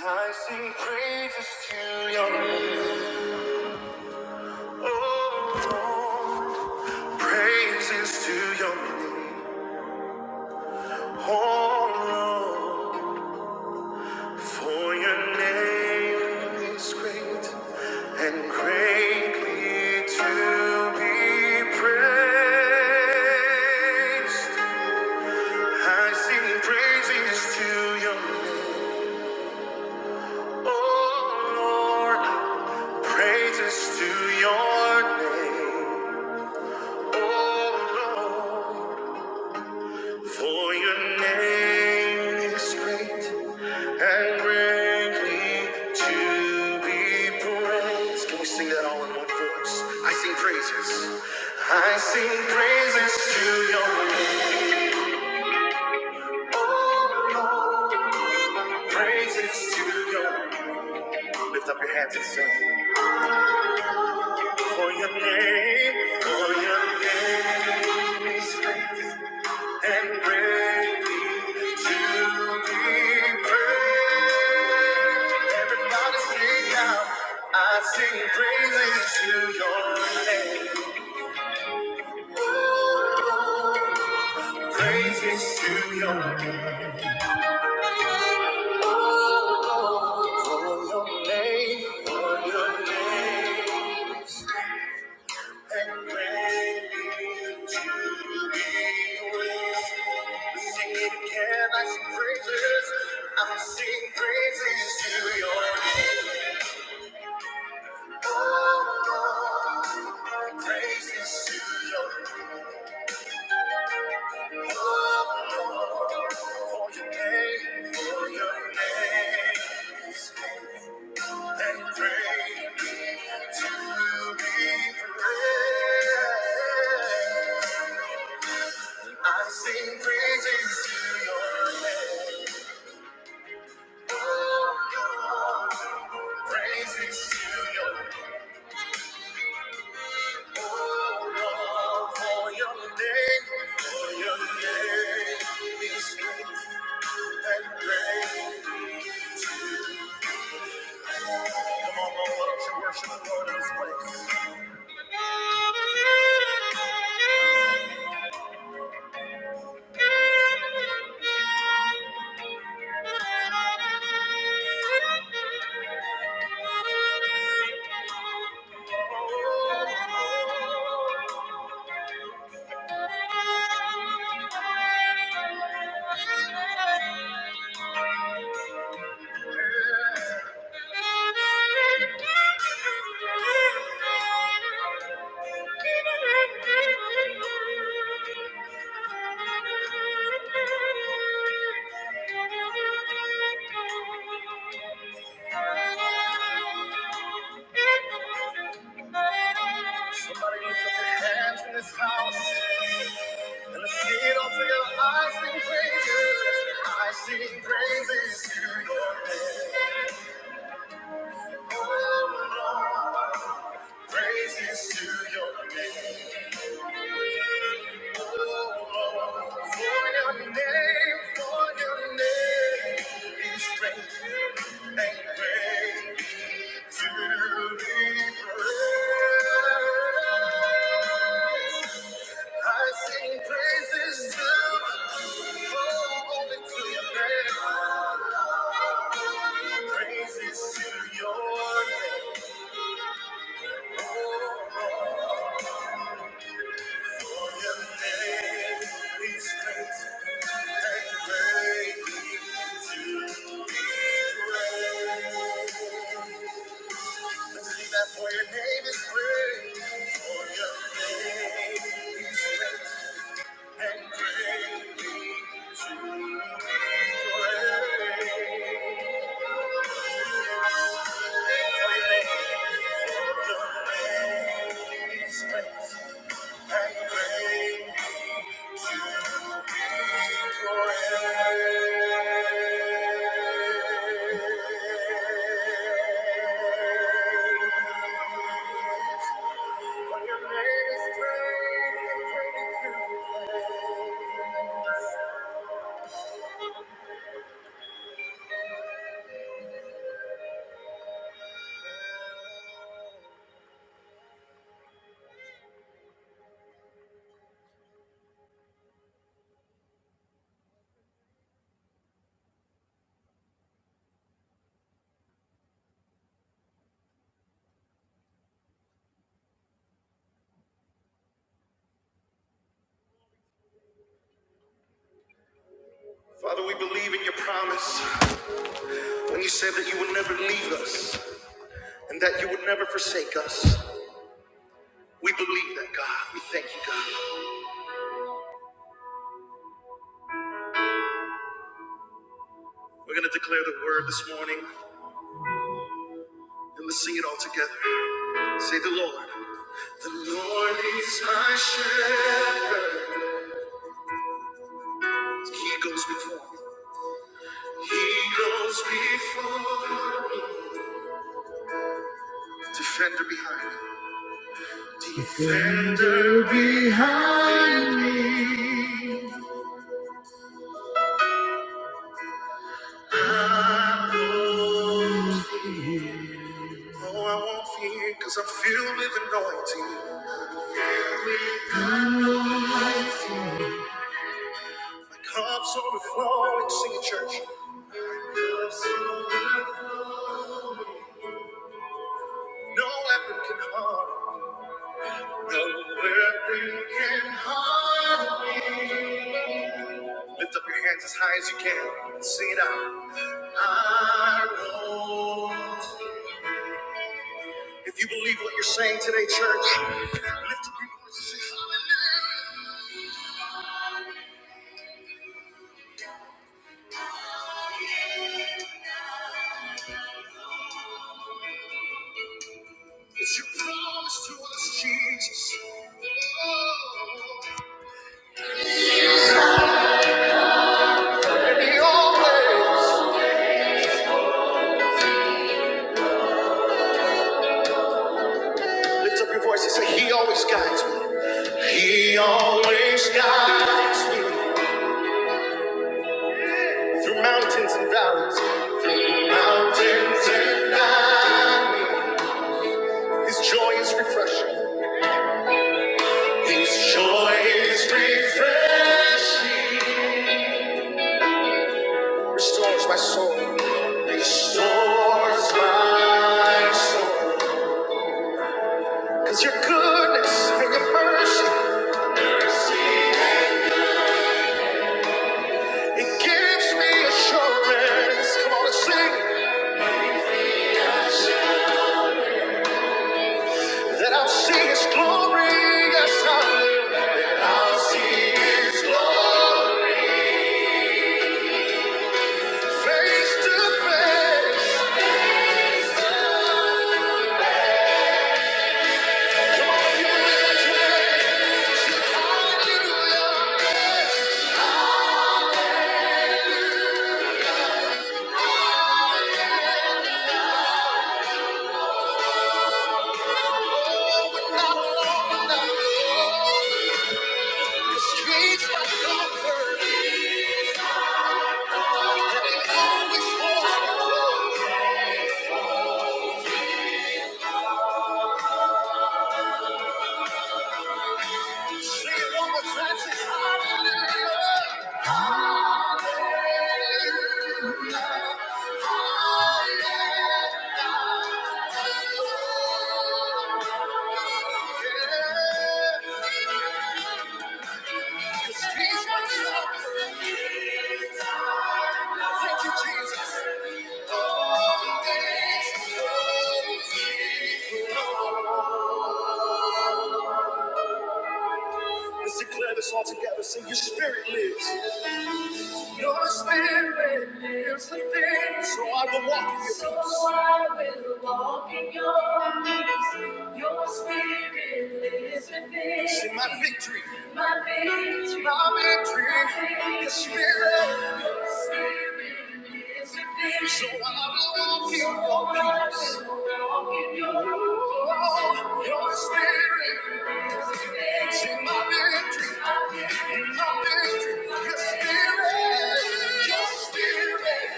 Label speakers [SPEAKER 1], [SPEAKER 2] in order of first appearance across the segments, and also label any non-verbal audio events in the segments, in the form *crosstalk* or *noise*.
[SPEAKER 1] I sing praises to your name. Oh, Lord. Praises to your name. Oh, Lord. For your name is great and greatly to be praised. I sing praises to your name. Oh, Lord. Praises to your name. For your name is great and greatly to be praised. Can we sing that all in one voice? I sing praises. I sing praises to your name. Praises to your name. Lift up your hands and sing. For your name, for your name is great and greatly to be praised. Everybody sing now! I sing praises to your name. Praises to your name. For your name, for your name. Pray to be praised. I sing praises to your name. Praises to your name. For your name, for your name is great and great. Come on, Lord, why don't you worship the Lord in this place? Thank Somebody lift up your hands in this house. And the shade of your eyes sing praises. I sing praises to your name. Praises to your name. Oh, your name for your name is great and great to be praised. I sing praises to you, oh, only to your name. Praises to your name. Oh, your name is great. Thank you. Father, we believe in your promise when you said that you would never leave us and that you would never forsake us. We believe that, God. We thank you, God. We're going to declare the word this morning and let's sing it all together. Say the Lord. The Lord is my shepherd. He goes before me. He goes before me. Defender behind me. Defender behind me. Oh, I won't fear because I'm filled with anointing. Anointing. My cups overflowing, sing it, church. No weapon can harm. me. No weapon can harm me. Lift up your hands as high as you can and sing it out. I won't. If you believe what you're saying today, church, lift up your voice and say hallelujah. It's your promise to us, Jesus. And He always lift up your voice and say, He always guides me. He always guides me through mountains and valleys, mountains and valleys. His joy is refreshing. His joy is refreshing. Restores my soul. Restores my soul. Cause your goodness and your mercy. It gives me assurance. Come on and sing that I'll see His glory. Yes, I will. That I'll see His glory face to face. Come on, you live today. Shout hallelujah. Yes, now the streets are covered, and it always holds me close. Let's declare this all together. Sing, Your spirit lives. Your spirit lives. So I will walk in your peace. So I will walk in your peace. Your spirit lives within. Sing, my victory. my victory, my victory, your spirit, So I will walk in your peace. Walk in your oh, your spirit is So my victory, my victory, my victory, your spirit,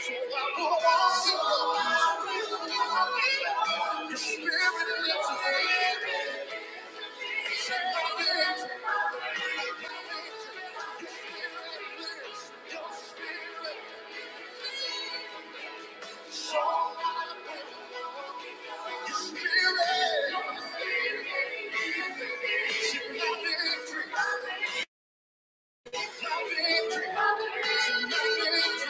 [SPEAKER 1] So I walk in your peace. Your spirit is me. Your Spirit. your spirit, your victory. I believe it, I believe it.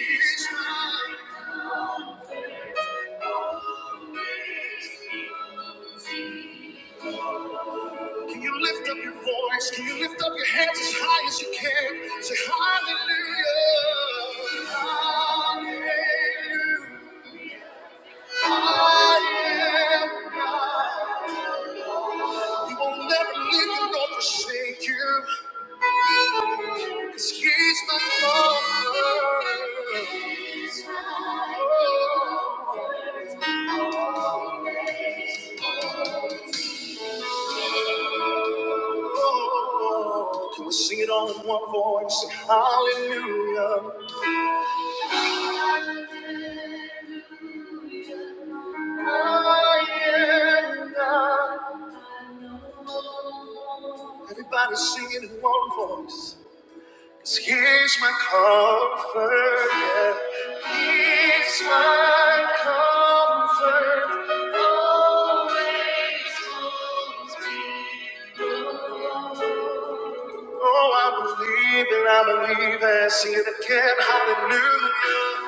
[SPEAKER 1] It's mine. Can you lift up your voice? Can you lift up your hands as high as you can? Say hallelujah. He will never leave you nor forsake you. Oh, Can we sing it all in one voice? Say hallelujah. I am God. Everybody sing it in one voice. So Here's my comfort, yeah. Here's my comfort. Oh, I believe it, I believe it. Sing it again, hallelujah.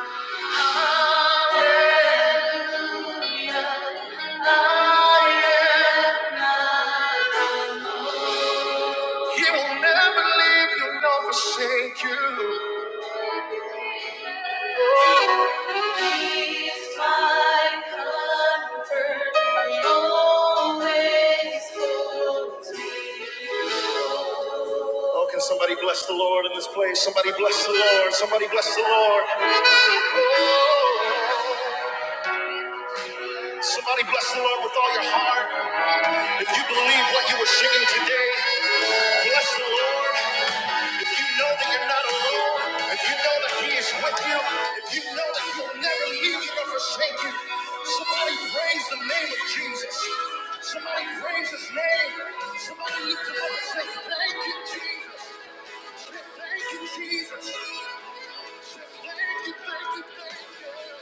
[SPEAKER 1] I am. He will never leave you nor forsake you. He's my comfort. Always holds me. Oh, can somebody bless the Lord in this place? Somebody bless the Lord. Somebody bless the Lord. Somebody bless the Lord with all your heart. If you believe what you were singing today, bless the Lord. If you know that you're not alone, if you know, if you know that He will never leave you nor forsake you, somebody praise the name of Jesus. Somebody praise His name. Somebody lift Him up and say, "Thank you, Jesus. Thank you, Jesus." Thank you, thank you, thank you.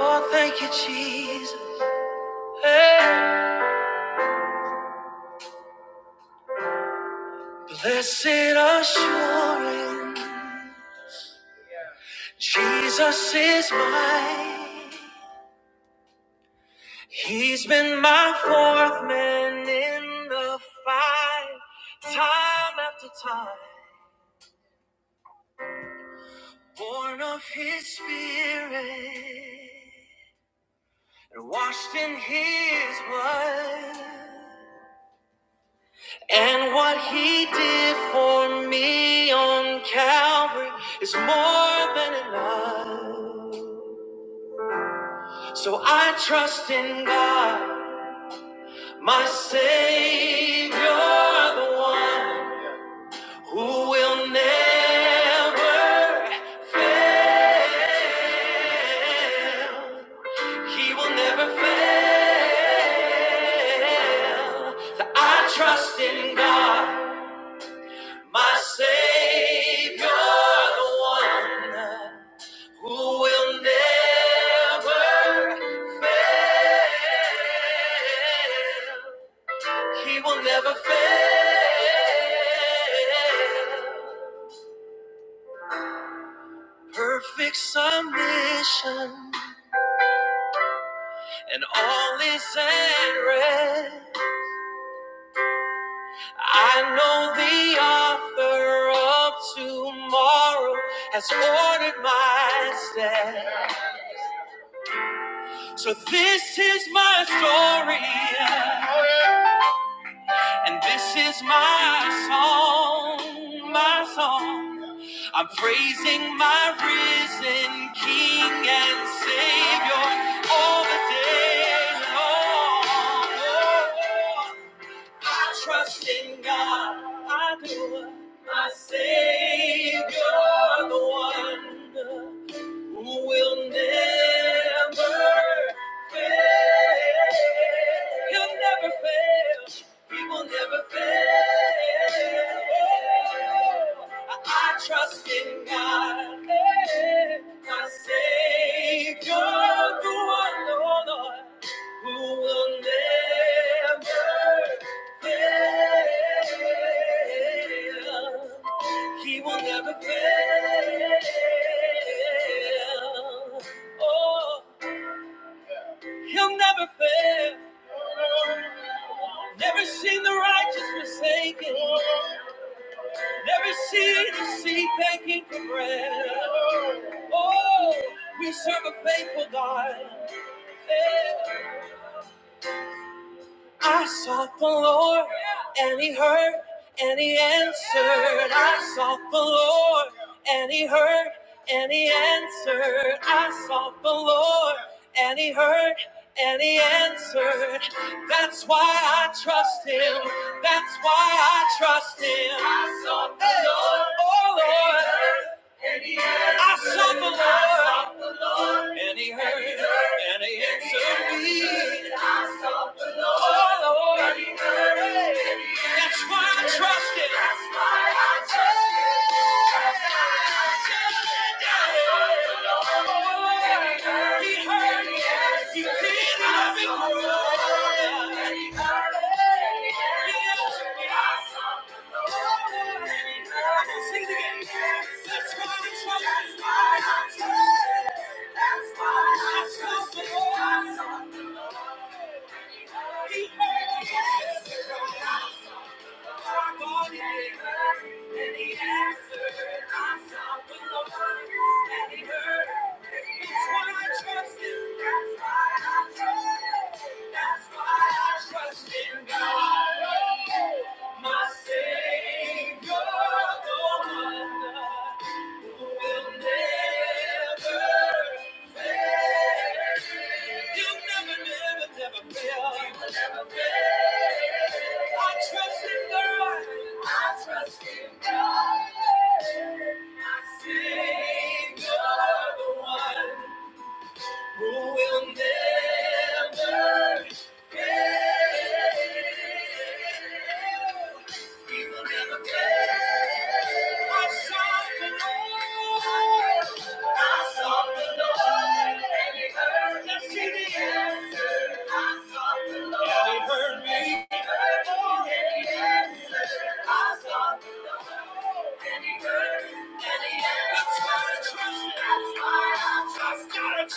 [SPEAKER 1] Oh, thank you, Jesus. Hey. He's been my fourth man in the fight, time after time, born of his spirit. Washed in his blood and what he did for me on Calvary is more than enough. So I trust in God, my Savior, the one who will never fail. He will never fail. So I trust in God, my Savior, the one who will never fail. He will never fail. Perfect submission, and all is at rest. I know the author of tomorrow has ordered my steps. So this is my story, and this is my song, my song. I'm praising my risen King and Savior all the day long. I trust in God, I do, my Savior, the one who will never fail. He'll never fail. He will never fail. I trust in God, my Savior, the one, oh Lord, who will never fail. He will never fail. Oh, he'll never fail. Never seen the righteous forsaken. Never seen the seed begging for bread. Oh, we serve a faithful God. Yeah. I sought the Lord, and He heard, and He answered. I sought the Lord, and He heard, and He answered. I sought the Lord, and He heard, and He answered. That's why I trust Him. That's why I trust Him. Lord, Oh Lord, I sought the Lord, and He heard, and He answered me. That's why I trust it. That's why I trust it. He heard me. He did not ignore me. I That's why I Trust in God, my Savior. Never fail. We never fail. I sought the Lord. I sought the Lord, and He heard see the answer. I sought the Lord. And He heard me. I sought the Lord, and He heard, and That's why I trust. That's why trust.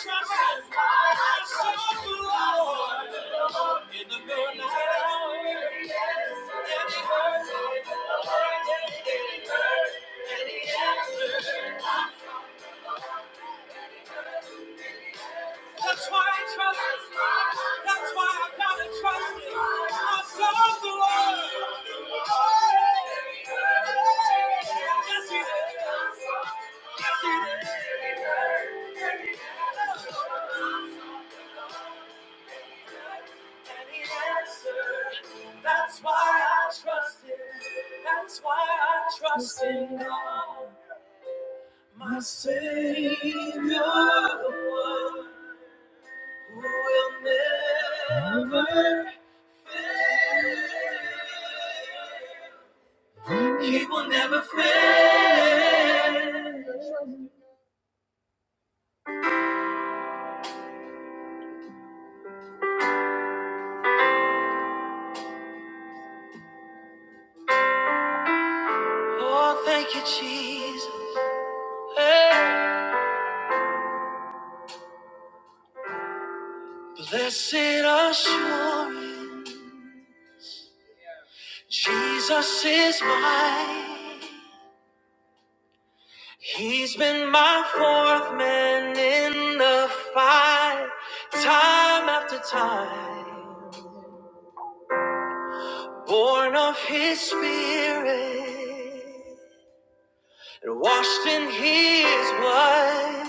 [SPEAKER 1] That's why I trust the Lord. In the morning, That's why I trust him. That's why I gotta trust him. I serve the Lord. Yes, he did. Yes, he did. That's why I trust him. That's why I trust in God, my Savior, the one who will never fail. He will never fail. Oh, thank you, Jesus. Hey. Blessed assurance, Jesus is mine. He's been my fourth man in the fight, time after time, born of his spirit, and washed in his blood.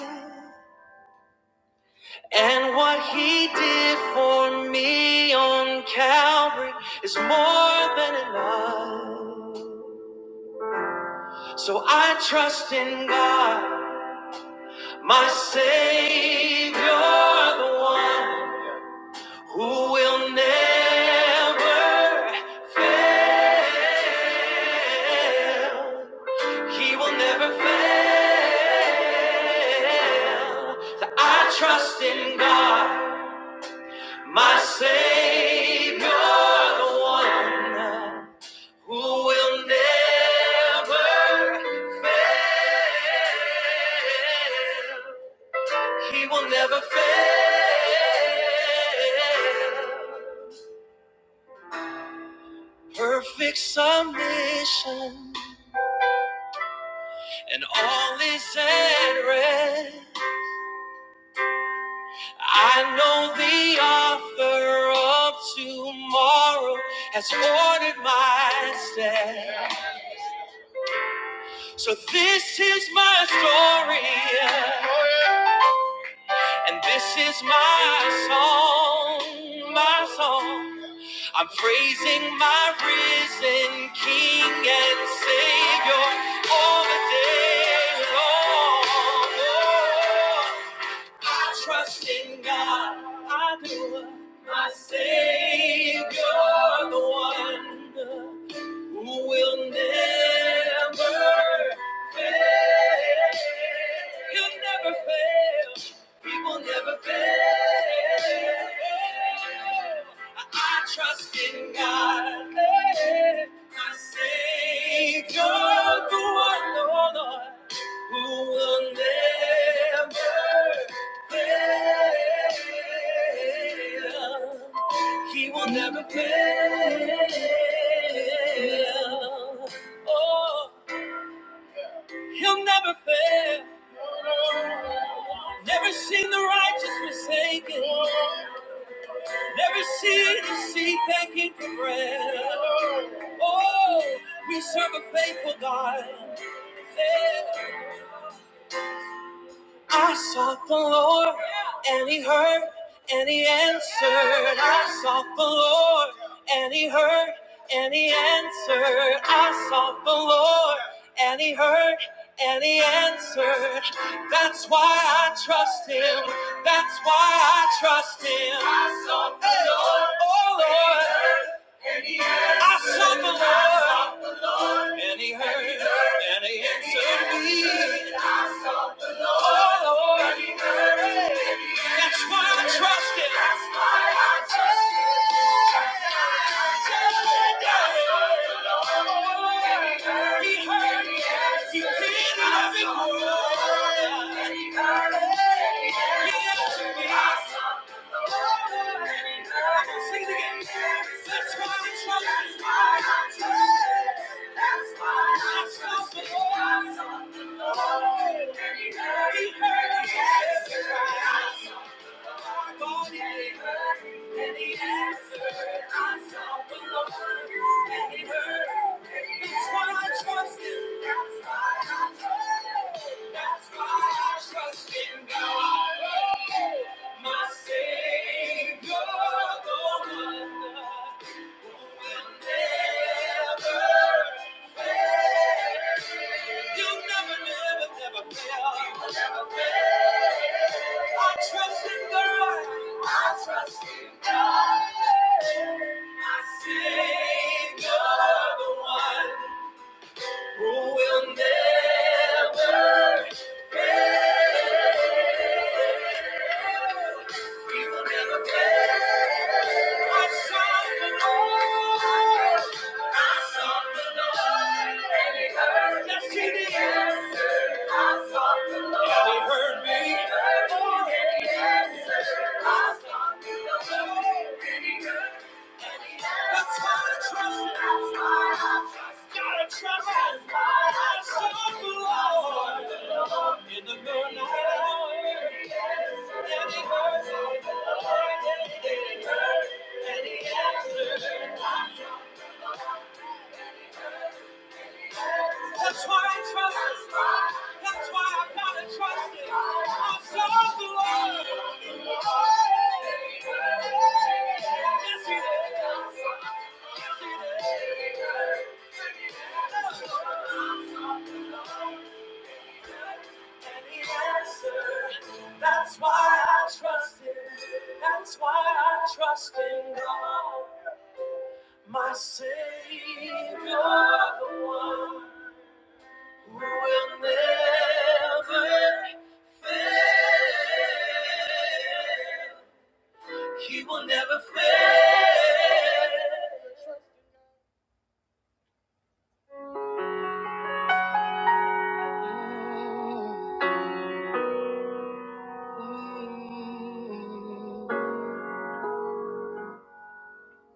[SPEAKER 1] And what he did for me on Calvary is more than enough. So I trust in God, my Savior, the one. who will never fail. He will never fail. So I trust in God, my Savior, the one who will never fail. He will never fail. Perfect submission, and all is at rest. I know the author of tomorrow has ordered my steps. So this is my story. And this is my song, my song. I'm praising my risen King and Savior all the day long. I trust in God, I do. My Savior, the one who will never fail. He'll never fail. He will never fail. I, I trust in God, my Savior, the one, oh Lord, who will never fail. He will never fail. Oh, he'll never fail. Never seen the righteous forsaken. Never seen the seed begging for bread. Oh, we serve a faithful God. Yeah. I sought the Lord, and He heard, and He answered. I sought the Lord, and He heard, and He answered. I sought the Lord, and He heard, and He answered. That's why I trust Him. That's why I trust Him. I sought the Hey. Lord, oh Lord. I sought the Lord, and He heard, and He answered me. Oh, Lord. That's why I trust him. That's why I trust him. He heard me. He did my big word. He answered me. Sing it again. That's why I trust him. That's why I trust That's why I trust him. I sought the Lord. He heard me. That's why I trust in God. Yes, he did. Thank you. That's why I trust him. That's why I gotta trust him. I serve the Lord. Yes, he does. Yes, he does. And he answered. That's why I trust him. That's why I trust in God, Savior, the one. We will never fail. He will never fail.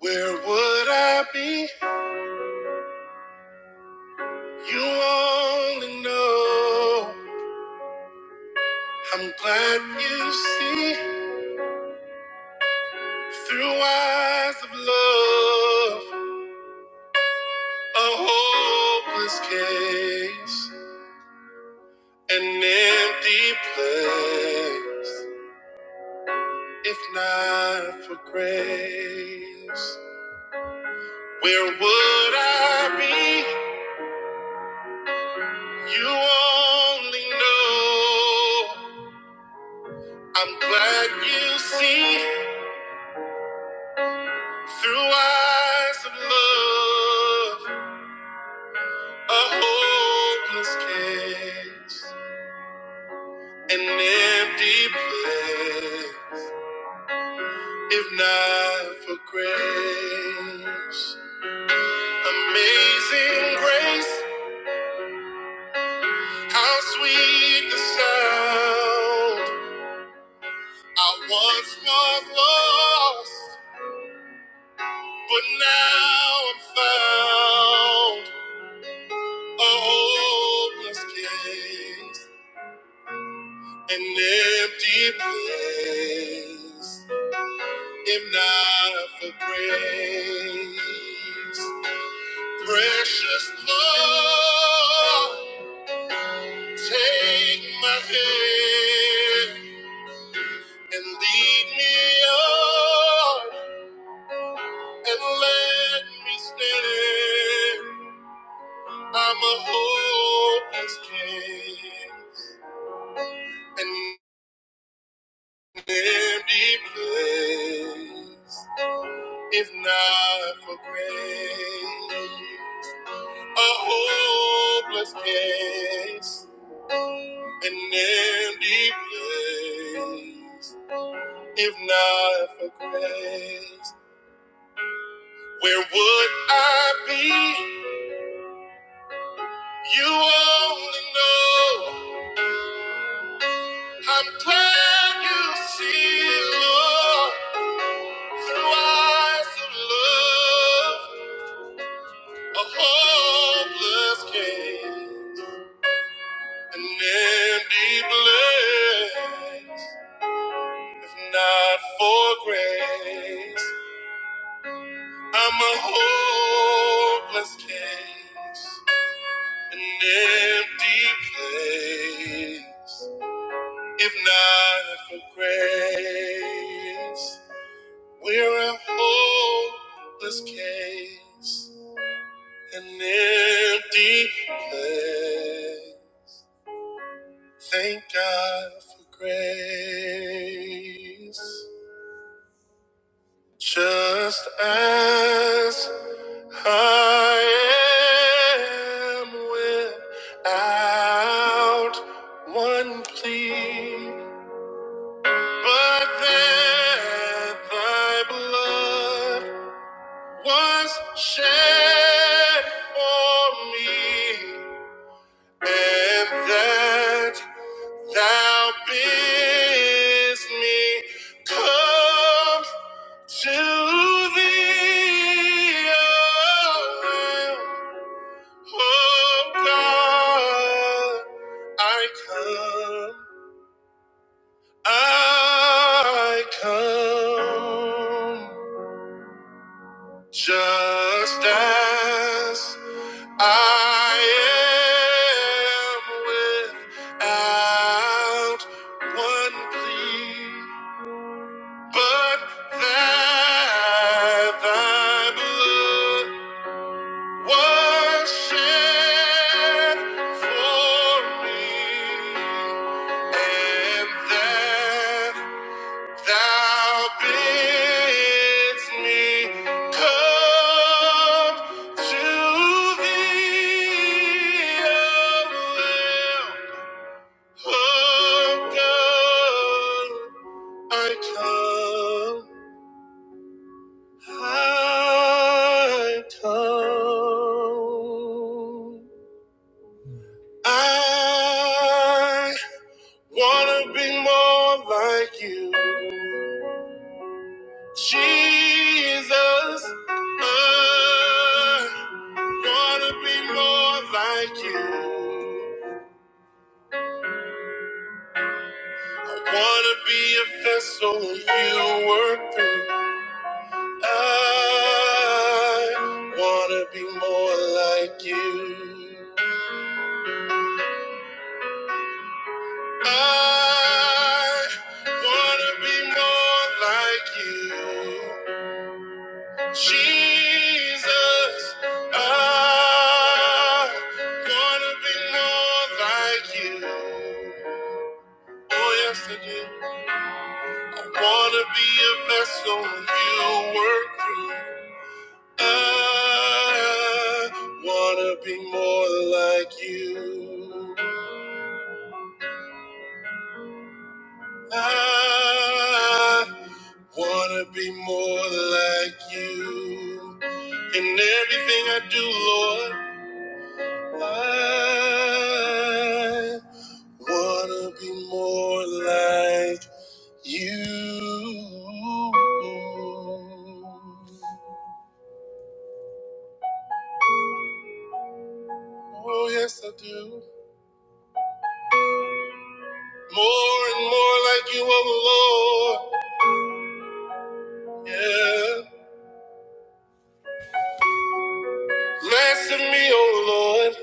[SPEAKER 1] Where would I be? You only know. I'm glad you see through eyes of love a hopeless case, an empty place. If not for grace. Where would I be? You only know. I'm glad you see through eyes of love a hopeless case, an empty place. If not for grace, amazing grace, how sweet the sound I once was lost. But now I'm found a hopeless case, an empty place, if not for grace. Precious Lord, take my hand and lead me on and let me stand. I'm a hopeless case. and. place, if not for grace. A hopeless case, an empty place, if not for grace. Where would I be? You only know. I'm glad you see, Lord, through eyes of love, a hopeless case. An empty place, if not for grace, I'm a hopeless case. An empty place, if not for grace, we're a hopeless case. An empty place. Thank God for grace. Just as I am without one plea, but that thy blood was shed for me, and that thou bidst me come. To thee, O Lamb of God, I come, I come, just as I am without one plea, but that thy blood Worship for me, and then thou bidst me come to thee. I wanna be more like Jesus. I wanna be more like you. Wanna be a vessel you work through. I wanna be more like you. I wanna be more like you. Jesus, I wanna be more like you. Oh, yes, I do. Wanna be a vessel you work through. I wanna be more like you. I wanna be more like you. In everything I do, Lord, I wanna be more like you. Oh, yes, I do. More and more like you, oh Lord. Yeah. Blessed me, O Lord,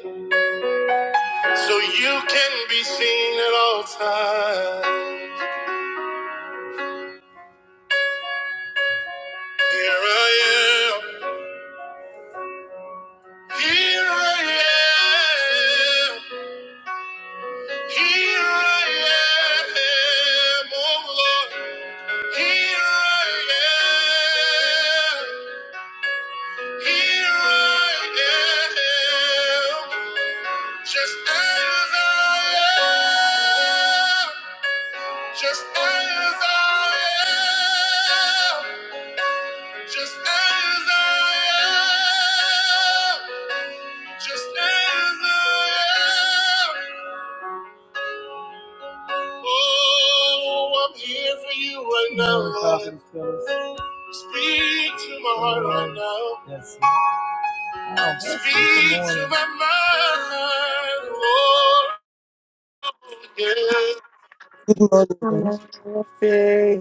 [SPEAKER 1] so you can be seen at all times. Here I am, here I am, here I am, oh Lord, here I am, here I am, just as I am, just as I am. Just as I am, just as I am. Oh, I'm here for you right now, Lord. Speak to my heart right now. Speak to my mind, Lord. Yeah.
[SPEAKER 2] Good morning.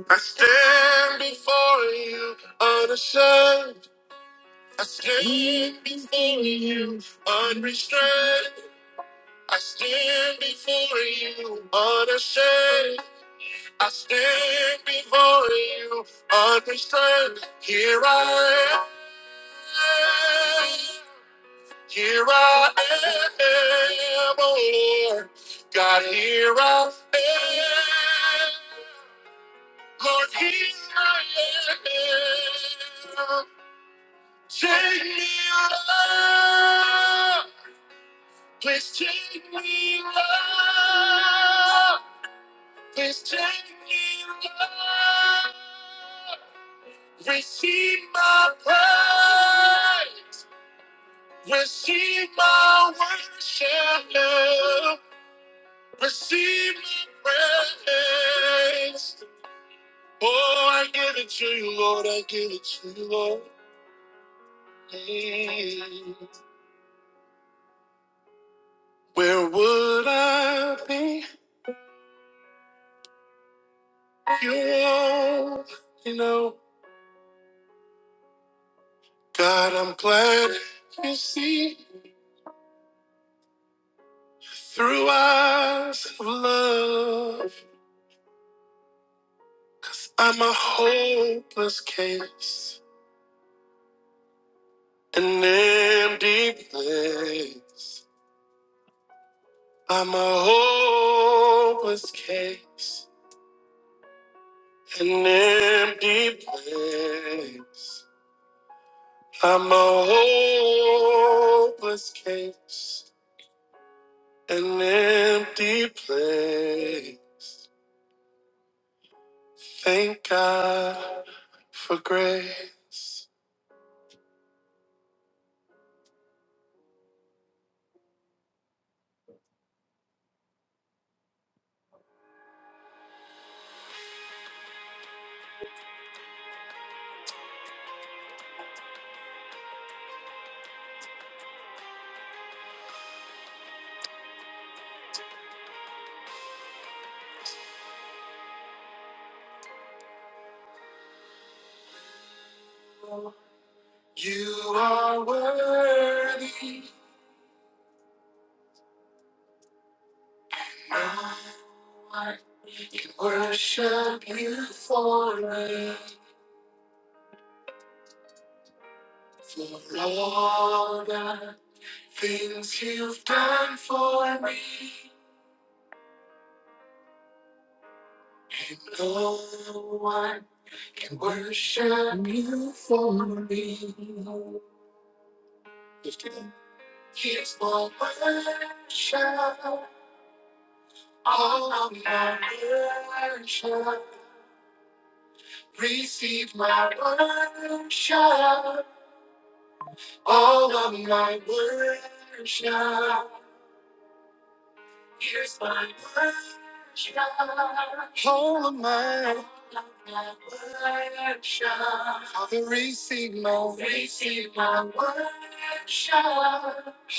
[SPEAKER 1] I stand before you unashamed. I stand before you unrestrained. I stand before you unashamed. I stand before you, understand. Here I am, here I am, oh Lord. God, here I am, Lord, here I am. Take me, Lord, please take me, Lord, please take me, Lord. Receive my praise. Receive my worship. Receive my praise. Oh, I give it to you, Lord. I give it to you, Lord. Mm. Where would I be? if You not you know. God, I'm glad you see through eyes of love. I'm a hopeless case. An empty place. I'm a hopeless case. An empty place. I'm a hopeless case. An empty place. Thank God for grace. You are worthy. My heart can worship you for me. For all the things you've done for me, no one can worship you for me. Here's my worship, all of my worship. Receive my worship, all of my worship. Here's my worship. All of my worship. Father, receive my receive my worship.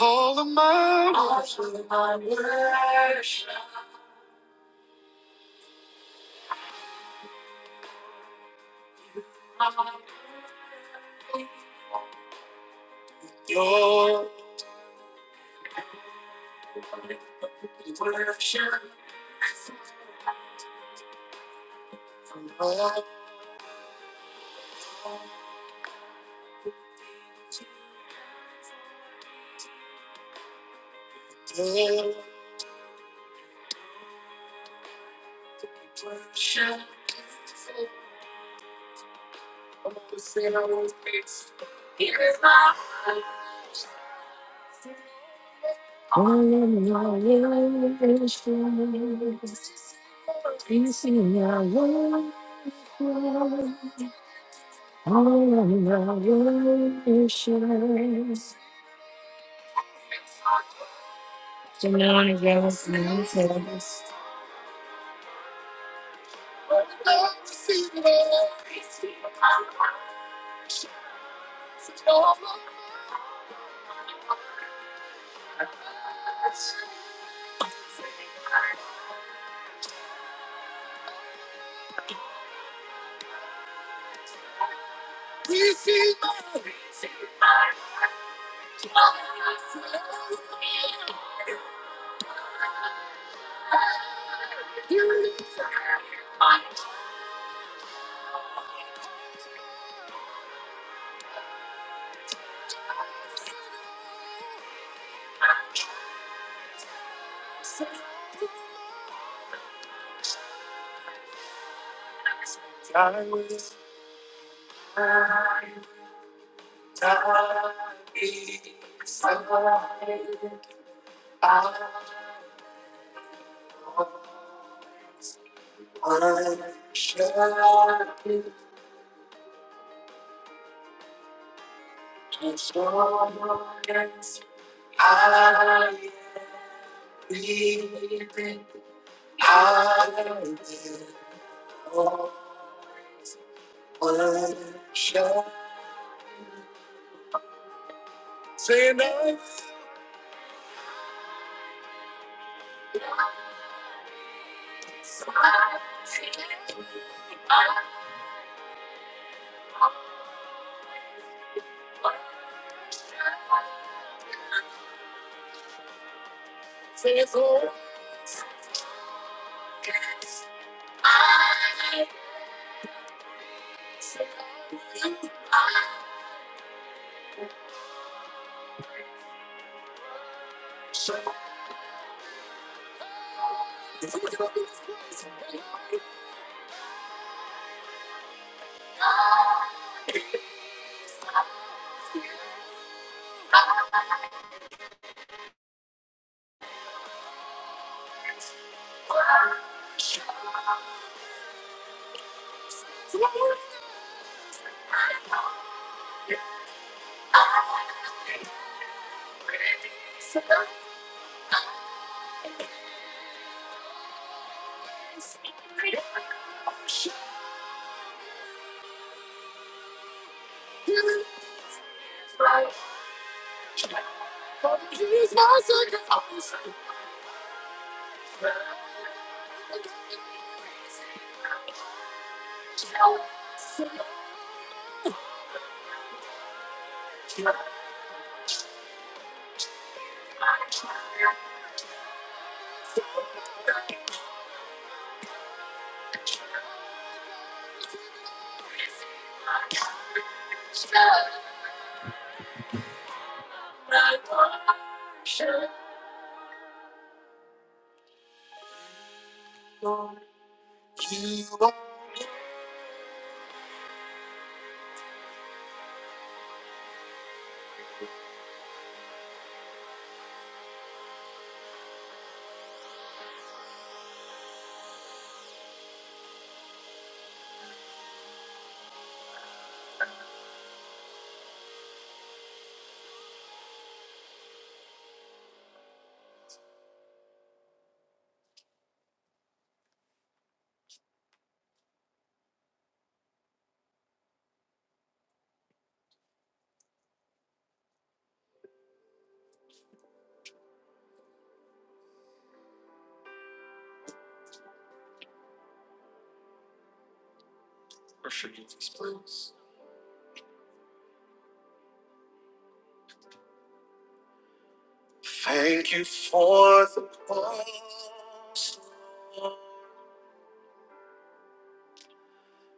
[SPEAKER 1] All of my all of my worship. Your worship from heart to heart. Worship. You know I just can't stop. Can't stop this feeling. I won't let you go. I'll be there for you. Thank you for the cross.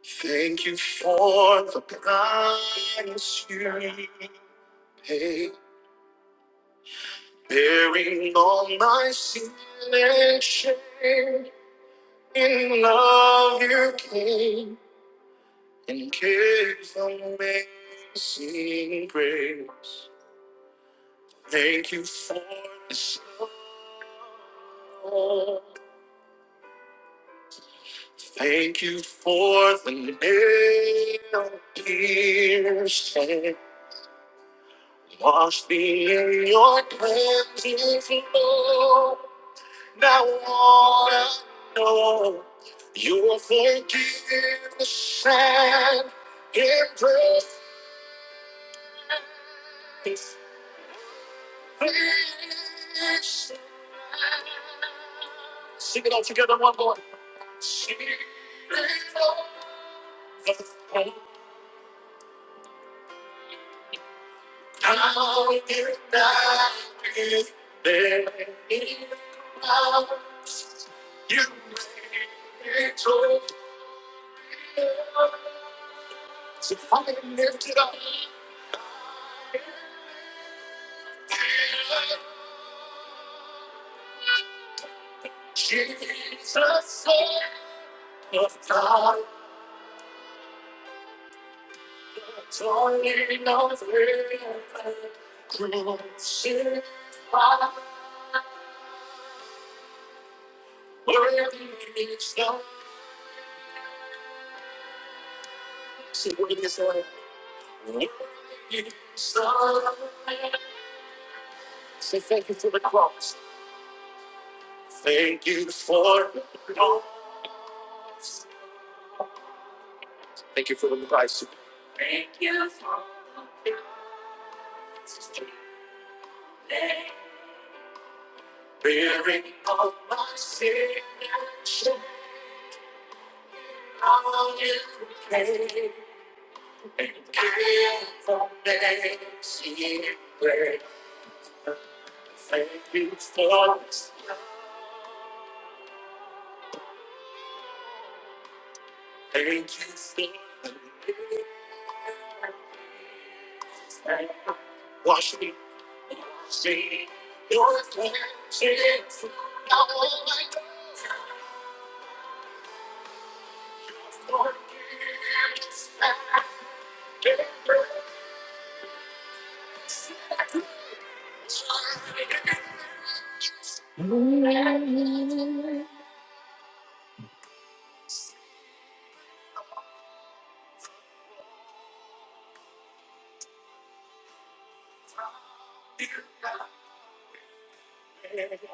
[SPEAKER 1] Thank you for the price you paid, bearing all my sin and shame. In love you came and gave amazing grace. Thank you for this love. Thank you for the nail piercing. Wash me in your cleansing flow. Now all I know, you will forgive the sad and grace. Sing it all together one more. She Now you die is there is now you may to So come and lift it up. Jesus, Son of God, Toiling over the crucified, where you start. See, what it is like. Where you Say thank you for the cross. Thank you for the cross. Thank you for the price. Thank you for the cross. Bearing all my sin and shame, how you came. And give for next year. Thank you for this. Thank you for this. Wash me, see your cleansing from all my forgiveness and everything.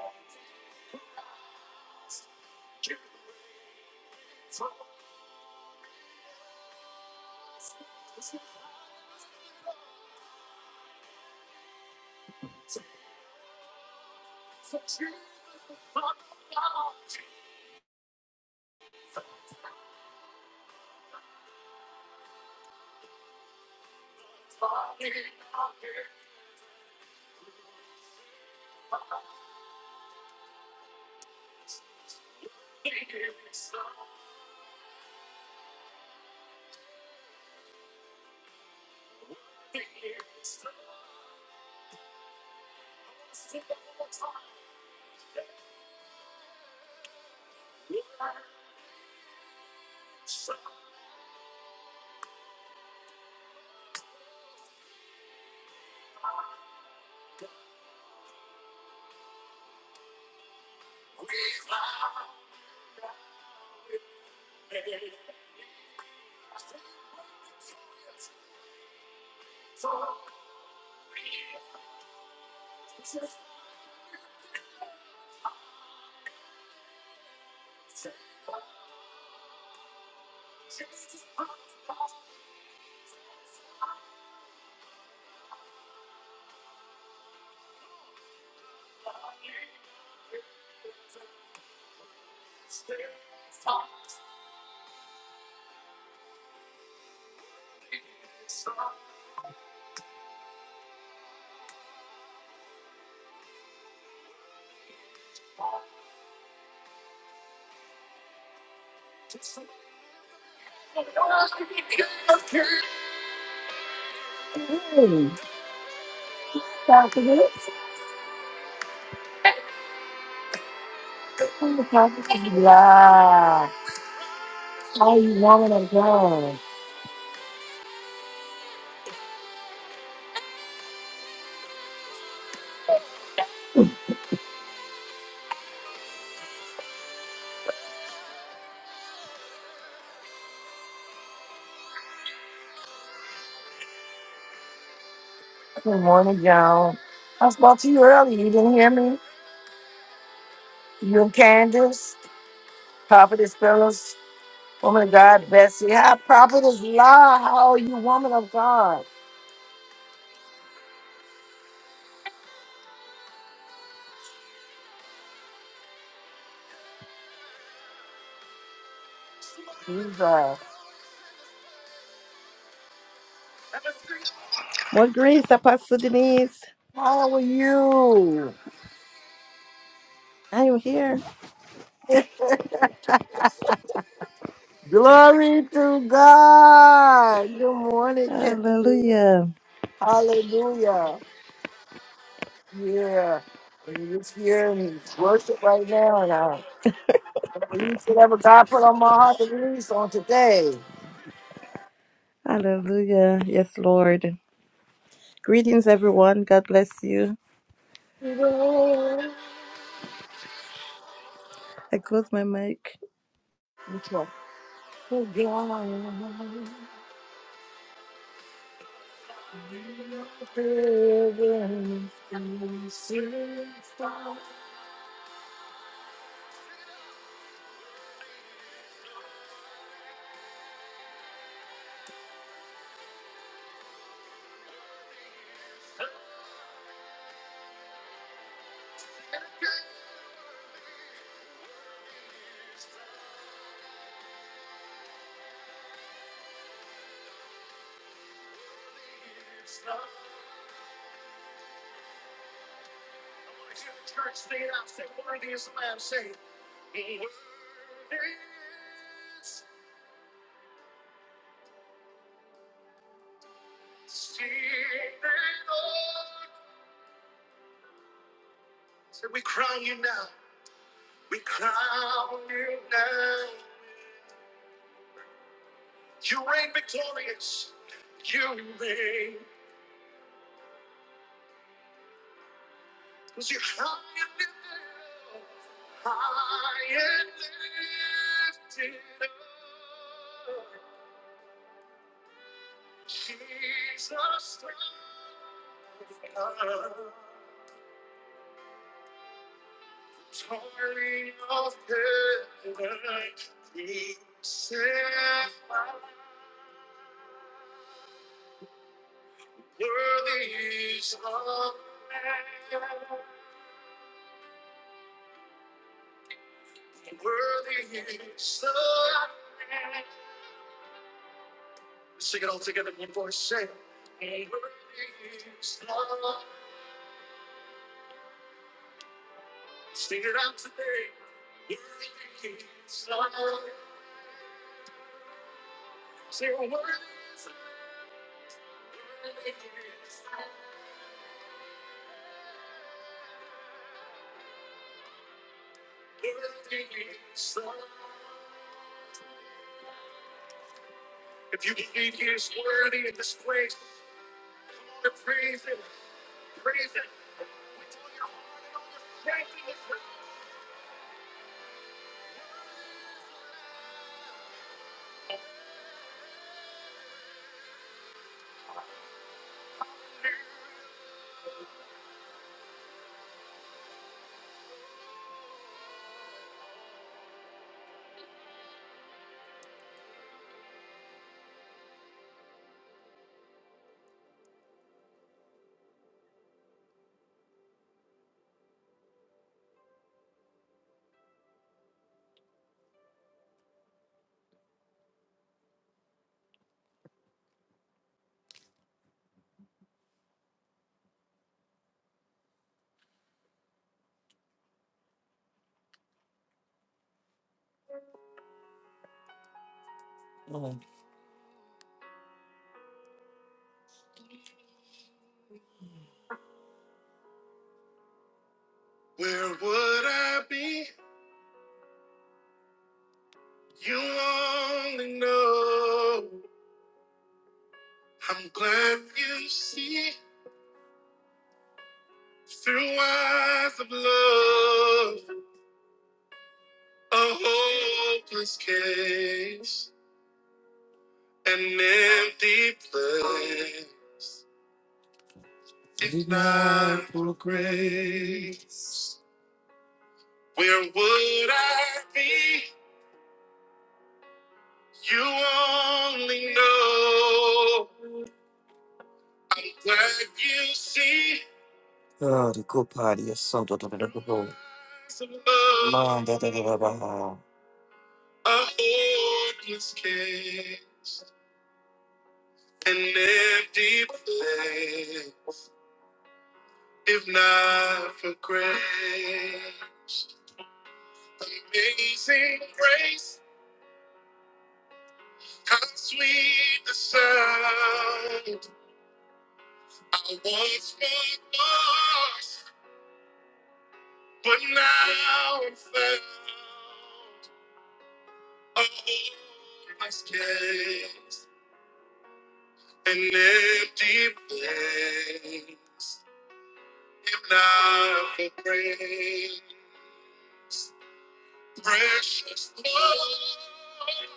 [SPEAKER 1] Yeah. Okay. Good morning, y'all. I spoke to you earlier. You didn't hear me? You and Candace, Prophetess Phyllis, Woman of God, Bessie. How Prophetess La, how are you, Woman of God? Jesus.
[SPEAKER 3] More grace, Apostle Denise.
[SPEAKER 1] How are you?
[SPEAKER 3] I am here.
[SPEAKER 1] *laughs* Glory to God. Good morning, Candace.
[SPEAKER 3] Hallelujah.
[SPEAKER 1] Hallelujah. Yeah. And It's here and it's worship right now, and I release whatever God put on my heart to release on today.
[SPEAKER 3] Hallelujah. Yes, Lord. Greetings, everyone. God bless you. I close my mic.
[SPEAKER 1] The church stay out, say, worthy is the Lamb, say, worthy is the Lamb. Say, we crown you now, we crown you now. You reign victorious, you reign, because you're high and lifted up. I am lifted up, Jesus, I'm torn of heaven. He said, worthy is the Lamb, worthy is the Lamb. Sing it all together in one voice, say, it. worthy is the Lamb. Sing it out today. Worthy is the Lamb. Mm. Where would I be? You only know. I'm glad you see through eyes of love. A hopeless case, an empty place. If not for grace, where would I be? You only know what you see. Yes, so that people. Lord, that they have a heart. A hopeless case, an empty place. If not for grace, amazing grace, how sweet the sound. I once was lost, but now I'm found. A hopeless case, an empty place. If not for grace, precious Lord,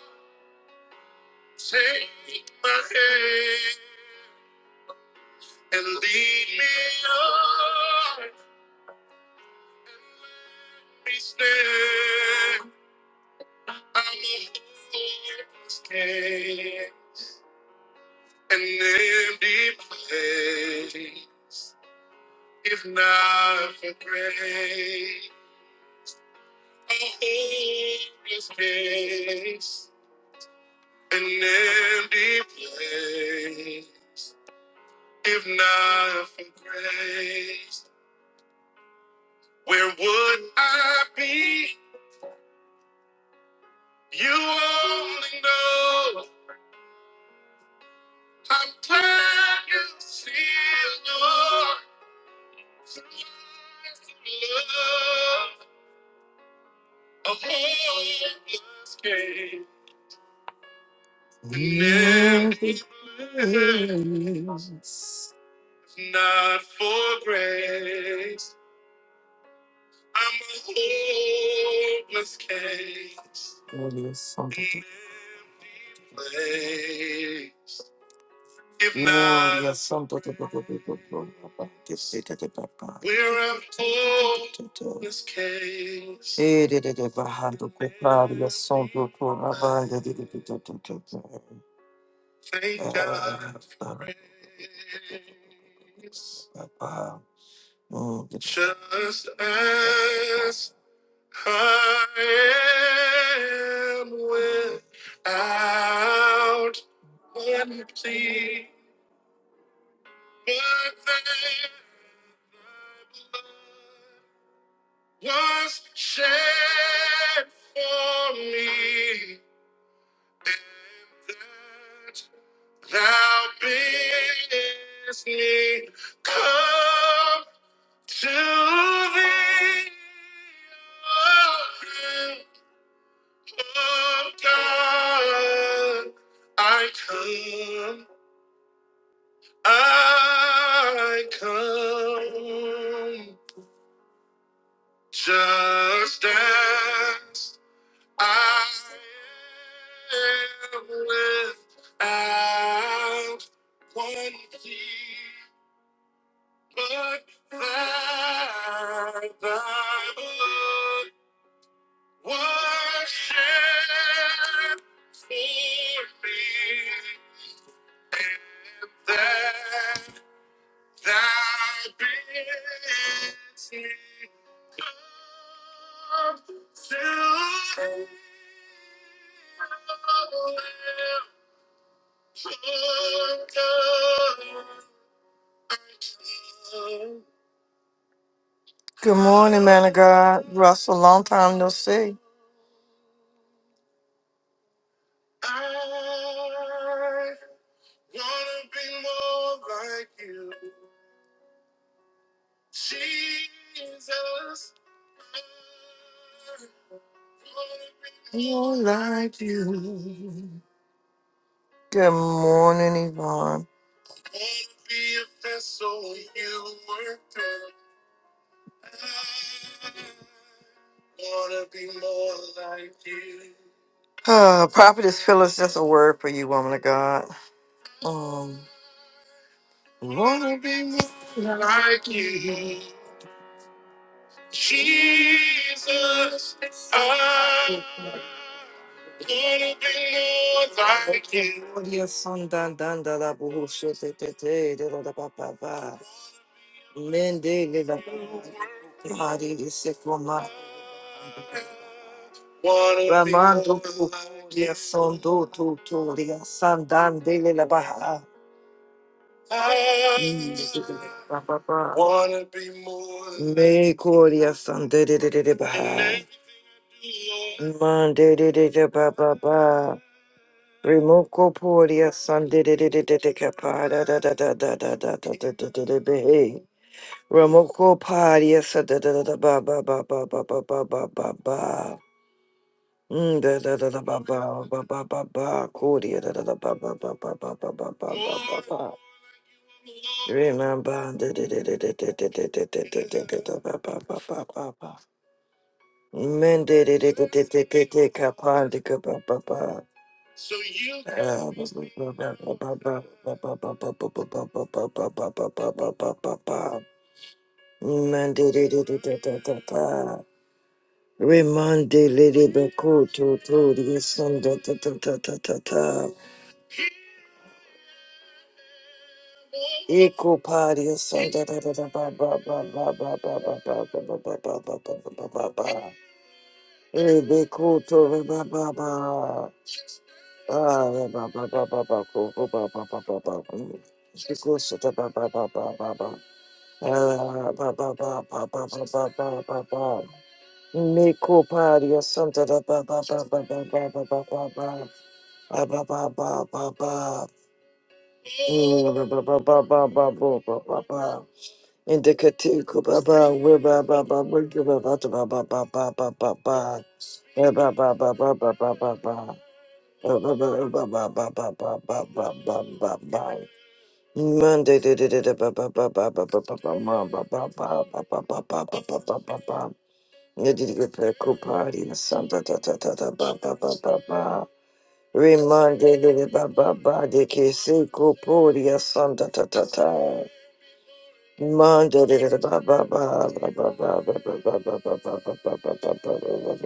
[SPEAKER 1] take my hand and lead me on. Please stand. I'm a hopeless case. an empty place, if not for grace, a hopeless case, an empty place, if not for grace, where would I be? You only know I'm glad you see, Lord, through love, a hopeless case. Never Yes. Not for grace. I'm a hopeless case. Oh, yes, some to- to- Place. If Oh, not, yes, some to- to- to- to- to- to- Yes, it- it- it- we're a hopeless case. Eh, it- it- it- it- it- yes, some to- to- Thank God for grace. Just as I am without empty, but that thy blood was shed for me, and that thou bidst me come. To thee, O Lamb of God, I come, I come, just as I am without one plea but thy, thy blood. Worship me, that thy beauty comes to live the I wanna be more like you, Jesus. Oh, like you. Won't be a vessel you were through. I wanna be more like you. Uh, prophet is just a word for you, woman of God. Um, wanna be more like you, Jesus. I wanna be more like you. Oh, Yes, son, dun, dun, da, da, boo, shit, da, da, da, da, da, da, ba, ba, ba. Mende leva Hari Sekoma Ramando Dia Sondo Tutoria Sandan de la Baha papa Me Coria Sande de de de de Baha Mande de Baba Ba Remoko Poria Sande de Capada da da da da da da da da da da da behe Ramoko Padia sa da da da da ba ba ba ba ba ba ba ba ba ba. Mm, da da da da ba ba ba ba ba ba. Kodia da da da ba ba ba ba ba ba ba ba ba ba ba. Remember da da da da da da da da da da da da da da ba ba ba ba ba ba. Men da da da da da da da da kapan da ka ba ba ba. Ah, ba ba ba ba ba ba ba ba ba ba ba ba ba ba ba ba ba ba ba ba ba ba. Men da da da da da da da da. Remande lady bakuto to to the sunda ta ta ta ta ta ta. Eco party sunda da da da da ba ba ba ba ba ba ba ba ba ba ba ba ba ba ba ba ba. Ebe kuto re ba ba ba. Ah re ba ba ba ba ba ko ko ba ba ba ba ba. Shiko sota ba ba ba ba ba ba. Ah ba ba ba ba ba ba ba ba ba ba. Meko party sunda da da ba ba ba ba ba ba ba ba ba. Ba ba ba ba ba ba. Mm, ba ba ba ba ba ba ba ba ba ba. Indicative, ba ba, we ba ba ba, we give ba ba ba ba ba ba ba ba ba. Eh, ba ba ba ba ba ba ba ba. Eh, ba ba ba ba ba ba ba ba ba ba ba ba. Monday, da da da da ba ba ba ba ba ba ba ba ma, ba ba ba ba ba ba ba ba ba ba ba ba. Yeah, did you get that cool party? Sunday, da da da da ba ba ba ba ba. Remandele baba ba de que se coporia santa ta ta ta. Mandele baba ba ba ba ba ba ba ba ba ba ba ba ba ba ba ba ba ba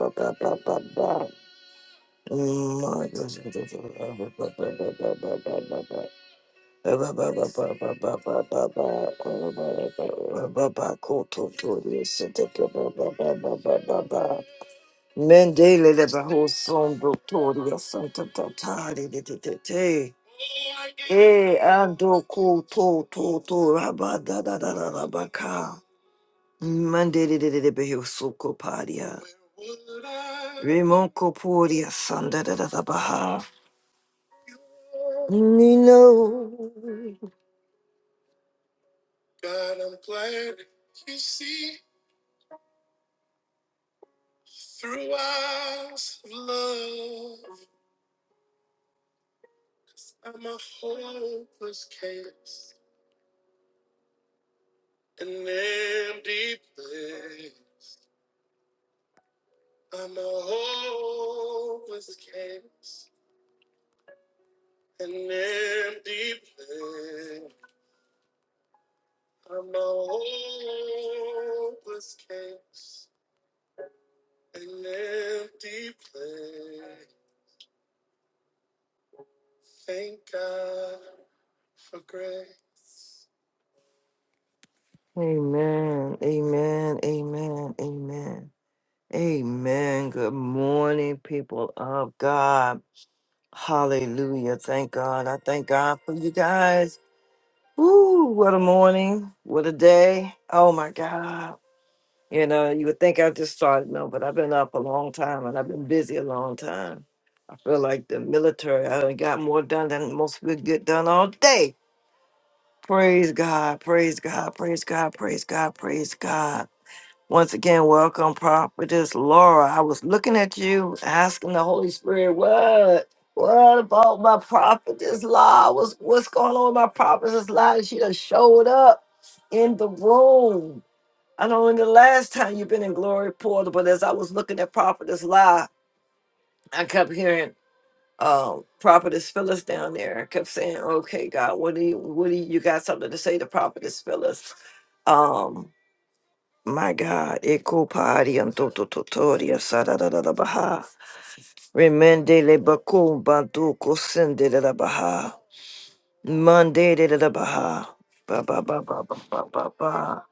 [SPEAKER 1] ba ba ba Mendele de bajo son doctoria santa tatari de te te te. E ando ko to to to raba da da da da rabaka. Mandele de de de beho soko paria. Remon ko poria santa da da da baha. me know. Amen. Amen. Amen. Amen. Amen. Good morning, people of God. Hallelujah. Thank God. I thank God for you guys. Ooh, what a morning. What a day. Oh my God. You know, you would think I just started, no, but I've been up a long time and I've been busy a long time. I feel like the military, I done got more done than most people get done all day. Praise God, praise God, praise God, praise God, praise God. Once again, welcome, Prophetess Laura. I was looking at you, asking the Holy Spirit, what? What about my prophetess law? What's, what's going on with my prophetess law? She done showed up in the room. I don't know when the last time you've been in glory portal, but as I was looking at Prophetess Lie, I kept hearing um Prophetess Phyllis down there. I kept saying, Okay, God, what do you what do you, you got something to say to Prophetess Phyllis? Um my God, Eko Pari and da da da Baha. Remende le Bakum Bantu Kosende da da Baha. Monday da da da Baha. Ba Ba ba ba ba ba ba ba.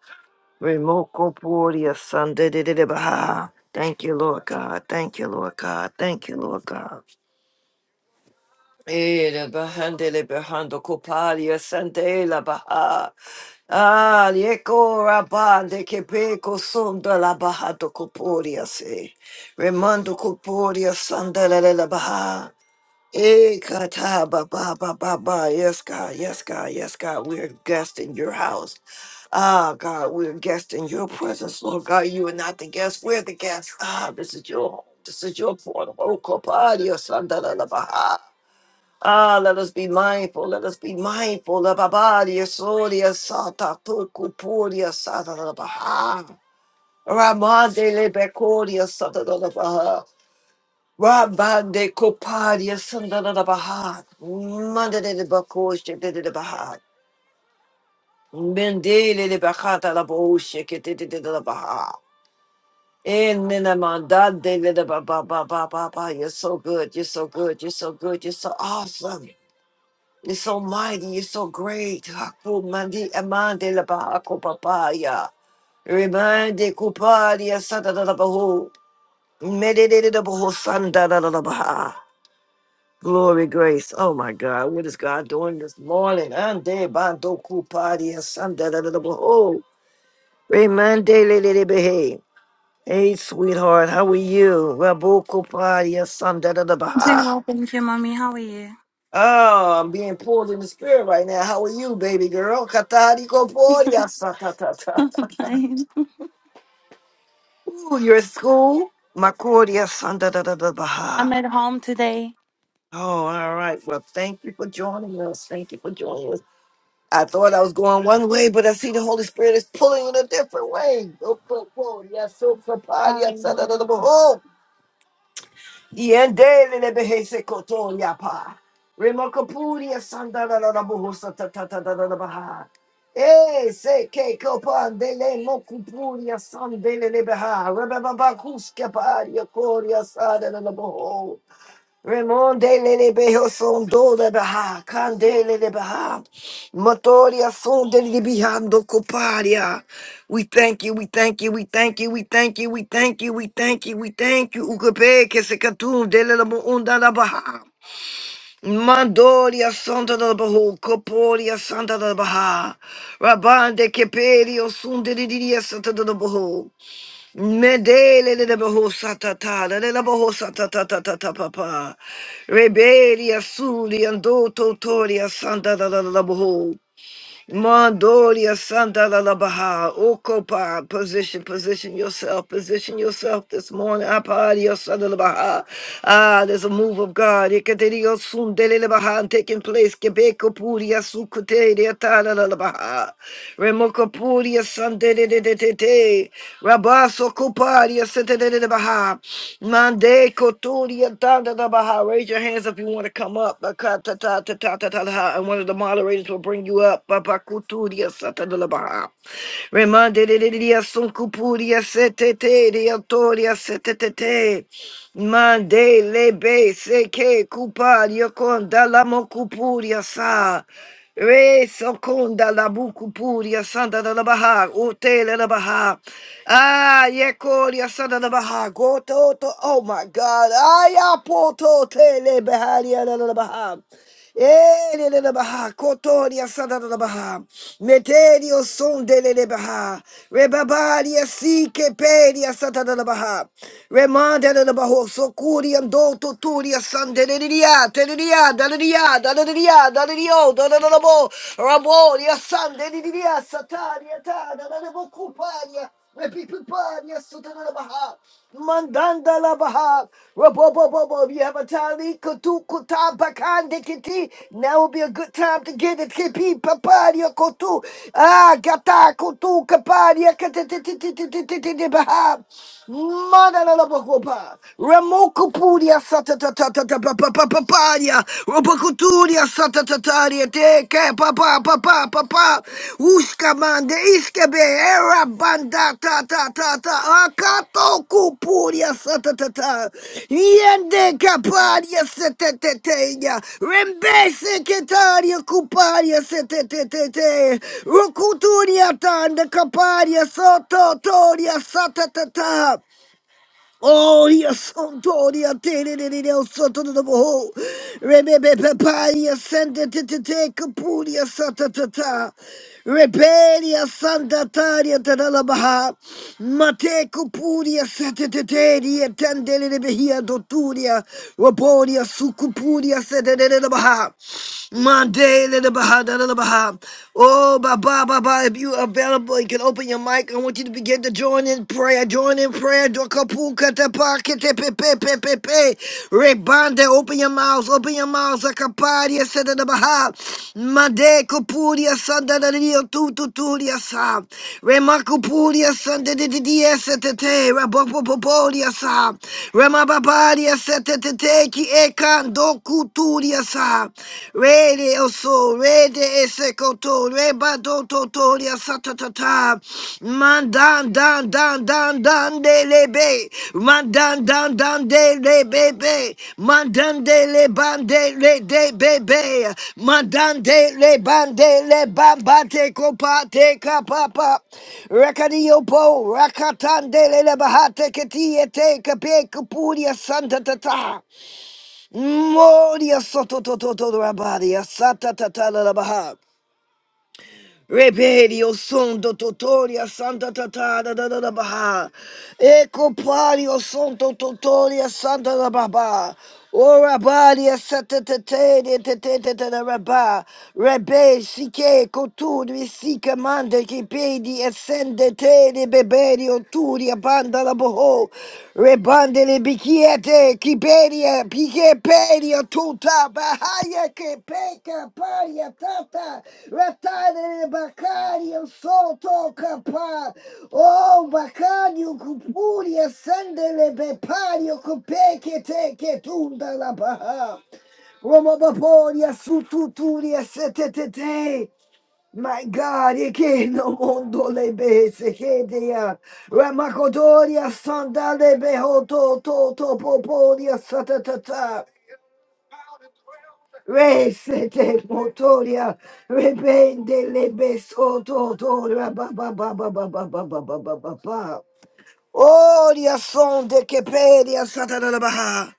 [SPEAKER 1] Remokoporia Sandedidibaha. Thank you, Lord God. Thank you, Lord God. Thank you, Lord God. Ere bahandele bahando kopalia sandela baha. Ah, yeko rabande kepeko sonda la bahado koporia se. Remando koporia sandela la baha. Eh, kata ba ba ba ba ba. Yes, God. Yes, God. Yes, God. We're guests in your house. Ah, God, we're guests in your presence, Lord God. You are not the guest. We're the guests. Ah, this is your home. This is your portal. Oh, kopadio sandalala baha. Ah, let us be mindful. Let us be mindful. La babadia soria sata toku puria sata la baha. Ramande le becoria sata la baha. Rabande Kopadia Sandana Baha, Mandade de Bakoshe de de Baha, Mendele de Bahata la Boshe de de Baha. And then I'm on that day, little ba ba ba ba ba ba. You're so good. You're so good. You're so good. You're so awesome. You're so mighty. You're so great. Haku mandi amande la ba ako papaya. Remande kupadia sada da da bahu. Medede da bahu sanda da da da baha. Glory, grace. Oh my God, what is God doing this morning? Ande bandoku padia sanda da da da bo- Oh, remande le le le behe. Hey, Hey, sweetheart, how are you? Raboku padia sanda da da
[SPEAKER 4] Doing
[SPEAKER 1] baha.
[SPEAKER 4] well, thank you, mommy. How are you?
[SPEAKER 1] Oh, I'm being pulled in the spirit right now. How are you, baby girl? Katari ko
[SPEAKER 4] *laughs*
[SPEAKER 1] podia ta ta ta.
[SPEAKER 4] I'm Fine.
[SPEAKER 1] Ooh, you're at school? Makodia sanda da da da
[SPEAKER 4] I'm
[SPEAKER 1] baha.
[SPEAKER 4] at home today.
[SPEAKER 1] Oh, all right. Well, thank you for joining us. Thank you for joining us. I thought I was going one way, but I see the Holy Spirit is pulling in a different way. Oh, oh, oh, yes, so, so, pa, yes, da, da, da, da, ba,
[SPEAKER 4] Hallelujah.
[SPEAKER 1] oh. Yen le, le, be, he, se, ko, ya, pa. Remo, ko, yes, san, da, da, da, da, ba, ho, sa, ta, ta, ta, da, da, da, ba, ha. Eh, se, ke, ko, pa, de, le, mo, ku, yes, san, de, le, le, be, ha. Re, be, ba, ba, ku, ske, pa, ya, ko, yes, sa, da, da, da, ba, ho. Remonde lele beho son do de beha, candele de beha, motoria son de de coparia. We thank you, we thank you, we thank you, we thank you, we thank you, we thank you, we thank you. Ugabe que se catum dele la unda la baha. Mandoria santa da baho, coporia santa da baha. Rabande que perio sun de diria santa da baho. Medele de bohosatata, de la bohosatata papa. Rebelia suli and do totoria santa da la la boho. Mandoria Sandala la la Baha, Okopa, position, position yourself, position yourself this morning. Apario Sandala Baha. Ah, there's a move of God. Ikaterio Sundele la Baha taking place. Kebeko Puria Sukute, de Atala la la Baha. Remoko Puria Sandele de de de de. Rabaso Koparia Sete de de de Baha. Mande Koturia Tanda la Baha. Raise your hand hands if you want to come up. Ba-ka-ta-ta-ta-ta-ta-ta. And one of the moderators will bring you up. Ba-ba-ku-tu-dia-sa-ta-da-la-ba-ha. Remande-de-de-de-dia-sun-ku-pu-dia-se-te-te-de-dia-to-dia-se-te-te-te. Mande-le-be-se-ke-ku-pa-dia-kon-da-la-mo-ku-pu-dia-sa. Re soconda la bucupuria santa da la baha, utele la baha. Ah, yekoria sanda la baha, goto to, oh my God. Aya poto tele beharia la la baha. Ele le le baha, kotoria sanda la baha. Meterio son de le le baha. Rebabaria si che peria sanda la baha. Remanda la baho, socuriam do tuturia sanda dia, dada dia, dada dia, dada dio, dada dada bo, rabo, dia san, dada dia, satania, dada dada bo, compagna, repipipania, sotana baha, mandanda la baha, rabo bo bo bo, you have a tali, kotu kuta, bakan de kiti, Now we'll be a good time to get it hippy poppy. Ah, get that poppy. Ah, get that poppy. Madalabakopa. Remokopuria satatatapapapaparia. Robokuturia satatataria teke papa papa papa. Ushkamande iskebe era banda ta ta Toku puria satatata. Yende kaparia seteteteya. Rembese ketaria kuparia setetetete. Rukuturia tanda kaparia sototoria satatata. Oh, dia santo, dia tere, dia dia santo do boho. Rebebe papa, dia sente te te te capu, dia santa ta ta. Rebe, dia santa ta, dia la baha. Mate capu, dia sente te te, dia tende, dia behia dotu, dia. Rapo, dia sucupu, dia sente, dia da baha. Mande, dia la baha. Oh, Baba, Baba, if you available, you can open your mic. I want you to begin to join in prayer. Join in prayer. Dokapu katapa ketepepepepepe. Rebande, open your mouths. Open your mouths. Akaparia sada da baha. Made kupuria sada da dio tu tu turia sa. Remakupuria sada de de dia setete. Rabopopoporia sa. Remababaria setete ki ekan dokuturia sa. Rede oso, rede esekoto, reba do totoria satatata, mandan dan dan dan dan de lebe, mandan dan dan de lebe be, mandan de le bande le de bebe, mandan de le bande le bambate kopate kapapa, rekadio po, rakatande le le bahate ketiete kape kupuria santatata. Moria sototototo rabadia sata tatala la la baha. Rebedio son tototoria santa tatara da da da da baha. Eco pario son tototoria santa la baba. Ora badia sata tate tate da rabba. Rebe sike cotur sika mande che pedi essende te de beberio turia Boho, Rebandele Bikiete, Kiberia, Pikepedia, Tuta, Bahaya, Kepeka, Paria, Tata, Ratane, Bacario, Soto, Capa, Oh, Bacario, Cupuria, Sandele, Bepario, Copeke, Teke, Tunda, La Baha, Romobaporia, Sututuria, Setete, my God, e che no mondo le bese che dia Ramakodoria sandale behoto to to poporia satatata Rese te motoria rebende le besoto to rababababababababababa Oria son de keperia satatata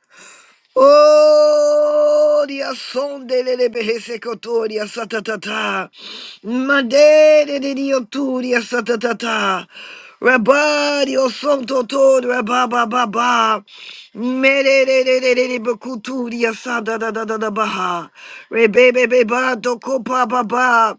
[SPEAKER 1] Oh, dia son de le le behese kotoria satatata. Mandere de dio turia satatata. Rabba dio son toto rabba ba ba ba. Mere de de de de de bakuturia sa da da da da da baha. Rebebe beba doko papa ba.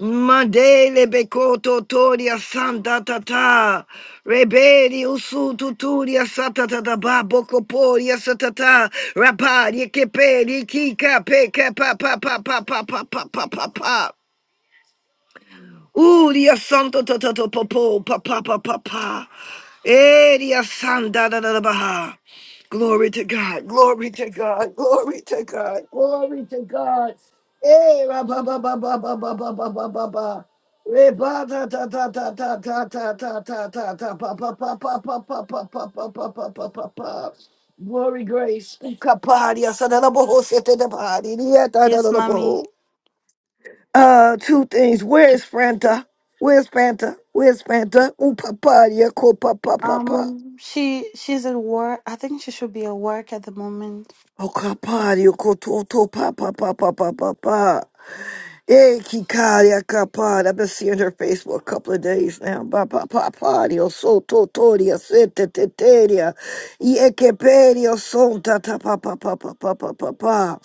[SPEAKER 1] Mandele beko totoria santa tata. Rebedi usu tuturia sata tata ba boko poria satata. Rapari keperi kika peke pa pa pa pa pa pa pa pa pa pa. Ooh, dia santo to to to popo pa pa pa pa pa. Eh, dia san da da da da baha. Glory to God, glory to God, glory to God, glory to God. Eh, ra ba ba ba ba ba ba ba ba ba ba ba. Re ba ta ta ta ta ta ta ta ta ta ta ta pa pa pa pa pa pa pa pa pa pa pa pa pa pa. Glory grace. Kapadia sanana boho sete de padia da da da
[SPEAKER 4] Yes,
[SPEAKER 1] da boho.
[SPEAKER 4] mommy.
[SPEAKER 1] Uh, two things. Where's Fanta? Where's Fanta? Where's Fanta? Ooh, papa, yeah, ko papa, papa.
[SPEAKER 4] Um, she she's at work. I think she should be at work at the moment.
[SPEAKER 1] Oh, papa, yeah, ko to, to, papa, papa, papa, papa. Hey, Kikaria akapad. I've been seeing her face for a couple of days now. Ba Pa Papa Papadio Soto Toria Sete Teteria. Iekeperio son ta ta pa pa pa pa pa pa.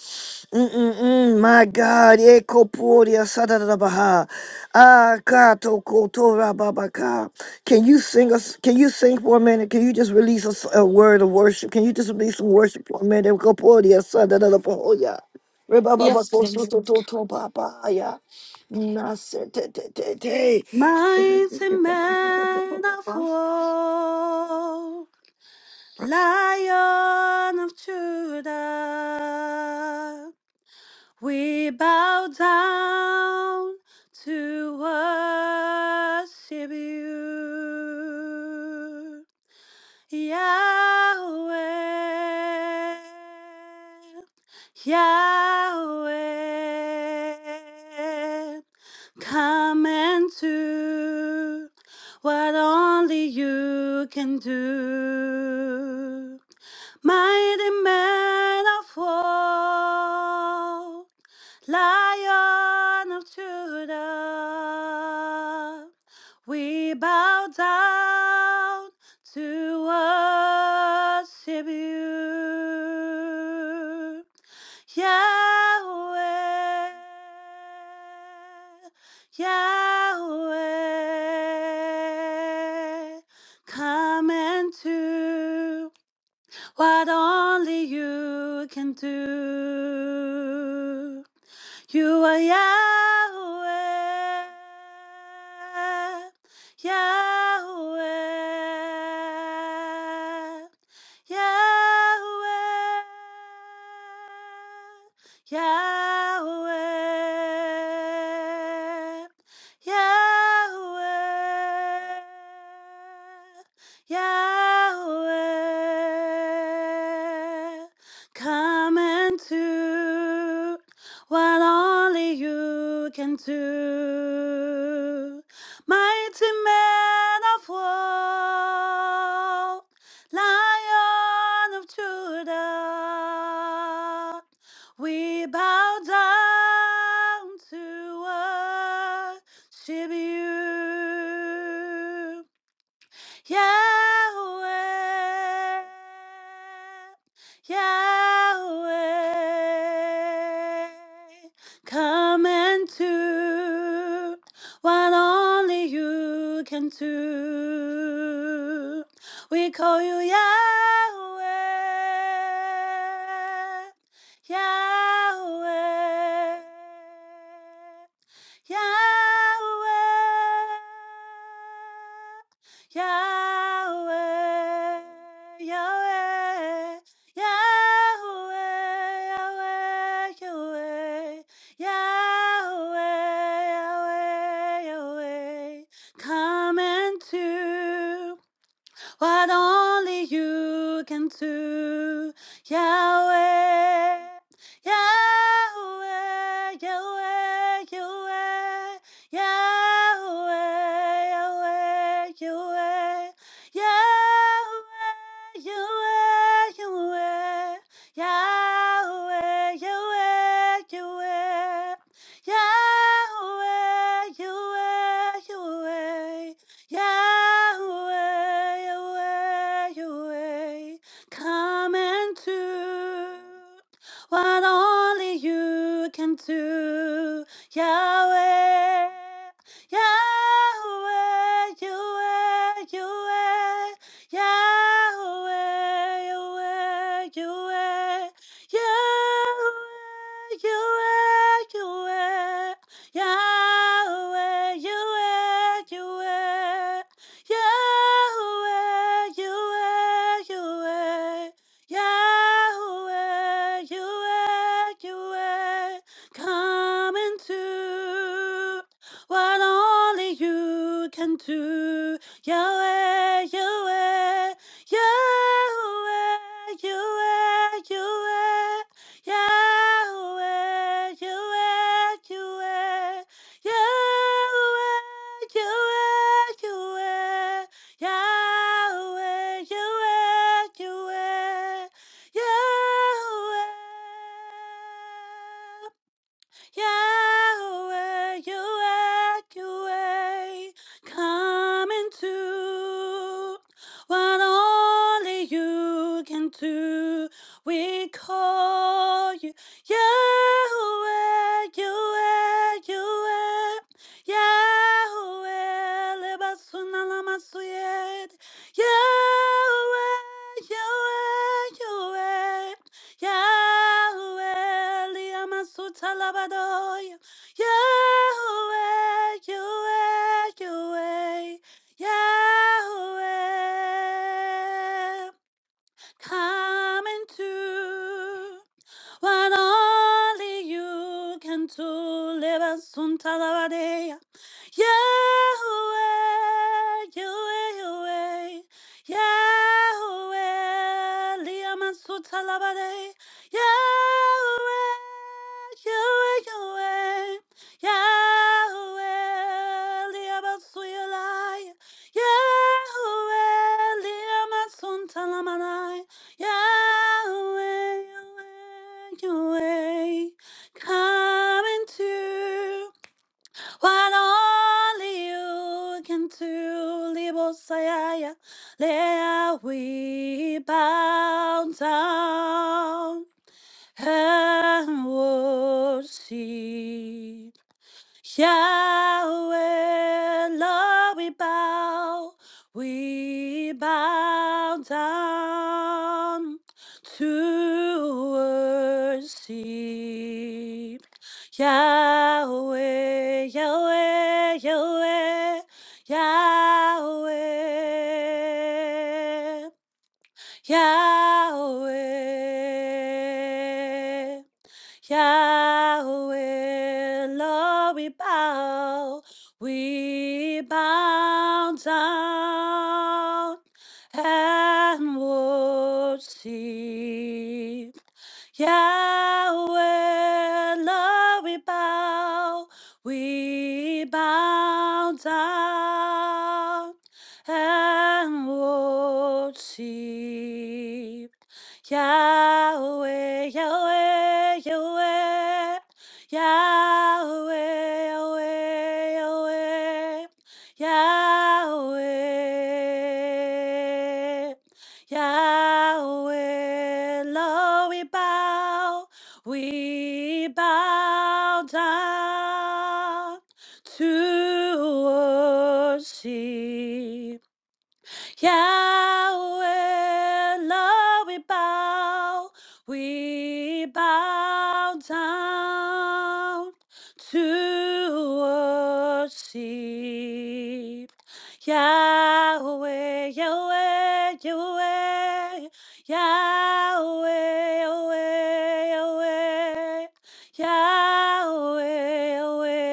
[SPEAKER 1] Mm-mm-mm, my God, Ekoporia sada da da baha. Ah Kato Kotora Babaka. Can you sing us can you sing for a minute? Can you just release us a word of worship? Can you just release some worship for a minute? Ekoporia Sadadabahoya.
[SPEAKER 4] Yes, please.
[SPEAKER 1] Rebababakosotototobabaya. Nasetetete.
[SPEAKER 4] Mighty man of war, lion of Judah. We bow down to worship you. Yahweh, Yahweh, come and do what only you can do. Mighty man of war, Lion of Judah, we bow down to worship you, Yahweh, Yahweh. Come and do what only you can do. You are Yahweh, Yahweh, Yahweh. Yahweh, Yahweh, Yahweh, come into what only you can do. Mighty man of war, lion of Judah, we bow down to worship you. Yahweh, Yahweh, come and do what only you can do. We call you Yahweh, Yahweh. Yahweh. Yahweh, Yahweh, Yahweh, Yahweh, Yahweh, Yahweh, Yahweh, Come into, what only you can do, Yahweh. Yahweh, Yahweh, Yahweh, Yahweh, Yahweh, Yahweh. Yahweh, Yahweh, Yahweh, Yahweh, Yahweh, Yahweh, Yahweh, Yahweh, Yahweh. Yahweh, Yahweh, Yahweh, come and do what only you can do. Yahweh, Yahweh, Yahweh, Yahweh, Yahweh, Yahweh, Yahweh, Yahweh, Yahweh, Yahweh. Yahweh, you are, you are. Yahweh, you are, you are. Yahweh, you are, you are. Come into what only you can do. Yahweh, Yahweh, Yahweh, Yahweh, Yahweh. Yahweh, Yahweh, Yahweh, Yahweh, Yahweh, Yahweh, Yahweh, Yahweh, Yahweh, Yahweh. Yahweh, Yahweh, Yahweh, come and do what only you can do. We call you Yahweh, Yahweh, Yahweh, Yahweh, Lebasuna Lamasuyed, Yahweh, Yahweh, Yahweh. Yahweh, Liamasutalabadoya. Yahweh, Yahweh, Yahweh, Yahweh. Come into what only you can do. Leva suntalabadea. Yahweh, Yahweh, Yahweh, Yahweh, Liamansutalabade, Yahweh, Yahweh, Yahweh, Yahweh, Liamansuilai, Yahweh, Liamansuntalamanai. Yahweh, Yahweh, Yahweh, come into what only you can do. Libosaya, there we bow down and worship. Yahweh, Lord, we bow, we bow down to worship. Yahweh, Yahweh, Yahweh, Yahweh, Yahweh. Yahweh, Lord, we bow, we bow down and worship. Yahweh, Lord, we bow, we bow down and worship. Yahweh, Yahweh, Yahweh, Yahweh, Yahweh, Yahweh, Yahweh. Yahweh, Lord, we bow, we bow down to worship. Yahweh, Lord, we bow, we bow down to worship. Yahweh, Yahweh, Yahweh, Yahweh, Yahweh, Yahweh, Yahweh, Yahweh.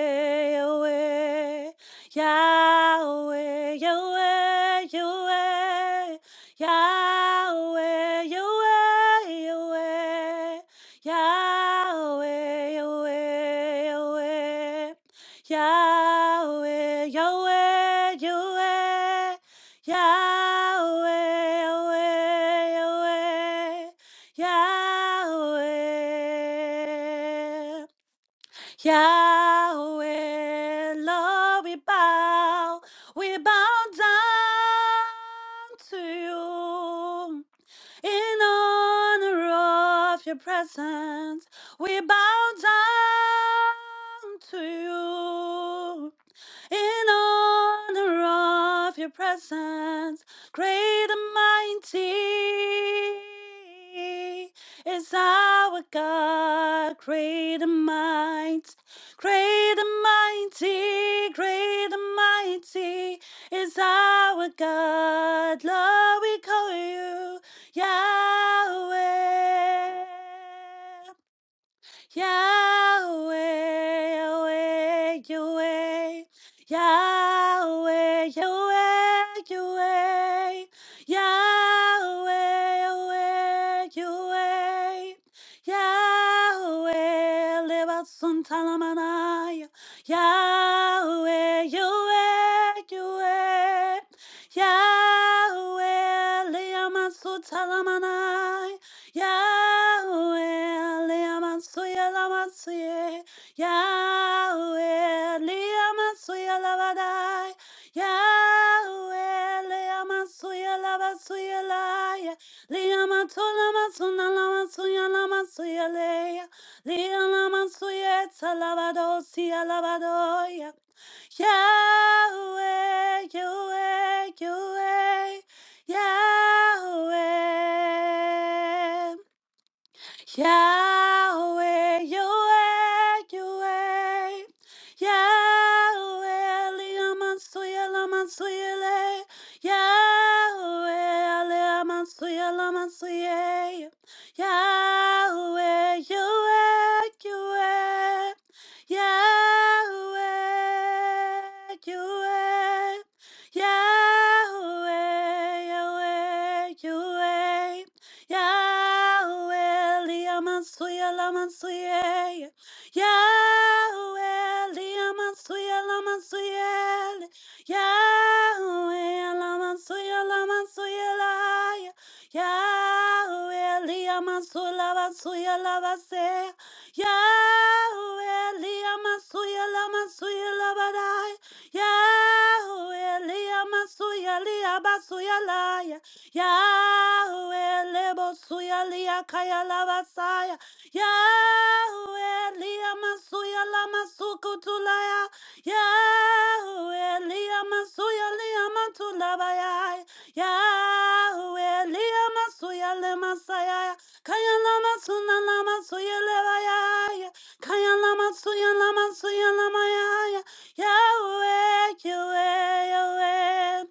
[SPEAKER 4] Yahweh. Yahweh, Yahweh, Yahweh, Yahweh, Yahweh, Yahweh, Yahweh, Yahweh, Yahweh, Yahweh, Yahweh, Yahweh, Yahweh, Yahweh, Yahweh. Yahweh. Yahweh, Lord, we bow, we bow down to you in honor of your presence. We bow down to you in honor of your presence, great and mighty is our God, great and mighty, great and mighty, great and mighty is our God. Lord, we call you Yahweh. Yahweh, Yahweh, Yahweh. Yahweh, Yahweh, Yahweh. Yahweh, Yahweh, Yahweh. Yahweh, Levatsun Talamanaya. Yahweh, Yahweh, Yahweh. Yahweh, Leamatsu Talamanaya. Yahweh, Leamansuya Lamansuye, Yahweh, Leamansuya Labadai, Yahweh, Leamansuya Labasuya Laya, Leamantula Masuna Lamansuya Lamansuya Lea, Leamansuya Talabadosia Labadoya, Yahweh, Yahweh, Yahweh. Yahweh. Yahweh, Yahweh, Yahweh. Yahweh, Liamansuya, Lamansuyele. Yahweh, Liamansuya, Lamansuye. Yahweh, Yahweh, Yahweh. Yahweh, Yahweh. Yahweh, Yahweh, Yahweh. Yahweh, liamansuya, lamansuye. Yahweh, liamansuya, lamansuye. Yahweh, lamansuya, lamansuye, laya. Yahweh, liamansuya, lamansuya, labase. Yahweh, liamansuya, lamansuya, labadaya. Yahweh, liamansuya, liabasuya, laya. Yahweh lebo suya lia kaya lava saya. Yahweh lia masuya lama suku tulaya. Yahweh lia masuya lia matulabaya. Yahweh lia masuya le masaya. Kaya lama suna lama suya levaya. Kaya lama suya lama suya lama ya. Yahweh, Yahweh, Yahweh.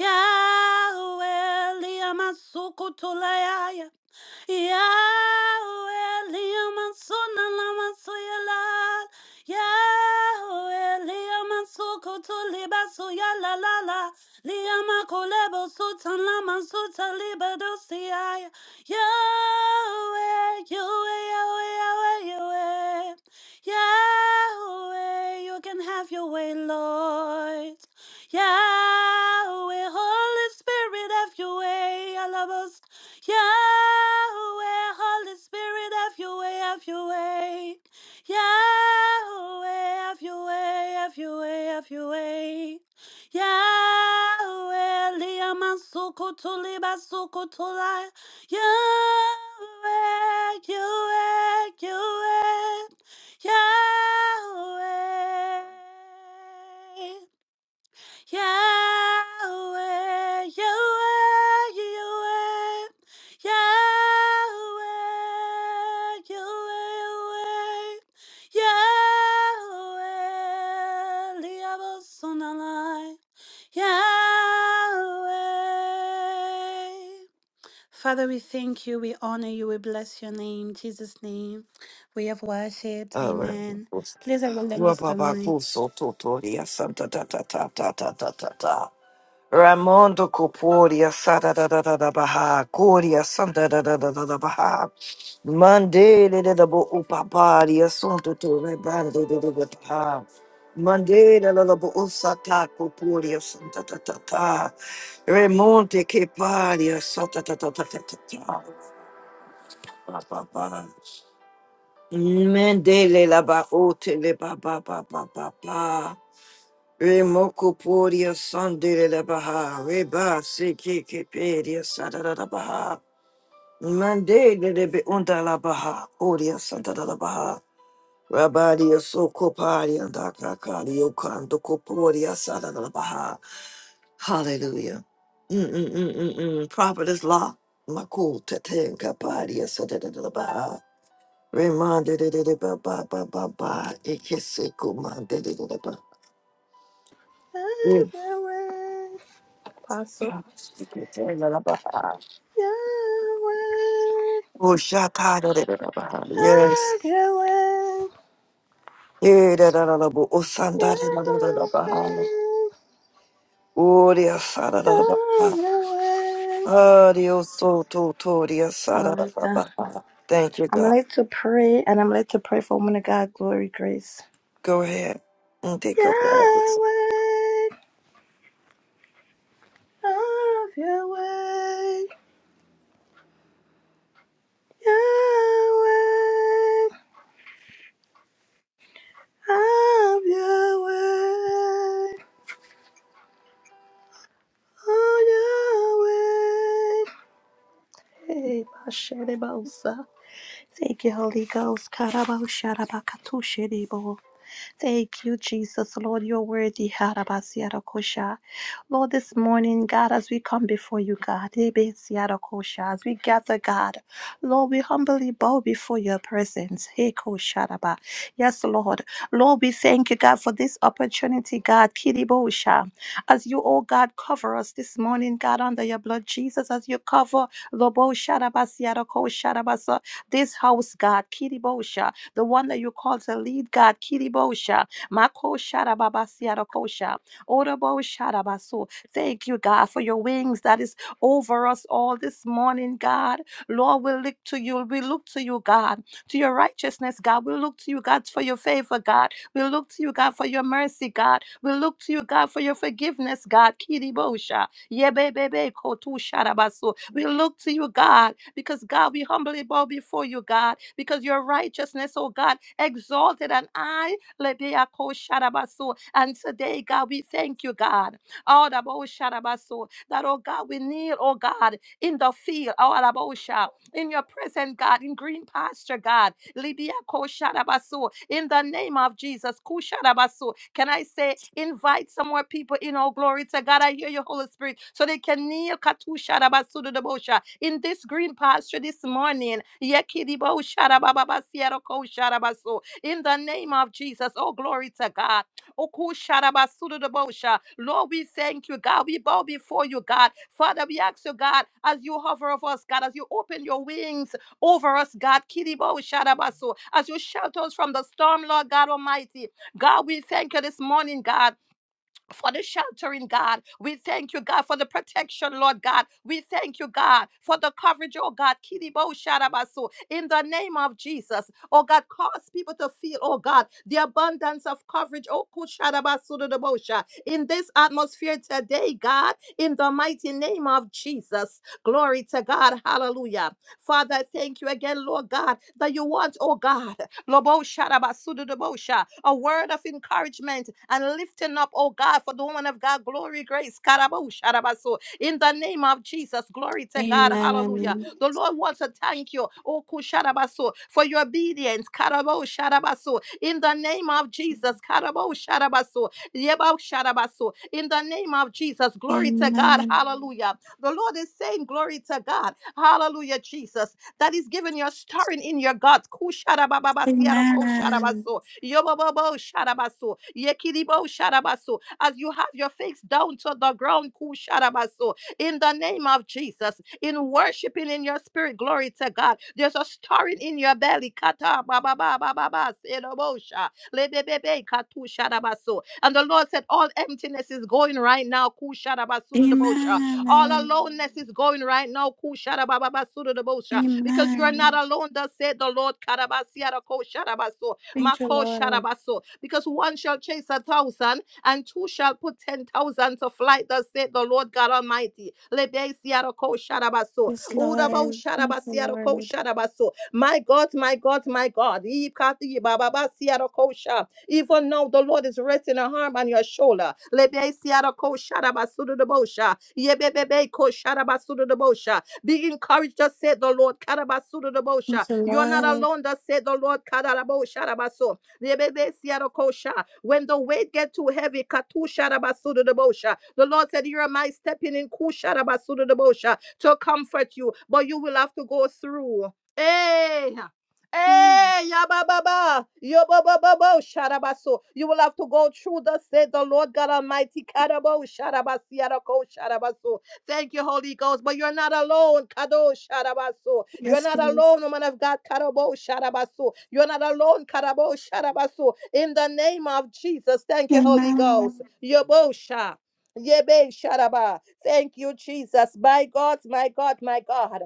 [SPEAKER 4] Yahweh, Liamasukutulayaya. Yahweh liyamansun alamasuyalal. Yahweh liyamasukutu libasuyala la la. Liyamakulebo sutan lamasuta libadosiyai. Yahweh, Yahweh, Yahweh, Yahweh, Yahweh. Yahweh, you can have your way, Lord. Yahweh, Holy Spirit, have your way. Yahweh, Holy Spirit, have your way, have your way. Yahweh, have your way, have your way, have your way. Yahweh, Liaman Sokoto, Liba Sokotola. Yahweh, Yahweh, Yahweh. Yahweh. Yahweh, Yahweh, Yahweh, Yahweh, Yahweh, Yahweh, Liabosonalai, Yahweh. Father, we thank you, we honor you, we bless your name, Jesus' name. We have worshipped, amen. Please, I will lend us the mic.
[SPEAKER 1] Rebababakosototoria santatatatatata. Ramondo Coporia Sada da da da da Baha Coria Santa da da da da da Baha Mandele da da bo upapari assunto tu rebando da da da Baha Mandele la la bo usata Coporia Santa ta ta ta Remonte che paria Santa ta ta ta ta ta ta Ba, ba, ba. Mandele la ba ote le ba ba ba ba ba ba Remokopodia Sunday de Baha, Reba Sikipedia Satada da Baha, Mande de Be Unda la Baha, Odia Santa da Baha, Rabadia Sokopadia Dakakali Okando Kopodia Sada da Baha. Hallelujah. Mm-mm-mm-mm-mm. Prophetess Law, Makul Teten Kapadia Sada da Baha, Remande de Baba Baba Baba, Ekesekumande de Baba.
[SPEAKER 3] Yahweh, Apostle.
[SPEAKER 1] Oh,
[SPEAKER 3] Yahweh.
[SPEAKER 1] shakada da da da baha. Yes.
[SPEAKER 3] Yahweh. Yahweh.
[SPEAKER 1] Yeah, da da da da bo. Oh, sanda da da da da da baha. Oh, the asada da da da baha.
[SPEAKER 3] Yahweh.
[SPEAKER 1] Ah, the oso to to the asada da da
[SPEAKER 3] Hallelujah.
[SPEAKER 1] baha. Thank you,
[SPEAKER 3] I'm
[SPEAKER 1] God.
[SPEAKER 3] led to pray and I'm led to pray for woman of God, glory, grace.
[SPEAKER 1] Go ahead and take up all this.
[SPEAKER 3] Yahweh. Have your way, Yahweh. Have your way, oh Yahweh. Hey, Bashere Bosa. Thank you, Holy Ghost. Karabao Sharabakatu Shiribo. Thank you, Jesus. Lord, you're worthy. Harabasiarakosha. Lord, this morning, God, as we come before you, God, Ebesiarakosha, as we gather, God, Lord, we humbly bow before your presence. Hekosharaba. Yes, Lord. Lord, we thank you, God, for this opportunity, God. Kiribosha. As you, oh God, cover us this morning, God, under your blood, Jesus, as you cover Lobo Sharabasiarakosha, this house, God. Kiribosha the one that you call to lead, God. Kiribosha, Makosharababasiarakosha, Orobosarabaso. Thank you, God, for your wings that is over us all this morning, God. Lord, we look to you. We look to you, God, to your righteousness, God. We look to you, God, for your favor, God. We look to you, God, for your mercy, God. We look to you, God, for your forgiveness, God. Kiribosha. Yebebebe kotu sharabaso. We look to you, God, because God, we humbly bow before you, God, because your righteousness, oh God, exalted and I, lebea ko sharabaso. And today, God, we thank you, God. All about sharabaso. That, oh God, we kneel, oh God, in the field, all about sha- in your presence, God, in green pasture, God. Lidia Koshadabaso. In the name of Jesus. Kushadabaso. Can I say, invite some more people in? Oh, glory to God. I hear your Holy Spirit. So they can kneel Katushadabasu to the Katushadabasudodobosha. in this green pasture this morning. Yekidiboshadabababasiarokosadabaso. In the name of Jesus. Oh, glory to God. Okushadabasudodobosha. Lord, we thank you, God. We bow before you, God. Father, we ask you, God, as you hover over us, God, as you open your wings over us, God. Kiribo shadabaso. As you shelter us from the storm, Lord God Almighty. God, we thank you this morning, God for the sheltering, God. We thank you, God, for the protection, Lord God. We thank you, God, for the coverage, oh God. Kidibo shadabaso. In the name of Jesus, oh God, cause people to feel, oh God, the abundance of coverage, oh kushadabasudodobosha. in this atmosphere today, God, in the mighty name of Jesus. Glory to God. Hallelujah. Father, thank you again, Lord God, that you want, oh God. Lobosha, rabasududubosha. A word of encouragement and lifting up, oh God, for the woman of God. Glory, grace. karabosha, rabaso. In the name of Jesus, glory to God. Hallelujah.
[SPEAKER 4] Amen.
[SPEAKER 3] The Lord wants to thank you, oh kusharabaso, for your obedience. karabosha, rabaso. In the name of Jesus, karabosha, rabaso. yebosha, rabaso. in the name of Jesus, glory to God.
[SPEAKER 4] Amen.
[SPEAKER 3] Hallelujah. The Lord is saying, Glory to God. Hallelujah, Jesus that is given your stirring in your guts.
[SPEAKER 4] Amen.
[SPEAKER 3] Kusharababasiarokosarabaso, yobobobosharabaso, yekiribosharabaso. As you have your face down to the ground, kusharabaso, in the name of Jesus, in worshiping in your spirit, glory to God. There's a stirring in your belly. kata babababababasirobosha, lebebebe katusharabaso. And the Lord said, All emptiness is going right now. kusharabasurubosha. All aloneness
[SPEAKER 4] Amen.
[SPEAKER 3] is going right now. Kusharabababasudodobosha. Because you're not
[SPEAKER 4] Amen.
[SPEAKER 3] alone, thus said the Lord. Karabasiarakosharabasho,
[SPEAKER 4] Thank you, Lord.
[SPEAKER 3] makosharabaso. Because one shall chase a thousand, and two shall put ten thousand to flight, thus said the Lord God Almighty. Lebesiarakosharabasho,
[SPEAKER 4] Yes, Lord. Thank you, Lord.
[SPEAKER 3] udabosharabasarakosarabaso. My God, my God, my God. Ikatibababasiarakosha. Even now, the Lord is resting a arm on your shoulder. Lebe siara ko shara basudu de bosha. Yebebebe ko shara basudu de bosha. Be encouraged, thus said the Lord. Karabasudu de
[SPEAKER 4] Thank
[SPEAKER 3] bosha.
[SPEAKER 4] you,
[SPEAKER 3] You are not
[SPEAKER 4] Lord.
[SPEAKER 3] alone, thus said the Lord. Karabo shara baso. Yebebe siara ko sha. When the weight get too heavy, katu shara basudu de bosha. The Lord said, Here am I stepping in ku shara basudu de bosha to comfort you, but you will have to go through. Hey,
[SPEAKER 4] Mm.
[SPEAKER 3] Hey, yabababa, yobobobabo, sharabaso. You will have to go through the said the Lord God Almighty. Karabo, sharabasiarako, sharabaso. Thank you, Holy Ghost. But you're not alone. Kado, sharabaso. You're
[SPEAKER 4] Yes,
[SPEAKER 3] not
[SPEAKER 4] please.
[SPEAKER 3] alone, woman of God. Karabo, sharabaso. You're not alone. Karabo, sharabaso. In the name of Jesus. Thank you, Holy Ghost.
[SPEAKER 4] Amen.
[SPEAKER 3] Yobosha. Yebe sharaba. Thank you, Jesus. My God, my God, my God.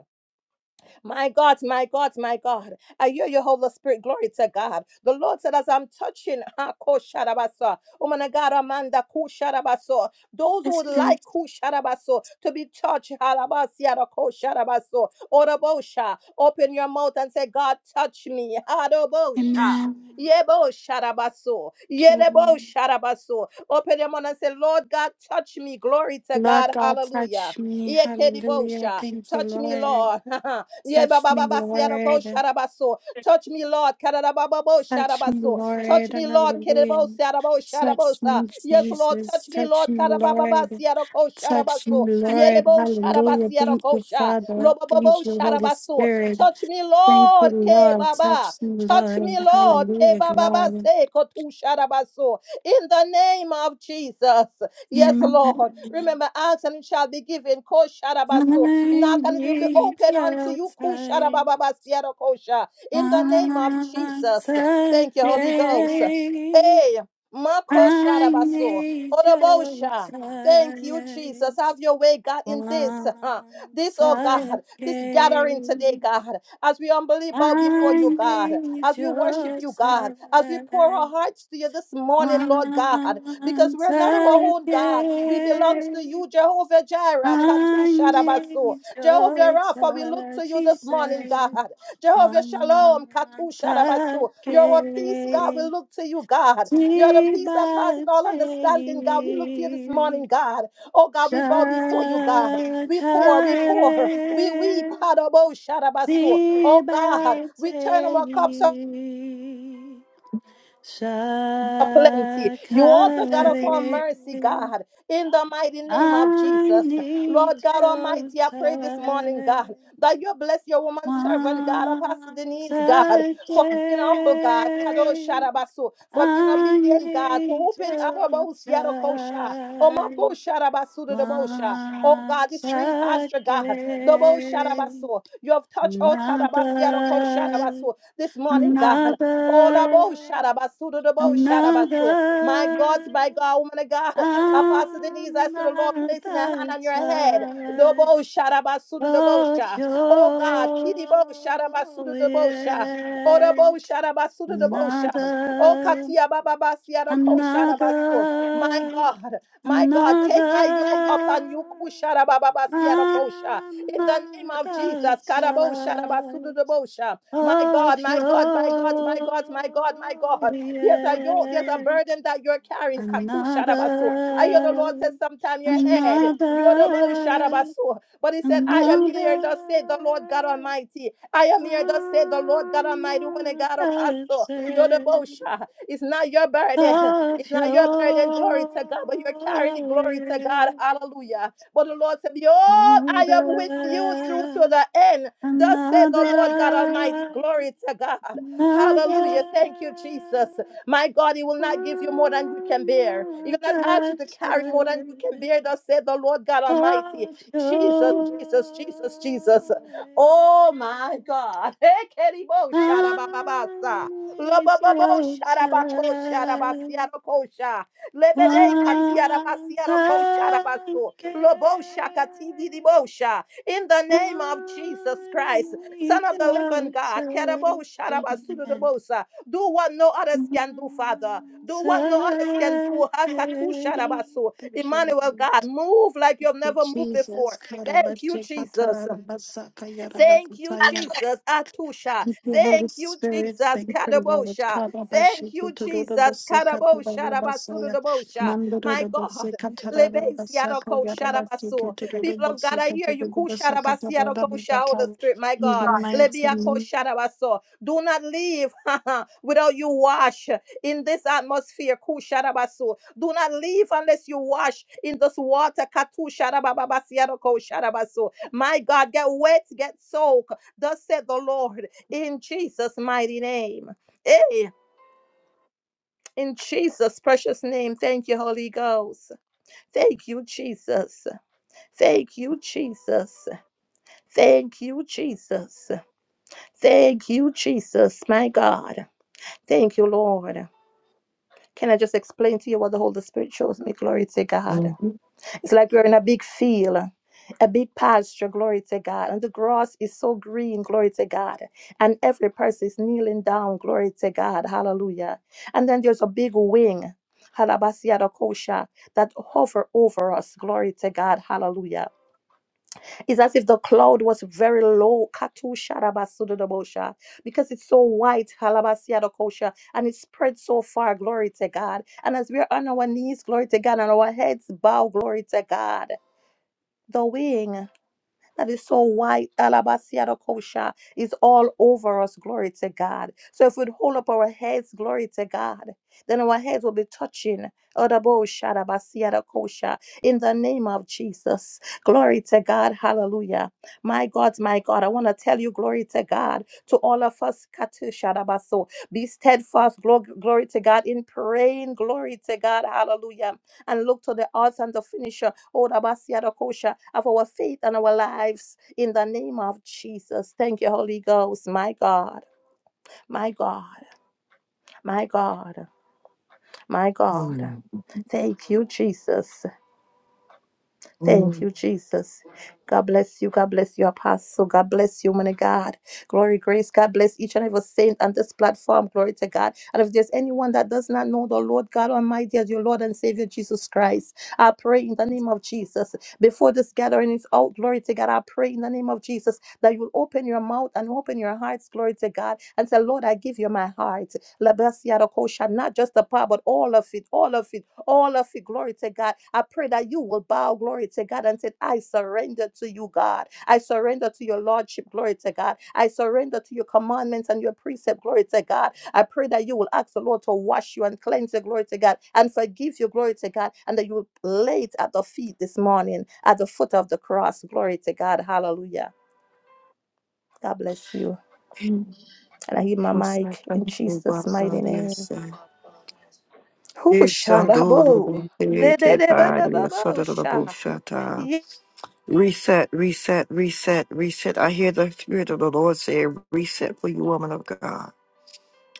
[SPEAKER 3] My God, my God, my God. I hear your Holy Spirit. Glory to God. The Lord said, as I'm touching, ha, ko sharabasa, woman of God, Amanda, ku sharabaso, those who
[SPEAKER 4] Yes,
[SPEAKER 3] would
[SPEAKER 4] please.
[SPEAKER 3] like ku sharabaso to be touched, halabasiara, ko sharabaso, orabosha, open your mouth and say, God, touch me. Adobosha.
[SPEAKER 4] Amen.
[SPEAKER 3] Yebo sharabaso.
[SPEAKER 4] Okay.
[SPEAKER 3] Yerebo sharabaso. Open your mouth and say, Lord God, touch me. Glory to
[SPEAKER 4] Lord
[SPEAKER 3] God.
[SPEAKER 4] God,
[SPEAKER 3] Hallelujah.
[SPEAKER 4] touch me. Hallelujah.
[SPEAKER 3] Yekedibosha.
[SPEAKER 4] Thank you,
[SPEAKER 3] Touch me,
[SPEAKER 4] Lord.
[SPEAKER 3] Lord. *laughs*
[SPEAKER 4] Touch me,
[SPEAKER 3] Yebabababasiaroko
[SPEAKER 4] Lord.
[SPEAKER 3] sharabaso. Touch me, Lord. Karabababo
[SPEAKER 4] Touch me,
[SPEAKER 3] sharabaso. Touch
[SPEAKER 4] Lord.
[SPEAKER 3] me, Lord. Kerebo
[SPEAKER 4] Hallelujah.
[SPEAKER 3] sarabo
[SPEAKER 4] Touch
[SPEAKER 3] sharabosa.
[SPEAKER 4] me,
[SPEAKER 3] Yes, Lord.
[SPEAKER 4] Jesus.
[SPEAKER 3] Touch me,
[SPEAKER 4] Touch
[SPEAKER 3] Lord.
[SPEAKER 4] me, Lord.
[SPEAKER 3] Karabababasiaroko
[SPEAKER 4] Touch
[SPEAKER 3] sharabaso.
[SPEAKER 4] me, Lord.
[SPEAKER 3] Yerebo
[SPEAKER 4] Hallelujah. Thank
[SPEAKER 3] sharabasiaroko
[SPEAKER 4] you,
[SPEAKER 3] sha.
[SPEAKER 4] Father.
[SPEAKER 3] Lobobobo
[SPEAKER 4] Thank you, Holy
[SPEAKER 3] sharabaso.
[SPEAKER 4] Spirit.
[SPEAKER 3] Touch me,
[SPEAKER 4] Thank you,
[SPEAKER 3] Lord. Ke
[SPEAKER 4] Lord.
[SPEAKER 3] baba.
[SPEAKER 4] Touch me,
[SPEAKER 3] Touch me,
[SPEAKER 4] Lord.
[SPEAKER 3] Lord. Ke
[SPEAKER 4] Hallelujah.
[SPEAKER 3] bababa
[SPEAKER 4] Glory.
[SPEAKER 3] se kotu sharabaso. In the name of Jesus. Yes, Lord.
[SPEAKER 4] Amen.
[SPEAKER 3] Remember, ask and it shall be given. Ko
[SPEAKER 4] I
[SPEAKER 3] sharabaso. Knock and it will be
[SPEAKER 4] need
[SPEAKER 3] open unto
[SPEAKER 4] your
[SPEAKER 3] you.
[SPEAKER 4] touch
[SPEAKER 3] Kusharabababasiarokosha. In the name of
[SPEAKER 4] once
[SPEAKER 3] Jesus. Thank you, Holy Ghost.
[SPEAKER 4] again.
[SPEAKER 3] Hey,
[SPEAKER 4] I
[SPEAKER 3] Makosharabaso.
[SPEAKER 4] need your
[SPEAKER 3] odobosha. Thank you, Jesus.
[SPEAKER 4] touch
[SPEAKER 3] Have your way, God, in this. huh, This,
[SPEAKER 4] once
[SPEAKER 3] oh God, this gathering today,
[SPEAKER 4] again.
[SPEAKER 3] God, as we humbly bow before
[SPEAKER 4] I
[SPEAKER 3] you, God,
[SPEAKER 4] need
[SPEAKER 3] as we worship
[SPEAKER 4] your
[SPEAKER 3] you,
[SPEAKER 4] touch
[SPEAKER 3] God, as we pour our hearts to you this morning, Lord God, because
[SPEAKER 4] once
[SPEAKER 3] we're not our own God. We belongs to
[SPEAKER 4] again.
[SPEAKER 3] you, Jehovah Jireh,
[SPEAKER 4] I
[SPEAKER 3] Katusha rabaso.
[SPEAKER 4] need your
[SPEAKER 3] Jehovah Rapha, we look to
[SPEAKER 4] touch,
[SPEAKER 3] you
[SPEAKER 4] he
[SPEAKER 3] this morning,
[SPEAKER 4] said,
[SPEAKER 3] God. Jehovah Shalom, Katu
[SPEAKER 4] once
[SPEAKER 3] Shadabasu. You're a peace, God. We
[SPEAKER 4] again.
[SPEAKER 3] look to you, God. You're the peace that passes all understanding, God. We look to you this morning,
[SPEAKER 4] Tibatei
[SPEAKER 3] God. Oh, God, we bow before you, God. We pour, we pour, we weep.
[SPEAKER 4] Shakare
[SPEAKER 3] Hadabo Shadabasu. Oh, God, we turn our cups
[SPEAKER 4] Tibatei
[SPEAKER 3] of plenty. You are the God of all
[SPEAKER 4] Shakare,
[SPEAKER 3] mercy, God. In the mighty name of
[SPEAKER 4] I
[SPEAKER 3] Jesus.
[SPEAKER 4] need
[SPEAKER 3] Lord God
[SPEAKER 4] your
[SPEAKER 3] Almighty, I pray this morning,
[SPEAKER 4] touch
[SPEAKER 3] God, that you bless your woman servant, God, Apostle
[SPEAKER 4] once
[SPEAKER 3] Denise, God, for being humble, God, Kado
[SPEAKER 4] again.
[SPEAKER 3] Sharabasu, for being
[SPEAKER 4] I
[SPEAKER 3] obedient, God, to
[SPEAKER 4] need
[SPEAKER 3] open
[SPEAKER 4] your
[SPEAKER 3] Arabos Yarokosha, Omabo
[SPEAKER 4] touch
[SPEAKER 3] Sharabasu to the Bosha. Oh God,
[SPEAKER 4] once
[SPEAKER 3] this green pasture, God, the Bo
[SPEAKER 4] again.
[SPEAKER 3] Sharabasu. You have touched all Kadabas Yaroko
[SPEAKER 4] Another,
[SPEAKER 3] Sharabasu this morning, God. Ola
[SPEAKER 4] another,
[SPEAKER 3] bo shara basu do do bo shara basu. My God, my
[SPEAKER 4] another.
[SPEAKER 3] God, woman of God, Apostle Denise, I
[SPEAKER 4] I'm
[SPEAKER 3] see the Lord
[SPEAKER 4] not
[SPEAKER 3] placing a hand
[SPEAKER 4] the
[SPEAKER 3] on your head. Do
[SPEAKER 4] type
[SPEAKER 3] bo shara basu do do bo
[SPEAKER 4] of
[SPEAKER 3] sha. Oh God, kidi bo shara basu
[SPEAKER 4] your
[SPEAKER 3] do do bo sha. Oda bo
[SPEAKER 4] yet.
[SPEAKER 3] shara basu do do bo sha. Oh
[SPEAKER 4] Another,
[SPEAKER 3] katia baba basia do ko shara basu. My
[SPEAKER 4] another,
[SPEAKER 3] God, my God, take my yoke
[SPEAKER 4] another.
[SPEAKER 3] upon you. ku shara baba basia do ko sha.
[SPEAKER 4] I'm
[SPEAKER 3] In the name
[SPEAKER 4] not
[SPEAKER 3] of
[SPEAKER 4] the
[SPEAKER 3] Jesus, karabo shara basu do
[SPEAKER 4] type
[SPEAKER 3] do bo sha. My
[SPEAKER 4] of
[SPEAKER 3] God, my God, my God, my God, my God, my God. There's a yoke, there's a
[SPEAKER 4] your
[SPEAKER 3] burden that you're carrying. Katu shadabaso. I hear the Lord says
[SPEAKER 4] Another,
[SPEAKER 3] sometime your head. You're the bow
[SPEAKER 4] another,
[SPEAKER 3] shadabaso. But he said, I am here,
[SPEAKER 4] another,
[SPEAKER 3] thus said the Lord God Almighty. I am here, thus said the Lord God Almighty. Woman of
[SPEAKER 4] another
[SPEAKER 3] God, apostle, you're the
[SPEAKER 4] day
[SPEAKER 3] bow sha. It's not your burden. It's
[SPEAKER 4] of
[SPEAKER 3] not your burden, glory
[SPEAKER 4] your
[SPEAKER 3] to God, but you're carrying it, glory to God.
[SPEAKER 4] will.
[SPEAKER 3] Hallelujah. But the Lord said, Behold, I am with you through to
[SPEAKER 4] Another,
[SPEAKER 3] the end. Thus said the Lord God Almighty.
[SPEAKER 4] another,
[SPEAKER 3] Glory to God.
[SPEAKER 4] another,
[SPEAKER 3] Hallelujah. Thank you, Jesus. My God, He will not give you more than you can bear. He will not ask
[SPEAKER 4] another
[SPEAKER 3] you to carry more than you
[SPEAKER 4] day.
[SPEAKER 3] can bear. Thus said the Lord God Almighty.
[SPEAKER 4] of
[SPEAKER 3] Jesus,
[SPEAKER 4] your
[SPEAKER 3] Jesus, Jesus, Jesus. Oh my God. *laughs* Hey, Keribo,
[SPEAKER 4] I
[SPEAKER 3] Sharababasa.
[SPEAKER 4] need
[SPEAKER 3] Lobobobo,
[SPEAKER 4] your touch
[SPEAKER 3] Sharabako, Sharabasiarokosha. Lebebe,
[SPEAKER 4] once
[SPEAKER 3] Katiarabasiaroko,
[SPEAKER 4] again.
[SPEAKER 3] Sharabaso. Lobo, Shakati, Didibosha in the name of Jesus
[SPEAKER 4] I
[SPEAKER 3] Christ,
[SPEAKER 4] need
[SPEAKER 3] Son of the living
[SPEAKER 4] your touch
[SPEAKER 3] God. Kerabo
[SPEAKER 4] Amen.
[SPEAKER 3] sharaba sudodobosa. Do what no others can do, Father.
[SPEAKER 4] once
[SPEAKER 3] Do what no others can
[SPEAKER 4] again.
[SPEAKER 3] do. Hakatu sharabasu.
[SPEAKER 4] Thank you,
[SPEAKER 3] Emmanuel
[SPEAKER 4] Lord.
[SPEAKER 3] God, move like you've
[SPEAKER 4] In
[SPEAKER 3] never moved
[SPEAKER 4] Jesus.
[SPEAKER 3] before. Thank you, Jesus. Thank you,
[SPEAKER 4] Karabashekatarabasakayarabakataya.
[SPEAKER 3] Jesus. Atusha.
[SPEAKER 4] Thank you, Holy
[SPEAKER 3] Thank you,
[SPEAKER 4] Spirit.
[SPEAKER 3] Jesus.
[SPEAKER 4] Thank you, Lord.
[SPEAKER 3] Kadabosha. Thank
[SPEAKER 4] Karabashiki
[SPEAKER 3] you, Jesus.
[SPEAKER 4] tururabasi
[SPEAKER 3] Kadabosha.
[SPEAKER 4] katarabasaya.
[SPEAKER 3] Rabasudabosha. My God.
[SPEAKER 4] Mandururabasi katarabasaka
[SPEAKER 3] Lebesiadoko
[SPEAKER 4] yarabasiki
[SPEAKER 3] shadabasu. People of God,
[SPEAKER 4] tururabasi
[SPEAKER 3] I hear you.
[SPEAKER 4] katarabasa
[SPEAKER 3] Kusharabasiadoko sha, Holy
[SPEAKER 4] katarabasa.
[SPEAKER 3] Spirit, my
[SPEAKER 4] In
[SPEAKER 3] God.
[SPEAKER 4] the mighty
[SPEAKER 3] Lebiako
[SPEAKER 4] name.
[SPEAKER 3] shadabasu. Do not leave *laughs* without you wash in this atmosphere. Kusharabasu. Do not leave unless you wash in this water. Katu sharababasiadoko shadabasu. My God, get wet, get soaked. Thus said the Lord in Jesus' mighty name. Hey, in Jesus' precious name. Thank you, Holy Ghost. Thank you, Jesus. Thank you, Jesus. Thank you, Jesus. Thank you, Jesus. My God. Thank you, Lord. Can I just explain to you what the Holy Spirit shows me? Glory to God.
[SPEAKER 1] Mhm.
[SPEAKER 3] It's like we are in a big field, a big pasture, glory to God. And the grass is so green, glory to God. And every person is kneeling down, glory to God. Hallelujah. And then there's a big wing. halabasiadakosha, That hover over us, glory to God, hallelujah. It's as if the cloud was very low, katushadabasudodobosha, because it's so white, halabasiadakosha, and it spreads so far, glory to God. And as we're on our knees, glory to God, and our heads bow, glory to God. The wing that is so white, alabaster kosha, is all over us. Glory to God. So if we'd hold up our heads, glory to God, then our heads will be touching. Odabosha, alabaster kosha, In the name of Jesus. Glory to God. Hallelujah. My God, my God, I want to tell you, glory to God, to all of us. katusha, alabaso, Be steadfast, glo- glory to God, in praying. Glory to God. Hallelujah and look to the author and the finisher, oh, Rabasiadakosha, of our faith and our lives in the name of Jesus. Thank you, Holy Ghost, my God, my God, my God, my God.
[SPEAKER 1] Mm.
[SPEAKER 3] Thank you, Jesus. Thank
[SPEAKER 1] Mm.
[SPEAKER 3] you, Jesus. God bless you. God bless you, Apostle. God bless you, man of God. Glory, grace. God bless each and every saint on this platform. Glory to God. And if there's anyone that does not know the Lord God Almighty as your Lord and Savior Jesus Christ, I pray in the name of Jesus. Before this gathering is out, glory to God, I pray in the name of Jesus that you'll open your mouth and open your hearts, glory to God, and say, Lord, I give you my heart. Labasiadakosha, Not just the part, but all of it, all of it all of it. Glory to God. I pray that you will bow, glory to God, and say, I surrender to you, God. I surrender to your Lordship, glory to God. I surrender to your commandments and your precept, glory to God. I pray that you will ask the Lord to wash you and cleanse you, glory to God, and forgive you, glory to God, and that you will lay it at the feet this morning, at the foot of the cross, glory to God. Hallelujah. God bless you. And I hear my
[SPEAKER 1] Oh,
[SPEAKER 3] mic
[SPEAKER 1] sata da
[SPEAKER 3] in
[SPEAKER 1] da
[SPEAKER 3] Jesus'
[SPEAKER 1] baha,
[SPEAKER 3] mighty name.
[SPEAKER 1] yes, sir.
[SPEAKER 3] Who
[SPEAKER 1] Yes,
[SPEAKER 3] shall I
[SPEAKER 1] sando da da da da
[SPEAKER 3] bow?
[SPEAKER 1] da baha. Yes, sada da da bo shata. Reset, reset, reset, reset. I hear the Spirit of the Lord saying, Reset for you, woman of God.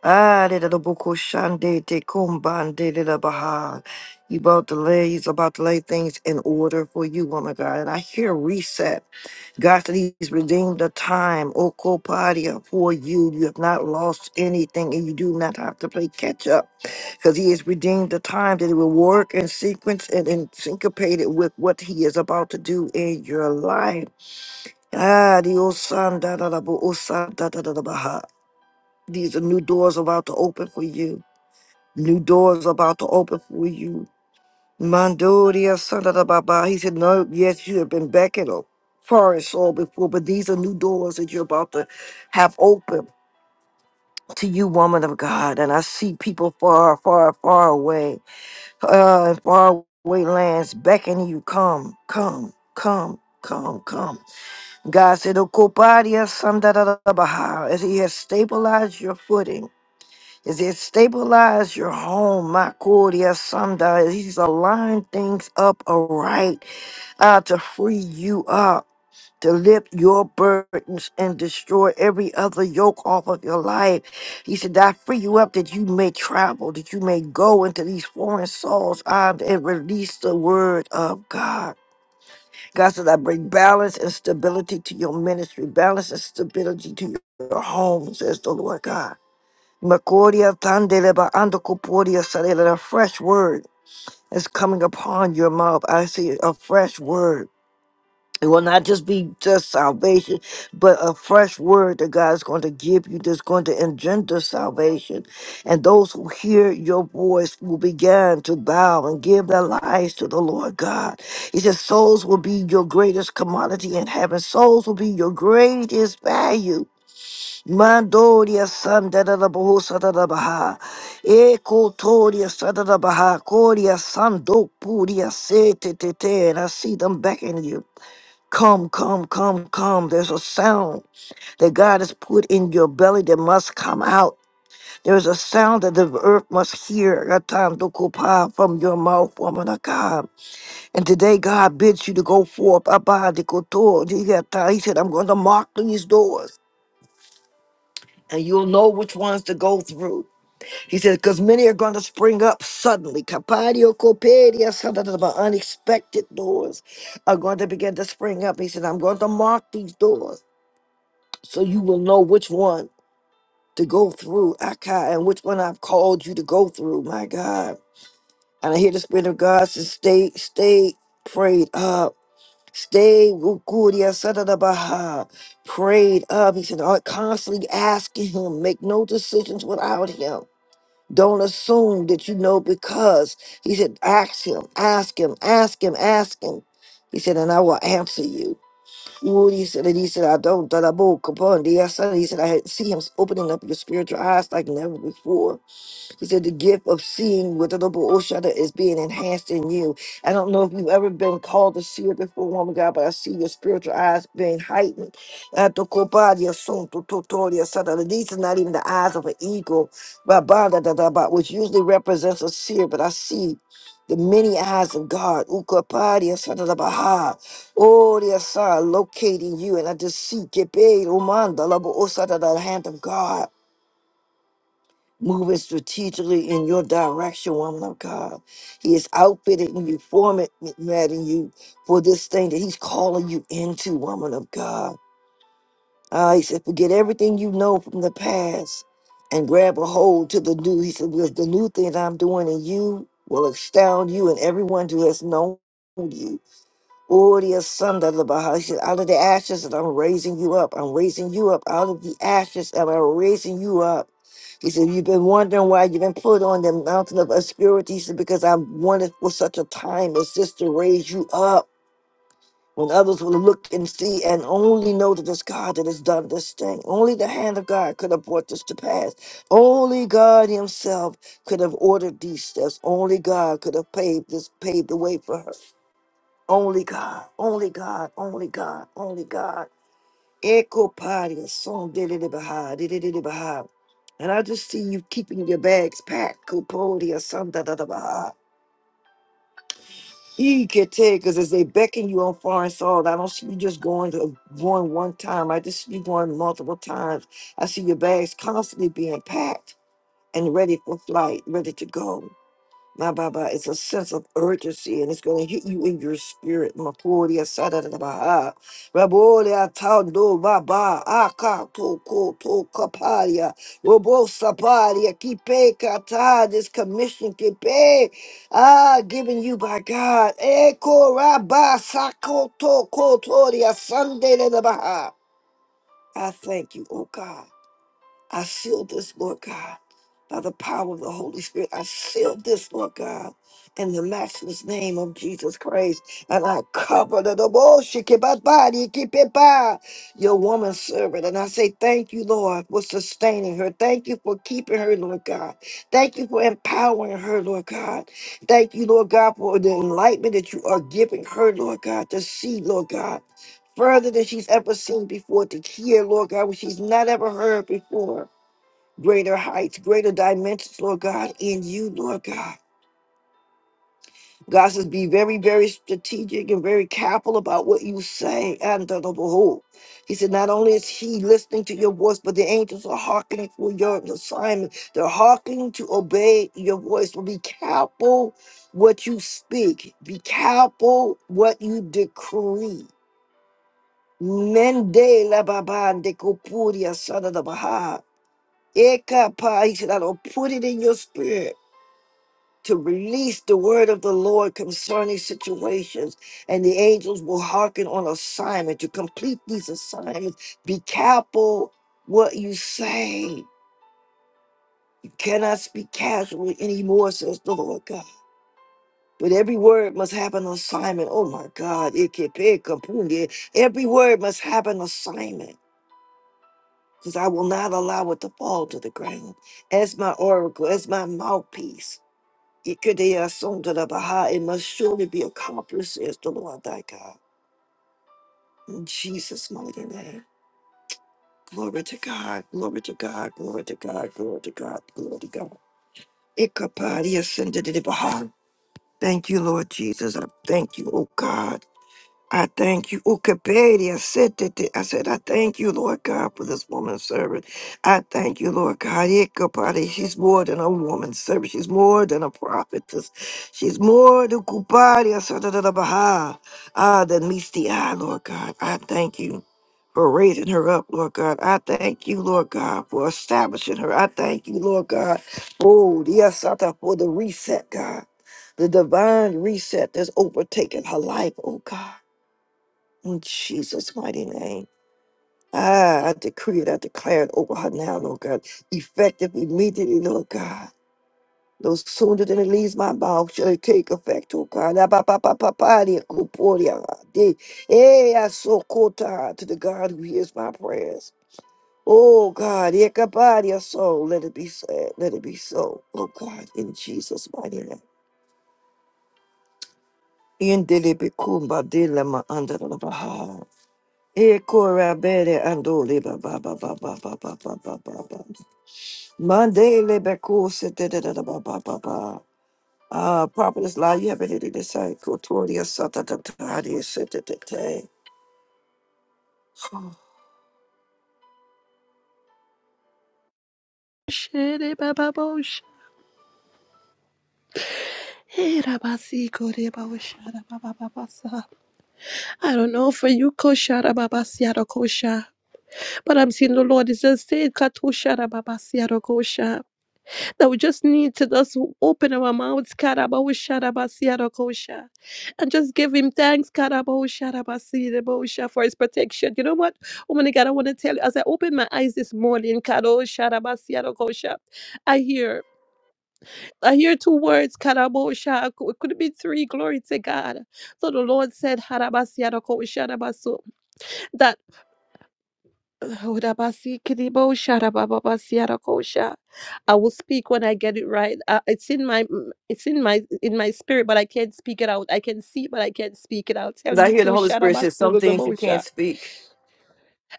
[SPEAKER 1] Ah, de the buku shande de kumban de de baha. He about to lay, he's about to lay things in order for you, woman of God. And I hear reset. God said he's redeemed the time, okopadia, for you. You have not lost anything and you do not have to play catch up because he has redeemed the time that it will work in sequence and in syncopated with what he is about to do in your life. Ah, the old son, da da da, bo- old son, da da da da, baha. These are new doors about to open for you. New doors about to open for you. Mandoria, son, da da ba ba. He said, No, yes, you have been back in a forest all before, but these are new doors that you're about to have open to you, woman of God. And I see people far, far, far away, uh, far away lands beckoning you, come, come, come, come, come. God said, "Okopadia sandarabaha," as He has stabilized your footing, as He has stabilized your home, Makodia sanda, as He's aligned things up aright uh, to free you up, to lift your burdens and destroy every other yoke off of your life. He said, I free you up that you may travel, that you may go into these foreign souls uh, and release the word of God. God said, I bring balance and stability to your ministry, balance and stability to your home, says the Lord God. Makoria tandeleba andokoporia sarela. A fresh word is coming upon your mouth. I see a fresh word. It will not just be just salvation, but a fresh word that God is going to give you that's going to engender salvation. And those who hear your voice will begin to bow and give their lives to the Lord God. He says, Souls will be your greatest commodity in heaven, souls will be your greatest value. Mandoria Sandada Baha, Ekotoria Sadada Baha, Koria Sando Puria Se Te Te Te, and I see them beckoning you. Come, come, come, come. There's a sound that God has put in your belly that must come out. There's a sound that the earth must hear. Ratam dokupa, From your mouth, woman of God. And today, God bids you to go forth. Abba dikoto, digata. He said, I'm going to mark these doors. And you'll know which ones to go through. He said, because many are going to spring up suddenly. Kapadio kopedia, sadadaba, Unexpected doors are going to begin to spring up. He said, I'm going to mark these doors. so you will know which one to go through, Akai, and which one I've called you to go through. My God. And I hear the Spirit of God says, stay, stay prayed up. Stay wukuria sadadabaha. Prayed up. He said, "Uh, constantly asking him, make no decisions without him. Don't assume that you know because he said, ask him, ask him, ask him, ask him. He said, and I will answer you. Ooh, he said, it. he said, I don't, that I woke upon thee. I said, he said, I had see him opening up your spiritual eyes like never before. He said the gift of seeing with the double Oshada is being enhanced in you. I don't know if you've ever been called to see it before, woman of God, but I see your spiritual eyes being heightened. Atokobadia sunto totoria sada. These are not even the eyes of an eagle, ba bada da da da ba, which usually represents a seer, but I see the many eyes of God. Ukapadia sada da baha. Oh, yes, sir, locating you, and I just see Kepe Romanda, Labo Osada, the hand of God moving strategically in your direction, woman of God. He is outfitted and you formatting you for this thing that he's calling you into, woman of God. Uh, he said, forget everything you know from the past and grab a hold to the new. He said, because the new thing that I'm doing in you will astound you and everyone who has known you. Gloria Sunda Labaha. Out of the ashes, and I'm raising you up. I'm raising you up. Out of the ashes, and I'm raising you up. He said, You've been wondering why you've been put on the mountain of obscurity. He said, Because I wanted for such a time as this to raise you up. When others will look and see and only know that it's God that has done this thing. Only the hand of God could have brought this to pass. Only God Himself could have ordered these steps. Only God could have paved this paved the way for her. Only God, only God, only God, only God. Echo party, song did it behind, did it behind. And I just see you keeping your bags packed, Kupodi or something. Da, da, da, da. He could take because as they beckon you on foreign soil, I don't see you just going to going one time. I just see you going multiple times. I see your bags constantly being packed and ready for flight, ready to go. My Baba, it's a sense of urgency and it's going to hit you in your spirit. Maporia Sadadabaha. Raboria Tando Baba. Aka Toko Tokaparia. Robo Saparia. Kipe Kata. This commission Kipe. Ah, given you by God. Eko Rabba Sako Toko Toria Sunday da da Baha. I thank you, oh God. I feel this, Lord God, by the power of the Holy Spirit. I feel this, Lord God, in the matchless name of Jesus Christ. And I cover the body, your woman servant. And I say, Thank you, Lord, for sustaining her. Thank you for keeping her, Lord God. Thank you for empowering her, Lord God. Thank you, Lord God, for the enlightenment that you are giving her, Lord God, to see, Lord God. Further than she's ever seen before, to hear, Lord God, what she's not ever heard before greater heights, greater dimensions, Lord God, in you, Lord God. God says, be very, very strategic and very careful about what you say. And the whole. He said, not only is he listening to your voice, but the angels are hearkening for your assignment. They're hearkening to obey your voice. So be careful what you speak. Be careful what you decree. Mende la baban de kopuria, son of Baha. Eka pa, he said, I don't put it in your spirit. to release the word of the Lord concerning situations, and the angels will hearken on assignment to complete these assignments. Be careful what you say. You cannot speak casually anymore, says the Lord God. But every word must have an assignment. Oh my God. it can be compounded. Every word must have an assignment because I will not allow it to fall to the ground. As my oracle, as my mouthpiece. Ikedeya sonda da baha. It must surely be accomplished, says the Lord thy God. In Jesus' mighty name. Glory to God, glory to God, glory to God, glory to God, glory to God. Ikapadia senda de de baha. Thank you, Lord Jesus. I thank you, oh God. I thank you. Ukapedia sitete. I said, I thank you, Lord God, for this woman's servant. I thank you, Lord God. Ikapari. She's more than a woman's servant. She's more than a prophetess. She's more than Kupari I said Asatadabaha. Ah, than meets the eye, Lord God. I thank you for raising her up, Lord God. I thank you, Lord God, for establishing her. I thank you, Lord God. Oh, yes, I thank for the reset, God. The divine reset that's overtaken her life, oh God. In Jesus' mighty name. Ah, I decree it, I declare it over her now, Lord God. Effective immediately, Lord God. No sooner than it leaves my mouth shall it take effect, oh God. Ah, ba, ba, ba, ba, ba, dia, ku, po, dia, ah, di. Eh, I so kota to the God who hears my prayers. Oh God, eh, ka, ba, dia, so let it be said, let it be so, oh God, in Jesus' mighty name. In delibi kumba dilema under the Baha. Ekorabere andole ba ba ba ba ba ba ba ba ba ba ba. Mandele bekose da da da da ba ba ba ba. Ah, prophetess lie, you have anything to say? Kotoria sata ta ta ta ta ta ta ta.
[SPEAKER 3] I don't know for you, Kosharababasiarokosha, but I'm seeing the Lord is just saying, Katusharababasiarokosha, that we just need to just open our mouths, Karabosharabasiarokosha, and just give Him thanks, Karabosharabasirabosha, for His protection. You know what, Oh my God, I want to tell you, as I opened my eyes this morning, Kadosharabasia Rokosha, I hear. I hear two words, Karabosha. It could have been three. Glory to God. So the Lord said, Harabasiarako Sharabasu. That Hodabasi Kidibo Sharababasiarakosha. I will speak when I get it right. Uh, it's in my mm, it's in my in my spirit, but I can't speak it out. I can see, but I can't speak it. I'll
[SPEAKER 1] 'Cause
[SPEAKER 3] tell
[SPEAKER 1] I
[SPEAKER 3] you
[SPEAKER 1] hear the Holy Spirit says some things you
[SPEAKER 3] Kusharabasu
[SPEAKER 1] can't speak.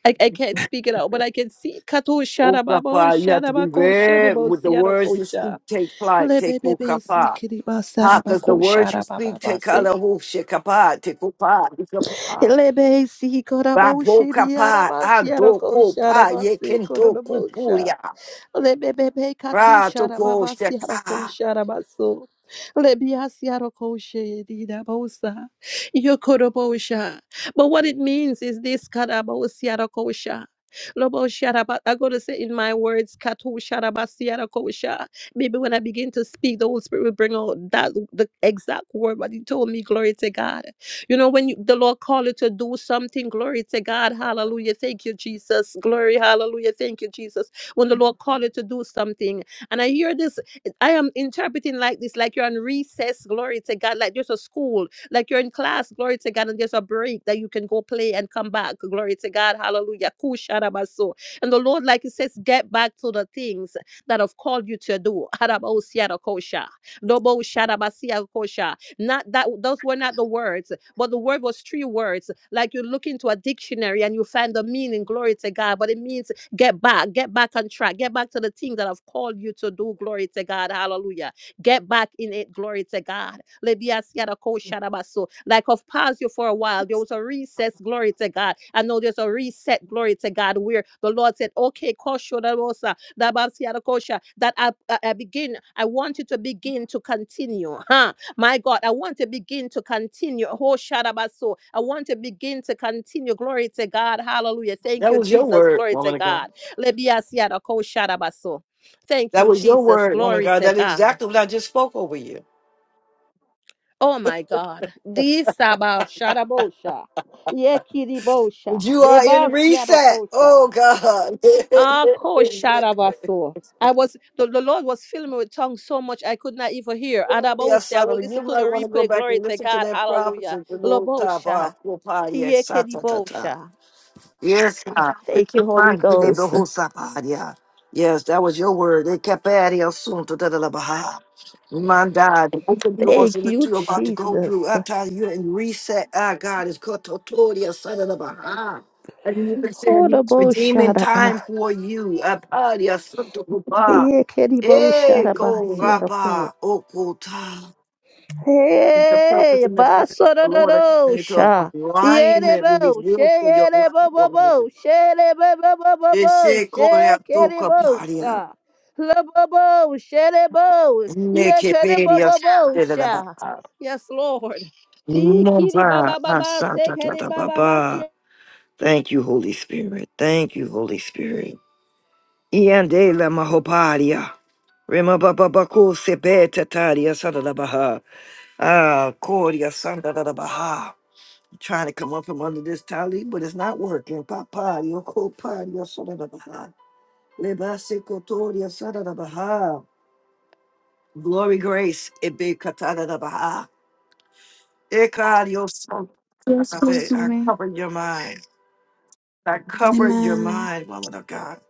[SPEAKER 3] I, I can't speak it out, but I can see Katosha Babo
[SPEAKER 1] Okapa, you have to be
[SPEAKER 3] Shanabako
[SPEAKER 1] very
[SPEAKER 3] Shanabo
[SPEAKER 1] with the words you
[SPEAKER 3] Sianokosha.
[SPEAKER 1] speak. Take flight, take
[SPEAKER 3] Lebebebe si
[SPEAKER 1] okapa.
[SPEAKER 3] kiriba
[SPEAKER 1] Ha, because the
[SPEAKER 3] sarabako
[SPEAKER 1] words you speak take
[SPEAKER 3] sharabababase.
[SPEAKER 1] kala ho shekapa, take okapa.
[SPEAKER 3] Lebe si korabo
[SPEAKER 1] Baboka pa
[SPEAKER 3] shiriaraba siaroko
[SPEAKER 1] adoko pa
[SPEAKER 3] sharabase
[SPEAKER 1] yekendo
[SPEAKER 3] korodobosha.
[SPEAKER 1] kupuya.
[SPEAKER 3] Lebebebe katusha
[SPEAKER 1] Ratoko
[SPEAKER 3] rababasi
[SPEAKER 1] sheka.
[SPEAKER 3] harakosha rabaso. Lebiasi harakoshe didabosa. Yokorobosha. But what it means is this karabosi harakosha. Lobo sharaba. I gotta say in my words, katu sharabasi harakosha. Maybe when I begin to speak, the Holy Spirit will bring out that the exact word what He told me. Glory to God. You know, when you, the Lord called you to do something, glory to God. Hallelujah. Thank you, Jesus. Glory. Hallelujah. Thank you, Jesus when the Lord called you to do something. And I hear this, I am interpreting like this, like you're on recess, glory to God, like there's a school, like you're in class, glory to God, and there's a break that you can go play and come back, glory to God, hallelujah. Kusharabaso. And the Lord, like He says, get back to the things that have called you to do. Harabaosiarakosha. Doboshadabasiakosha. Not that those were not the words, but the word was three words. Like you look into a dictionary and you find the meaning, glory to God, but it means Get back, get back on track, get back to the things that have called you to do. Glory to God. Hallelujah. Get back in it. Glory to God. Lebiasiada ko shadabaso. Like I've paused you for a while. There was a recess. Glory to God. I know there's a reset. Glory to God. Where the Lord said, Okay, kosho dabosa, dabasiada kosha, that I, I I begin. I want you to begin to continue. huh?" My God, I want to begin to continue. Oh, Shadabaso. I want to begin to continue. Glory to God. Hallelujah. Thank
[SPEAKER 1] That
[SPEAKER 3] you,
[SPEAKER 1] was your
[SPEAKER 3] Jesus.
[SPEAKER 1] word,
[SPEAKER 3] Glory to
[SPEAKER 1] woman of God.
[SPEAKER 3] God. Lebiasiada ko Shadabaso. Thank
[SPEAKER 1] That
[SPEAKER 3] you,
[SPEAKER 1] was your
[SPEAKER 3] Jesus.
[SPEAKER 1] word, woman of
[SPEAKER 3] Glory
[SPEAKER 1] God.
[SPEAKER 3] to
[SPEAKER 1] That's
[SPEAKER 3] God.
[SPEAKER 1] exactly what I just spoke over you.
[SPEAKER 3] Oh my God. Di Saba Shadabosha. Yekiribosha.
[SPEAKER 1] You are in
[SPEAKER 3] Debasiada
[SPEAKER 1] reset.
[SPEAKER 3] kosha.
[SPEAKER 1] Oh God.
[SPEAKER 3] Ah,
[SPEAKER 1] *laughs*
[SPEAKER 3] Kosharabaso. I was the, the Lord was filling me with tongues so much I could not even hear. And I
[SPEAKER 1] Oh, dear
[SPEAKER 3] always say I
[SPEAKER 1] son,
[SPEAKER 3] will
[SPEAKER 1] you
[SPEAKER 3] listen to
[SPEAKER 1] might
[SPEAKER 3] the
[SPEAKER 1] want to go
[SPEAKER 3] replay.
[SPEAKER 1] back
[SPEAKER 3] Glory
[SPEAKER 1] and
[SPEAKER 3] to
[SPEAKER 1] listen to
[SPEAKER 3] God.
[SPEAKER 1] that
[SPEAKER 3] Hallelujah.
[SPEAKER 1] prophecy. The Lord ta ba
[SPEAKER 3] Lobosha.
[SPEAKER 1] ko pa ye sa ta ta ta.
[SPEAKER 3] Yekedibosha.
[SPEAKER 1] Yes, God. It
[SPEAKER 3] Thank you,
[SPEAKER 1] took
[SPEAKER 3] Holy
[SPEAKER 1] my healing, but
[SPEAKER 3] Ghost.
[SPEAKER 1] who saw God, yeah. Yes, that was your word. They kept adding us soon to the level high. Man died. The Open doors
[SPEAKER 3] Thank
[SPEAKER 1] and that
[SPEAKER 3] you,
[SPEAKER 1] you're about to go
[SPEAKER 3] Jesus.
[SPEAKER 1] through. I tell you, and reset. Ah, God is called Totoria, son of the Baha. And you've been saying he's redeeming
[SPEAKER 3] Hodobosharaba.
[SPEAKER 1] time for you. Ah, Padia, son of the Baha. Hey,
[SPEAKER 3] Yekedibosharaba.
[SPEAKER 1] go, Rabba, Okota. The purpose
[SPEAKER 3] Hey,
[SPEAKER 1] and the plan of the Lord are coming into
[SPEAKER 3] basororosha.
[SPEAKER 1] alignment with his
[SPEAKER 3] Yerebo,
[SPEAKER 1] will for your life,
[SPEAKER 3] sheyerebo
[SPEAKER 1] woman.
[SPEAKER 3] bobo, sherebo bobo bobo,
[SPEAKER 1] Ese corea tu
[SPEAKER 3] shekerebo
[SPEAKER 1] caparia.
[SPEAKER 3] sha. Lobobo, sherebo,
[SPEAKER 1] Ne che
[SPEAKER 3] yekerebo
[SPEAKER 1] peria
[SPEAKER 3] bobo
[SPEAKER 1] sante da da ba.
[SPEAKER 3] sha. Yes, Lord. He kiri ba ba ba
[SPEAKER 1] a
[SPEAKER 3] ba,
[SPEAKER 1] santa da
[SPEAKER 3] sekere
[SPEAKER 1] da
[SPEAKER 3] ba baba.
[SPEAKER 1] Thank you, Holy Spirit. Thank you, Holy Spirit. Iande la mahoparia. Rema baba bako se taria santa da baha. Ah, coria santa da baha. Trying to come up from under this tali, but it's not working. Papa, yo coparia santa da baha. Le cotoria santa da baha. Glory, grace. Ebe katada da baha. Eka yoso.
[SPEAKER 4] Yes, please,
[SPEAKER 1] Agape, I
[SPEAKER 4] Amen.
[SPEAKER 1] cover your mind. I cover your
[SPEAKER 4] Amen.
[SPEAKER 1] mind, woman of God.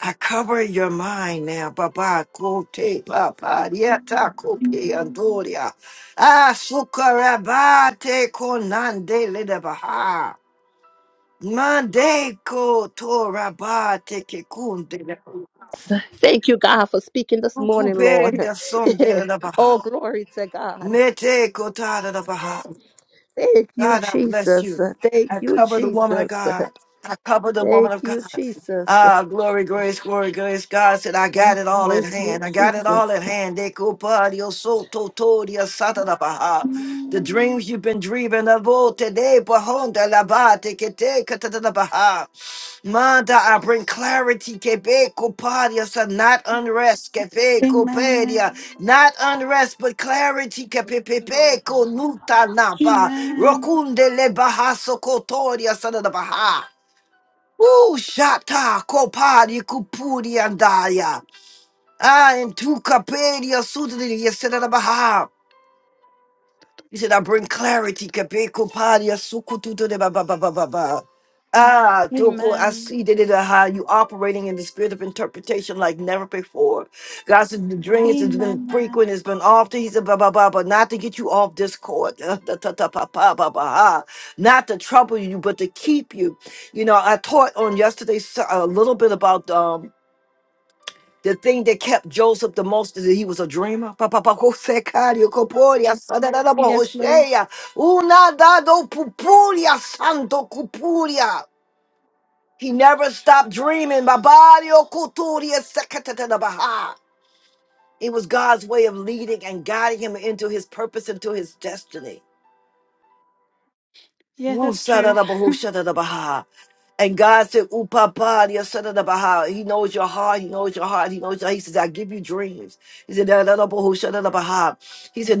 [SPEAKER 1] I cover your mind now. Baba kote papa dieta kope andoria. Ah sukarabate konande lede baha. Mande ko torabate kekunde le.
[SPEAKER 3] Thank you, God, for speaking this morning, Lord.
[SPEAKER 1] Ukuperia son de la
[SPEAKER 3] *laughs* oh,
[SPEAKER 1] baha.
[SPEAKER 3] glory to God.
[SPEAKER 1] Mete kotada da baha.
[SPEAKER 3] Thank you,
[SPEAKER 1] God, I bless
[SPEAKER 3] Jesus.
[SPEAKER 1] you.
[SPEAKER 3] Thank
[SPEAKER 1] I
[SPEAKER 3] you,
[SPEAKER 1] cover the woman of
[SPEAKER 3] Jesus.
[SPEAKER 1] God. I cover the woman
[SPEAKER 3] Thank
[SPEAKER 1] of God.
[SPEAKER 3] you, Jesus.
[SPEAKER 1] Ah, glory, grace, glory, grace. God said, I got it all at
[SPEAKER 3] Thank you,
[SPEAKER 1] hand. I got it all
[SPEAKER 3] Jesus.
[SPEAKER 1] at hand. De cupadio soto todia satana baha. The
[SPEAKER 4] Amen.
[SPEAKER 1] dreams you've been dreaming of all today, bahonda labate kete katana baha. Manda, I bring clarity, Quebec, Copadia, so not unrest,
[SPEAKER 4] Amen.
[SPEAKER 1] Quebec, not unrest, but clarity. Kepepepe konuta napa.
[SPEAKER 4] Amen.
[SPEAKER 1] Rokunde le bahaso kotoria sada da baha. Woo, shata kopari kupuri andaya. Ah, in tu kaperia sudri yesada da baha. He said, I bring clarity. Kabeko padia sukututu de ba ba ba ba ba ba. Ah, Doko, I
[SPEAKER 4] Amen.
[SPEAKER 1] see that it how you operating in the spirit of interpretation like never before. God said the dreams has been
[SPEAKER 4] Amen.
[SPEAKER 1] frequent, it's been often. He said, blah blah blah, but not to get you off this court. *laughs* Uh, ta, ta, ta, pa, pa, pa, pa, ah. Not to trouble you, but to keep you. You know, I taught on yesterday so- a little bit about um. The thing that kept Joseph the most is that he was a dreamer. Pa- pa- pa- ko- se- ka- ri- ko- po- ri- sa- da- da- da- bo- ho-
[SPEAKER 4] Yes,
[SPEAKER 1] she-
[SPEAKER 4] please.
[SPEAKER 1] ya. Una da- do- pu- pu- ri- santo cupuria. He never stopped dreaming. Ma- ba- ri- o- ku- tu- ri- se- ka- ta- ta- da- ba- ha. It was God's way of leading and guiding him into his purpose, into his destiny.
[SPEAKER 4] Yeah,
[SPEAKER 1] Woo,
[SPEAKER 4] that's true.
[SPEAKER 1] sadadabahu, shadadabaha. And God said, Upapa, sadadabaha. He knows your heart. He knows your heart. He knows your He says, I give you dreams. He said, dadadabahu, shadadabaha. He said,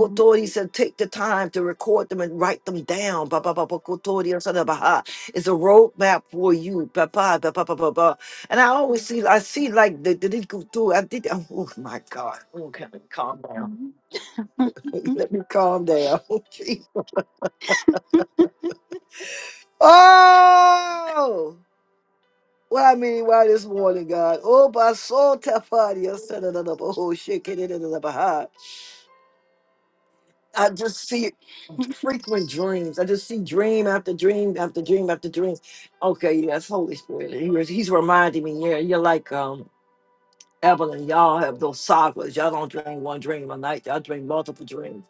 [SPEAKER 4] Mhm.
[SPEAKER 1] He said, take the time to record them and write them down. Bababakoto, sadadabaha. It's a roadmap for you. Papa, papa, papa, papa. And I always see, I see like the, the, the I did, oh oh my God. Okay, calm down.
[SPEAKER 4] Mhm. *laughs*
[SPEAKER 1] *laughs* Let me calm down. *laughs* Oh! What I mean why this morning, God. Oh, my soul tapadi. I said another oh shit. get it in the behind. I just see frequent dreams. I just see dream after dream after dream after dream. Okay, yes, Holy Spirit. He was, he's reminding me, yeah, you're like um Evelyn, y'all have those sagas. Y'all don't dream one dream a night, y'all dream multiple dreams.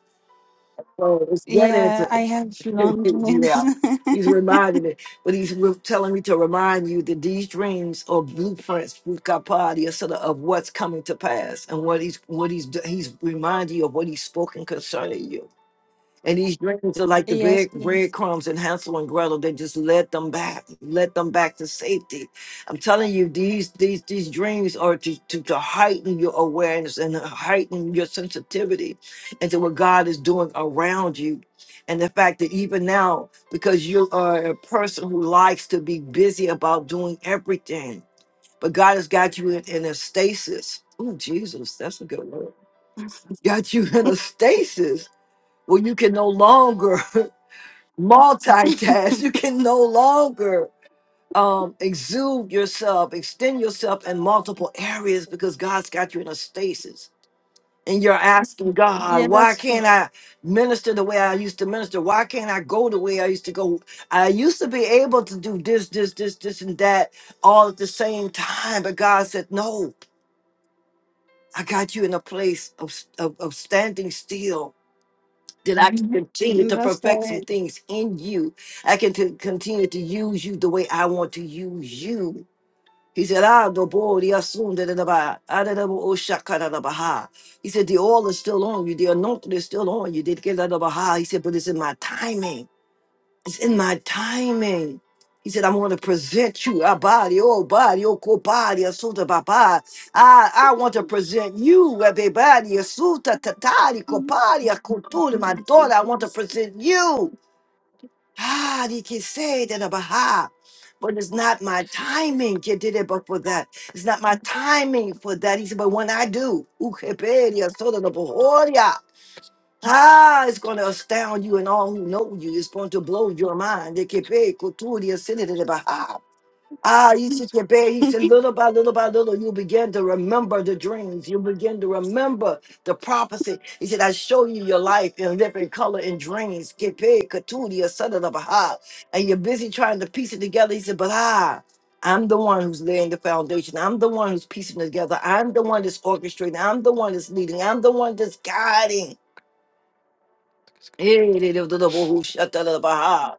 [SPEAKER 1] So it's getting
[SPEAKER 4] Yeah,
[SPEAKER 1] into
[SPEAKER 4] I have
[SPEAKER 1] *laughs*
[SPEAKER 4] long nails. *laughs*
[SPEAKER 1] yeah. He's reminding me, but he's re- telling me to remind you that these dreams are blueprints, Bukapadi, sort of of what's coming to pass and what he's what he's do- he's reminding you of what he's spoken concerning you. And these dreams are like the
[SPEAKER 4] Yes,
[SPEAKER 1] bread,
[SPEAKER 4] please.
[SPEAKER 1] breadcrumbs in Hansel and Gretel. They just led them back, led them back to safety. I'm telling you, these these these dreams are to, to, to heighten your awareness and heighten your sensitivity into what God is doing around you. And the fact that even now, because you are a person who likes to be busy about doing everything, but God has got you in, in a stasis. Oh, Jesus, that's a good word. Got you in a stasis where you can no longer *laughs* multitask.
[SPEAKER 4] *laughs*
[SPEAKER 1] You can no longer um, exude yourself, extend yourself in multiple areas because God's got you in a stasis. And you're asking God,
[SPEAKER 4] Yeah,
[SPEAKER 1] why
[SPEAKER 4] that's
[SPEAKER 1] can't I minister the way I used to minister? Why can't I go the way I used to go? I used to be able to do this, this, this, this, and that all at the same time. But God said, no, I got you in a place of, of, of standing still that I can Mhm. continue to
[SPEAKER 4] that's
[SPEAKER 1] perfect some
[SPEAKER 4] why.
[SPEAKER 1] things in you. I can to continue to use you the way I want to use you. He said, Ah, the board, he assumed that the ba- ah, da, da, bo, Oh, it He said, The oil is still on you, the anointing is still on you. Did get out of a ha. He said, But it's in my timing. It's in my timing. He said, I want to present you a body, oh body, oh co body, a suta papa. I, I want to present you a body, a suta tatari,
[SPEAKER 4] *laughs*
[SPEAKER 1] co body, a cultura, my daughter. I want to present you. Ah, he can say that a baha. But it's not my timing. You did it before that. It's not my timing for that. He said, but when I do, ukepedia, soda, the Ah, it's going to astound you and all who know you. It's going to blow your mind. They can pay Kuturi Ascended send in the Baha. Ah, he said, "Yeah, babe," he said, little by little by little, you begin to remember the dreams. You begin to remember the prophecy. He said, I show you your life in living color and dreams. Get paid, Katudia, son of the Baha. And you're busy trying to piece it together. He said, but ah, I'm the one who's laying the foundation. I'm the one who's piecing it together. I'm the one that's orchestrating. I'm the one that's leading. I'm the one that's guiding. Hey-de-de-de-de-bo-ho-sha-ta-la-la-ba-ha.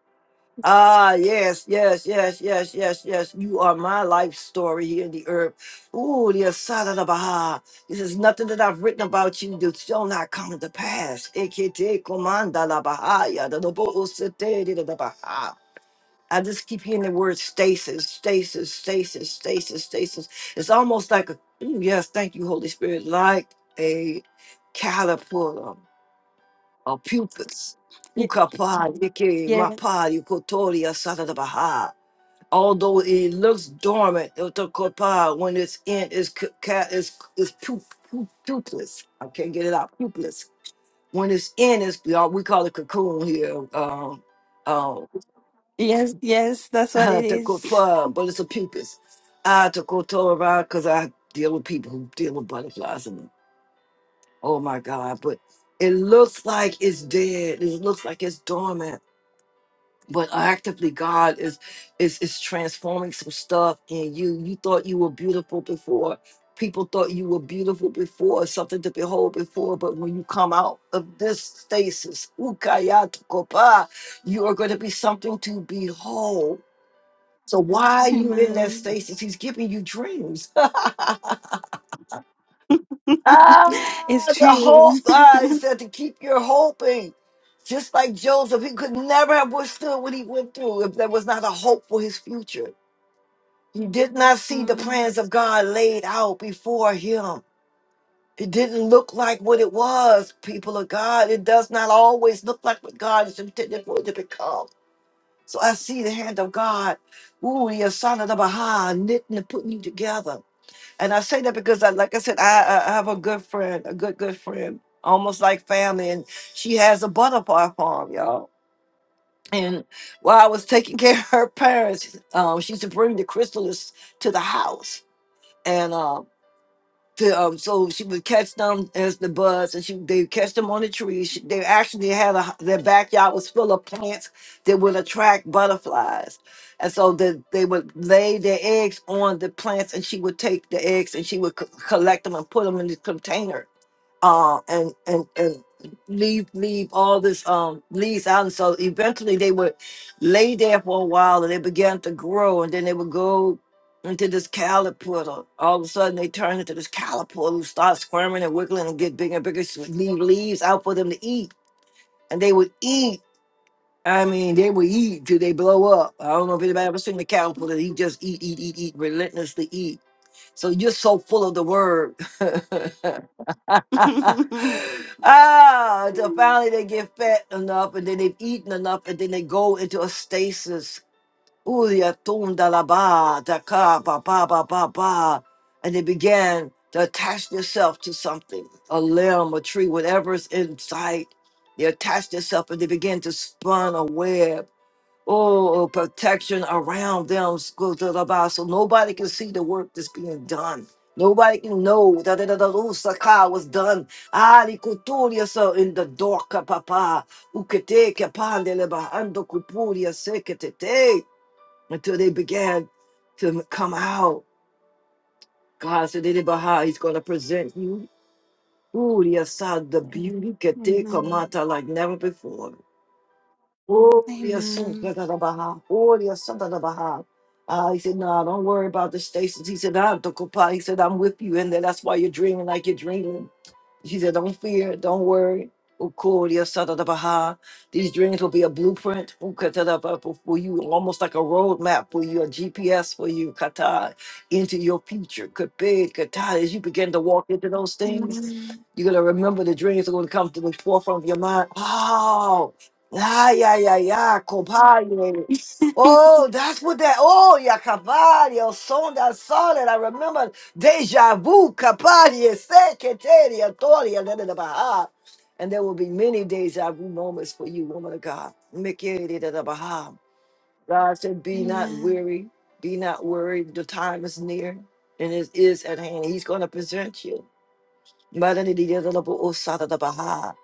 [SPEAKER 1] Ah, yes, yes, yes, yes, yes, yes. You are my life story here in the earth. Ooh, the Asada Baha. This is nothing that I've written about you that shall not come to pass. Ekete komanda la bahaya, da da bo o se te de da da baha. I just keep hearing the word stasis, stasis, stasis, stasis, stasis. It's almost like a, ooh, yes, thank you, Holy Spirit, like a caterpillar our pupils.
[SPEAKER 4] Ye-
[SPEAKER 1] Ukapa, Yiki,
[SPEAKER 4] Yeah,
[SPEAKER 1] Mapa, Yukotoria, Satadabaha. Although it looks dormant, Utokopa, when it's in, it's c- is it's pup, pup, pupilless. I can't get it out. Pupilless. When it's in, it's we all- we call it cocoon here. Um, um,
[SPEAKER 4] yes, yes, that's
[SPEAKER 1] *laughs*
[SPEAKER 4] what it is.
[SPEAKER 1] Tokopa, but it's a pupus. I Tokotora because I deal with people who deal with butterflies and oh my god! But it looks like it's dead. It looks like it's dormant but actively god is is is transforming some stuff in you you thought you were beautiful before people thought you were beautiful before something to behold before but when you come out of this stasis ukayatokopa, you are going to be something to behold so why are you in that
[SPEAKER 4] Amen.
[SPEAKER 1] stasis he's giving you dreams *laughs*
[SPEAKER 4] *laughs*
[SPEAKER 1] Ah,
[SPEAKER 4] It's
[SPEAKER 1] the
[SPEAKER 4] true.
[SPEAKER 1] hope. Ah, he
[SPEAKER 4] *laughs*
[SPEAKER 1] said to keep your hoping. Just like Joseph, he could never have withstood what he went through if there was not a hope for his future. He did not see the
[SPEAKER 4] Mm.
[SPEAKER 1] plans of God laid out before him. It didn't look like what it was, people of God. It does not always look like what God is intended for it to become. So I see the hand of God, ooh, the son of the Baha, knitting and putting you together. And I say that because, I, like I said, I, I I have a good friend, a good, good friend, almost like family. And she has a butterfly farm, y'all. And while I was taking care of her parents, um, she used to bring the chrysalis to the house. And. um, to um, so she would catch them as the buds, and she they would catch them on the trees. She, they actually had a their backyard was full of plants that would attract butterflies, and so the, they would lay their eggs on the plants, and she would take the eggs and she would co- collect them and put them in this container uh, and and and leave leave all this um leaves out and so eventually they would lay there for a while and they began to grow and then they would go into this caterpillar all of a sudden they turn into this caterpillar who starts squirming and wiggling and get bigger and bigger so leave leaves out for them to eat and they would eat I mean, they would eat till they blow up. I don't know if anybody ever seen the caterpillar. He just eat, eat, eat, eat, relentlessly eat so you're so full of the word. *laughs*
[SPEAKER 4] *laughs*
[SPEAKER 1] ah, until finally they get fat enough and then they've eaten enough and then they go into a stasis. Uya tunda la ba, da ka ba ba ba ba ba. And they began to attach themselves to something, a limb, a tree, whatever's in sight. They attach themselves and they begin to spun a web Oh, protection around them, school to the boss, so nobody can see the work that's being done. Nobody can know that the Lusaka was done. Ali Kuturia so in the dark, uh, papa. Uketeke pandele bahando kupuria sekete. Until they began to come out. God said, "Dede Baha, He's going to present you. Ooh, the Assad, the beauty, Keteka
[SPEAKER 4] Amen.
[SPEAKER 1] Mata, like never before. Gloria
[SPEAKER 4] Amen.
[SPEAKER 1] Santa da da Baha. Gloria Santa da Baha. Uh, he said, No, don't worry about the stations. He said, I don't comply. He said, I'm with you. in then that's why you're dreaming like you're dreaming. She said, Don't fear, don't worry. Gloria Santa da Baha. These dreams will be a blueprint Ukatadaba, for you, almost like a roadmap for you, a GPS for you, kata, into your future. Kape, kata, As you begin to walk into those things,
[SPEAKER 4] Amen.
[SPEAKER 1] you're gonna remember the dreams are gonna come to the forefront of your mind. Oh, yeah, yeah, yeah, yeah, compadre.
[SPEAKER 4] *laughs*
[SPEAKER 1] Oh, that's what that. Oh, yeah, compadre. Oh, song that song that I remember. Deja vu, compadre. Secretaria, Toria, da da da baha. And there will be many deja vu moments for you, woman of God. Mikiri, da da baha. God said, "Be not
[SPEAKER 4] Amen.
[SPEAKER 1] weary, be not worried. The time is near, and it is at hand. He's gonna present you." Maranidiyadalabu-osatadabaha.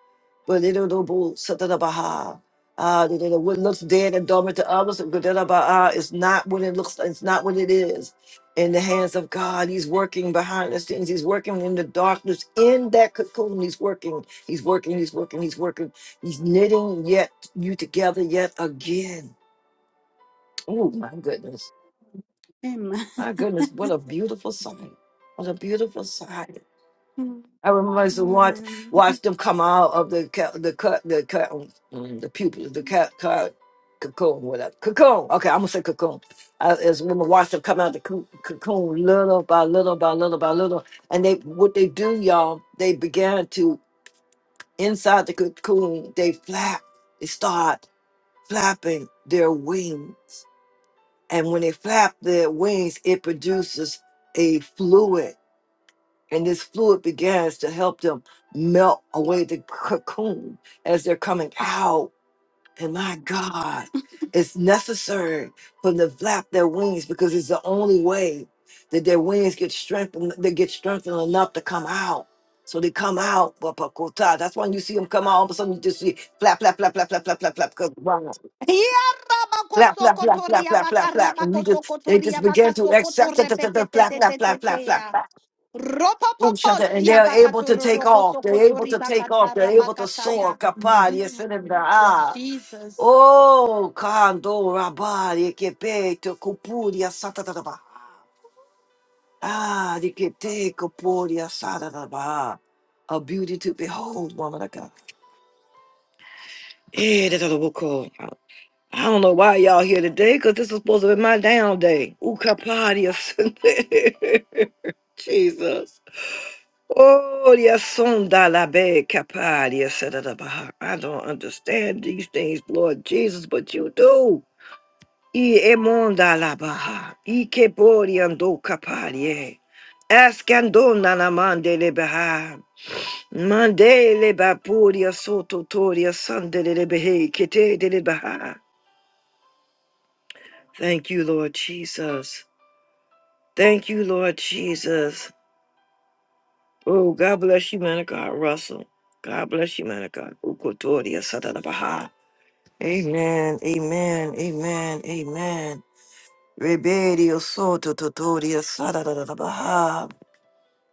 [SPEAKER 1] Balidodobosatadabaha. Ah, da- da- da. what looks dead and dormant to others da-da-da-ba-ah, is not what it looks it's not what it is in the hands of god he's working behind the scenes he's working in the darkness in that cocoon he's working he's working he's working he's working he's knitting yet you together yet again oh my goodness
[SPEAKER 4] Amen.
[SPEAKER 1] my goodness what a beautiful sight what a beautiful sight I remember I
[SPEAKER 4] *laughs*
[SPEAKER 1] used to watch
[SPEAKER 4] Amen.
[SPEAKER 1] watch them come out of the ca- the cut the cut mm, mm, the pupils the cat cut cocoon whatever cocoon. Okay, I'm gonna say cocoon. I, as women watch them come out the coo- cocoon little by little by little by little, and they what they do, y'all, they began to inside the cocoon they flap. They start flapping their wings, and when they flap their wings, it produces a fluid and this fluid begins to help them melt away the cocoon as they're coming out. And my God, it's necessary for them to flap their wings because it's the only way that their wings get strengthened. They get strengthened enough to come out. So they come out, but but cool that's when you see them come out. All of a sudden, you just see flap, flap, flap, flap, flap, flap, flap, flap, because wow, flap, flap, flap, flap,
[SPEAKER 4] Yarabakosokotoria
[SPEAKER 1] flap, flap, flap, and you just they just
[SPEAKER 4] bakarabakosokotoria
[SPEAKER 1] begin to accept, flap, flap, flap, flap, flap, flap,
[SPEAKER 4] bakasokotorebeketeteteteteya.
[SPEAKER 1] flap. Oh, shut it. And
[SPEAKER 4] Ropopoposia
[SPEAKER 1] they're able to take off. They're able
[SPEAKER 4] bakatororokosokotori
[SPEAKER 1] to take off. They're able to soar.
[SPEAKER 4] bakatarabakataya.
[SPEAKER 1] Kapari,
[SPEAKER 4] Mm.
[SPEAKER 1] Sinanda. Ah.
[SPEAKER 4] Jesus.
[SPEAKER 1] Oh, Kando, Rabari, Kepeto, Kupuria, Satataba. Ah, Dikete, Kupuria, Satataba. A beauty to behold, woman of God. Eh, that's what we call. I I don't know why y'all here today, because this is supposed to be my down day. Ooh, Kapadia. *laughs* Jesus. Oh, yes, sonda la be capadia, said it about. I don't understand these things, Lord Jesus, but you do. E emonda la baha, e keporiando capadia. Ascandona la mande le baha. Mande le bapuria sototoria sande le behe, kete de le baha. Thank you, Lord Jesus. Thank you, Lord Jesus. Oh, God bless you, man of God, Russell. God bless you, man of God. Ukotoria Satanabaha. Amen, amen, amen, amen. Rebedio soto totoria Baha.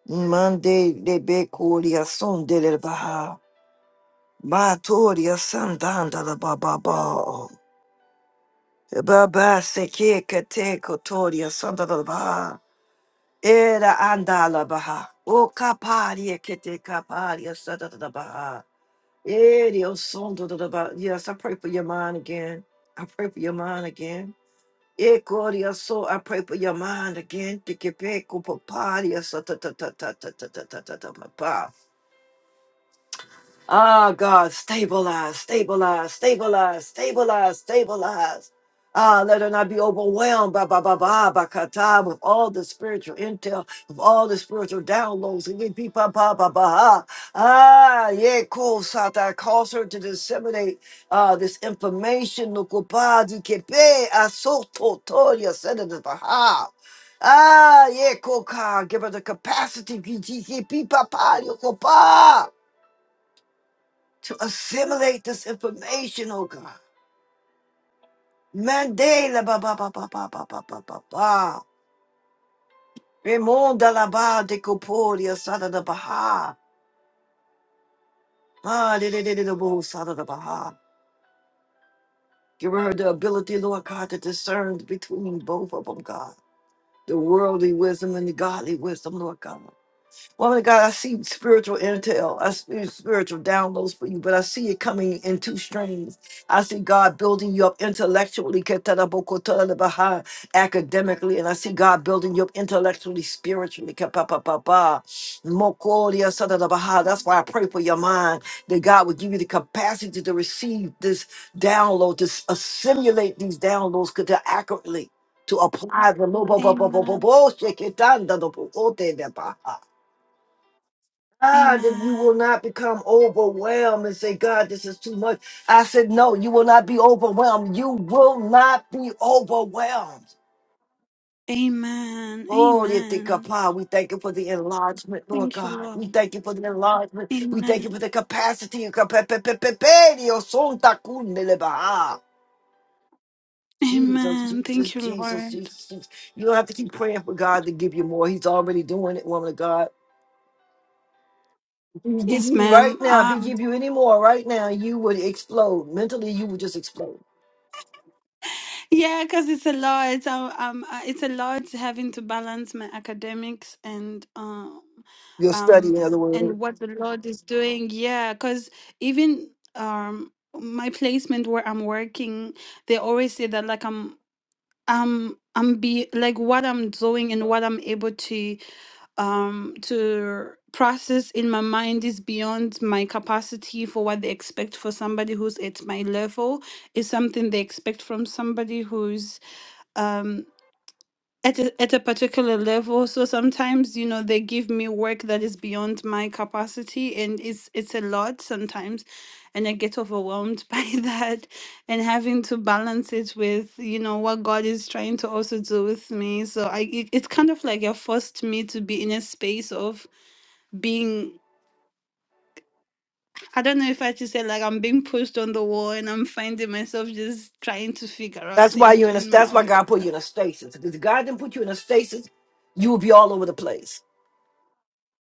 [SPEAKER 1] Monday de becoria son de la baha. Batoria sandanda da baba ba. Baba seke kate kotoria sanda da baha. Era andala baha. O kaparia kete kaparia sada da baha. Yeah, the old song, da, da, da, ba. Yes, I pray for your mind again. I pray for your mind again. Yeah, Claudia, so I pray for your mind again. Take it back, oh, papa, yes, ta, ta, ta, ta, ta, ta, ta, ta, ta, ta, ta, ta, ta, ta. Ah, God, stabilize, stabilize, stabilize, stabilize, stabilize. Ah, let her not be overwhelmed by, by, by, by, by kata, with all the spiritual intel, with all the spiritual downloads. And you be ba, ba, ba, ba, ah, Ah, yeah, cool, Sata. Cause her to disseminate uh, this information. Nukupadi kepe asoto toya, Senator Baha. Ah, yeah, Koka, give her the capacity. Papa, to assimilate this information, oh God. Mandela ba ba ba ba ba ba ba ba ba ba. Remonda la ba de coporia sada da baha. Ah, de de de de de bo sada da baha. Give her the ability, Lord God, to discern between both of them, God. The worldly wisdom and the godly wisdom, Lord God. Woman of God, I see spiritual intel. I see spiritual downloads for you, but I see it coming in two streams. I see God building you up intellectually, ketarabokotarabaha, academically, and I see God building you up intellectually, spiritually. kapapapapa, mokoriasatarabaha. That's why I pray for your mind that God would give you the capacity to receive this download, to s- assimilate these downloads kata- accurately, to apply them.
[SPEAKER 4] Amen.
[SPEAKER 1] God that you
[SPEAKER 4] Amen.
[SPEAKER 1] will not become overwhelmed and say, God, this is too much. I said, No, you will not be overwhelmed. You will not be overwhelmed.
[SPEAKER 4] Amen.
[SPEAKER 1] Oh, dear dear
[SPEAKER 4] Amen.
[SPEAKER 1] God, we thank you for the enlargement, Lord
[SPEAKER 4] Thank you,
[SPEAKER 1] God.
[SPEAKER 4] Lord.
[SPEAKER 1] We thank you for the enlargement. We thank you
[SPEAKER 4] Amen.
[SPEAKER 1] for the capacity. Jesus, Jesus,
[SPEAKER 4] Amen.
[SPEAKER 1] Jesus,
[SPEAKER 4] Thank you,
[SPEAKER 1] Jesus,
[SPEAKER 4] Lord.
[SPEAKER 1] Jesus. You don't have to keep praying for God to give you more. He's already doing it, woman of God. If he give
[SPEAKER 4] Yes,
[SPEAKER 1] you right
[SPEAKER 4] ma'am.
[SPEAKER 1] now, if he
[SPEAKER 4] Um,
[SPEAKER 1] give you any more right now, you would explode. Mentally, you would just explode.
[SPEAKER 4] Yeah, because it's a lot. It's a, um, uh, it's a lot having to balance my academics and um,
[SPEAKER 1] You'll study, in
[SPEAKER 4] um,
[SPEAKER 1] other
[SPEAKER 4] and
[SPEAKER 1] words.
[SPEAKER 4] what the Lord is doing. Yeah, because even um, my placement where I'm working, they always say that like I'm. I'm I'm be like what I'm doing and what I'm able to um to process in my mind is beyond my capacity for what they expect for somebody who's at my level is something they expect from somebody who's um at a, at a particular level so sometimes you know they give me work that is beyond my capacity and it's it's a lot sometimes and i get overwhelmed *laughs* by that and having to balance it with you know what god is trying to also do with me so i it, it's kind of like it forced me to be in a space of being i don't know if i should say like i'm being pushed on the wall and i'm finding myself just trying to figure out
[SPEAKER 1] That's why you're
[SPEAKER 4] things
[SPEAKER 1] in a
[SPEAKER 4] in my
[SPEAKER 1] that's why
[SPEAKER 4] own co-
[SPEAKER 1] God put you in a stasis. Because God didn't put you in a stasis, you would be all over the place.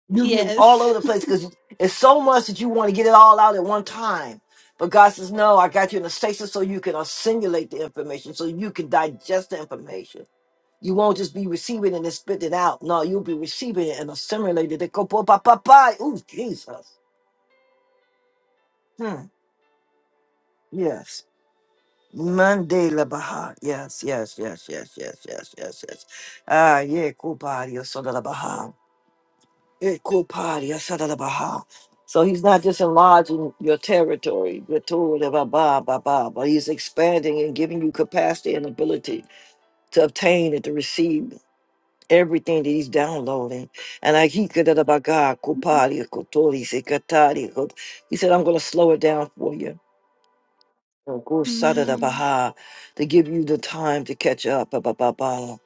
[SPEAKER 1] You'll be all over
[SPEAKER 4] yes
[SPEAKER 1] the place because it's so much that you want to get it all out at one time. But God says, No, I got you in a stasis so you can assimilate the information, so you can digest the information. You won't just be receiving it and spitting it out. No, you'll be receiving it and assimilating it. Ooh, Jesus. Hmm. Yes. Monday la Baha. Yes, yes, yes, yes, yes, yes, yes, yes. Ah, yeah, Kupadia Sada la Baha. Yeah, Kupadia Sada la Baha. So he's not just enlarging your territory, your tool, ba ba ba ba, but he's expanding and giving you capacity and ability to obtain and to receive everything that he's downloading. And I he could da- da- ba- ga, Kupadia Kotori Sekatari. Kot- He said, I'm gonna slow it down for you.
[SPEAKER 4] *laughs*
[SPEAKER 1] Sadada
[SPEAKER 4] amen
[SPEAKER 1] Baha, to give you the time to catch up. Ba, ba, ba, ba.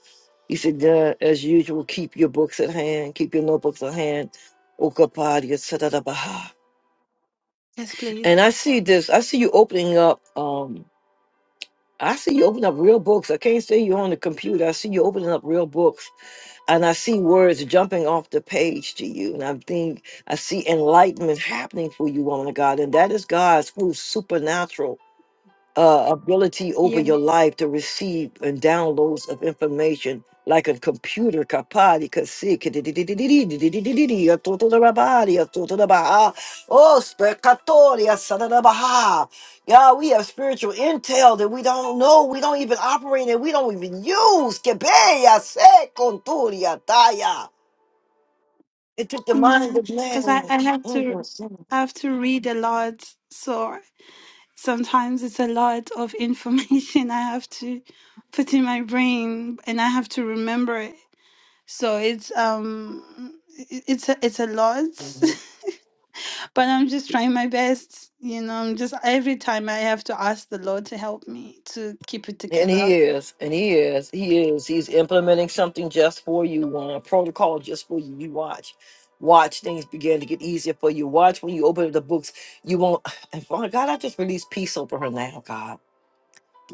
[SPEAKER 1] He said, "Yeah, as usual, keep your books at hand, keep your notebooks at hand. Okapadia Sadada Baha.
[SPEAKER 4] Yes, please.
[SPEAKER 1] And I see this, I see you opening up, um, I see you opening up real books. I can't say you're on the computer. I see you opening up real books. And I see words jumping off the page to you. And I think I see enlightenment happening for you, woman of God. And that is God's through supernatural. uh, ability over
[SPEAKER 4] Yeah,
[SPEAKER 1] your life to receive and downloads of information like a computer kapadi kasik oh specatoria sadadabaha yeah we have spiritual intel that we don't know we don't even operate and we don't even use Kebeya se conturia taya it took the mind
[SPEAKER 4] man.
[SPEAKER 1] of
[SPEAKER 4] Because
[SPEAKER 1] man
[SPEAKER 4] I, I have to I have to read a lot, so sometimes it's a lot of *laughs* information I have to put in my brain, and I have to remember it. So it's um i- it's a, it's a lot,
[SPEAKER 1] Mhm.
[SPEAKER 4] *laughs* but I'm just trying my best. You know, I'm just every time I have to ask the Lord to help me to keep it
[SPEAKER 1] And he
[SPEAKER 4] together.
[SPEAKER 1] is, and he is, he is. He's implementing something just for you, uh, a protocol just for you. You watch, watch things begin to get easier for you. Watch when you open up the books, you won't. *sighs* And Father God, I just release peace over her now, God.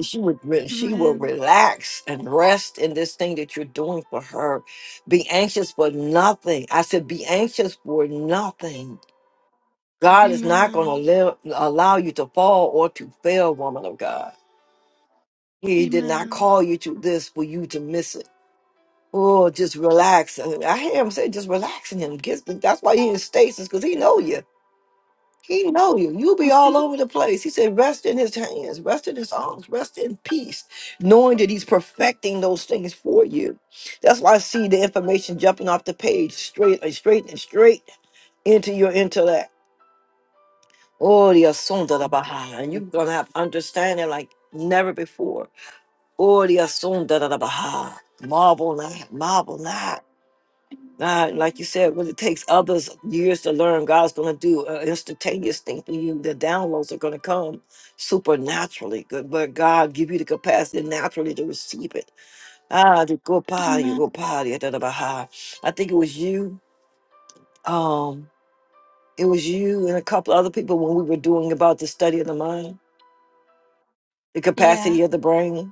[SPEAKER 1] she would re- she will
[SPEAKER 4] Amen.
[SPEAKER 1] relax and rest in this thing that you're doing for her be anxious for nothing i said be anxious for nothing god is not going to
[SPEAKER 4] Amen.
[SPEAKER 1] live, allow you to fall or to fail woman of god he did not
[SPEAKER 4] Amen.
[SPEAKER 1] call you to this for you to miss it oh just relax And i hear him say just relax in him Get, that's why he in stasis because he know you He know you. You be all over the place. He said, rest in his hands, rest in his arms, rest in peace, knowing that he's perfecting those things for you. That's why I see the information jumping off the page straight and straight and straight into your intellect. Oh, the asunda da baha. And you're gonna have understanding like never
[SPEAKER 4] *laughs*
[SPEAKER 1] before. Oh, the asunda da baha. Marvel not, marvel not. God, like you said, when it takes others years to learn, God's going to do an instantaneous thing for you. The downloads are going to come supernaturally, good, but God give you the capacity naturally to receive it. Ah, the good body,
[SPEAKER 4] Amen.
[SPEAKER 1] good body, da, da, ba, ha. I think it was you. Um, it was you and a couple other people when we were doing about the study of the mind, the
[SPEAKER 4] Yeah.
[SPEAKER 1] capacity of the brain.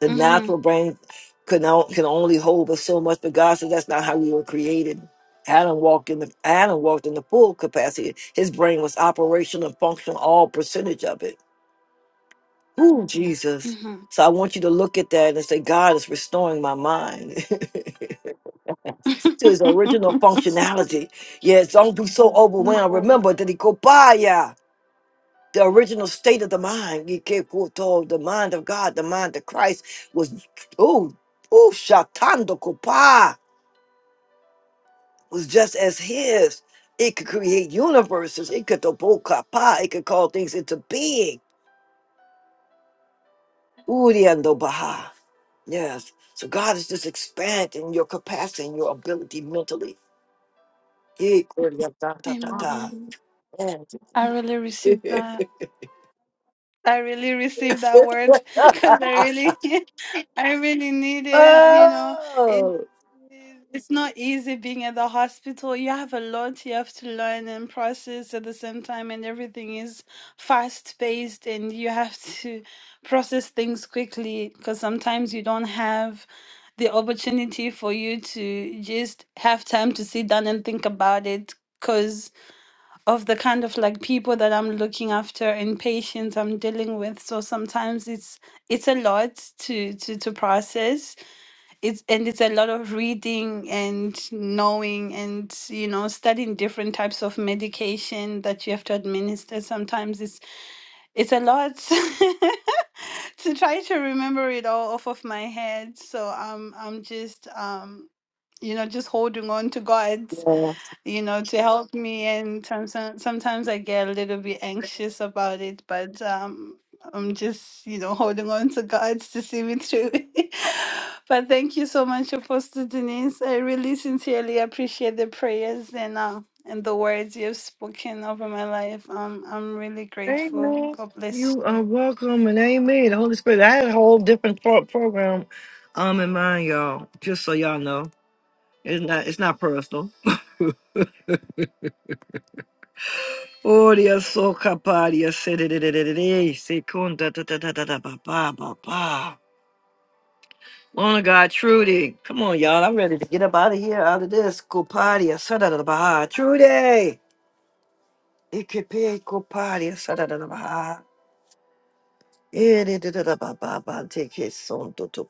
[SPEAKER 1] The
[SPEAKER 4] Mhm.
[SPEAKER 1] natural brain could not, can only hold but so much, but God said that's not how we were created. Adam walked in the Adam walked in the full capacity. His brain was operational and functional, all percentage of it. Ooh, Jesus.
[SPEAKER 4] Mhm.
[SPEAKER 1] So I want you to look at that and say, God is restoring my mind. *laughs* to his original
[SPEAKER 4] Mhm. *laughs*
[SPEAKER 1] functionality. Yes, don't be so overwhelmed. Remember that he go by the original state of the mind. You get told the mind of God, the mind of Christ was oh oh shatando kopa was just as his. It could create universes. It could toboka pa. It could call things into being. Uriando baha. Yes. So God is just expanding your capacity and your ability mentally. Eh, kuria ta ta ta ta.
[SPEAKER 4] Amen.
[SPEAKER 1] And-
[SPEAKER 4] I really received that. I really received that word *laughs* because I
[SPEAKER 1] *laughs*
[SPEAKER 4] really, *laughs* I really need it. You know, it,
[SPEAKER 1] oh.
[SPEAKER 4] it's not easy being at the hospital. You have a lot you have to learn and process at the same time, and everything is fast paced, and you have *laughs* to process things quickly because sometimes you don't have the opportunity for you to just have time to sit down and think about it. Because of the kind of like people that I'm looking after and patients I'm dealing with. So sometimes it's it's a lot to to to process. It's and it's a lot of reading and knowing and you know studying different types of medication that you have to administer. Sometimes it's it's a lot *laughs* to try to remember it all off of my head. So I'm I'm just um you know just holding on to God you know, to help me. And sometimes, sometimes I get a little bit anxious about it, but um, I'm just, you know, *laughs* holding on to God to see me through. *laughs* but thank you so much, Apostle Denise. I really sincerely appreciate the prayers and uh, and the words you've spoken over my life. Um, I'm really grateful.
[SPEAKER 1] Amen.
[SPEAKER 4] God bless
[SPEAKER 1] You
[SPEAKER 4] you.
[SPEAKER 1] are welcome and amen. The Holy Spirit. I had a whole different pro- program um in mind, y'all. Just so y'all know. It's not it's not personal. *laughs* Oh dear so capadia secunda da da da da da ba ba ba ba. Lord of God, Trudy. Come on, y'all. I'm ready to get up out of here, out of this. Copadia, sada da da ba. Trudy. Ikepe copadia, sada da da ba. Eh, da da da da ba ba ba. Take his son to to.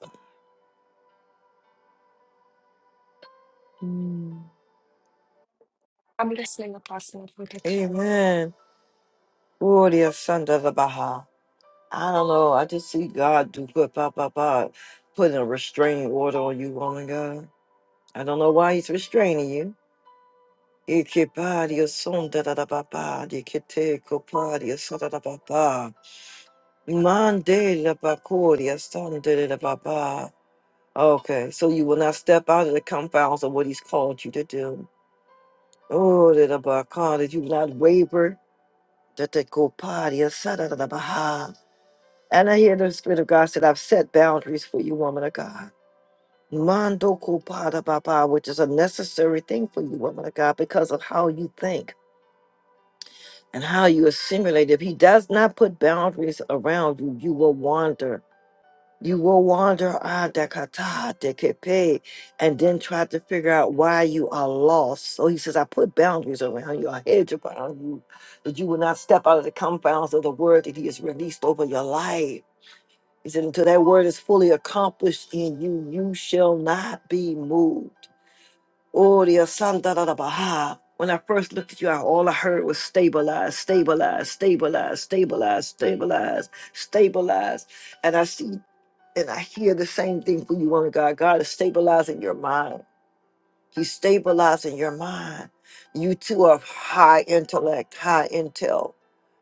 [SPEAKER 1] Mm.
[SPEAKER 5] I'm listening, Apostle, if we could turn.
[SPEAKER 1] Amen. Oh, dear Gloria Santa the Baha. I don't know. I just see God do good, blah, blah, blah, putting a restraining order on you, woman God. I don't know why he's restraining you. Ike paria son da da da ba ba, di ke te ko paria son, da da ba ba. Mande la ba coria son da da da ba ba. Okay, so you will not step out of the confounds of what he's called you to do. Oh, da da ba ka, that you will not waver. Da te ko paria son, da da da ba ha. And I hear the Spirit of God said, I've set boundaries for you, woman of God. Mando kupada baba, which is a necessary thing for you, woman of God, because of how you think and how you assimilate. If he does not put boundaries around you, you will wander. You will wander ah, dakata, dekepe, and then try to figure out why you are lost. So he says, I put boundaries around you, I hedge around you, that you will not step out of the confines of the word that he has released over your life. He said, until that word is fully accomplished in you, you shall not be moved. Oh, dear son, da da da baha. When I first looked at you, I, all I heard was stabilize, stabilize, stabilize, stabilize, stabilize, stabilize. And I see and I hear the same thing for you, woman of God. God is stabilizing your mind. He's stabilizing your mind. You two are high intellect, high intel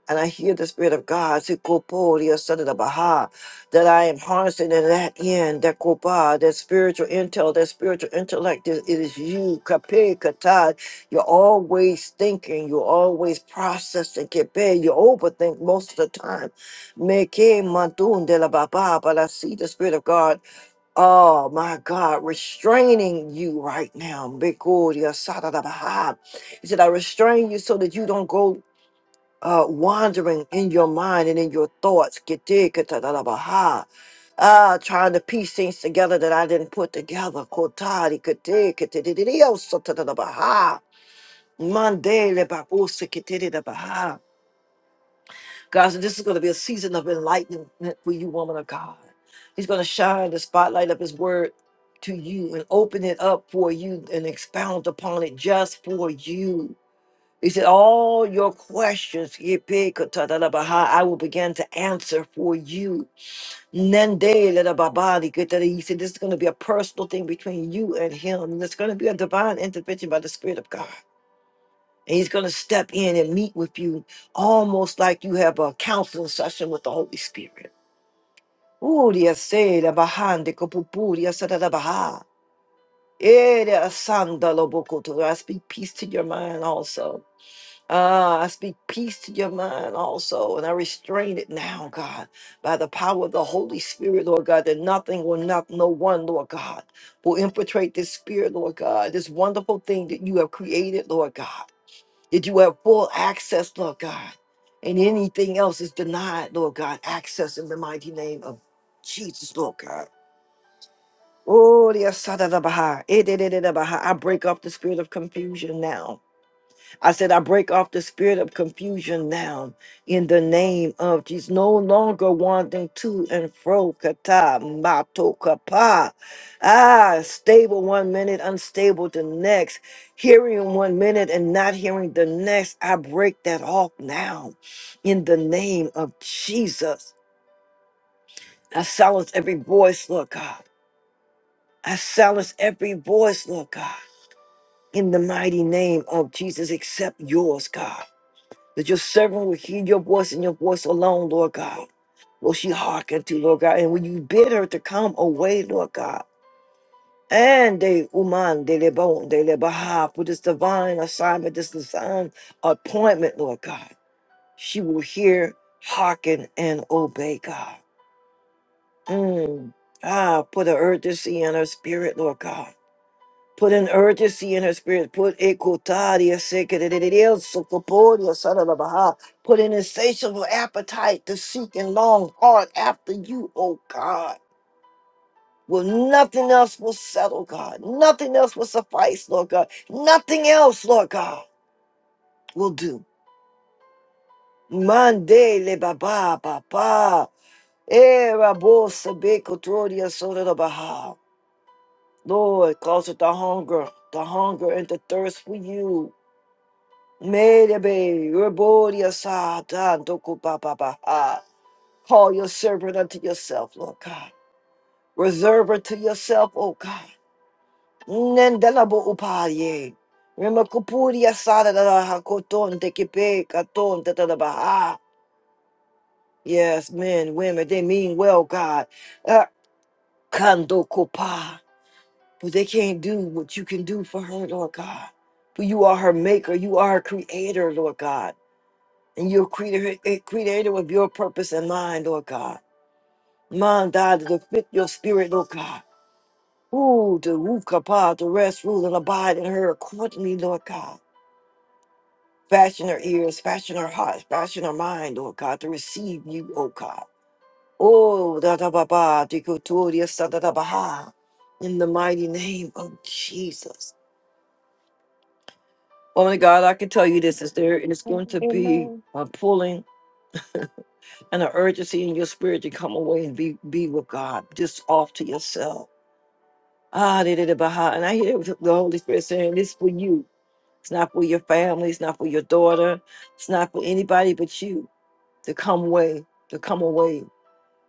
[SPEAKER 1] and I hear the Spirit of God, Sikoporia Sadada Baha, that I am harnessing in that end, that Kopá, that spiritual intel, that spiritual intellect, it it is you, Kape Katad. You're always thinking, you're always processing, Kepe, you overthink most of the time. Meke Mantun de la Baba, but I see the Spirit of God, oh my God, restraining you right now. Bikoria Sadada Baha. He said, I restrain you so that you don't go uh, wandering in your mind and in your thoughts, get Ah, trying to piece things together that I didn't put together. Kotari, get oh, so Mandele, ba- oh, so God, so this is going to be a season of enlightenment for you, woman of God. He's going to shine the spotlight of His word to you and open it up for you and expound upon it just for you he said, All your questions, Yipikatadalabaha, I will begin to answer for you. Nendelelababali, Kitadali. He said, This is going to be a personal thing between you and him. And it's going to be a divine intervention by the Spirit of God. And he's going to step in and meet with you almost like you have a counseling session with the Holy Spirit. Ooh, dia se la bahan de kopupu, sa da da baha. Eh, dia sandalo bokoto. I speak peace to your mind also. Ah, I speak peace to your mind also, and I restrain it now, God, by the power of the Holy Spirit, Lord God, that nothing will not, no one, Lord God, will infiltrate this spirit, Lord God, this wonderful thing that you have created, Lord God, that you have full access, Lord God, and anything else is denied, Lord God, access in the mighty name of Jesus, Lord God. Oh, the Asada Baha, I break up the spirit of confusion now. I said, I break off the spirit of confusion now in the name of Jesus. No longer wandering to and fro, kata, mato, kapa. Ah, stable one minute, unstable the next. Hearing one minute and not hearing the next. I break that off now in the name of Jesus. I silence every voice, Lord God. I silence every voice, Lord God. In the mighty name of Jesus, except yours, God. That your servant will hear your voice and your voice alone, Lord God. Will she hearken to, Lord God? And when you bid her to come away, Lord God. And they uman de lebon de lebaha for this divine assignment, this divine appointment, Lord God. She will hear, hearken, and obey God. Mm. Ah, put an urgency in her spirit, Lord God Put an urgency in her spirit. Put ekotaria sekererereo sokoporia sararabaha. Put an insatiable appetite to seek and long hard after you, oh God. Well, nothing else will settle, God. Nothing else will suffice, Lord God. Nothing else, Lord God, will do. Mande le baba baba. Era bolsa bekotoria sorarabaha. Lord, cause it the hunger, the hunger and the thirst for you. Merebe, Reboria sa dan doku ba ba ba ha. Call your servant unto yourself, Lord God. Reserve her to yourself, O God. Nendelabo upaye. Remakupuria sa da da da ha koton de kipe katon da da da ba ha. Yes, men, women, they mean well, God. Uh, Kando kupa. But they can't do what you can do for her, Lord God. For you are her maker. You are her creator, Lord God. And you created, created with your purpose in mind, Lord God. Mind, God, to fit your spirit, Lord God. Ooh, to roof kapah, to rest, rule, and abide in her accordingly, Lord God. Fashion her ears, fashion her heart, fashion her mind, Lord God, to receive you, O God. Oh, da da ba ba, di ku tu di sa da da ba ha. In the mighty name of Jesus. Woman of God, I can tell you this is there is going to be
[SPEAKER 5] Amen.
[SPEAKER 1] a pulling. and the urgency in your spirit to come away and be be with God, just off to yourself. Ah, da, da, da, bah. and I hear the Holy Spirit saying, "This for you. It's not for your family. It's not for your daughter. It's not for anybody but you to come away, to come away."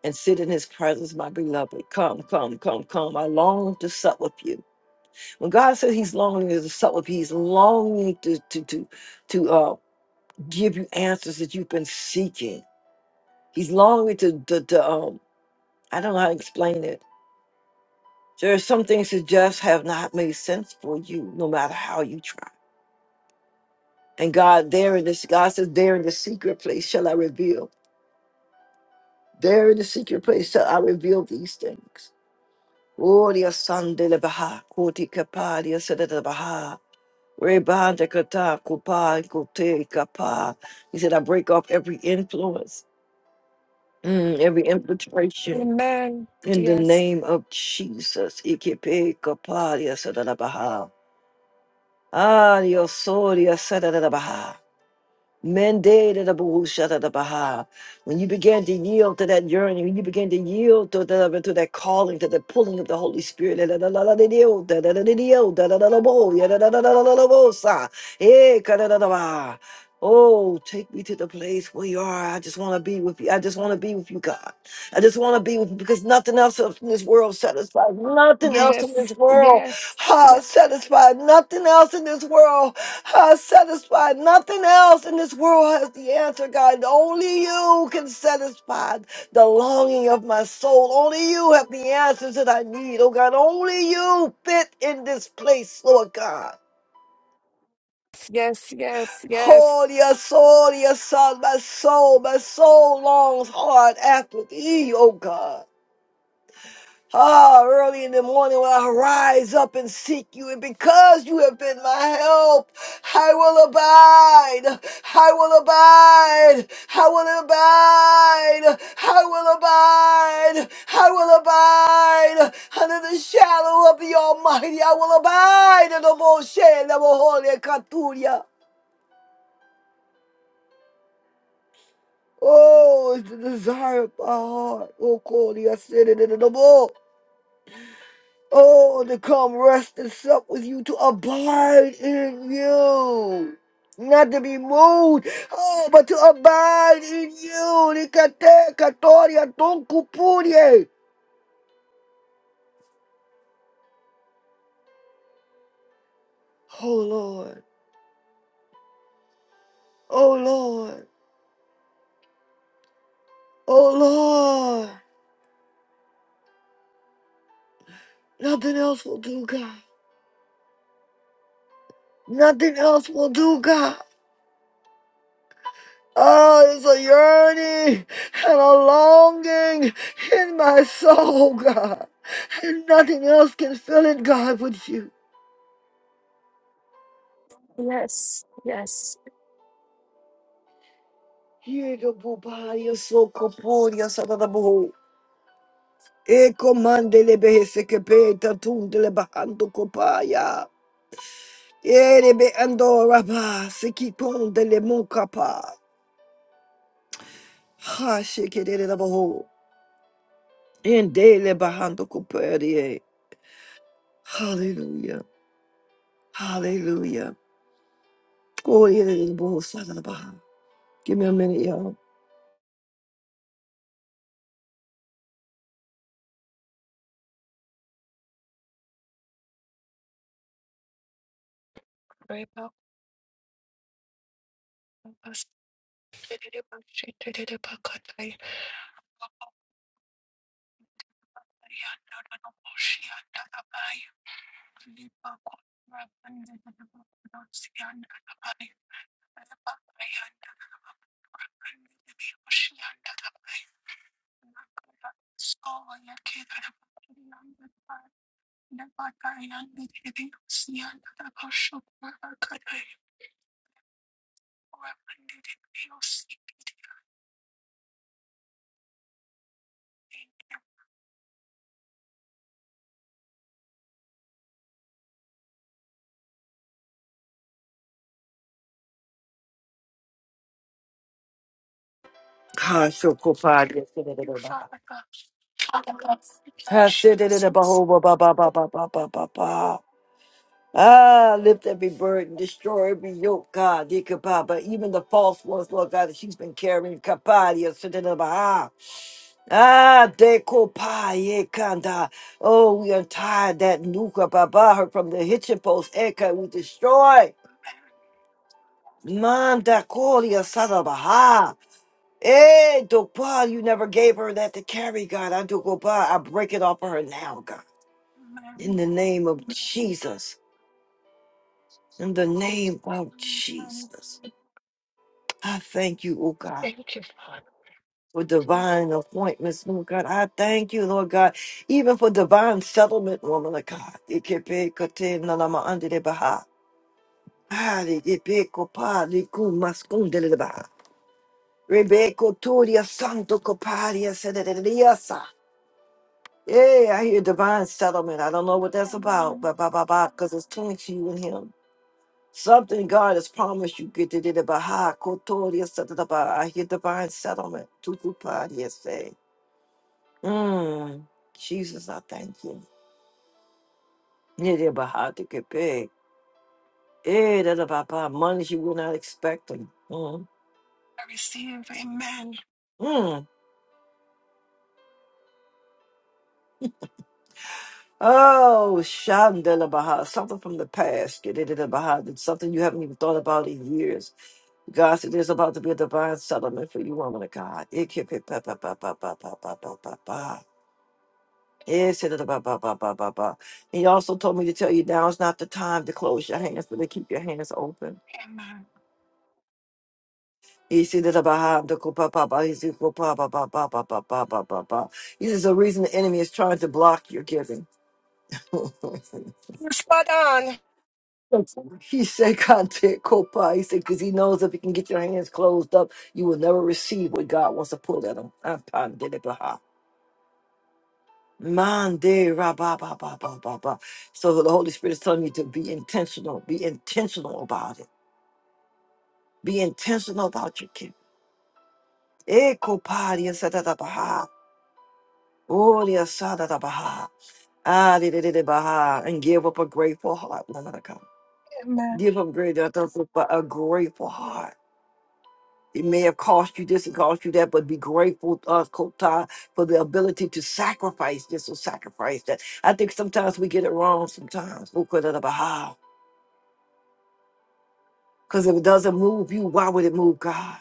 [SPEAKER 1] And sit in his presence, my beloved. Come, come, come, come. I long to sup with you. When God says he's longing to sup with you, he's longing to to to to uh give you answers that you've been seeking. He's longing to, to, to um." I don't know how to explain it. There are some things that just have not made sense for you, no matter how you try. And God, there in this, God says, there in the secret place shall I reveal. There in the secret place shall I reveal these things. Gloria San de la Baha, Koti Kapa, Dia Sada de la Baha, Rebanda Kata, Kupa, Kote Kapa. He said, I break off every influence, mm, every infiltration
[SPEAKER 5] Amen.
[SPEAKER 1] in the
[SPEAKER 5] Yes.
[SPEAKER 1] name of Jesus. Ike Kapa, Dia Sada de la Baha. Ah, Yosoria Sadadabaha. Mendedabahushatadabaha. When you began to yield to that yearning, when you began to yield to, the, to that calling, to the pulling of the Holy Spirit. dadadadadadidio, dadadadadidio, dadadadadabo, yadadadadadadabosa. Eh, kadadadabaha. Oh, take me to the place where you are. I just want to be with you. I just want to be with you, God. I just want to be with you because nothing else in this world satisfies. Nothing else in
[SPEAKER 5] Yes.
[SPEAKER 1] this world
[SPEAKER 5] Yes.
[SPEAKER 1] Ah,
[SPEAKER 5] Yes.
[SPEAKER 1] satisfied. Nothing else in this world. Ah, satisfied. Nothing else in this world has the answer, God. Only you can satisfy the longing of my soul. Only you have the answers that I need, oh God. Only you fit in this place, Lord God.
[SPEAKER 5] Yes. Yes. Yes.
[SPEAKER 1] Oh, yes, oh, yes, son, my soul, my soul longs hard after thee, oh God. Ah, early in the morning will I rise up and seek you, and because you have been my help, I will abide. I will abide. I will abide. I will abide. I will abide under the shadow of the Almighty. I will abide in the Moshe and the Holy Katuria. Oh, it's the desire of my heart. Oh, Kodia, sit in the Lord. Oh, to come rest and sup with you, to abide in you. Not to be moved, oh, but to abide in you. Nikate katoria tonkupurie. Oh Lord, oh Lord, oh Lord. Nothing else will do, God. Nothing else will do, God. Oh, there's a yearning and a longing in my soul, God. And nothing else can fill it, God, with you. Yegabobaria socoporia sadadabu. Eco mandele behesekepeta tundele bahando copaya. Erebe andora ba sekipondele mukapa. Ha shekere dabaho. Endele bahando coperie. Hallelujah. Hallelujah. Gloria to the Lord, Sadadabaha. Give me a minute, y'all.
[SPEAKER 5] Yes. Yes. Thank
[SPEAKER 1] Ha shokoparia
[SPEAKER 5] you,
[SPEAKER 1] sadadabaha.
[SPEAKER 5] Father God. Thank you,
[SPEAKER 1] Ha
[SPEAKER 5] Jesus.
[SPEAKER 1] sedadabaho ba ba ba ba ba
[SPEAKER 5] Thank
[SPEAKER 1] ba ba ba. Ah, lift every burden, destroy every yoke,
[SPEAKER 5] you,
[SPEAKER 1] God, dear Kapapa, even the false ones, Lord God, that she's been carrying, Kapadia, Sitanaba. Ah, Dekopa, ye Kanda. Oh, we untie that Nuka Baba, her from the hitching post, Eka, we destroy. Manda Kolia Sadabaha. Eh, Dopa, you never gave her that to carry, God. I do go by. I break it off of her now, God. In
[SPEAKER 5] Amen.
[SPEAKER 1] the name of Jesus. In the name of
[SPEAKER 5] Amen.
[SPEAKER 1] Jesus. I thank you, oh God,
[SPEAKER 5] Thank you, Father.
[SPEAKER 1] for divine appointments, Lord God. I thank you, Lord God, even for divine settlement, woman of God. Ikepekate nalama andelebaha. Hali ipekopa liku maskundelebaha. Rebeko turia santo coparia sedeleliasa. Yeah, I hear divine settlement. I don't know what that's about,
[SPEAKER 5] Amen.
[SPEAKER 1] but ba ba ba, because it's turning to you and him. Something God has promised you. Get to the Baha Kotoria Satadaba. I hear divine settlement. Tukupadia Mm, Jesus, I thank you. Near about to get big. Eh, that's about by money you were not expecting. Mm.
[SPEAKER 5] I receive. Amen.
[SPEAKER 1] Mm. Oh, Shandela Baha, something from the past. Get it in the Baha, that's something you haven't even thought about in years. God said there's about to be a divine settlement for you, woman of God. It can be pa pa pa pa pa pa pa pa pa ba. It said it ba ba ba ba ba ba. He also told me to tell you now is not the time to close your hands, but to keep your hands open.
[SPEAKER 5] Amen.
[SPEAKER 1] Isi da da ba ha da ko pa pa ba, isi ko pa pa pa pa pa pa pa pa pa pa. This is the reason the enemy is trying to block your giving. *laughs*
[SPEAKER 5] You're spot on.
[SPEAKER 1] he said, "God did He said, because he knows if he can get your hands closed up, you will never receive what God wants to pull at him. *laughs* Ah, pa, de Man, de ra ba ba ba ba ba ba. So the Holy Spirit is telling you to be intentional. Be intentional about it. Be intentional about your giving. Eh, ko pa, dia sa da da ba ha. Oh, dia sa da da ba ha. Ah, di- di- di- di- bah, and give up a grateful heart, Lord God.
[SPEAKER 5] Amen.
[SPEAKER 1] Give up great, uh, th- th- a grateful heart. It may have cost you this and cost you that, but be grateful, uh, Kota, for the ability to sacrifice this or sacrifice that. I think sometimes we get it wrong sometimes. Because if it doesn't move you, why would it move God?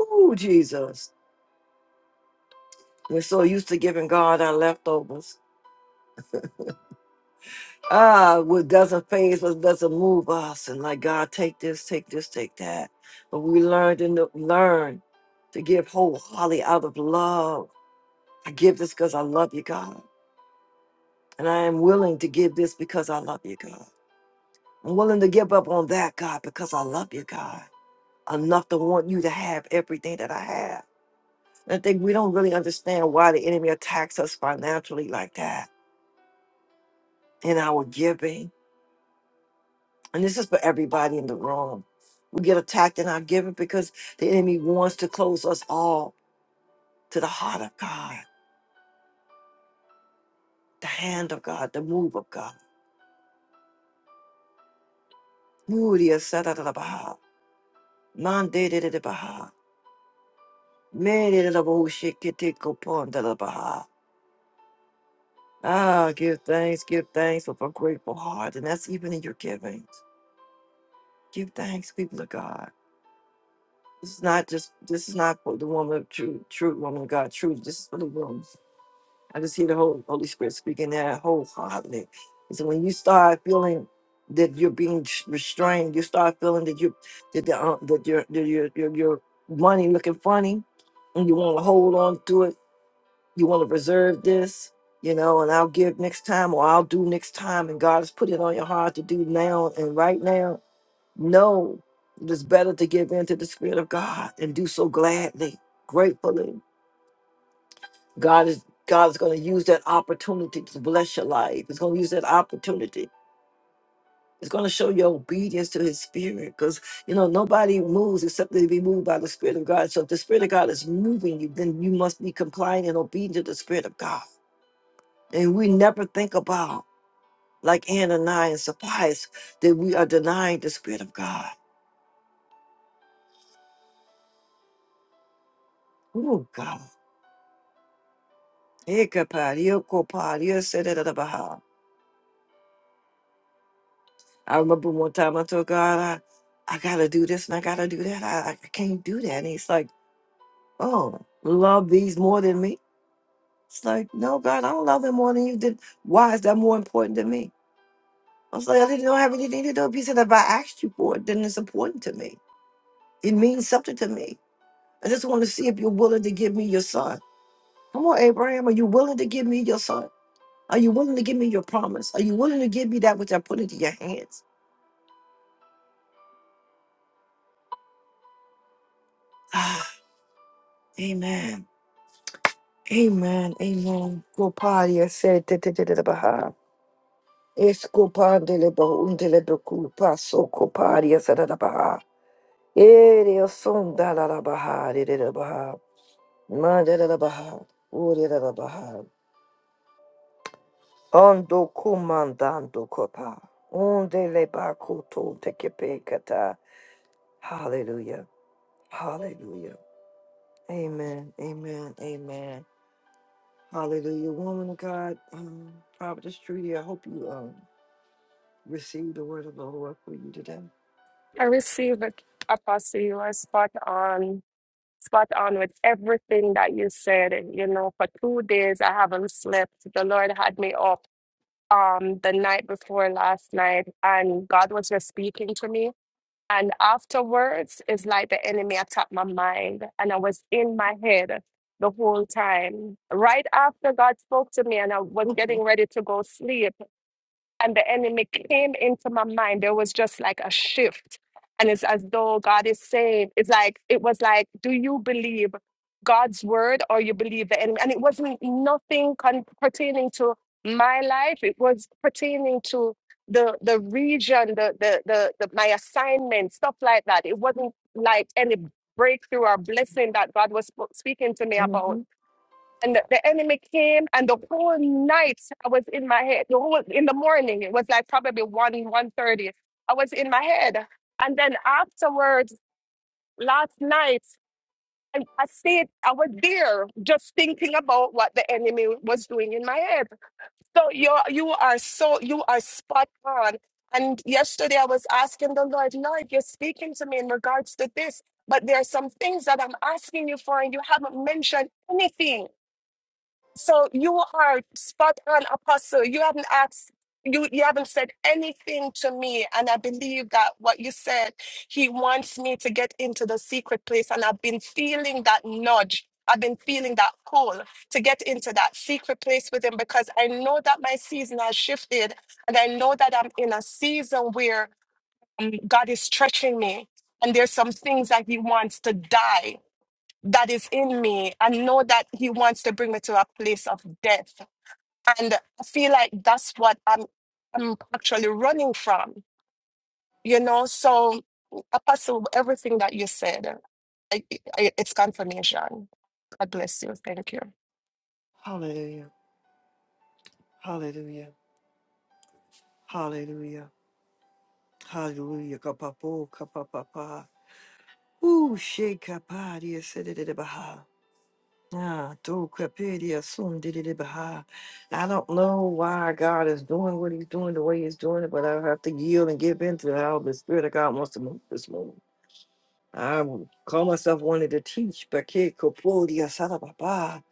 [SPEAKER 1] Ooh, Jesus. We're so used to giving God our leftovers. Ah, what doesn't phase us doesn't move us, and like God, take this, take this, take that. But we learned and learn to give wholeheartedly out of love. I give this because I love you, God, and I am willing to give this because I love you, God. I'm willing to give up on that, God, because I love you, God, enough to want you to have everything that I have. And I think we don't really understand why the enemy attacks us financially like that in our giving and this is for everybody in the room. We get attacked in our giving because the enemy wants to close us all to the heart of God, the hand of God, the move of God. Muria sadadadabaha, mandededadabaha, medededaboshikitikopondadabaha. Ah, give thanks, give thanks with a grateful heart, and that's even in your giving. Give thanks, people of God. This is not just this is not for the woman of truth, true woman of God, truth. This is for the room. I just hear the Holy, Holy Spirit speaking that wholeheartedly. And so when you start feeling that you're being sh- restrained, you start feeling that you that the, uh, that your, your your your your money looking funny, and you want to hold on to it. You want to reserve this, you know, and I'll give next time, or I'll do next time. And God has put it on your heart to do now and right now. No, it is better to give in to the Spirit of God and do so gladly, gratefully God is God is going to use that opportunity to bless your life. It's going to use that opportunity. It's going to show your obedience to His Spirit, because you know nobody moves except they be moved by the Spirit of God. So if the Spirit of God is moving you, then you must be compliant and obedient to the Spirit of God. And we never think about like Ananias and Sapphira that we are denying the Spirit of God. Oh God. Ekapadio, kopadio, sedadadabaha. I remember one time I told God, I, I gotta do this and I gotta do that. I, I can't do that. And he's like, Oh, love these more than me. It's like, no, God, I don't love them more than you did. Why is that more important to me? I was like, I didn't have anything to do. with it." He said, if I asked you for it, then it's important to me. It means something to me. I just want to see if you're willing to give me your son. Come on, Abraham, are you willing to give me your son? Are you willing to give me your promise? Are you willing to give me that which I put into your hands? Amen. Amen. Amen. Gopalia said da da da da da baha. Escopandele boundele becupa so coparia sada da baha. Ere son da la la baha de da baha. Manda da baha. Uri da da baha. Ondo comandando copa. Onde le bacuto te kepekata. Hallelujah. Hallelujah. Amen. Amen. Amen. Hallelujah. Woman of God, um, Providence Trudy, I hope you um receive the word of the Lord for you today?
[SPEAKER 5] I receive it, Apostle. You are spot on. spot on with everything that you said. And, You know, for two days I haven't slept. The Lord had me up um the night before last night and God was just speaking to me. And afterwards, it's like the enemy attacked my mind and I was in my head the whole time. Right after God spoke to me and I was
[SPEAKER 1] *laughs*
[SPEAKER 5] getting ready to go sleep and the enemy came into my mind. There was just like a shift. And it's as though God is saying, it's like, it was like, do you believe God's word or you believe the enemy? And it wasn't nothing con- pertaining to my life. It was pertaining to the the region, the, the the the my assignment, stuff like that. It wasn't like any breakthrough or blessing that God was sp- speaking to me about
[SPEAKER 1] Mhm.
[SPEAKER 5] and the, the enemy came and the whole night i was in my head the whole in the morning it was like probably 1 one thirty. i was in my head and then afterwards last night i, I stayed i was there just thinking about what the enemy was doing in my head so you you are so you are spot on and yesterday i was asking the lord lord you're speaking to me in regards to this but there are some things that i'm asking you for and you haven't mentioned anything so you are spot on, Apostle. You haven't asked, you, you haven't said anything to me. And I believe that what you said, he wants me to get into the secret place. And I've been feeling that nudge. I've been feeling that pull to get into that secret place with him because I know that my season has shifted. And I know that I'm in a season where um, God is stretching me. And there's some things that he wants to die that is in me and know that he wants to bring me to a place of death and i feel like that's what i'm i'm actually running from you know so apostle everything that you said I, I, it's confirmation god bless you thank you
[SPEAKER 1] Hallelujah. Hallelujah. Hallelujah. Hallelujah. Kapapa, kapapa. Ooh, shake up, ah, said it, it, it, bah. Ah, do kapiri asum dididi baha. I don't know why God is doing what he's doing the way he's doing it, but I have to yield and give in to how the Spirit of God wants to move this morning. I call myself wanted to teach, but kid kapuri asada baba.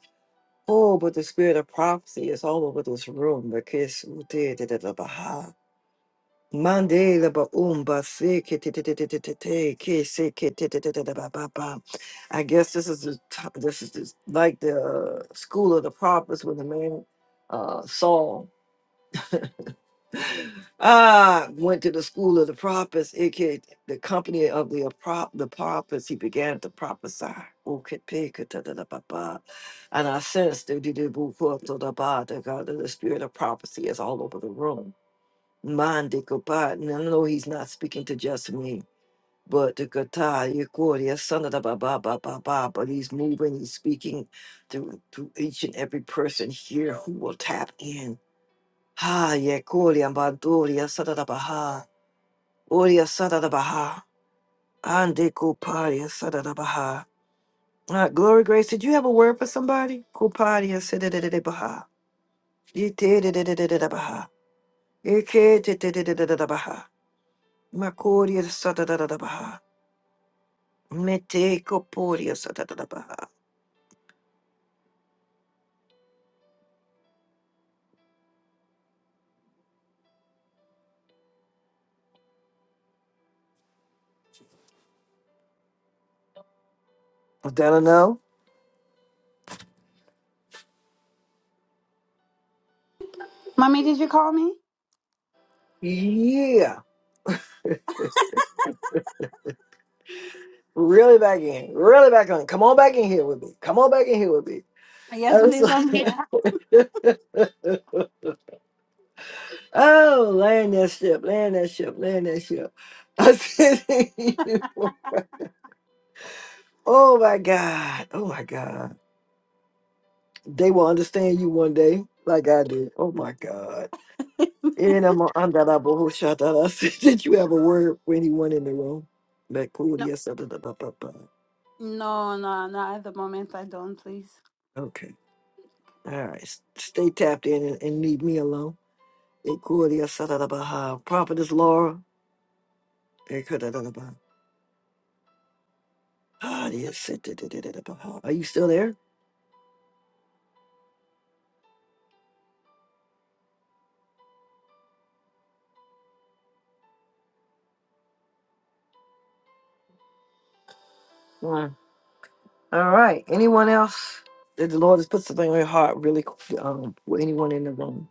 [SPEAKER 1] Oh, but the spirit of prophecy is all over this room. But kiss baha. Mande la ba umba se ke te te te te te te te ke se ke te te te te te ba ba ba. I guess this is the top, this is just like the uh, school of the prophets when the man uh, Saul ah went to the school of the prophets. It ke- the company of the prop the prophets. He began to prophesy. O ke pe ke te te te ba ba. And I sense that the the the spirit of prophecy is all over the room Mande Kopa, and I know he's not speaking to just me, but the Kata, Yekoria, son of the Baba, Baba, Baba, but he's moving, he's speaking to, to each and every person here who will tap in. Ha, Yekoria, Bandoria, son of the Baha, Oria, son of the Baha, Ande Koparia, son of the Baha. Uh, Glory Grace, did you have a word for somebody? Koparia, son of the Baha. Yete, de- de- de- de- de- de- Baha. Yeke, de- de- de- de- de- de- de- Baha. Makoria, son of the Baha. Mete coporia satatabaha. Delano?
[SPEAKER 4] Mommy, did you call me?
[SPEAKER 1] Yeah. *laughs* really back in. Really back on. Come on back in here with me. Come on back in here with me. *laughs* I
[SPEAKER 4] Yes,
[SPEAKER 1] was
[SPEAKER 4] please. I'm
[SPEAKER 1] like,
[SPEAKER 4] here.
[SPEAKER 1] *laughs* oh, land that ship, land that ship, land that ship. I said, *laughs* oh my God. Oh my God. They will understand you one day, like I do. Oh my God. And I'm under the bullshit that I said. *laughs* Did you have a word for anyone in the room? That cool,
[SPEAKER 4] No,
[SPEAKER 1] yes, da, da, da, ba, ba, ba.
[SPEAKER 4] no, no, not at the moment. I don't, please.
[SPEAKER 1] Okay. All right. S- Stay tapped in and, and leave me alone. It cool, yes, da, da, da, ba, ha. Prophetess Laura. It could, da, da, da, ba. Ah, yes, da, da, da, da, da, ba, ha. Are you still there? All right. Anyone else? Did The Lord has put something on your heart, really. qu- Um, with anyone in the room,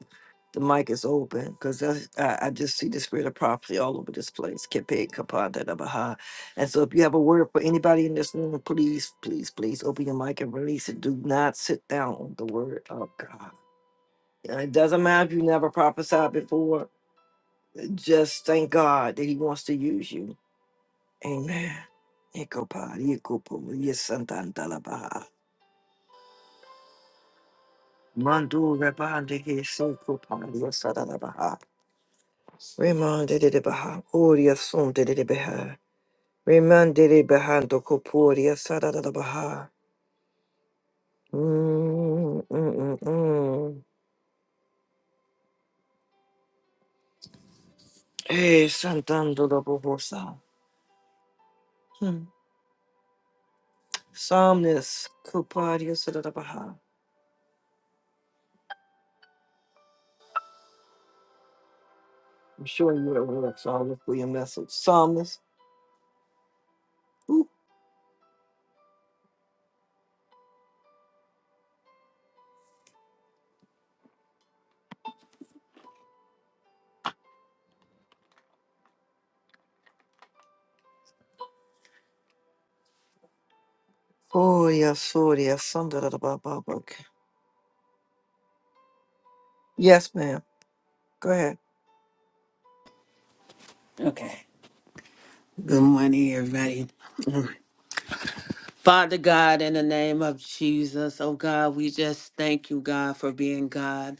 [SPEAKER 1] the mic is open because I, I just see the spirit of prophecy all over this place. Kepe, kapa, da, baha. And so, if you have a word for anybody in this room, please, please, please open your mic and release it. Do not sit down on the word of God. And It doesn't matter if you never prophesied before. Just thank God that He wants to use you. Amen. Ekopa, yekopo, yesantantalabaha. Mandu Rabande Soko Pandia Sadanabaha. Remande de Baha Uria Sum de Beha. Remande de Behando Copuria Sadanabaha. Hey, Santando da Bohosa. Hmm. Psalmist Copadia Sadanabaha. I'm sure you are aware of Psalmist for your message. Psalmist. Ooh. Oh, yes, oh, yes, Sandra da Baba. Okay. Yes, ma'am. Go ahead.
[SPEAKER 6] Okay. Good morning, everybody. Father God, in the name of Jesus, oh God, we just thank you, God, for being God.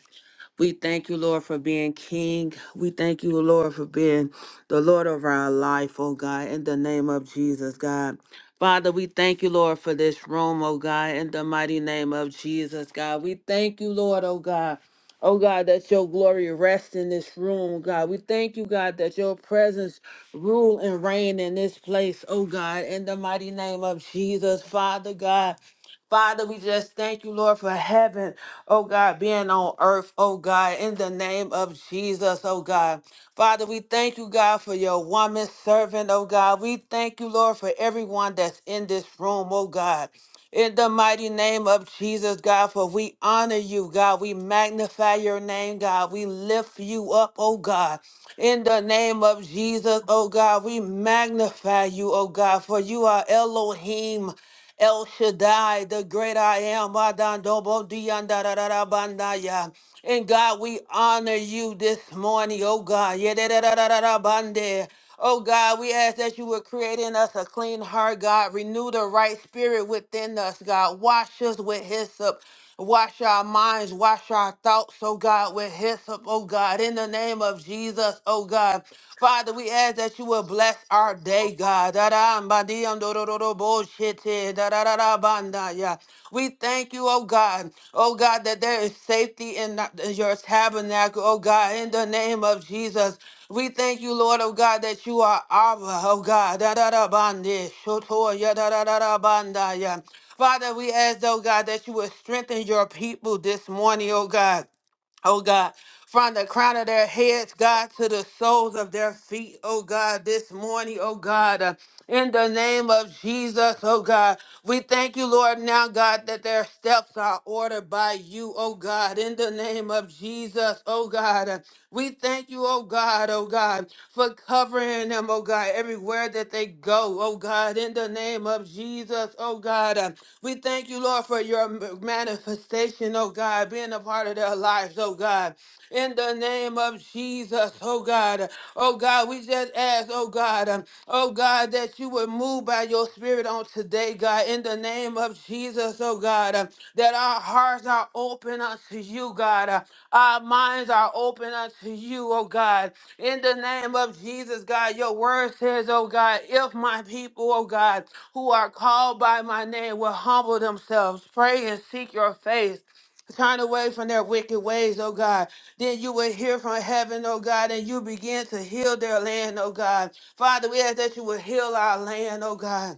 [SPEAKER 6] We thank you, Lord, for being King. We thank you, Lord, for being the Lord of our life, oh God, in the name of Jesus, God. Father, we thank you, Lord, for this room, oh God, in the mighty name of Jesus, God. We thank you, Lord, oh God. Oh God, that your glory rests in this room, oh God. We thank you, God, that your presence rule and reign in this place, oh God, in the mighty name of Jesus, Father God. Father, we just thank you, Lord, for heaven, oh God, being on earth, oh God, in the name of Jesus, oh God. Father, we thank you, God, for your woman servant, oh God. We thank you, Lord, for everyone that's in this room, oh God. In the mighty name of Jesus, God, for we honor you, God. We magnify your name, God. We lift you up, oh God. In the name of Jesus, oh God, we magnify you, oh God, for you are Elohim. El Shaddai, the great I am. Adandobo diandarararabandaya. And God, we honor you this morning, oh God. Yedadadadadabande. Oh God, we ask that you would create in us a clean heart, God. Renew the right spirit within us, God. Wash us with hyssop. Wash our minds, wash our thoughts, oh God, with hyssop, oh God, in the name of Jesus, oh God. Father, we ask that you will bless our day, God badi andororo boshete dararara bandaya. We thank you, oh God. Oh God, that there is safety in your tabernacle, oh God, in the name of Jesus. We thank you, Lord, oh God, that you are Abba, oh God. Da-da-da-bandi, shotoya, da-da-da-da-bandaya. Father, we ask, oh God, that you would strengthen your people this morning, oh God. Oh God, from the crown of their heads, God, to the soles of their feet, oh God, this morning, oh God, uh, in the name of Jesus, oh God, we thank you, Lord, now, God, that their steps are ordered by you, oh God, in the name of Jesus, oh God. Uh, we thank you, oh God, oh God, for covering them, oh God, everywhere that they go, oh God, in the name of Jesus, oh God. uh, we thank you, Lord, for your m- manifestation, oh God, being a part of their lives, oh God. In the name of Jesus, oh God. Oh God, we just ask, oh God, um, oh God, that you would move by your spirit on today, God. In the name of Jesus, oh God, um, that our hearts are open unto you, God. Uh, our minds are open unto you, oh God. In the name of Jesus, God, your word says, oh God, if my people, oh God, who are called by my name will humble themselves, pray and seek your face. Turn away from their wicked ways, oh God. Then you will hear from heaven, oh God, and you begin to heal their land, oh God. Father, we ask that you will heal our land, oh God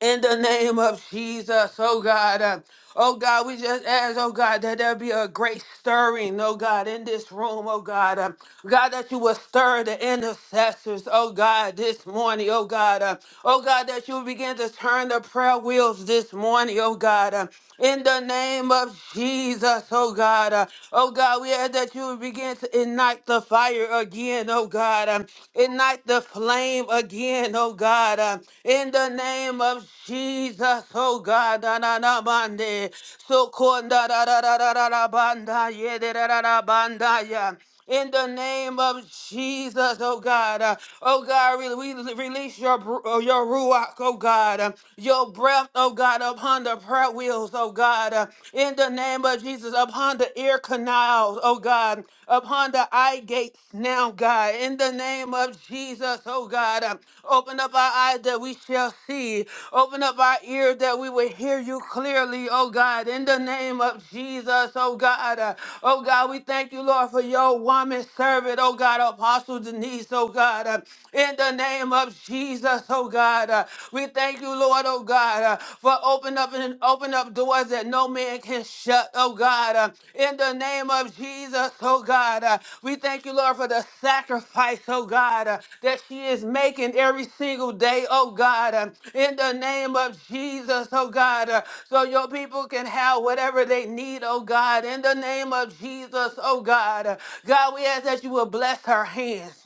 [SPEAKER 6] in the name of Jesus, oh God. Uh, oh God, we just ask, oh God, that there be a great stirring, oh God, in this room, oh God. Uh, God, that you will stir the intercessors, oh God, this morning, oh God. Uh, oh God, that you will begin to turn the prayer wheels this morning, oh God. Uh, in the name of Jesus, oh God. Uh, oh God, we ask that you will begin to ignite the fire again, oh God. um, Ignite the flame again, oh God. uh, In the name of Jesus, oh God. da da da bande. So konda da da da da da da da, banda ye da da da da banda ya in the name of Jesus, oh God. Uh, oh God, re- we release your, br- uh, your ruach, oh God. Uh, your breath, oh God, upon the prayer wheels, oh God. Uh, in the name of Jesus, upon the ear canals, oh God. Upon the eye gates now, God. In the name of Jesus, oh God. Uh, open up our eyes that we that we shall see. Open up our ears that we will hear you clearly, oh God, in the name of Jesus, oh God. Uh, oh God, we thank you, Lord, for your woman servant, oh God, Apostle Denise, oh God, uh, in the name of Jesus, oh God. Uh, we thank you, Lord, oh God, uh, for open up and open up doors that no man can shut uh, oh God, uh, in the name of Jesus, oh God. uh, we thank you, Lord, for the sacrifice, oh God, uh, that she is making every single day, oh God, uh, in the name of Jesus, oh God, uh, so your people can have whatever they need, oh God, in the name of Jesus, oh God. uh, God, we ask that you will bless her hands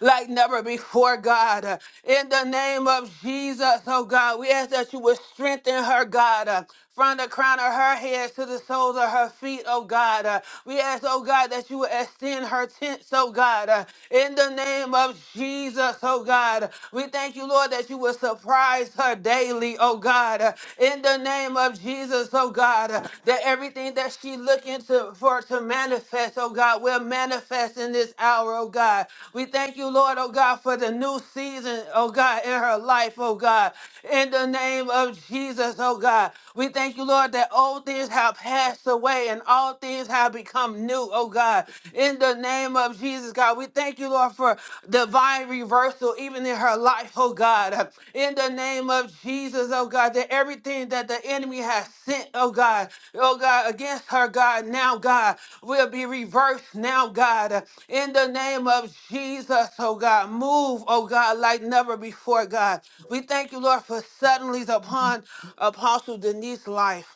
[SPEAKER 6] like never before, God. In the name of Jesus, oh God, we ask that you would strengthen her, God, uh, from the crown of her head to the soles of her feet, oh God. Uh, We ask, oh God, that you would extend her tents, oh God. Uh, In the name of Jesus, oh God. We thank you, Lord, that you would surprise her daily, oh God. Uh, In the name of Jesus, oh God, uh, that everything that she looking to for to manifest, oh God, will manifest in this hour, oh God. We thank you, Lord, oh God, for the new season, oh God, in her life, oh God. In the name of Jesus, oh God. We thank you, Lord, that old things have passed away and all things have become new, oh God. In the name of Jesus, God, we thank you, Lord, for divine reversal even in her life, oh God. In the name of Jesus, oh God, that everything that the enemy has sent, oh God, oh God, against her, God, now, God, will be reversed now, God. In the name of Jesus, oh God, move, oh God, like never before, God. We thank you, Lord, for suddenlies upon Apostle Denise's life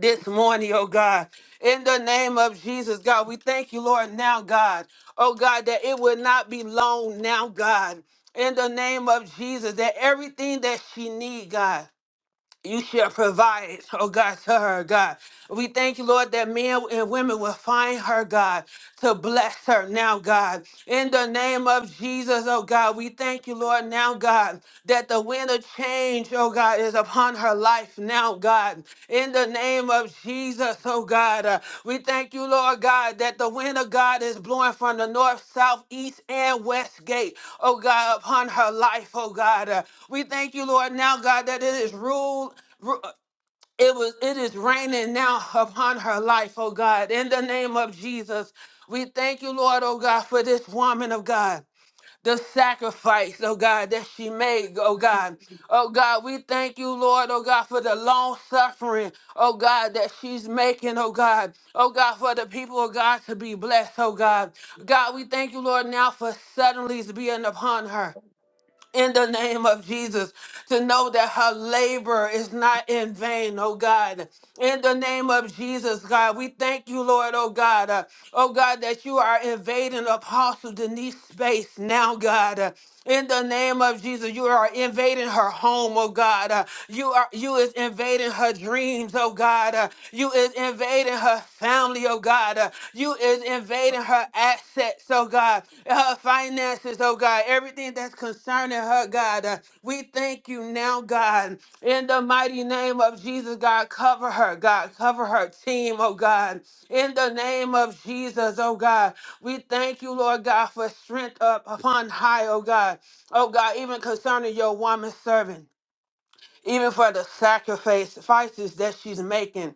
[SPEAKER 6] this morning, oh God. In the name of Jesus, God, we thank you, Lord, now, God. Oh God, that it will not be long now, God. In the name of Jesus, that everything that she need, God. You shall provide, oh God, to her, God. We thank you, Lord, that men and women will find her, God to bless her now, God. In the name of Jesus, oh God, we thank you, Lord, now, God, that the wind of change, oh God, is upon her life now, God. In the name of Jesus, oh God, uh, we thank you, Lord God, that the wind of God is blowing from the north, south, east, and west gate, oh God, upon her life, oh God. Uh, we thank you, Lord, now, God, that it is ruled it was it is raining now upon her life, oh God. In the name of Jesus, we thank you, Lord, oh God, for this woman of God. The sacrifice, oh God, that she made, oh God. Oh God, we thank you, Lord, oh God, for the long suffering, oh God, that she's making, oh God. Oh God, for the people of God to be blessed, oh God. God, we thank you, Lord, now for suddenlies being upon her in the name of Jesus to know that her labor is not in vain, oh God. In the name of Jesus, God, we thank you, Lord, oh God. Uh, oh God, that you are invading Apostle Denise's space now, God. Uh, in the name of Jesus, you are invading her home, oh God. Uh, you are you is invading her dreams, oh God. Uh, you is invading her family, oh God. Uh, you is invading her assets, oh God, her finances, oh God, everything that's concerning her, God. Uh, we thank you now, God. In the mighty name of Jesus, God, cover her, God, cover her team, oh God. In the name of Jesus, oh God, we thank you, Lord God, for strength up upon high, oh God. Oh God, even concerning your woman servant even for the sacrifices that she's making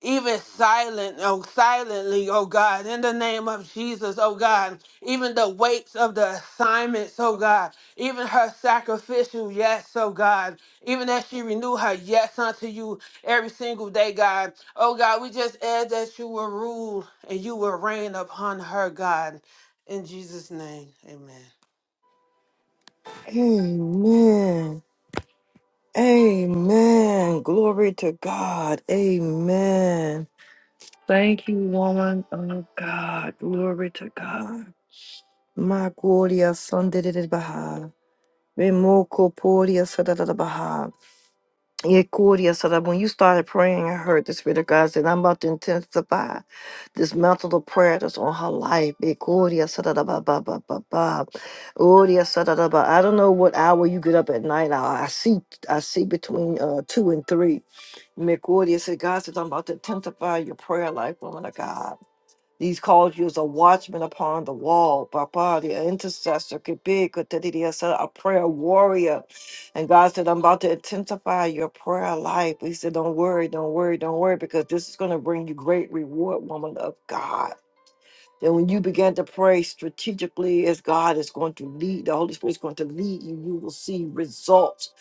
[SPEAKER 6] even silent, oh, silently, oh God, in the name of Jesus, oh God, even the weights of the assignments, oh God, even her sacrificial yes, oh God, even as she renew her yes unto you every single day, God, oh God, we just ask that you will rule and you will reign upon her, God, in Jesus' name, amen.
[SPEAKER 1] Amen. Amen. Glory to God. Amen. Thank you, woman of God. Glory to God. My gloria sanded Baha. Remoko poria sadada Baha. Ye gloria sada. When you started praying, I heard the Spirit of God said, I'm about to intensify this mantle of prayer that's on her life. Ye gloria sadada ba ba ba ba ba. Gloria sadada ba. I don't know what hour you get up at night. I I see I see between uh, two and three. McWoody said, God says, I'm about to intensify your prayer life, woman of God. These calls you as a watchman upon the wall, Papa, the intercessor, could be could that it is a prayer warrior. And God said, I'm about to intensify your prayer life. He said, Don't worry, don't worry, don't worry, because this is going to bring you great reward, woman of God. Then when you begin to pray strategically as God is going to lead, the Holy Spirit is going to lead you, you will see results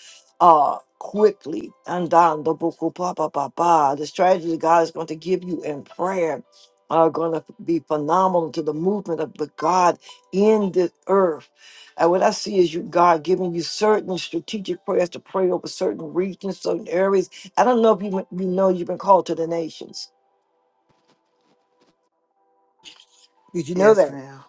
[SPEAKER 1] uh quickly. And down the book of ba ba ba ba. The strategy God is going to give you in prayer are going to be phenomenal to the movement of the God in the earth. And what I see is you God giving you certain strategic prayers to pray over certain regions, certain areas. I don't know if you, you know you've been called to the nations. Did you know
[SPEAKER 6] Yes,
[SPEAKER 1] that?
[SPEAKER 6] ma'am.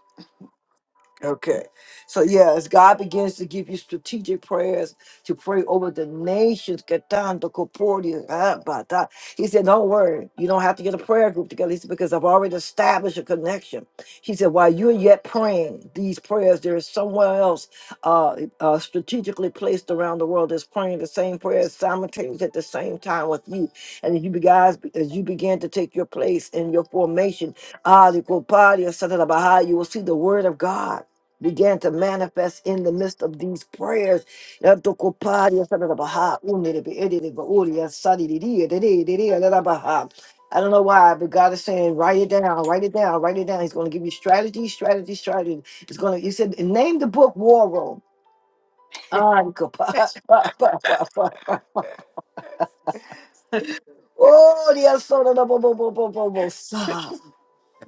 [SPEAKER 1] Okay. So yeah, as God begins to give you strategic prayers to pray over the nations. Katanda, Koporia, ah, Bata. He said, Don't worry, you don't have to get a prayer group together. He said, because I've already established a connection. He said, While you're yet praying these prayers, there is somewhere else uh, uh, strategically placed around the world that's praying the same prayers simultaneously at the same time with you. And as you be- guys, as you begin to take your place in your formation, ah, the Koparia, Satana Baha, you will see the word of God began to manifest in the midst of these prayers. I don't know why, but God is saying, write it down, write it down, write it down. He's going to give you strategy, strategy, strategy. It's going to, he said, name the book War Room. An kapa- *laughs* pa- pa- pa- pa- pa- pa. *laughs* Oh, the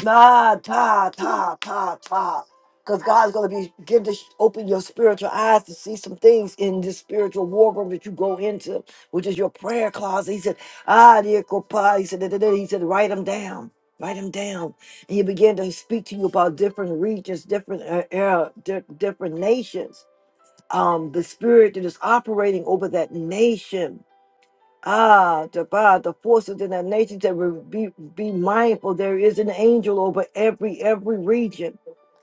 [SPEAKER 1] Nah, ta, ta, ta, ta. Because God's going to be give this open your spiritual eyes to see some things in this spiritual war room that you go into, which is your prayer closet. He said, Ah, dear Kopa. He said, da, da, da. he said, write them down. Write them down. And he began to speak to you about different regions, different uh, era, di- different nations. Um, the spirit that is operating over that nation Ah, to God, the forces in the nations that will be, be mindful. There is an angel over every every region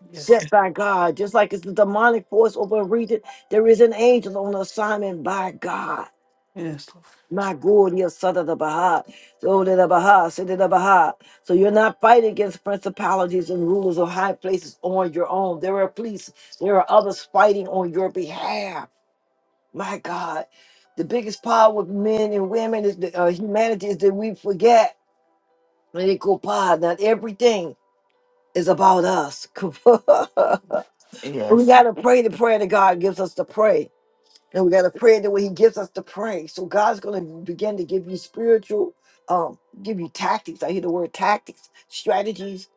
[SPEAKER 6] Yes.
[SPEAKER 1] set by God. Just like it's the demonic force over a region, there is an angel on assignment by God.
[SPEAKER 6] Yes. Lord.
[SPEAKER 1] My God, yes, son of the Baha. So the Baha, son of the Baha. So you're not fighting against principalities and rulers of high places on your own. There are police, there are others fighting on your behalf. My God, the biggest power with men and women is the, uh, humanity is that we forget that it go by. Not everything is about us. *laughs* we gotta pray the prayer that God gives us to pray, and we gotta pray the way He gives us to pray. So God's gonna begin to give you spiritual, um, give you tactics. I hear the word tactics, strategies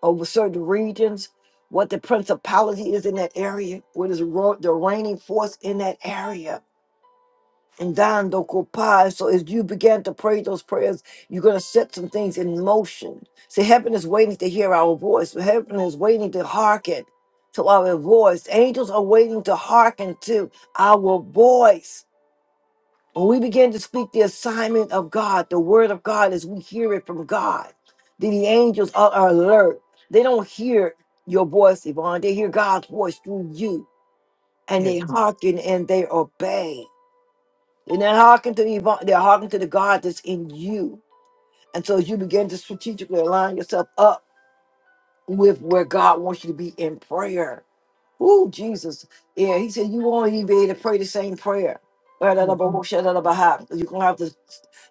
[SPEAKER 1] over certain regions. What the principality is in that area, what is ro- the reigning force in that area and dando kopai. So as you begin to pray those prayers, you're going to set some things in motion. See, heaven is waiting to hear our voice. Heaven is waiting to hearken to our voice. Angels are waiting to hearken to our voice. When we begin to speak the assignment of God, the word of God, as we hear it from God, then the angels are are alert. They don't hear your voice, Yvonne. They hear God's voice through you, and
[SPEAKER 6] Yes.
[SPEAKER 1] they hearken and they obey. They're not hearkening to the evil, they're hearkening to the God that's in you. And so as you begin to strategically align yourself up with where God wants you to be in prayer. Ooh, Jesus. Yeah, he said you won't even be able to pray the same prayer. You're
[SPEAKER 6] Yes.
[SPEAKER 1] going to have to,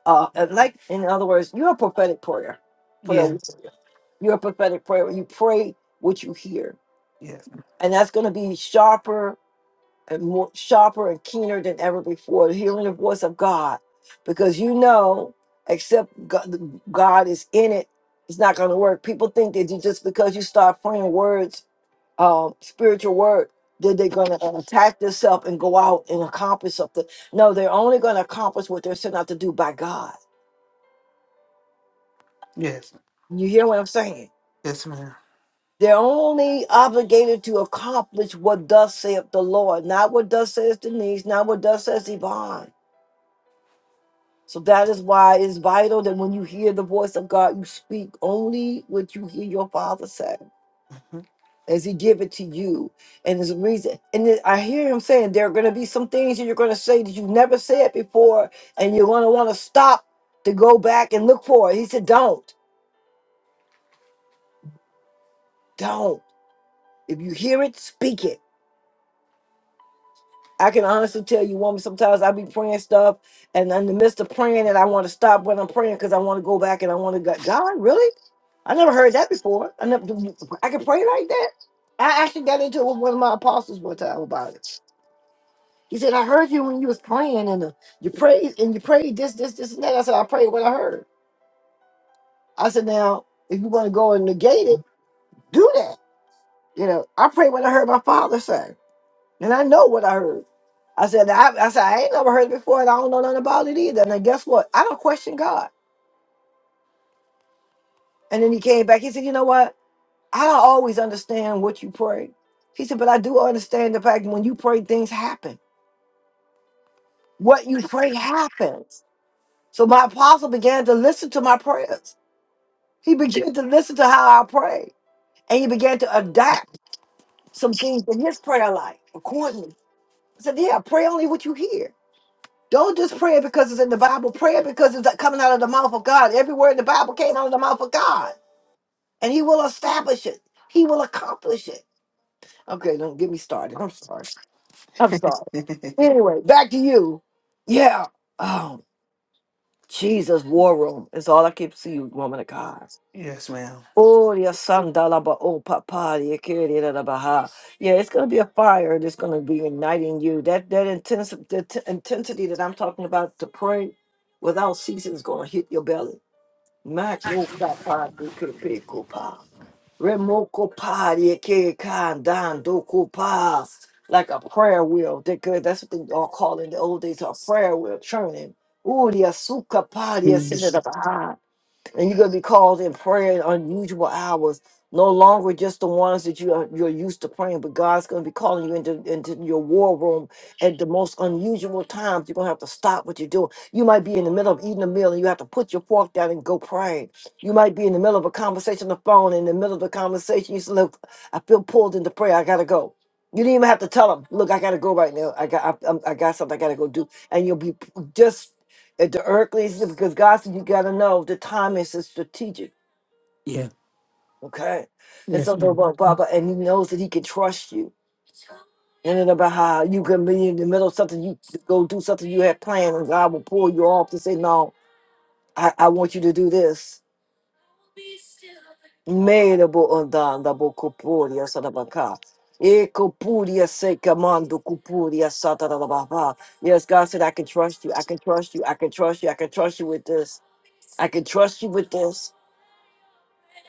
[SPEAKER 1] uh, and like, in other words, you're a prophetic prayer. prayer
[SPEAKER 6] Yeah.
[SPEAKER 1] warrior. You're a prophetic prayer. You pray what you hear.
[SPEAKER 6] Yes.
[SPEAKER 1] And that's going to be sharper and more sharper and keener than ever before, hearing the voice of God, because you know, except God, God is in it, it's not going to work. People think that you just because you start praying words, um, spiritual word, that they're going to attack themselves and go out and accomplish something. No, they're only going to accomplish what they're sent out to do by God.
[SPEAKER 6] Yes.
[SPEAKER 1] You hear what I'm saying?
[SPEAKER 6] Yes, ma'am.
[SPEAKER 1] They're only obligated to accomplish what thus saith the Lord, not what thus says Denise, not what thus says Yvonne So that is why it's vital that when you hear the voice of God, you speak only what you hear your father say as he give it to you. And there's a reason. And then I hear him saying there are going to be some things that you're going to say that you've never said before, and you're going to want to stop to go back and look for it. He said, don't, don't. If you hear it, speak it I can honestly tell you, woman, sometimes I be praying stuff, and in the midst of praying, and I want to stop when I'm praying because I want to go back and I want to go, God, really? I never heard that before. I never, I can pray like that. I actually got into it with one of my apostles one time about it. He said, I heard you when you was praying, and uh, you prayed, and you prayed this, this, this, and that. I said, I prayed what I heard. I said, now, if you want to go and negate it, do that. You know, I prayed what I heard my father say. And I know what I heard. I said, I, I said, I ain't never heard it before, and I don't know nothing about it either. And then guess what? I don't question God. And then he came back. He said, You know what? I don't always understand what you pray. He said, But I do understand the fact when you pray, things happen. What you pray happens. So my apostle began to listen to my prayers. He began to listen to how I pray. And he began to adapt some things in his prayer life accordingly. I said, Yeah, pray only what you hear. Don't just pray it because it's in the Bible. Pray it because it's coming out of the mouth of God. Every word in the Bible came out of the mouth of God. And he will establish it. He will accomplish it. Okay, don't get me started. I'm sorry. I'm sorry.
[SPEAKER 6] *laughs*
[SPEAKER 1] Anyway, back to you. Yeah. Oh, Jesus, war room is all I keep seeing, woman of God.
[SPEAKER 6] Yes, ma'am.
[SPEAKER 1] Oh, your son, Dalaba, oh, Papa, your kid, yeah, da, da, ba, ha. Yeah, it's going to be a fire that's going to be igniting you. That that intense, the t- intensity that I'm talking about to pray without ceasing is going to hit your belly. Max, oh, Papa, you could pick, oh, pa. Remoko pa, your kid, kan, dan, do, ko, pa. Like a prayer wheel. They could, that's what they all call in the old days a prayer wheel churning. Oh, the asuka pa,
[SPEAKER 6] Yes.
[SPEAKER 1] the and you're going to be called in prayer in unusual hours no longer just the ones that you are you're used to praying but god's going to be calling you into, into your war room at the most unusual times you're going to have to stop what you're doing you might be in the middle of eating a meal and you have to put your fork down and go pray you might be in the middle of a conversation on the phone in the middle of the conversation you say look i feel pulled into prayer i gotta go you didn't even have to tell them look i gotta go right now i got I, i got something i gotta go do and you'll be p- just at the earthly because God said you gotta know the time is strategic,
[SPEAKER 6] Yeah.
[SPEAKER 1] okay? And so
[SPEAKER 6] Yes,
[SPEAKER 1] blah
[SPEAKER 6] ma'am.
[SPEAKER 1] blah blah, blah and he knows that he can trust you. And then about how you can be in the middle of something, you go do something you had planned, and God will pull you off to say, No, I, I want you to do this. Medabo andanda bo kopuria sadabaka. E kopuria se kamando kopuria satarababa. Yes, God said, I can trust you. I can trust you. I can trust you. I can trust you with this. I can trust you with this.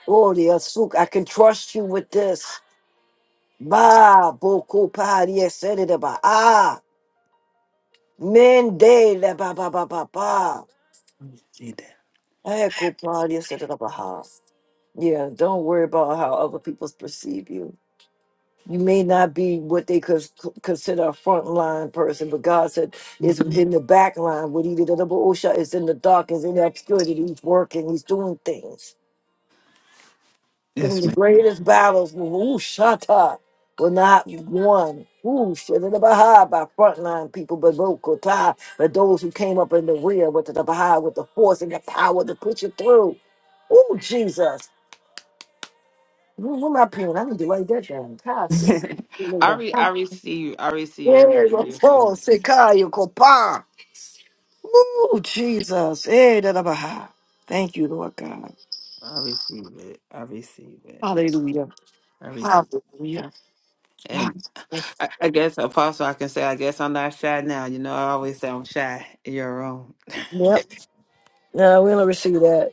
[SPEAKER 1] Gloria, Asuk, I can trust you with this. Ba, boku, pa, dia, said it about. Ah, mende, la, ba, ba, ba, ba, ba.
[SPEAKER 6] Need that.
[SPEAKER 1] Eko, pa, dia, said it about. ha. Yeah, don't worry about how other people perceive you. You may not be what they cons- consider a frontline person, but God said it's in the back line. What he did, the osha, is in the dark, Is in the obscurity. He's working, he's doing things. Some of
[SPEAKER 6] Yes,
[SPEAKER 1] the
[SPEAKER 6] ma'am.
[SPEAKER 1] greatest battles will, ooh, shut up, were not won. Ooh, shit, in the Baha'i by frontline people, but local tie, but those who came up in the rear with the Baha'i, with the force and the power to push it through. Ooh, Jesus. Ooh, where my pen? I need to write that down. Kai said,
[SPEAKER 6] *laughs*
[SPEAKER 1] There's
[SPEAKER 6] I re I receive I receive everything
[SPEAKER 1] a
[SPEAKER 6] you're
[SPEAKER 1] Paul,
[SPEAKER 6] saying.
[SPEAKER 1] Sikayo, Kopa. Ooh, Jesus. eh, that the Baha'i. Thank you, Lord God.
[SPEAKER 6] I receive it. I receive it.
[SPEAKER 1] Hallelujah.
[SPEAKER 6] I receive. it.
[SPEAKER 1] Hallelujah. Wow.
[SPEAKER 6] And I, I guess apostle I can say I guess I'm not shy now. You know, I always say I'm shy in your room.
[SPEAKER 1] Yep. No, we don't receive that.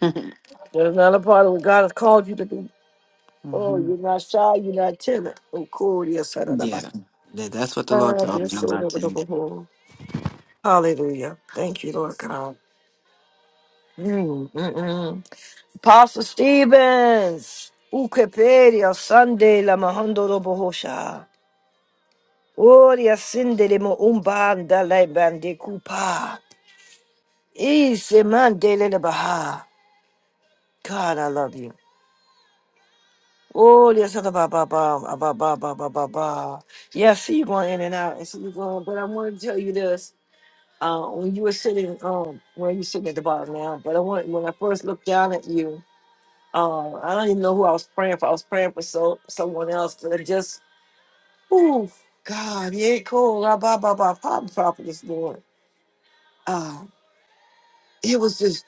[SPEAKER 6] *laughs*
[SPEAKER 1] That's not a part of what God has called you to do. Oh,
[SPEAKER 6] hmm
[SPEAKER 1] you're not shy, you're not timid. Oh, cool, yes, I don't know
[SPEAKER 6] yeah.
[SPEAKER 1] about-
[SPEAKER 6] That, that's what the Lord
[SPEAKER 1] Ah,
[SPEAKER 6] told
[SPEAKER 1] dear
[SPEAKER 6] me. I'm
[SPEAKER 1] soul,
[SPEAKER 6] not
[SPEAKER 1] never
[SPEAKER 6] timid.
[SPEAKER 1] double hole. Hallelujah. Thank you, Lord God. Mm, mm, mm. Apostle Stevens, Ukepedia Sunday La Mahondo Robohosha, Oria Sinde de Mo Umbanda Laiban de Kupa, Ise Mandele Baha. God, I love you. Oh, yes, ba ba ba ba ba ba ba ba ba. ba. Yeah, I see you going in and out, and see you going. But I want to tell you this: uh, when you were sitting, um, where you sitting at the bottom now, but I want when I first looked down at you, uh, I don't even know who I was praying for. I was praying for so someone else, but it just, oh God, yeah, cool, la ba ba ba, pop pop this morning. Uh, it was just,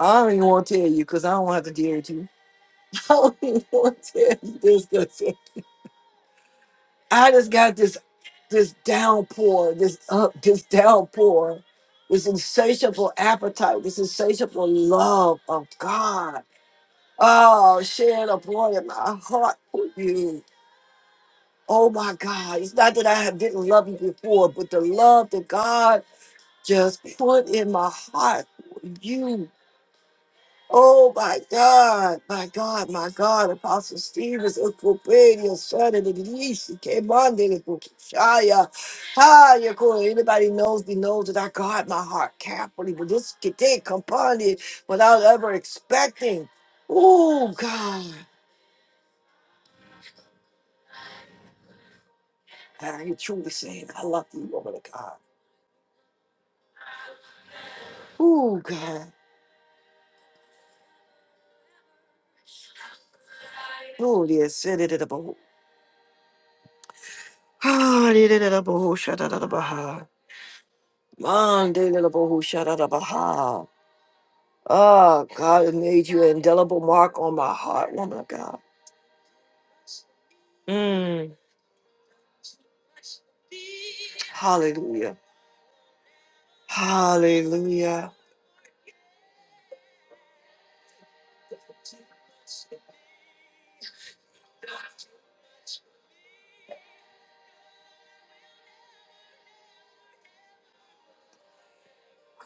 [SPEAKER 1] I don't even want to tell you because I don't have to deal with you. *laughs* I don't even want to tell you this. I just got this this downpour, this uh, this downpour, this insatiable appetite, this insatiable love of God. Oh, shed abroad in my heart for you. Oh my God. It's not that I have- didn't love you before, but the love that God just put in my heart for you. Oh my God, my God, my God, Apostle Stevens, Equipania, Son of the Least, came on the Shaya. Hi, anybody knows me knows that I guard my heart carefully, but this can take company without ever expecting. Oh God, I you truly saying I love you, woman of God. Oh God, oh dear, send it in the boat. Ah, did it in the boat, shut out of the Baha. Monday, little boho, shut out of Baha. Oh, God has made you an indelible mark on my heart, woman of God. Mm. Hallelujah. Hallelujah.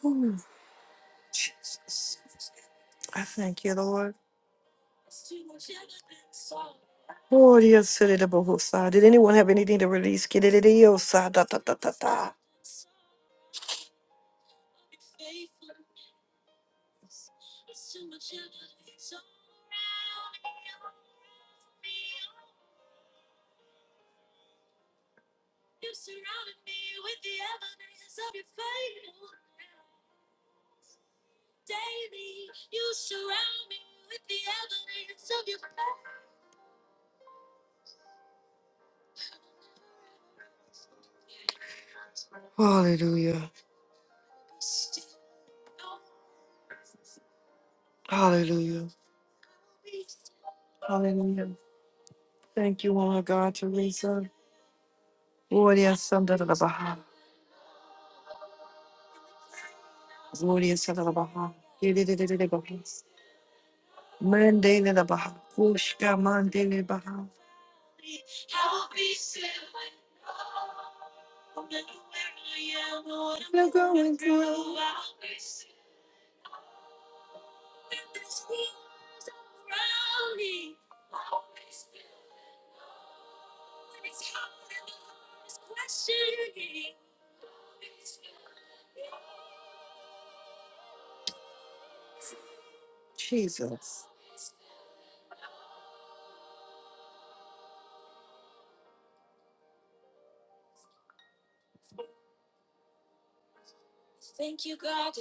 [SPEAKER 1] Whew. I thank you, Lord. Oh, dear city, the Bohosa. Did anyone have anything to release? Get it, it is, uh, da, da, da, da, da. Hallelujah. Thank you, Lord God, Teresa. Gloria Santa de la Baja. Gloria Santa de la Baja. Monday de la Baja. Fushka Monday de Baja. You're going through. Jesus. Oh, oh God.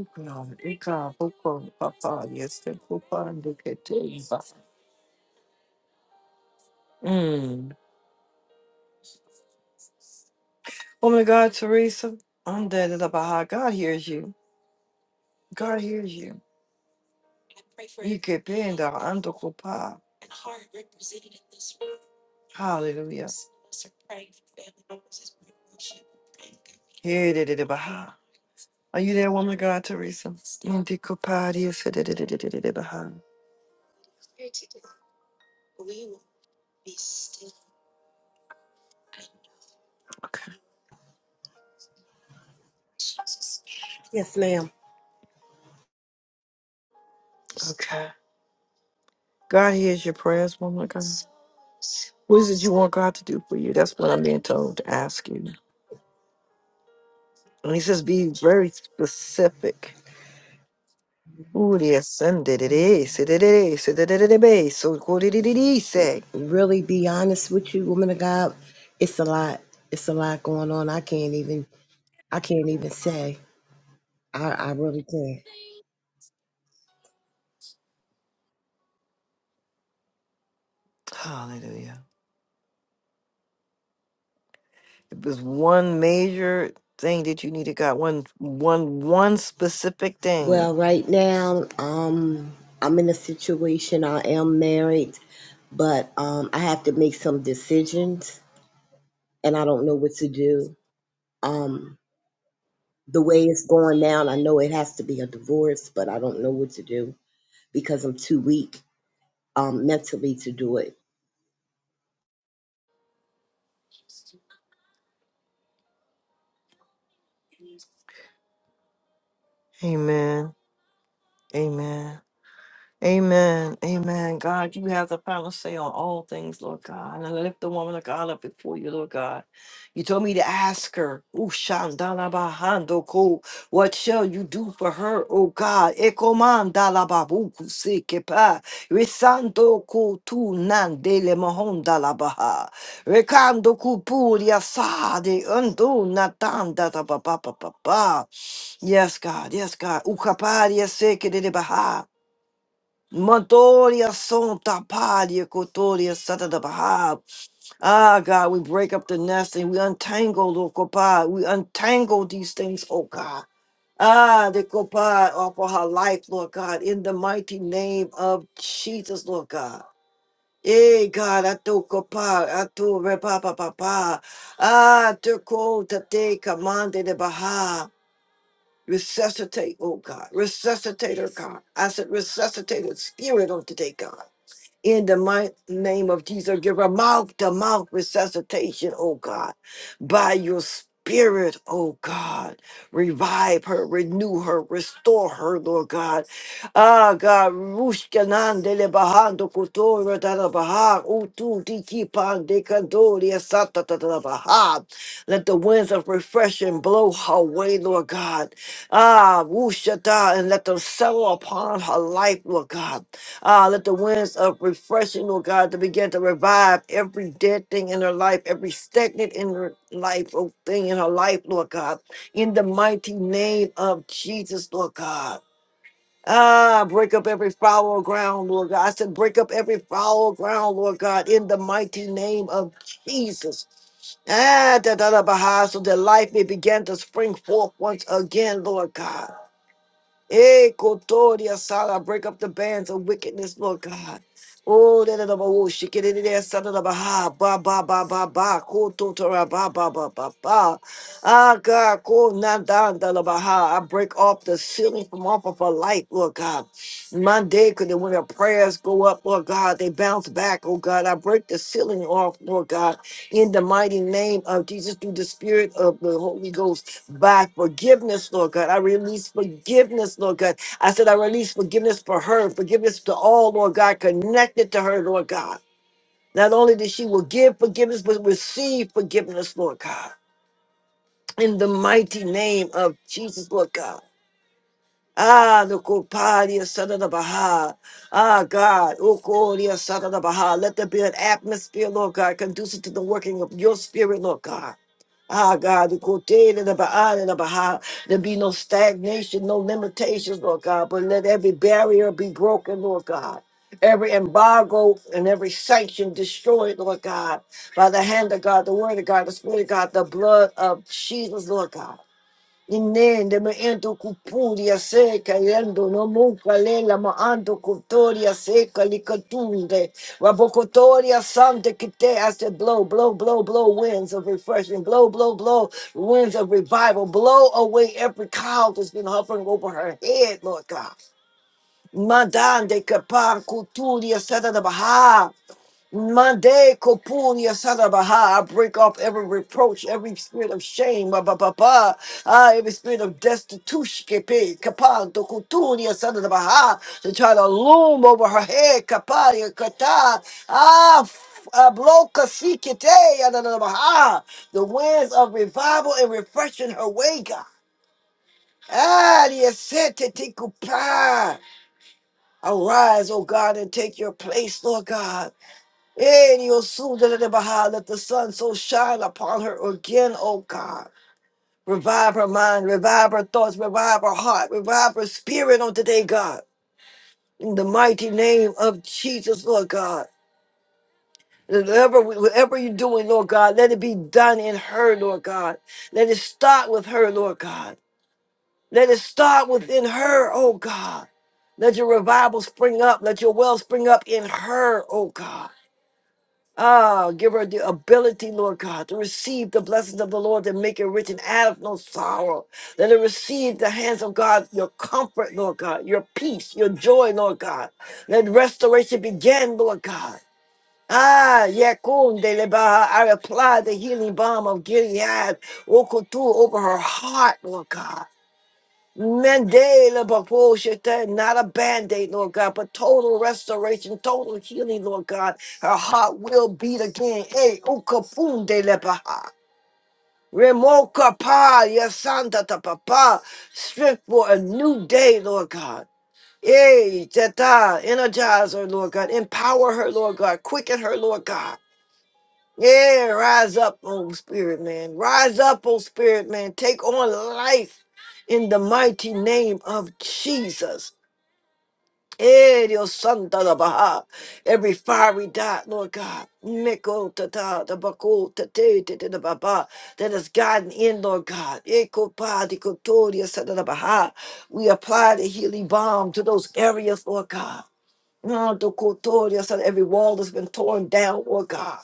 [SPEAKER 1] Oh God. Oh God. Papa. Yes. the Papa. Look at you. Woman of God, Teresa, I'm dead at the Baha. God hears you. God hears you. You could be in the Andokopa. Hallelujah. Here it is, the Baha. Are you there, woman of God, Teresa? Andokopa, yes, it is, it is, it is, it is, Baha. Okay.
[SPEAKER 7] Yes, ma'am.
[SPEAKER 1] Okay. God hears your prayers, woman of God. What is it you want God to do for you? That's what I'm being told to ask you. And he says, be very specific. Uri ascended it is, it is, it is, so called it is. say.
[SPEAKER 7] Really be honest with you, woman of God. It's a lot. It's a lot going on. I can't even I can't even say. I, I really can't.
[SPEAKER 1] Hallelujah. It was one major thing that you needed, God. One, one, one specific thing.
[SPEAKER 7] Well, right now, um, I'm in a situation I am married, but um I have to make some decisions and I don't know what to do. Um the way it's going down, I know it has to be a divorce, but I don't know what to do because I'm too weak um mentally to do it.
[SPEAKER 1] Amen. Amen. Amen. Amen. God, you have the final say on all things, Lord God. And I lift the woman of God up before you, Lord God. You told me to ask her, "Ooh, Shandalabahando, what shall you do for her, O God? Ekomandalababuku sekepa, Risando ko tu nandele mahondalabaha, Rekando kupuria sade, undo natanda da ba ba ba ba ba. Yes, God. Yes, God. Ukaparia seke de baha. Mandoria Santa Padia Cotoria Santa da Baha. Ah, God, we break up the nest and we untangle, Lord Copa. We untangle these things, oh God. Ah, the Copa off of her life, Lord God, in the mighty name of Jesus, Lord God. Eh, God, I do Copa, I do Repapa Papa. Ah, to call Tate Commande de Baha. Resuscitate, oh God. Resuscitate her, God. I said, resuscitate her spirit on today, God. In the mighty name of Jesus, give her mouth to mouth resuscitation, oh God, by your spirit, oh God. Revive her, renew her, restore her, Lord God. Ah, God, rushkanandele bahando kotora dada baha, utu diki pande kandoria sata dada baha. Let the winds of refreshing blow her way, Lord God. Ah, wushata and let them settle upon her life, Lord God. Ah, let the winds of refreshing, Lord God, to begin to revive every dead thing in her life, every stagnant in her life, oh, thing in her life, Lord God, in the mighty name of Jesus, Lord God. Ah, break up every foul ground, Lord God. I said, break up every foul ground, Lord God, in the mighty name of Jesus. Ah, da da da, bah, so that life may begin to spring forth once again, Lord God. Eh, Kotoria Sala, break up the bands of wickedness, Lord God. Oh, da da da ba wo, shake it in there, son of the Baha, ba ba ba ba ba, Kototora ba ba ba ba ba. Ah, God, ko na da da la Baha. I break off the ceiling from off of her life, Lord God. Monday, could when her prayers go up, Lord God, they bounce back, oh God. I break the ceiling off, Lord God, in the mighty name of Jesus through the spirit of the Holy Ghost by forgiveness, Lord God. I release forgiveness, Lord God. I said, I release forgiveness for her, forgiveness to all, Lord God, connected to her, Lord God. Not only that she will give forgiveness, but receive forgiveness, Lord God. In the mighty name of Jesus, Lord God. Ah, the Kopadia Sada the Baha. Ah, God. Okoria Sada the Baha. Let there be an atmosphere, Lord God, conducive to the working of your spirit, Lord God. Ah, God, the Kote and the Baha and the Baha. There be no stagnation, no limitations, Lord God, but let every barrier be broken, Lord God. Every embargo and every sanction destroyed, Lord God, by the hand of God, the word of God, the spirit of God, the blood of Jesus, Lord God. Inende me ento cupuria seca, yendo no muca lela, ma ando cutoria seca, licatunde, wabocotoria sante que te hace blow, blow, blow, blow winds of refreshing, blow, blow, blow winds of revival, blow away every cloud that's been hovering over her head, Lord God. Madame de Capar, Couturia, Sada de Baha. Monday, Kopunya Sadabaha, I break off every reproach, every spirit of shame, ba ba ba ba, ah, every spirit of destitution, kepe, kapan, tokutunya Sadabaha, to try to loom over her head, kapaya, kata, ah, f- ah, bloka sikite, yadadabaha, the winds of revival and refreshing her way, God. Ah, the ascent to Tikupa. Arise, O God, and take your place, Lord God. Eh, yo, su, da, da, da, baha, Let the sun so shine upon her again, oh God. Revive her mind, revive her thoughts, revive her heart, revive her spirit on today, God. In the mighty name of Jesus, Lord God. Whatever, whatever you're doing, Lord God, let it be done in her, Lord God. Let it start with her, Lord God. Let it start within her, oh God. Let your revival spring up. Let your well spring up in her, oh God. Ah, give her the ability, Lord God, to receive the blessings of the Lord and make it rich and add of no sorrow. Let her receive the hands of God, your comfort, Lord God, your peace, your joy, Lord God. Let restoration begin, Lord God. Ah, Yakun de Lebaha, I apply the healing balm of Gilead, Okutu, over her heart, Lord God. Mandela Baboshita, not a band-aid, Lord God, but total restoration, total healing, Lord God. Her heart will beat again. Hey, Ukafunde Lebaha. Remoka Pa, Yasanda Papa. Strength for a new day, Lord God. Hey, teta, energize her, Lord God. Empower her, Lord God. Quicken her, Lord God. Yeah, rise up, oh spirit man. Rise up, oh spirit man. Take on life in the mighty name of Jesus. Eh, Dios santo de Baja. Every fiery dot, Lord God, Miko tata, the bako tate tete de baba, that has gotten in, Lord God. Eko pa di kotoria sada de Baha. We apply the healing balm to those areas, Lord God. Andokotoria, son, Every wall that has been torn down, Lord God.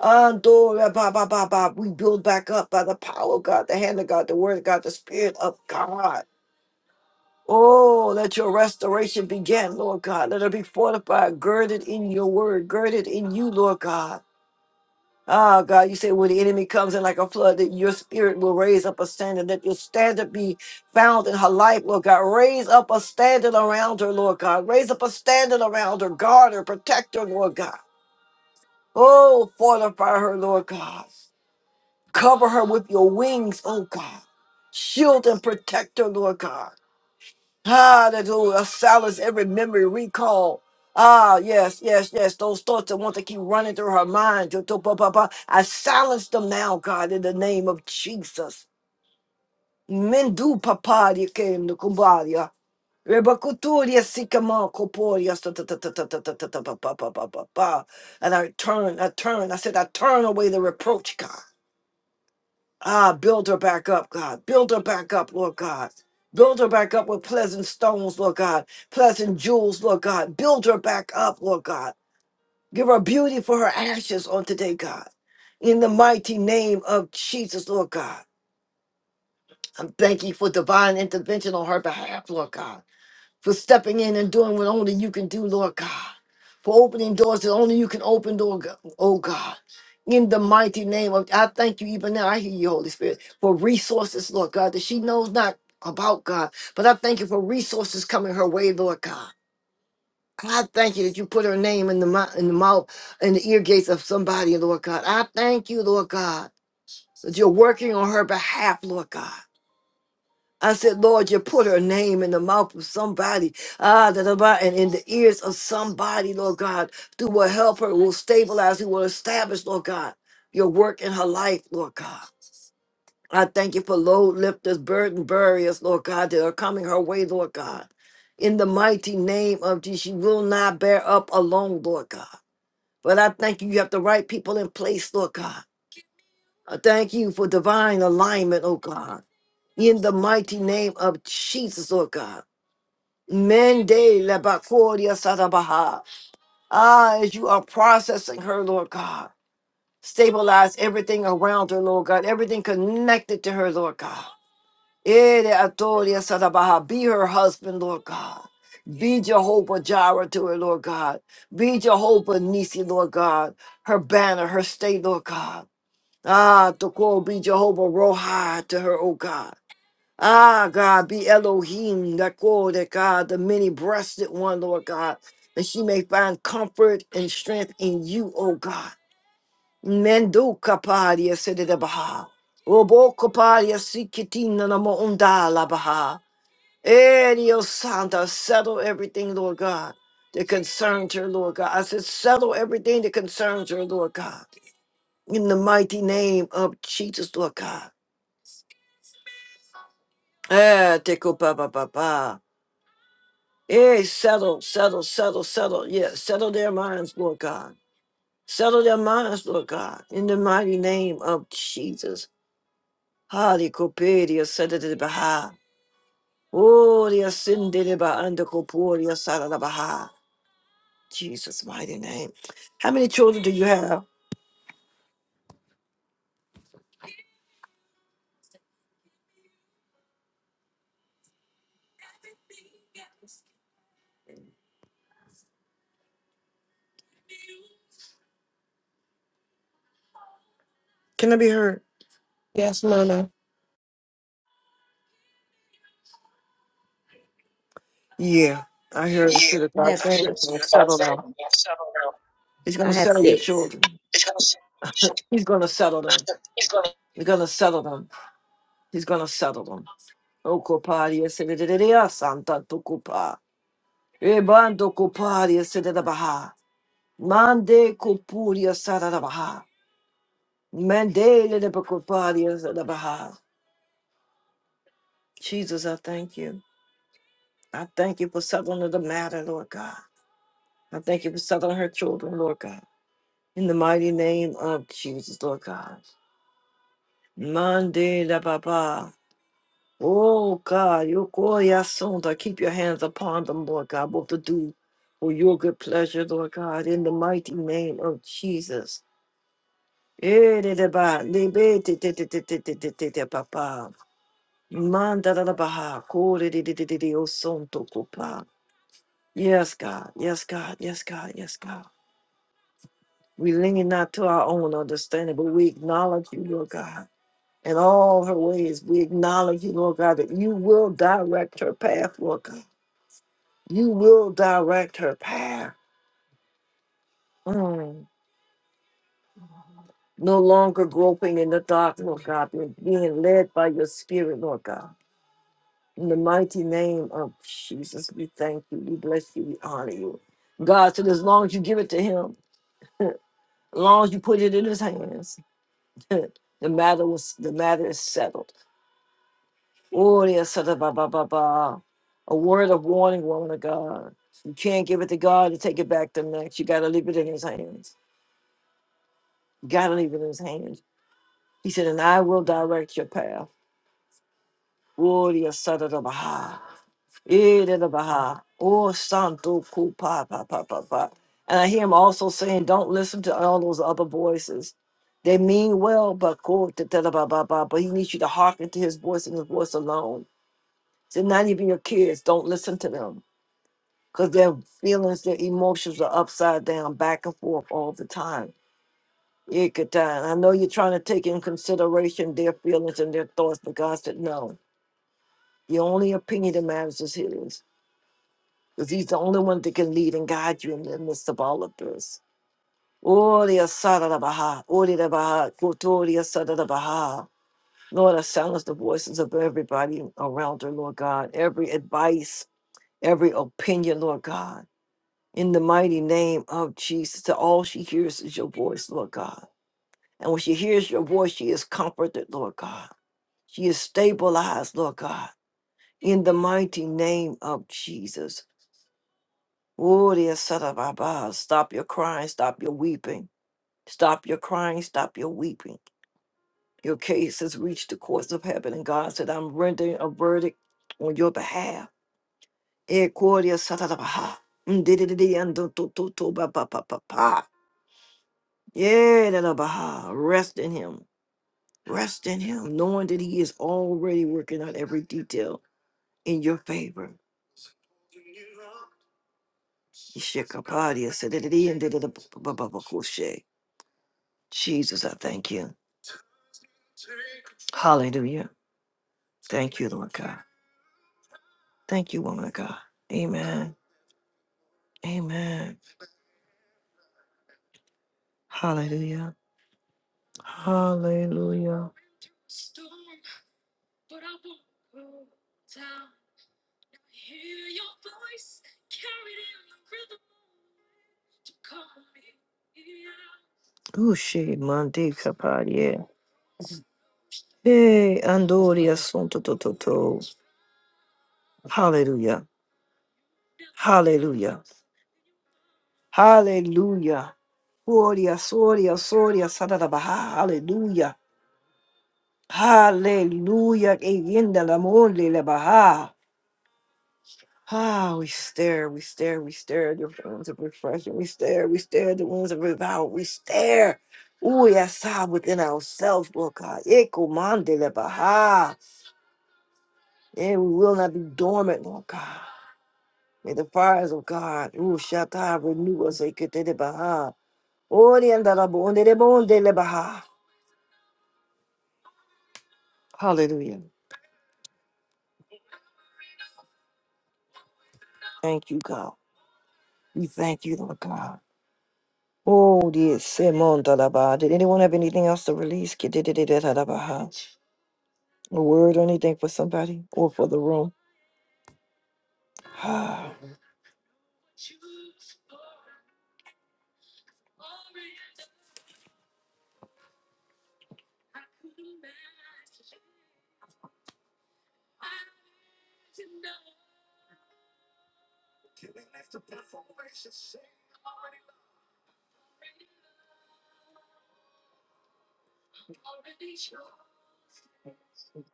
[SPEAKER 1] Andora, ba, ba, ba, ba. We build back up by the power of God, the hand of God, the word of God, the spirit of God. Oh, let your restoration begin, Lord God. Let it be fortified, girded in your word, girded in you, Lord God. Ah, God, you say when the enemy comes in like a flood, that your spirit will raise up a standard, that your standard be found in her life, Lord God. Raise up a standard around her, Lord God. Raise up a standard around her. Guard her, protect her, Lord God. Oh, fortify her, Lord God. Cover her with your wings, oh God. Shield and protect her, Lord God. Hallelujah. Silence every memory recall. Ah, yes, yes, yes. Those thoughts that want to keep running through her mind. to- to- pa- pa- pa. I silence them now, God, in the name of Jesus. Mendu papari kem no kubaria. Rebakuturia sikama koporia. Ta ta- ta- ta- ta- ta- ta- ta- ta- pa- pa- pa- pa- pa- pa. And I turn, I turn. I said, I turn away the reproach, God. Ah, build her back up, God. Build her back up, Lord God. Build her back up with pleasant stones, Lord God. Pleasant jewels, Lord God. Build her back up, Lord God. Give her beauty for her ashes on today, God. In the mighty name of Jesus, Lord God. I'm thanking you for divine intervention on her behalf, Lord God for stepping in and doing what only you can do, Lord God. For opening doors that only you can open, Lord God. Oh God. In the mighty name of I thank you even now. I hear you, Holy Spirit, for resources, Lord God, that she knows not about God. But I thank you for resources coming her way, Lord God. I thank you that you put her name in the mouth in the mouth in the ear gates of somebody, Lord God. I thank you, Lord God, that you're working on her behalf, Lord God. I said, Lord, you put her name in the mouth of somebody, ah, da, da, ba, and in the ears of somebody, Lord God, who will help her, who will stabilize, who will establish, Lord God, your work in her life, Lord God. I thank you for load lifters, burden buriers, Lord God, that are coming her way, Lord God. In the mighty name of Jesus, she will not bear up alone, Lord God. But I thank you, you have the right people in place, Lord God. I thank you for divine alignment, oh God. In the mighty name of Jesus, Lord God. Mende lebakoria sadabaha. Ah, as you are processing her, Lord God, stabilize everything around her, Lord God, everything connected to her, Lord God. Ere atoria sadabaha. Be her husband, Lord God. Be Jehovah Jireh to her, Lord God. Be Jehovah Nisi, Lord God. Her banner, her state, Lord God. Ah, to call be Jehovah Rohi to her, oh God. Ah, God, be Elohim, that glory, God, the many breasted one, Lord God, that she may find comfort and strength in you, oh God. Mendo kapadia sedede baha. Robo kapadia sikitina namo undala baha. Eh, Dios Santa, settle everything, Lord God, that concerns her, Lord God. I said, settle everything that concerns her, Lord God. In the mighty name of Jesus, Lord God. Eh, teko ba ba ba ba. Hey, settle, settle, settle, settle. Yeah, settle their minds, Lord God. Settle their minds, Lord God, in the mighty name of Jesus. Hali koperia sedede baha. Oria sindede ba anda koporia sarada baha. Jesus' mighty name. How many children do you have? Can I be heard?
[SPEAKER 8] Yes, Mother.
[SPEAKER 1] Yeah, I heard the
[SPEAKER 7] Yeah.
[SPEAKER 1] Spirit of
[SPEAKER 7] I
[SPEAKER 1] God
[SPEAKER 7] have I kids.
[SPEAKER 1] saying he's going to
[SPEAKER 7] understand about
[SPEAKER 1] settle them.
[SPEAKER 7] that.
[SPEAKER 1] He's going
[SPEAKER 7] I
[SPEAKER 1] to
[SPEAKER 7] have
[SPEAKER 1] settle your
[SPEAKER 7] six.
[SPEAKER 1] children. He's going to settle them. He's going to settle them. He's going to settle them. Okopadia Sedidea Santa Tucupa. Ebando Copadia Sedabaha. Mande Copuria Sadadabaha. Mandele de Copadia Sadabaha. Jesus, I thank you. I thank you for settling the matter, Lord God. I thank you for settling her children, Lord God. In the mighty name of Jesus, Lord God. Mande la Baba. Oh God, your glory asunda. Keep your hands upon them, Lord God, both to do for your good pleasure, Lord God, in the mighty name of Jesus. Eh, de- de- ba, de- be- de- de- de- de- de- de- de- de- de- ba- ba. Manda da- da- ba, ha. ko- de- de- de- de- de- de- o son to ko- pa. Yes, God, yes, God, yes, God, yes, God. We lean not to our own understanding, but we acknowledge you, Lord God. In all her ways, we acknowledge you, Lord God, that you will direct her path, Lord God. You will direct her path. Mm. No longer groping in the dark, Lord God, but being led by your spirit, Lord God. In the mighty name of Jesus, we thank you, we bless you, we honor you. God said, as long as you give it to him, as long as you put it in his hands, *laughs* the matter was the matter is settled. Oh, yes, ba ba ba ba. A word of warning, woman of God. You can't give it to God and take it back to next. You gotta leave it in his hands. You gotta leave it in his hands. He said, and I will direct your path. Gloria Sada da Baha. Eh, da da Baha. Oh, Santo Kupa, pa, pa, pa, pa. And I hear him also saying, don't listen to all those other voices. They mean well, but go da da da ba ba ba. But he needs you to hearken to his voice and his voice alone. So not even your kids, don't listen to them. Because their feelings, their emotions are upside down, back and forth all the time. Ikatai. And I know you're trying to take in consideration their feelings and their thoughts, but God said no. The only opinion that matters is his, because he's the only one that can lead and guide you in the midst of all of this. Ori asara baha, ori baha, kotori asara baha. Lord, I silence the voices of everybody around her, Lord God, every advice, every opinion, Lord God. In the mighty name of Jesus, that all she hears is your voice, Lord God. And when she hears your voice, she is comforted, Lord God. She is stabilized, Lord God in the mighty name of Jesus. Oh, dear son of my God, Stop your crying, stop your weeping. Stop your crying, stop your weeping. Your case has reached the courts of heaven, and God said, I'm rendering a verdict on your behalf. Eh, Cordia Satadabaha. Mdidididi andotototo ba ba ba ba ba. Yeah, dadabaha. Rest in Him. Rest in Him, knowing that He is already working out every detail in your favor. Ishikapadia, sa- di di di- and Dididabababakoshe. Jesus, I thank you. Hallelujah. Thank you, Lord God. Thank you, woman of God. Amen. Amen. Hallelujah. Hallelujah. Ushi mandi kapadia. Hey, andoria son to to to to. Hallelujah. Hallelujah. Hallelujah. Gloria, gloria, gloria, Sadada Baha, hallelujah, hallelujah, Eyenda la monde la Baha. Ah, we stare, we stare, we stare at the winds of refreshing, we stare, we stare at the winds of revival, we stare. Oh, yes, ah, within ourselves, Lord God. Echo, mande la Baha. And we will not be dormant, Lord God. May the fires of God, ooh, Shatta, renew us, Ekete de Baha. Orienda la bonde la bonde la Baha. Hallelujah. Thank you, God. We thank you, Lord God. Oh, dear Simon Dalaba. Did anyone have anything else to release? Kidididididadabaha. A word or anything for somebody or for the room? *sighs* Ah,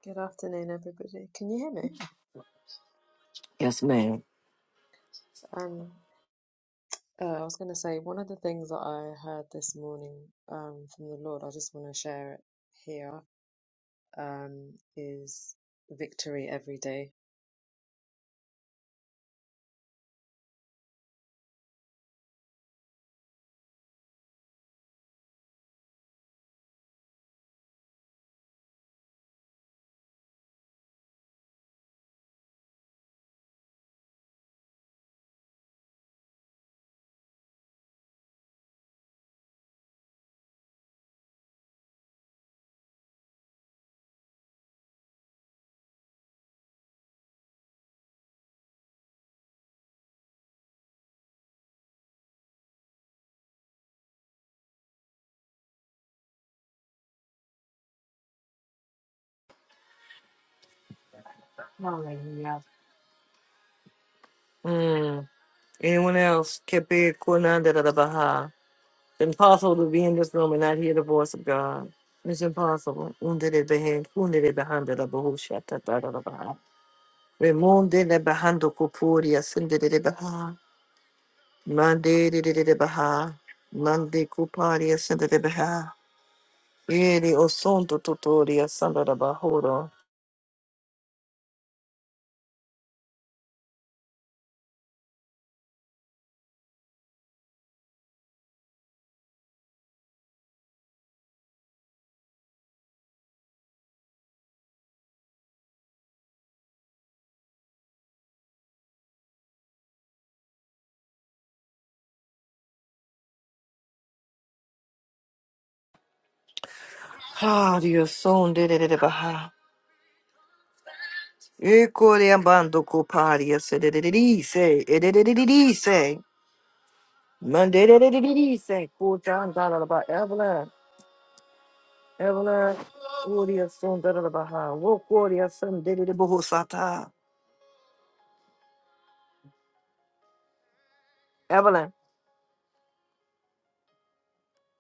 [SPEAKER 9] Good afternoon, everybody. Can you hear me?
[SPEAKER 1] yes, ma'am.
[SPEAKER 9] Um, uh, I was going to say one of the things that I heard this morning um, from the Lord, I just want to share it here, um, is victory every day.
[SPEAKER 1] Hallelujah. Mm. Anyone else? Kepe kunandadadabaha. It's impossible to be in this room and not hear the voice of God. It's impossible. Undididibehe- undididibehandadabahu shatatadadabaha. Remundidibahando kupuria sindididibaha. Mande de de de de baha. Mande kupari asanda de baha. Yeri osonto totori asanda de bahoro. Hari oson de de de de baha. Ekore ambando kupari asanda de de de se. E de de de de de se. Mande de de de de de se. Kutan da da ba Evelyn. Evelyn. Ori asanda da da baha. Wokori asanda de de de bohosata.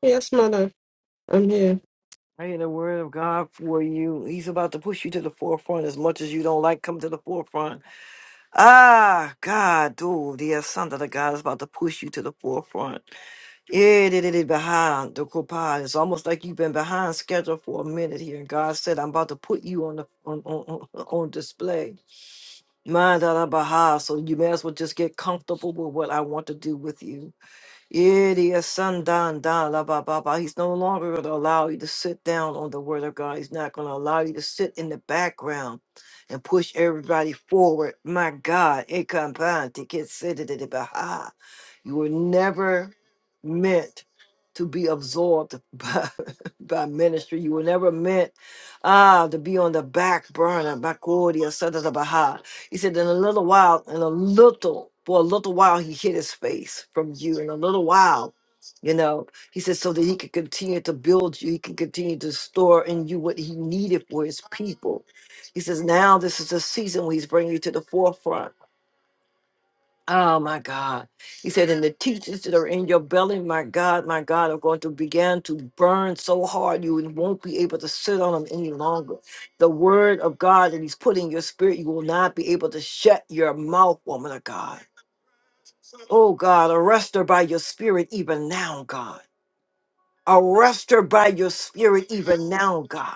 [SPEAKER 8] Yes, Mother. I'm here.
[SPEAKER 1] I hear the word of God for you. He's about to push you to the forefront as much as you don't like. Come to the forefront. Ah, God, dude, the son of the God is about to push you to the forefront. Yeah, did it behind the copad. It's almost like you've been behind schedule for a minute here. And God said, I'm about to put you on the on on, on *laughs* on display. Mind da da baha. So you may as well just get comfortable with what I want to do with you. Idia Sandan da la ba ba ba. He's no longer going to allow you to sit down on the word of God. He's not going to allow you to sit in the background and push everybody forward. My God, it comes to get seated at the baha. You were never meant to be absorbed *laughs* by, by ministry. You were never meant ah to be on the back burner. Bakoria Sadata Baha. He said, in a little while, in a little, for a little while he hid his face from you. In a little while, you know, he said, so that he could continue to build you, he can continue to store in you what he needed for his people. He says, now this is the season where he's bringing you to the forefront Oh my God. He said, and the teachers that are in your belly, my God, my God, are going to begin to burn so hard you won't be able to sit on them any longer. The word of God that He's put in your spirit, you will not be able to shut your mouth, woman of God. Oh God, arrest her by your spirit even now, God. Arrest her by your spirit even now, God.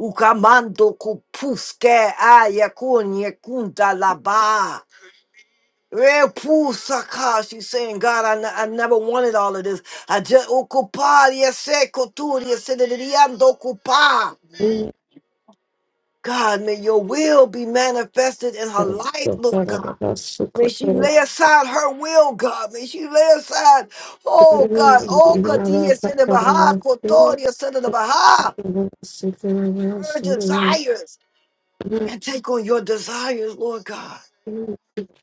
[SPEAKER 1] Ukamando kupuske ayakunye kunta laba. Repu Saka, she's saying, God, I ne- I never wanted all of this. I just ocupar, yese kotur, yese de- de- de- ando ocupar.
[SPEAKER 8] Mm,
[SPEAKER 1] God, may your will be manifested in her
[SPEAKER 8] that's
[SPEAKER 1] life,
[SPEAKER 8] so
[SPEAKER 1] Lord
[SPEAKER 8] good. I
[SPEAKER 1] God.
[SPEAKER 8] got so
[SPEAKER 1] May
[SPEAKER 8] quick.
[SPEAKER 1] she
[SPEAKER 8] of it.
[SPEAKER 1] lay aside her will, God. May she lay aside, oh God,
[SPEAKER 8] Mm,
[SPEAKER 1] oh
[SPEAKER 8] mm, I
[SPEAKER 1] katia
[SPEAKER 8] love that.
[SPEAKER 1] said the
[SPEAKER 8] I
[SPEAKER 1] Baha,
[SPEAKER 8] love that.
[SPEAKER 1] kotoria said the Baha,
[SPEAKER 8] I love that. So good. I love that.
[SPEAKER 1] her
[SPEAKER 8] So
[SPEAKER 1] desires, and take on your desires, Lord God.
[SPEAKER 8] Mm,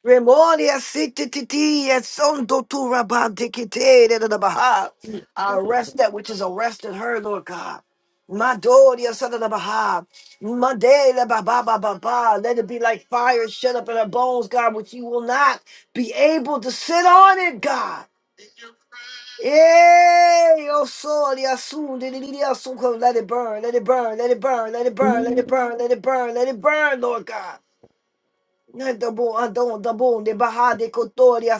[SPEAKER 1] Remoria sititi esondo turabandikite the baha. I arrest that which is arresting her, Lord God. Madoria son of the Baha. Mandela ba ba ba Let it be like fire shut up in her bones, God, which you will not be able to sit on it, God. Yay! Oh, soul, yeah, soon, did it, did soon, come. Let it burn, let it burn, let it burn, let it burn, let it
[SPEAKER 8] mm,
[SPEAKER 1] burn, let it burn, let it burn, Lord God. Dabo adon dabo de bahade kotoria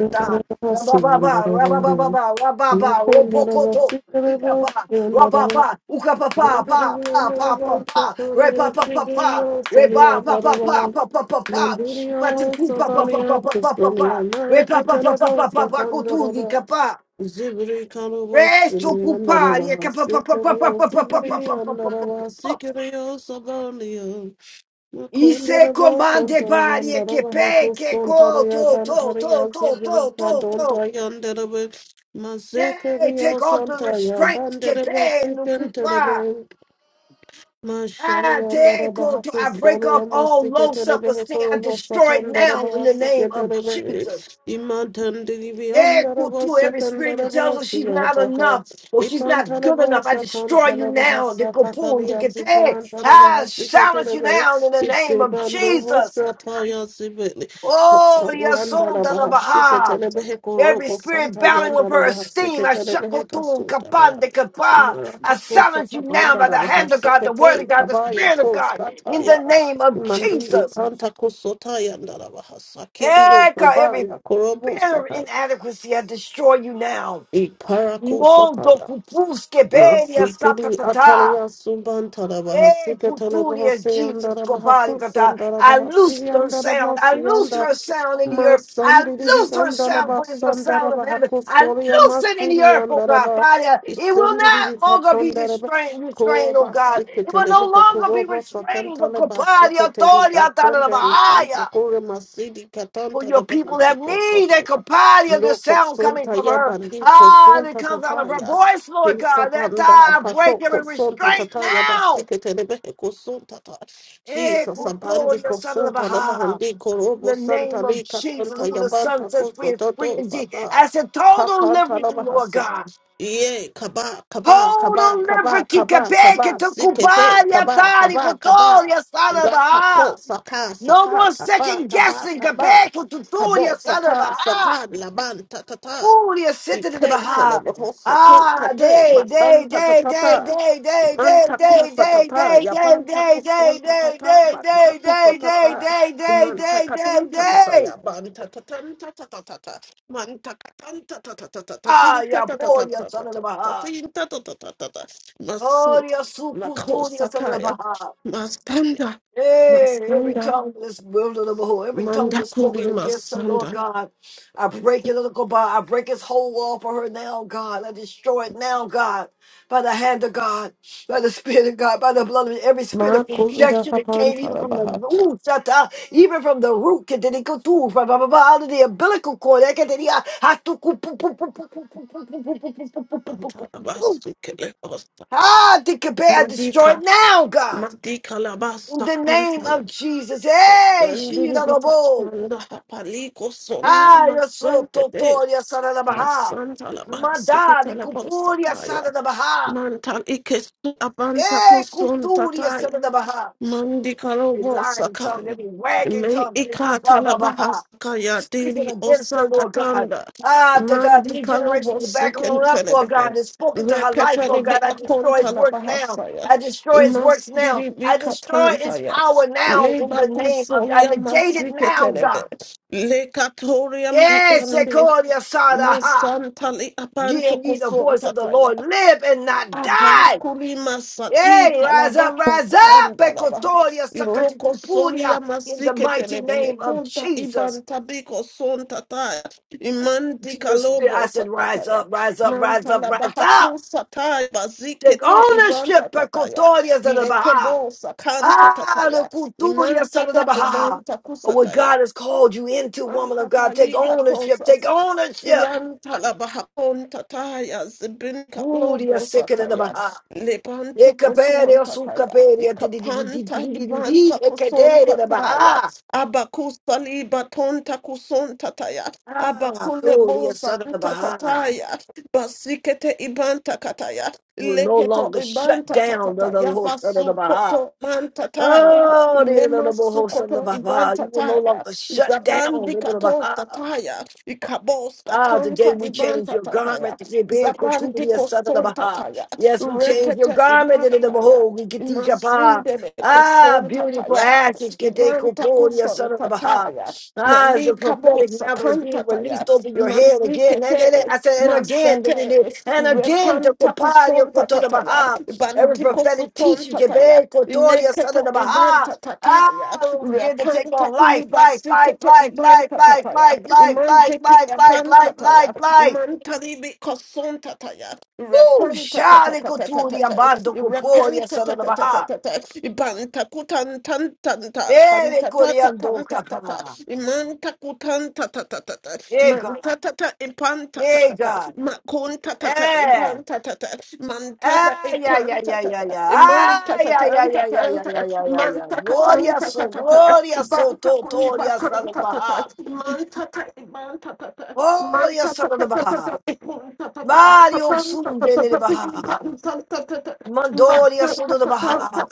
[SPEAKER 8] mm. I love that. So good. I
[SPEAKER 1] Rabababa,
[SPEAKER 8] love that.
[SPEAKER 1] rabababa,
[SPEAKER 8] Yes,
[SPEAKER 1] rababa,
[SPEAKER 8] I love that.
[SPEAKER 1] robokoto,
[SPEAKER 8] So good. I love
[SPEAKER 1] ikapa,
[SPEAKER 8] that. I love that.
[SPEAKER 1] rababa, ukapapa, pa, pa, pa, pa, pa, pa, repa, pa, pa, pa, reba, pa, pa, pa, pa, pa, pa, pa,
[SPEAKER 8] Mandirio,
[SPEAKER 1] matiku, pa, pa, pa,
[SPEAKER 8] Somalia,
[SPEAKER 1] pa, pa, pa, pa,
[SPEAKER 8] Custodia,
[SPEAKER 1] pa,
[SPEAKER 8] America,
[SPEAKER 1] repa, pa, pa, pa,
[SPEAKER 8] Telebo,
[SPEAKER 1] pa, pa, pa, kotuli, kapa,
[SPEAKER 8] Zibri karaba
[SPEAKER 1] resto,
[SPEAKER 8] sili andara
[SPEAKER 1] kupari,
[SPEAKER 8] baha
[SPEAKER 1] kapa, pa, pa, pa, pa,
[SPEAKER 8] sikiriyo
[SPEAKER 1] pa, pa, pa, pa, pa,
[SPEAKER 8] zibri
[SPEAKER 1] pa, pa,
[SPEAKER 8] andara
[SPEAKER 1] pa,
[SPEAKER 8] baha
[SPEAKER 1] pa,
[SPEAKER 8] sikiriyo sabaniyo
[SPEAKER 1] Ise
[SPEAKER 8] Makundara baha
[SPEAKER 1] komande
[SPEAKER 8] santa
[SPEAKER 1] bari
[SPEAKER 8] yandara
[SPEAKER 1] ke
[SPEAKER 8] baha
[SPEAKER 1] pe ke
[SPEAKER 8] kuston
[SPEAKER 1] ko
[SPEAKER 8] taraya
[SPEAKER 1] to to
[SPEAKER 8] bantaraya
[SPEAKER 1] to to
[SPEAKER 8] zibri
[SPEAKER 1] to to
[SPEAKER 8] kadon
[SPEAKER 1] to.
[SPEAKER 8] tayandara baha
[SPEAKER 1] Hey,
[SPEAKER 8] Masikiriyo
[SPEAKER 1] take off the
[SPEAKER 8] santa ya
[SPEAKER 1] restraints ke
[SPEAKER 8] bandere
[SPEAKER 1] pe nukupa.
[SPEAKER 8] baha
[SPEAKER 1] Ah,
[SPEAKER 8] Mashallah,
[SPEAKER 1] te ko
[SPEAKER 8] Narabaha,
[SPEAKER 1] to. I break off
[SPEAKER 8] Solia,
[SPEAKER 1] all low
[SPEAKER 8] Masikatele,
[SPEAKER 1] self-esteem. I
[SPEAKER 8] Behekoro,
[SPEAKER 1] destroy it
[SPEAKER 8] Satan,
[SPEAKER 1] now in
[SPEAKER 8] Darabaha,
[SPEAKER 1] the name of
[SPEAKER 8] Sikatele,
[SPEAKER 1] Jesus.
[SPEAKER 8] Imantan, Divian,
[SPEAKER 1] Eh, ko
[SPEAKER 8] Darabas,
[SPEAKER 1] to every
[SPEAKER 8] Satan,
[SPEAKER 1] spirit that tells us
[SPEAKER 8] Darabas,
[SPEAKER 1] she's not enough
[SPEAKER 8] Yataka,
[SPEAKER 1] or she's
[SPEAKER 8] Ipan
[SPEAKER 1] not good enough.
[SPEAKER 8] Talabas,
[SPEAKER 1] I
[SPEAKER 8] Sakan,
[SPEAKER 1] destroy you
[SPEAKER 8] Talabaha,
[SPEAKER 1] now. The kapun, the
[SPEAKER 8] Sakatalia,
[SPEAKER 1] kete.
[SPEAKER 8] Zipuran, Talabaha,
[SPEAKER 1] I silence you
[SPEAKER 8] Sikatele,
[SPEAKER 1] now in the name of
[SPEAKER 8] Isibando,
[SPEAKER 1] Jesus.
[SPEAKER 8] Hosataya, Sibili,
[SPEAKER 1] Oh,
[SPEAKER 8] Hosayan,
[SPEAKER 1] yasonda la
[SPEAKER 8] Darabaha,
[SPEAKER 1] baha.
[SPEAKER 8] Sikatele, Behekoro,
[SPEAKER 1] Every spirit battling
[SPEAKER 8] Santayan,
[SPEAKER 1] with her
[SPEAKER 8] Darabaha,
[SPEAKER 1] esteem, I
[SPEAKER 8] Sikatele,
[SPEAKER 1] shakotun
[SPEAKER 8] Behekasota,
[SPEAKER 1] kapan de kapa. I
[SPEAKER 8] Marakatosha
[SPEAKER 1] silence you now
[SPEAKER 8] kabanda
[SPEAKER 1] by the
[SPEAKER 8] na
[SPEAKER 1] hand of God, the word
[SPEAKER 8] mahasikete
[SPEAKER 1] of God, the
[SPEAKER 8] kabaya
[SPEAKER 1] spirit of God, in the
[SPEAKER 8] toskataya
[SPEAKER 1] name of
[SPEAKER 8] mandiri
[SPEAKER 1] Jesus.
[SPEAKER 8] kanta kusotaya na mahasakiri no
[SPEAKER 1] Eka, Every
[SPEAKER 8] kabaya korobo
[SPEAKER 1] spirit of
[SPEAKER 8] sataya
[SPEAKER 1] inadequacy, I destroy you now.
[SPEAKER 8] iparako
[SPEAKER 1] Mondo
[SPEAKER 8] sataya
[SPEAKER 1] kupuske beria
[SPEAKER 8] Masikidi
[SPEAKER 1] sakatata.
[SPEAKER 8] atalaya sumban tarabaha
[SPEAKER 1] Eh,
[SPEAKER 8] sika talabaha
[SPEAKER 1] Kuturia, Jesus,
[SPEAKER 8] siyandarabaha
[SPEAKER 1] Kobali, I
[SPEAKER 8] kusandarabaha
[SPEAKER 1] loose
[SPEAKER 8] siyandarabaha
[SPEAKER 1] her sound. I loose
[SPEAKER 8] siyanda rabaha siyanda
[SPEAKER 1] her sound in the earth. I
[SPEAKER 8] masandiri
[SPEAKER 1] loose her sound,
[SPEAKER 8] vigandarabaha
[SPEAKER 1] but it's the sound of
[SPEAKER 8] sandarabaha
[SPEAKER 1] heaven. I
[SPEAKER 8] kusoria
[SPEAKER 1] loose it in the
[SPEAKER 8] masiri
[SPEAKER 1] earth,
[SPEAKER 8] yanda
[SPEAKER 1] oh God.
[SPEAKER 8] yandarabaha
[SPEAKER 1] Father, it will
[SPEAKER 8] isandiri
[SPEAKER 1] not longer be
[SPEAKER 8] vigatandarabaha
[SPEAKER 1] restrained, restrained, oh
[SPEAKER 8] kuroba
[SPEAKER 1] God. It will no
[SPEAKER 8] sikitelebehe
[SPEAKER 1] longer be
[SPEAKER 8] kuroba
[SPEAKER 1] restrained, oh God.
[SPEAKER 8] sakantalabaha
[SPEAKER 1] The
[SPEAKER 8] sikiteli
[SPEAKER 1] authority, I thought of the
[SPEAKER 8] atonda ikanta
[SPEAKER 1] Bahia.
[SPEAKER 8] kure masidi
[SPEAKER 1] For your
[SPEAKER 8] katantarabaha
[SPEAKER 1] people have
[SPEAKER 8] ndiko
[SPEAKER 1] need and
[SPEAKER 8] sotaya
[SPEAKER 1] company of the
[SPEAKER 8] loko
[SPEAKER 1] sound coming
[SPEAKER 8] sonta
[SPEAKER 1] from her.
[SPEAKER 8] yabandiko
[SPEAKER 1] Ah, that
[SPEAKER 8] sonta
[SPEAKER 1] comes out of her
[SPEAKER 8] tataya
[SPEAKER 1] voice, Lord God. That
[SPEAKER 8] Isabanda
[SPEAKER 1] time break
[SPEAKER 8] apatoko
[SPEAKER 1] every
[SPEAKER 8] sonta
[SPEAKER 1] restraint
[SPEAKER 8] tata
[SPEAKER 1] now
[SPEAKER 8] yabasike telebehe kusunta ta.
[SPEAKER 1] Eh,
[SPEAKER 8] Jesus abandi
[SPEAKER 1] Kotoria, son of the
[SPEAKER 8] kusunta
[SPEAKER 1] Baha.
[SPEAKER 8] labahandi
[SPEAKER 1] In
[SPEAKER 8] korobo
[SPEAKER 1] the
[SPEAKER 8] santa
[SPEAKER 1] name of
[SPEAKER 8] lika
[SPEAKER 1] Jesus,
[SPEAKER 8] tanta
[SPEAKER 1] who the Son
[SPEAKER 8] yabanta
[SPEAKER 1] sets free
[SPEAKER 8] kuzo
[SPEAKER 1] is free
[SPEAKER 8] toto
[SPEAKER 1] indeed.
[SPEAKER 8] sata.
[SPEAKER 1] I said, total
[SPEAKER 8] Kapanta
[SPEAKER 1] liberty, Lord
[SPEAKER 8] labahasa.
[SPEAKER 1] God.
[SPEAKER 8] Ye kaba kaba kaba
[SPEAKER 1] Total
[SPEAKER 8] kaba
[SPEAKER 1] liberty,
[SPEAKER 8] kaba
[SPEAKER 1] Quebec,
[SPEAKER 8] kaba
[SPEAKER 1] to
[SPEAKER 8] sikete
[SPEAKER 1] Cubaria,
[SPEAKER 8] kaba
[SPEAKER 1] Tari,
[SPEAKER 8] kaba kaba.
[SPEAKER 1] Kotoria, son of the
[SPEAKER 8] Rakato
[SPEAKER 1] Baha.
[SPEAKER 8] saka
[SPEAKER 1] No
[SPEAKER 8] saka
[SPEAKER 1] more
[SPEAKER 8] taba
[SPEAKER 1] second
[SPEAKER 8] taba
[SPEAKER 1] guessing,
[SPEAKER 8] taba.
[SPEAKER 1] Quebec,
[SPEAKER 8] Kabo
[SPEAKER 1] Tuturia, son of the
[SPEAKER 8] saka
[SPEAKER 1] Baha.
[SPEAKER 8] saka labanta tata. Ipente le bohosa kenta te matanta tatata. Imanta kufa tata, yabanta kusonta tata, banta kufa tata. Imanta katunta tata, yabanta tatanta tatata. Manta katanta tatata, tatinta tatata, tatinta tatata. Masanta, makosa taya, mastanda,
[SPEAKER 1] Hey, every
[SPEAKER 8] mastanda,
[SPEAKER 1] tongue that's wielded of the whole, every tongue that's
[SPEAKER 8] mandakuri
[SPEAKER 1] spoken against her, Lord
[SPEAKER 8] masanda.
[SPEAKER 1] God. I break it, little God. I break his whole wall for her now, God. I destroy it now, God. By the hand of God, by the Spirit of God, by the blood of every spirit of
[SPEAKER 8] Makunda
[SPEAKER 1] rejection that came
[SPEAKER 8] kapanta
[SPEAKER 1] even from the
[SPEAKER 8] rabaha.
[SPEAKER 1] ooh, shata, even from the root, que te digo tú, ba, ba, ba, ba, out of the umbilical cord. eh, que te diga, ah, tu, cu, pu, pu, pu, pu, pu, pu, pu, pu, pu, pu, pu, pu, pu, pu, pu, pu.
[SPEAKER 8] Antalabasi Kelebasa.
[SPEAKER 1] Ah, I declare, I destroy
[SPEAKER 8] Madika,
[SPEAKER 1] it now, God.
[SPEAKER 8] Madika
[SPEAKER 1] In
[SPEAKER 8] Labasa
[SPEAKER 1] the name
[SPEAKER 8] Kantaya.
[SPEAKER 1] of Jesus. Hey,
[SPEAKER 8] Zendiri
[SPEAKER 1] Shiranobo.
[SPEAKER 8] Bitachanda Hapaliko Solia
[SPEAKER 1] Ah, eu sou
[SPEAKER 8] Masankate.
[SPEAKER 1] Totoria Saranabaha.
[SPEAKER 8] Masanta Labasi
[SPEAKER 1] Madari
[SPEAKER 8] Ketalabosa
[SPEAKER 1] Cupuria
[SPEAKER 8] Kaya.
[SPEAKER 1] Saranabaha.
[SPEAKER 8] Mantal Ikesu Abanta
[SPEAKER 1] Ei, Cuturia
[SPEAKER 8] Kosun
[SPEAKER 1] Saranabaha.
[SPEAKER 8] Mandi
[SPEAKER 1] every
[SPEAKER 8] karobo
[SPEAKER 1] lying tongue,
[SPEAKER 8] sakai.
[SPEAKER 1] every wagging
[SPEAKER 8] Me
[SPEAKER 1] tongue, tipu
[SPEAKER 8] ikata
[SPEAKER 1] ba
[SPEAKER 8] la
[SPEAKER 1] ba ba ha.
[SPEAKER 8] bahasaka ya bahaskaya
[SPEAKER 1] speaking
[SPEAKER 8] dili
[SPEAKER 1] against her, Lord God.
[SPEAKER 8] osakatanda.
[SPEAKER 1] Ah, that uh,
[SPEAKER 8] Mandi
[SPEAKER 1] three
[SPEAKER 8] kalobo
[SPEAKER 1] generations back on up, Lord
[SPEAKER 8] sikentelebe.
[SPEAKER 1] God, has spoken to her life,
[SPEAKER 8] Rekatali
[SPEAKER 1] Lord
[SPEAKER 8] bi
[SPEAKER 1] God. I destroy his
[SPEAKER 8] akontala
[SPEAKER 1] work now.
[SPEAKER 8] bahasaya.
[SPEAKER 1] I destroy his works now.
[SPEAKER 8] Masdiri bi
[SPEAKER 1] I destroy
[SPEAKER 8] katanta
[SPEAKER 1] his
[SPEAKER 8] ya
[SPEAKER 1] power now
[SPEAKER 8] Le
[SPEAKER 1] in the name of, I
[SPEAKER 8] bakusolia
[SPEAKER 1] negate it now,
[SPEAKER 8] masiketelebe.
[SPEAKER 1] God.
[SPEAKER 8] Le katoria di
[SPEAKER 1] Yes,
[SPEAKER 8] ende.
[SPEAKER 1] Shekoria Sadaha. Ha.
[SPEAKER 8] Masantali
[SPEAKER 1] Hear
[SPEAKER 8] apanto
[SPEAKER 1] ye the voice of the
[SPEAKER 8] kosontataya.
[SPEAKER 1] Lord, live and not die.
[SPEAKER 8] Abakuri masati
[SPEAKER 1] Yay, rise up,
[SPEAKER 8] kalaba
[SPEAKER 1] rise up,
[SPEAKER 8] tanda laba.
[SPEAKER 1] Pecotoria,
[SPEAKER 8] Iroko
[SPEAKER 1] Sacatipuria,
[SPEAKER 8] sonia
[SPEAKER 1] in the
[SPEAKER 8] masike
[SPEAKER 1] mighty
[SPEAKER 8] telebehe
[SPEAKER 1] name of
[SPEAKER 8] kunta
[SPEAKER 1] Jesus.
[SPEAKER 8] ibanta biko son tataya.
[SPEAKER 1] I said
[SPEAKER 8] Imanti
[SPEAKER 1] To your spirit, I
[SPEAKER 8] kalobo
[SPEAKER 1] said, rise
[SPEAKER 8] sataya.
[SPEAKER 1] up, rise up, rise up,
[SPEAKER 8] Mantala laba
[SPEAKER 1] rise up.
[SPEAKER 8] haku sataya
[SPEAKER 1] Take
[SPEAKER 8] bazike ibanta
[SPEAKER 1] ownership,
[SPEAKER 8] tataya.
[SPEAKER 1] Pecotoria, Zanabaha.
[SPEAKER 8] Lekebo sakanta
[SPEAKER 1] Ah, the
[SPEAKER 8] tataya.
[SPEAKER 1] Culturia,
[SPEAKER 8] Imanta ta
[SPEAKER 1] Zanabaha.
[SPEAKER 8] ibanta
[SPEAKER 1] But what
[SPEAKER 8] kusataya.
[SPEAKER 1] God has called you into, woman of God, take
[SPEAKER 8] Mankatayi
[SPEAKER 1] ownership, take
[SPEAKER 8] katosasa.
[SPEAKER 1] ownership.
[SPEAKER 8] Yan talabahapon tataya zibin
[SPEAKER 1] Gloria,
[SPEAKER 8] katlobo sataya.
[SPEAKER 1] Sekanabaha.
[SPEAKER 8] Lebanta koson
[SPEAKER 1] Ekaperia,
[SPEAKER 8] tataya.
[SPEAKER 1] Sukaperia, Didi, Didi, Didi,
[SPEAKER 8] Ikapanta
[SPEAKER 1] Didi,
[SPEAKER 8] ibanta
[SPEAKER 1] Didi,
[SPEAKER 8] koson
[SPEAKER 1] Ekateria,
[SPEAKER 8] tataya.
[SPEAKER 1] Baha.
[SPEAKER 8] Abakusali baton takuson tataya.
[SPEAKER 1] Ah,
[SPEAKER 8] Abakule
[SPEAKER 1] Gloria,
[SPEAKER 8] bosa
[SPEAKER 1] son of the Baha.
[SPEAKER 8] tataya. Basikete ibanta kataya.
[SPEAKER 1] You will no
[SPEAKER 8] Leketo
[SPEAKER 1] longer shut
[SPEAKER 8] ibanta
[SPEAKER 1] down the the
[SPEAKER 8] tataya.
[SPEAKER 1] Lord, son of the Baha.
[SPEAKER 8] Basukoto mantataya.
[SPEAKER 1] Oh, the the
[SPEAKER 8] Ilema
[SPEAKER 1] the Lord, son of the
[SPEAKER 8] sukoto iban
[SPEAKER 1] Baha. You will no
[SPEAKER 8] tataya.
[SPEAKER 1] longer shut down
[SPEAKER 8] Zabandi
[SPEAKER 1] the the
[SPEAKER 8] kato
[SPEAKER 1] Baha.
[SPEAKER 8] tataya. Ikabos
[SPEAKER 1] Ah, today
[SPEAKER 8] katanta
[SPEAKER 1] we
[SPEAKER 8] iban
[SPEAKER 1] change your
[SPEAKER 8] tataya.
[SPEAKER 1] garment. to be big,
[SPEAKER 8] Zabandi
[SPEAKER 1] Kuturia, son of the
[SPEAKER 8] koson
[SPEAKER 1] Baha.
[SPEAKER 8] tataya.
[SPEAKER 1] Yes, we change your
[SPEAKER 8] Rekete
[SPEAKER 1] garment
[SPEAKER 8] iban
[SPEAKER 1] in the
[SPEAKER 8] tataya.
[SPEAKER 1] behold. We get pa.
[SPEAKER 8] Imasindele
[SPEAKER 1] Ah,
[SPEAKER 8] koson
[SPEAKER 1] beautiful
[SPEAKER 8] tataya.
[SPEAKER 1] ashes. Get the
[SPEAKER 8] Iban
[SPEAKER 1] Kuturia,
[SPEAKER 8] takuson
[SPEAKER 1] son of the Baha.
[SPEAKER 8] tataya.
[SPEAKER 1] Ah, as
[SPEAKER 8] Mali
[SPEAKER 1] the
[SPEAKER 8] kabo
[SPEAKER 1] prophetic mantle is being
[SPEAKER 8] sakanta
[SPEAKER 1] released
[SPEAKER 8] Sakantatayas,
[SPEAKER 1] over your head again. And, and, and-
[SPEAKER 8] Masikete,
[SPEAKER 1] I said, and again, and again,
[SPEAKER 8] Masete,
[SPEAKER 1] and again, the Kuparia,
[SPEAKER 8] Repantakuson
[SPEAKER 1] Kuturia,
[SPEAKER 8] Tataya,
[SPEAKER 1] Baha. Every prophetic
[SPEAKER 8] Bandikosuton
[SPEAKER 1] teaching, get
[SPEAKER 8] Tataya,
[SPEAKER 1] big, Kuturia, son of
[SPEAKER 8] Ineketo
[SPEAKER 1] the Baha.
[SPEAKER 8] Ibanta Tataya,
[SPEAKER 1] Ah, it was good to take on life,
[SPEAKER 8] Repantakuli
[SPEAKER 1] life, life,
[SPEAKER 8] Basikete
[SPEAKER 1] life, life,
[SPEAKER 8] Ibanta
[SPEAKER 1] life,
[SPEAKER 8] Tataya,
[SPEAKER 1] life, life, life,
[SPEAKER 8] Imanteki
[SPEAKER 1] life, life,
[SPEAKER 8] Ibanta
[SPEAKER 1] life,
[SPEAKER 8] Tataya,
[SPEAKER 1] life, life.
[SPEAKER 8] Imantalibi Koson Tataya,
[SPEAKER 1] Ooh,
[SPEAKER 8] Repanta
[SPEAKER 1] shale coturi
[SPEAKER 8] Tatata,
[SPEAKER 1] ambando coporia
[SPEAKER 8] Repanta
[SPEAKER 1] salamaha.
[SPEAKER 8] Bantakutantantanta,
[SPEAKER 1] Ere coriando
[SPEAKER 8] bantatatantantata,
[SPEAKER 1] capa.
[SPEAKER 8] imantakutantatatata,
[SPEAKER 1] Eh, God.
[SPEAKER 8] mantatata
[SPEAKER 1] Eh,
[SPEAKER 8] ipantatatata,
[SPEAKER 1] God.
[SPEAKER 8] makuntatata
[SPEAKER 1] Eh.
[SPEAKER 8] ipantatata, mantata
[SPEAKER 1] Ah, yeah, yeah, yeah, yeah,
[SPEAKER 8] ipantatata,
[SPEAKER 1] yeah. Ah, yeah, yeah, yeah, yeah, yeah, yeah,
[SPEAKER 8] imantatatantantanta,
[SPEAKER 1] yeah, yeah, yeah. Gloria so,
[SPEAKER 8] imantakatantata,
[SPEAKER 1] gloria so, totoria
[SPEAKER 8] ibantakulibatantatata,
[SPEAKER 1] salamaha.
[SPEAKER 8] imantata ibantatata,
[SPEAKER 1] Gloria salamaha.
[SPEAKER 8] imantatatata, ipuntatata,
[SPEAKER 1] Mario sundele
[SPEAKER 8] apapantatatatata,
[SPEAKER 1] baha.
[SPEAKER 8] impantantata. Man,
[SPEAKER 1] Mandoria Soda the Baha.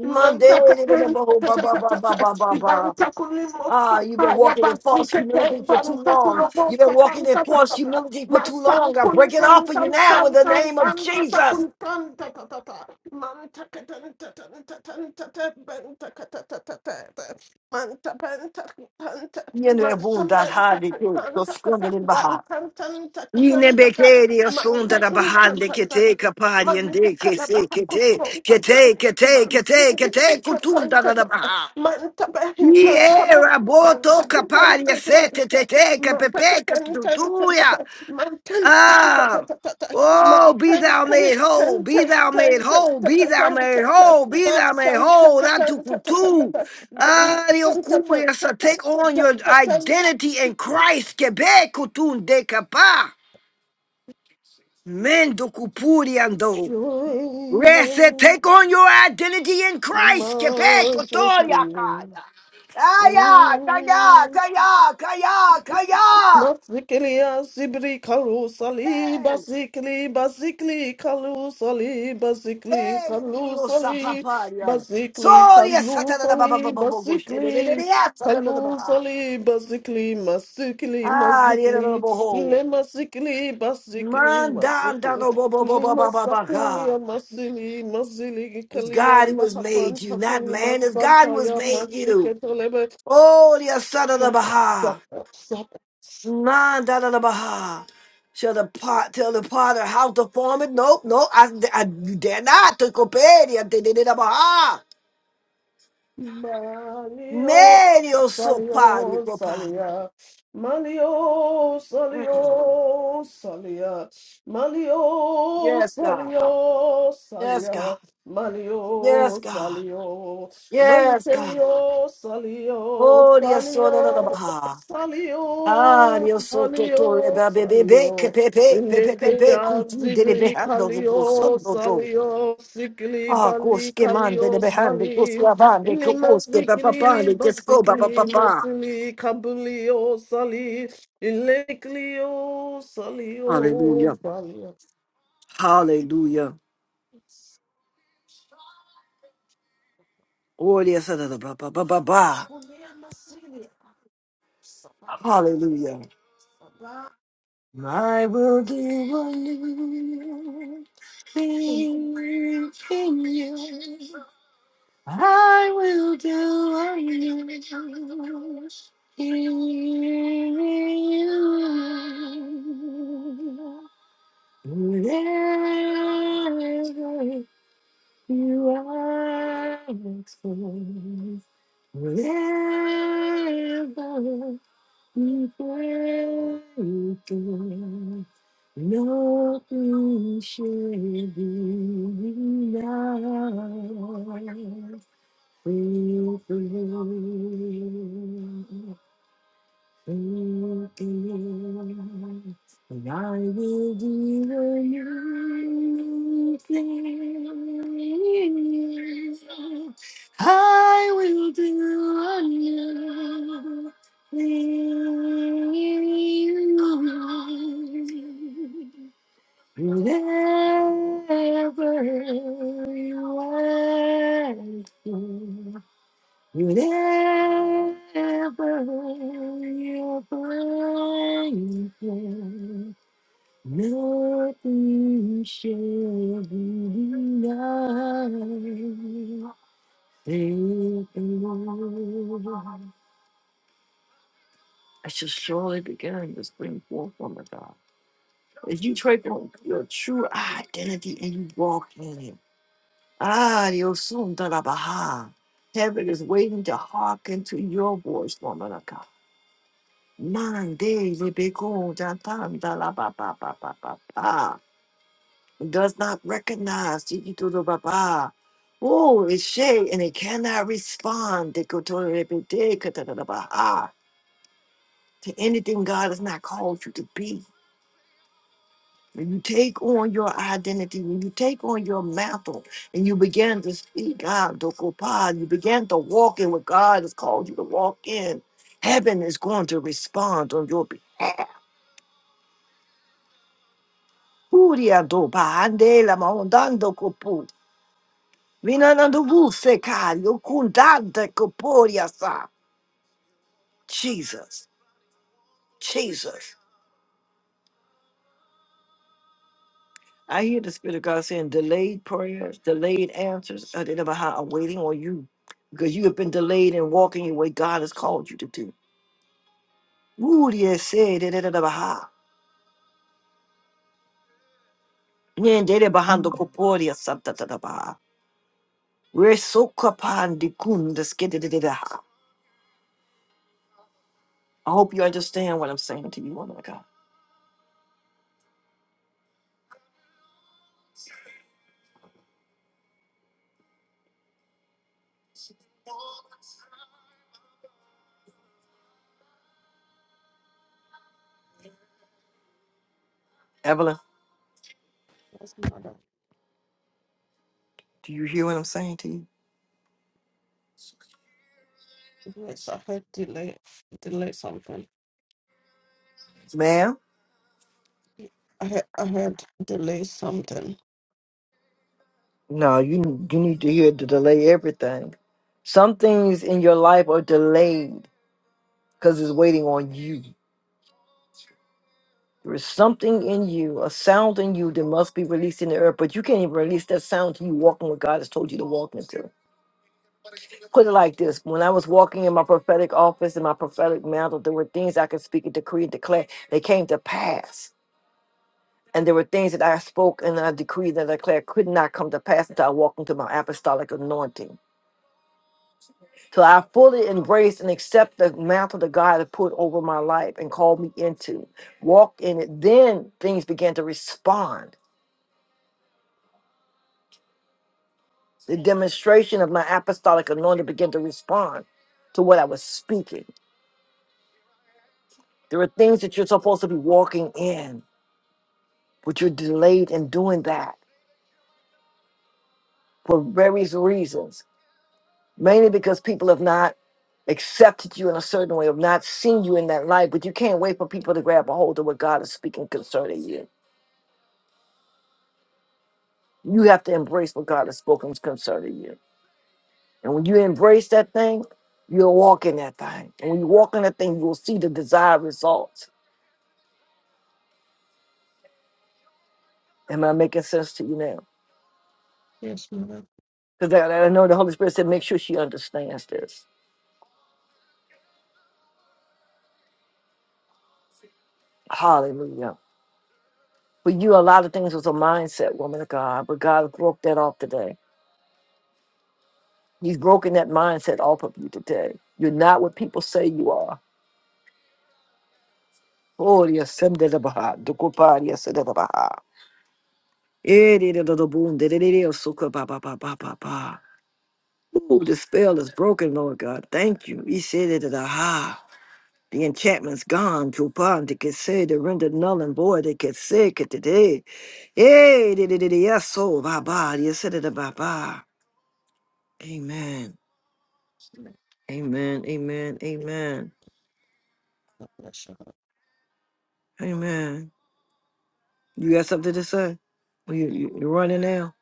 [SPEAKER 1] Mandated the Baho ba ba ba ba ba ba ba. Ah, you've been walking in false humility for too long. You've been walking in false humility for too long. I break it off of you now in the name of Jesus. Yene bunda hadi ku to skunda ni baha. Yine bekeri asunda da baha de kete kapari
[SPEAKER 8] Malika
[SPEAKER 1] ende kese
[SPEAKER 8] Kalabaha
[SPEAKER 1] kete
[SPEAKER 8] Kusonta
[SPEAKER 1] kete kete kete kete kutunda da baha.
[SPEAKER 8] Manta Bahintan
[SPEAKER 1] Ie,
[SPEAKER 8] Saba Manta
[SPEAKER 1] raboto
[SPEAKER 8] Kupan
[SPEAKER 1] caparia
[SPEAKER 8] Tantata
[SPEAKER 1] sete tete
[SPEAKER 8] Manta
[SPEAKER 1] capepe
[SPEAKER 8] Katan Tantata
[SPEAKER 1] catutuia.
[SPEAKER 8] Mantan
[SPEAKER 1] Ah.
[SPEAKER 8] Tantata
[SPEAKER 1] Oh, be
[SPEAKER 8] Mantan
[SPEAKER 1] thou made whole,
[SPEAKER 8] Kantan
[SPEAKER 1] be thou made whole, be thou made
[SPEAKER 8] Tantata
[SPEAKER 1] whole, be thou made
[SPEAKER 8] Santa
[SPEAKER 1] whole. That to
[SPEAKER 8] Katan Tantata
[SPEAKER 1] kutu. Ah, the so take on your
[SPEAKER 8] Tantata
[SPEAKER 1] identity in Christ. Quebec kutun de capa. Men do kupuriando. Rest,
[SPEAKER 8] Join
[SPEAKER 1] take on your identity in
[SPEAKER 8] in the
[SPEAKER 1] Christ. Quebec,
[SPEAKER 8] majesty.
[SPEAKER 1] Otoria. Kaya, kaya,
[SPEAKER 8] Mm.
[SPEAKER 1] kaya, kaya, kaya.
[SPEAKER 8] Basikli asibri kalu sali
[SPEAKER 1] Hey,
[SPEAKER 8] basikli basikli kalu sali basikli
[SPEAKER 1] hey,
[SPEAKER 8] kalu
[SPEAKER 1] Diosa
[SPEAKER 8] sali
[SPEAKER 1] papaya.
[SPEAKER 8] basikli
[SPEAKER 1] Soria
[SPEAKER 8] kalu
[SPEAKER 1] satana da baba
[SPEAKER 8] sali
[SPEAKER 1] baba baba shede de de
[SPEAKER 8] basikli
[SPEAKER 1] de ya satana da
[SPEAKER 8] kalu
[SPEAKER 1] ba.
[SPEAKER 8] sali basikli masikli
[SPEAKER 1] Ah, de de
[SPEAKER 8] masikli
[SPEAKER 1] boho.
[SPEAKER 8] le masikli basikli
[SPEAKER 1] Man da da
[SPEAKER 8] masikli
[SPEAKER 1] da bo bo bo
[SPEAKER 8] le
[SPEAKER 1] bo bo bo bo
[SPEAKER 8] masakuli
[SPEAKER 1] God.
[SPEAKER 8] masili masili
[SPEAKER 1] It's God who
[SPEAKER 8] kalianda
[SPEAKER 1] has
[SPEAKER 8] hapan
[SPEAKER 1] made you, not
[SPEAKER 8] takuli
[SPEAKER 1] man. It's God
[SPEAKER 8] masanta
[SPEAKER 1] who has
[SPEAKER 8] ya
[SPEAKER 1] made you.
[SPEAKER 8] masiketolebe
[SPEAKER 1] Oh, the son of the Baha. Nah, da da da bah. Shall the pot tell the potter how to form it? Nope, no, I, I you dare not. To copedia, de de de da bah.
[SPEAKER 8] Malio,
[SPEAKER 1] Medio so pari
[SPEAKER 8] salio,
[SPEAKER 1] copari.
[SPEAKER 8] salia. Malio, salio, salia. Malio,
[SPEAKER 1] Yes, God.
[SPEAKER 8] salio,
[SPEAKER 1] Yes, God.
[SPEAKER 8] salia.
[SPEAKER 1] Yes,
[SPEAKER 8] Malio,
[SPEAKER 1] God.
[SPEAKER 8] salio.
[SPEAKER 1] Yes, God.
[SPEAKER 8] Malitelio, salio,
[SPEAKER 1] Oh, Dios so da da da
[SPEAKER 8] salio,
[SPEAKER 1] bah. Ah,
[SPEAKER 8] salio,
[SPEAKER 1] Dios so to to
[SPEAKER 8] salio,
[SPEAKER 1] reba bebe be ke
[SPEAKER 8] salio.
[SPEAKER 1] pe pe pe pe pe pe
[SPEAKER 8] Lepea
[SPEAKER 1] kuntin de de
[SPEAKER 8] zibri
[SPEAKER 1] behando rupo son
[SPEAKER 8] kalio,
[SPEAKER 1] do
[SPEAKER 8] salio, sikli
[SPEAKER 1] Ah,
[SPEAKER 8] bali
[SPEAKER 1] koske mande de
[SPEAKER 8] kalio,
[SPEAKER 1] behande, koske
[SPEAKER 8] salim.
[SPEAKER 1] abande,
[SPEAKER 8] Ili
[SPEAKER 1] koposke
[SPEAKER 8] masikli,
[SPEAKER 1] papapande, kesko
[SPEAKER 8] basikli,
[SPEAKER 1] papapapa.
[SPEAKER 8] masli, kabuli, o sali, ilekli, o sali, o
[SPEAKER 1] Hallelujah.
[SPEAKER 8] sali.
[SPEAKER 1] Hallelujah. Gloria sada ba ba ba ba ba.
[SPEAKER 8] Kulia masili, sabah,
[SPEAKER 1] Hallelujah.
[SPEAKER 8] sabah.
[SPEAKER 1] I will do whatever you are. Never breaking. Nothing shall be denied. And I will do a new thing. I will do a new thing. Whatever you ask. for, You never, ever, nothing shall be denied. Faith alone. I shall surely begin to spring forth from the God. As you take on your true identity and you walk in it. Ah, Dios, son de la baja. Heaven is waiting to hearken to your voice, woman of God. Monday, Jatanda la ba ba ba ba ba ba. It does not recognize Tiki Tudo Baba. Oh, it's shade and it cannot respond deko to Dikotori Rebede Katadada Baha, to anything God has not called you to be. When you take on your identity, when you take on your mantle and you begin to speak out, Dokopa, you begin to walk in what God has called you to walk in, heaven is going to respond on your behalf. Furia dopa, andela ma ondando kopu. Vinanando vuse kayo, kundante koporia sa. Jesus, Jesus. I hear the Spirit of God saying delayed prayers, delayed answers. I didn't know how I'm waiting on you because you have been delayed in walking in what God has called you to do. Furia se, de- de- de- de- baha. Nyendele bahando koporia sa, da- da- da- baha. Resokapandi kundas, ke- de- de- de- de- ha. I hope you understand what I'm saying to you, woman of God. Evelyn,
[SPEAKER 8] That's not
[SPEAKER 1] do you hear what I'm saying to you?
[SPEAKER 8] Yes, I heard delay, delay something.
[SPEAKER 1] Ma'am?
[SPEAKER 8] I heard, I heard delay something.
[SPEAKER 1] No, you you need to hear to delay everything. Some things in your life are delayed because it's waiting on you. There is something in you, a sound in you that must be released in the earth, but you can't even release that sound till you walking what God has told you to walk into. Put it like this when I was walking in my prophetic office in my prophetic mantle, there were things I could speak and decree and declare. They came to pass And there were things that I spoke and I decreed and declared could not come to pass until I walked into my apostolic anointing. So I fully embraced and accept the mantle that God had put over my life and called me into. Walked in it. Then things began to respond. The demonstration of my apostolic anointing began to respond to what I was speaking. There are things that you're supposed to be walking in, but you're delayed in doing that for various reasons mainly because people have not accepted you in a certain way, have not seen you in that light. But you can't wait for people to grab a hold of what God is speaking concerning you. You have to embrace what God has spoken concerning you. And when you embrace that thing, you'll walk in that thing. And when you walk in that thing, you will see the desired results. Am I making sense to you now?
[SPEAKER 8] Yes, mother.
[SPEAKER 1] Because I, I know the Holy Spirit said, make sure she understands this. Hallelujah. For you, a lot of things was a mindset, woman of God, but God broke that off today. He's broken that mindset off of you today. You're not what people say you are. Gloria sendelabaha, dukuparia sendelabaha. Edidididabundidididi, osukabababababa. Ooh, the spell is broken, Lord God. Thank you. He said it at a high. The enchantment's gone. Jupan, they can say, they rendered null and void. They can say, it today. Yay, yes, so, ba ba. You said it, ba. bye. Amen.
[SPEAKER 8] No,
[SPEAKER 1] Amen. Amen. Amen.
[SPEAKER 8] no, shut
[SPEAKER 1] Amen. You got something to say? Well, You, you, you're running now.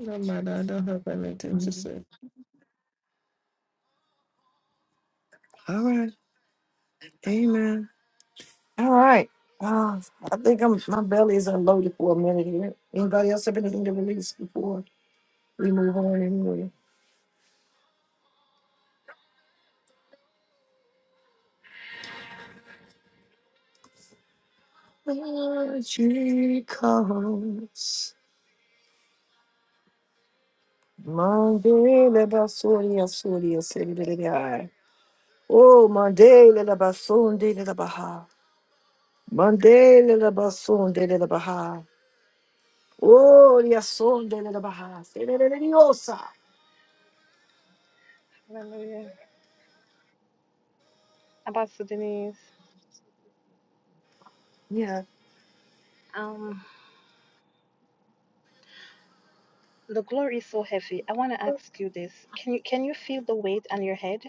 [SPEAKER 8] No, mother, I don't have anything to say.
[SPEAKER 1] All right. Amen. All right. Uh, I think I'm, my belly is unloaded for a minute here. Anybody else have anything to release before we move on anyway? Magical. Mandela basunde Mandela basunde Mandela basunde Oh,
[SPEAKER 3] Hallelujah. Apostle Denise,
[SPEAKER 1] yeah.
[SPEAKER 3] um, the glory is so heavy. I want to ask you this. Can you can you feel the weight on your head?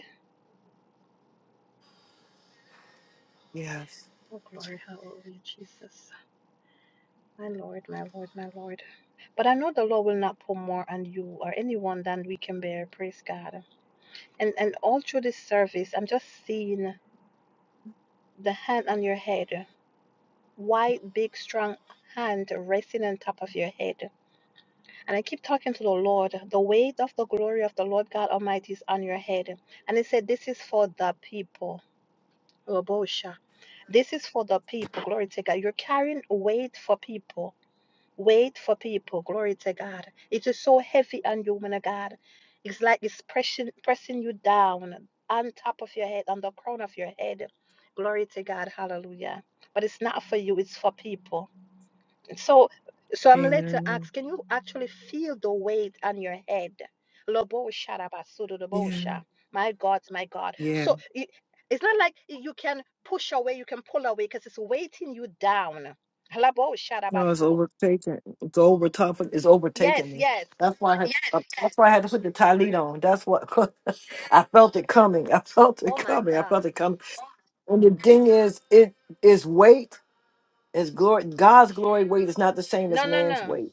[SPEAKER 1] Yes.
[SPEAKER 3] Oh glory, hallelujah, Jesus. My Lord, my Lord, my Lord. But I know the Lord will not put more on you or anyone than we can bear. Praise God. And and all through this service, I'm just seeing the hand on your head. White, big, strong hand resting on top of your head. And I keep talking to the Lord. The weight of the glory of the Lord God Almighty is on your head. And it said, This is for the people. Rabosha. This is for the people. Glory to God. You're carrying weight for people. Weight for people. Glory to God. It is so heavy on you, woman of God. It's like it's pressing, pressing you down on top of your head, on the crown of your head. Glory to God. Hallelujah. But it's not for you, it's for people. So, so I'm led to ask, can you actually feel the weight on your head? Lobo sharabasudu
[SPEAKER 1] Yeah.
[SPEAKER 3] dobosha. My God, my God. So it, it's not like you can push away, you can pull away because it's weighting you down. Labo
[SPEAKER 1] No, it's
[SPEAKER 3] sharabasu.
[SPEAKER 1] overtaken. It's overtopping. It's
[SPEAKER 3] Yes,
[SPEAKER 1] overtaking me.
[SPEAKER 3] yes.
[SPEAKER 1] That's why I had. uh, That's why I had to put the tie on. That's what *laughs* I felt it coming. I felt it
[SPEAKER 3] Oh my
[SPEAKER 1] coming. I
[SPEAKER 3] God.
[SPEAKER 1] felt it coming. And the thing is, it is weight. Is glory. God's glory weight is not the same as
[SPEAKER 3] No, no,
[SPEAKER 1] man's
[SPEAKER 3] no.
[SPEAKER 1] weight.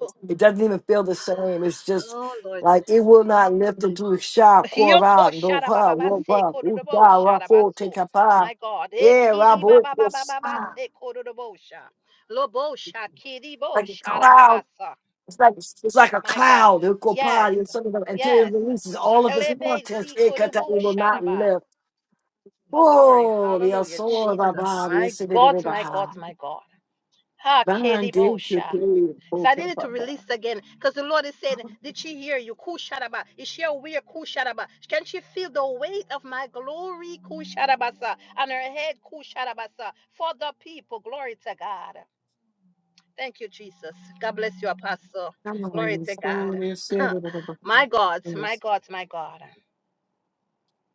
[SPEAKER 3] *laughs*
[SPEAKER 1] It doesn't even feel the same. It's
[SPEAKER 3] Oh,
[SPEAKER 1] just like it will not lift into a shop.
[SPEAKER 3] oh. Yoko
[SPEAKER 1] Koran, doha,
[SPEAKER 3] sharabababase
[SPEAKER 1] woba, uda,
[SPEAKER 3] kododobo
[SPEAKER 1] rafo,
[SPEAKER 3] sharabasu.
[SPEAKER 1] tekapa.
[SPEAKER 3] My God.
[SPEAKER 1] Yeah,
[SPEAKER 3] Eki
[SPEAKER 1] rabo, kosa.
[SPEAKER 3] dodobosha. Lobo shatsa.
[SPEAKER 1] like a cloud. It's like it's like a
[SPEAKER 3] My God.
[SPEAKER 1] cloud, it will
[SPEAKER 3] Yes.
[SPEAKER 1] party and something like- until it
[SPEAKER 3] Yes.
[SPEAKER 1] releases all of its
[SPEAKER 3] Elebe
[SPEAKER 1] contents.
[SPEAKER 3] si
[SPEAKER 1] It cut out,
[SPEAKER 3] korubu
[SPEAKER 1] it will not
[SPEAKER 3] sharaba.
[SPEAKER 1] live.
[SPEAKER 3] Oh, glory.
[SPEAKER 1] Oh, the
[SPEAKER 3] Hallelujah.
[SPEAKER 1] soul of
[SPEAKER 3] Jesus.
[SPEAKER 1] our body
[SPEAKER 3] My
[SPEAKER 1] is in it in the
[SPEAKER 3] God, my God,
[SPEAKER 1] Baha.
[SPEAKER 3] my God. Ha keribo
[SPEAKER 1] Bondage to
[SPEAKER 3] sha.
[SPEAKER 1] pain. Oh,
[SPEAKER 3] So I
[SPEAKER 1] ba,
[SPEAKER 3] needed
[SPEAKER 1] ba,
[SPEAKER 3] to
[SPEAKER 1] ba.
[SPEAKER 3] release again because the Lord is saying, Did she hear you? Kusharaba. Is she aware? Kusharaba. Can she feel the weight of my glory? Kusharabasa. On her head, Kusharabasa. For the people. Glory to God. Thank you, Jesus. God bless you, Apostle.
[SPEAKER 1] Come on,
[SPEAKER 3] Glory
[SPEAKER 1] your
[SPEAKER 3] to
[SPEAKER 1] soul
[SPEAKER 3] God.
[SPEAKER 1] is in it
[SPEAKER 3] *laughs*
[SPEAKER 1] in the
[SPEAKER 3] my
[SPEAKER 1] Baha.
[SPEAKER 3] God, my
[SPEAKER 1] Yes.
[SPEAKER 3] God, my God.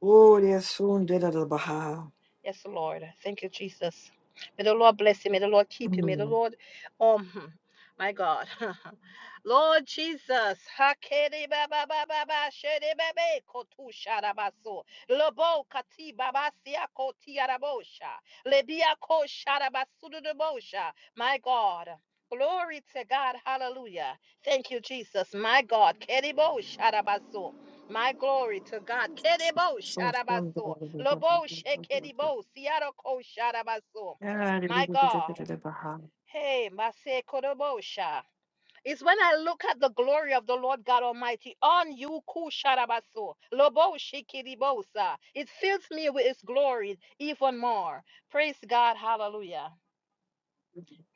[SPEAKER 1] Oh, the soul did it in the Baha.
[SPEAKER 3] Yes, Lord. Thank you, Jesus. May the Lord bless you. May the Lord keep you. May the
[SPEAKER 1] Mm.
[SPEAKER 3] Lord, um, hmm, my God, *laughs* Lord Jesus, Hakere ba ba ba ba ba, shere ba be, kotu shara so. Lobo kati ba ba sia koti ara Lebia ko shara ba My God. Glory to God. Hallelujah. Thank you, Jesus. My God. Kere bo so. My glory to God. Kedebo
[SPEAKER 1] So
[SPEAKER 3] shadabaso. Lobo shekedibo.
[SPEAKER 1] fun.
[SPEAKER 3] Siaroko shadabaso. My God. Hey, mase kodobo It's when I look at the glory of the Lord God Almighty on you, Kusharabaso, Lobo Shikiribosa. It fills me with His glory even more. Praise God. Hallelujah.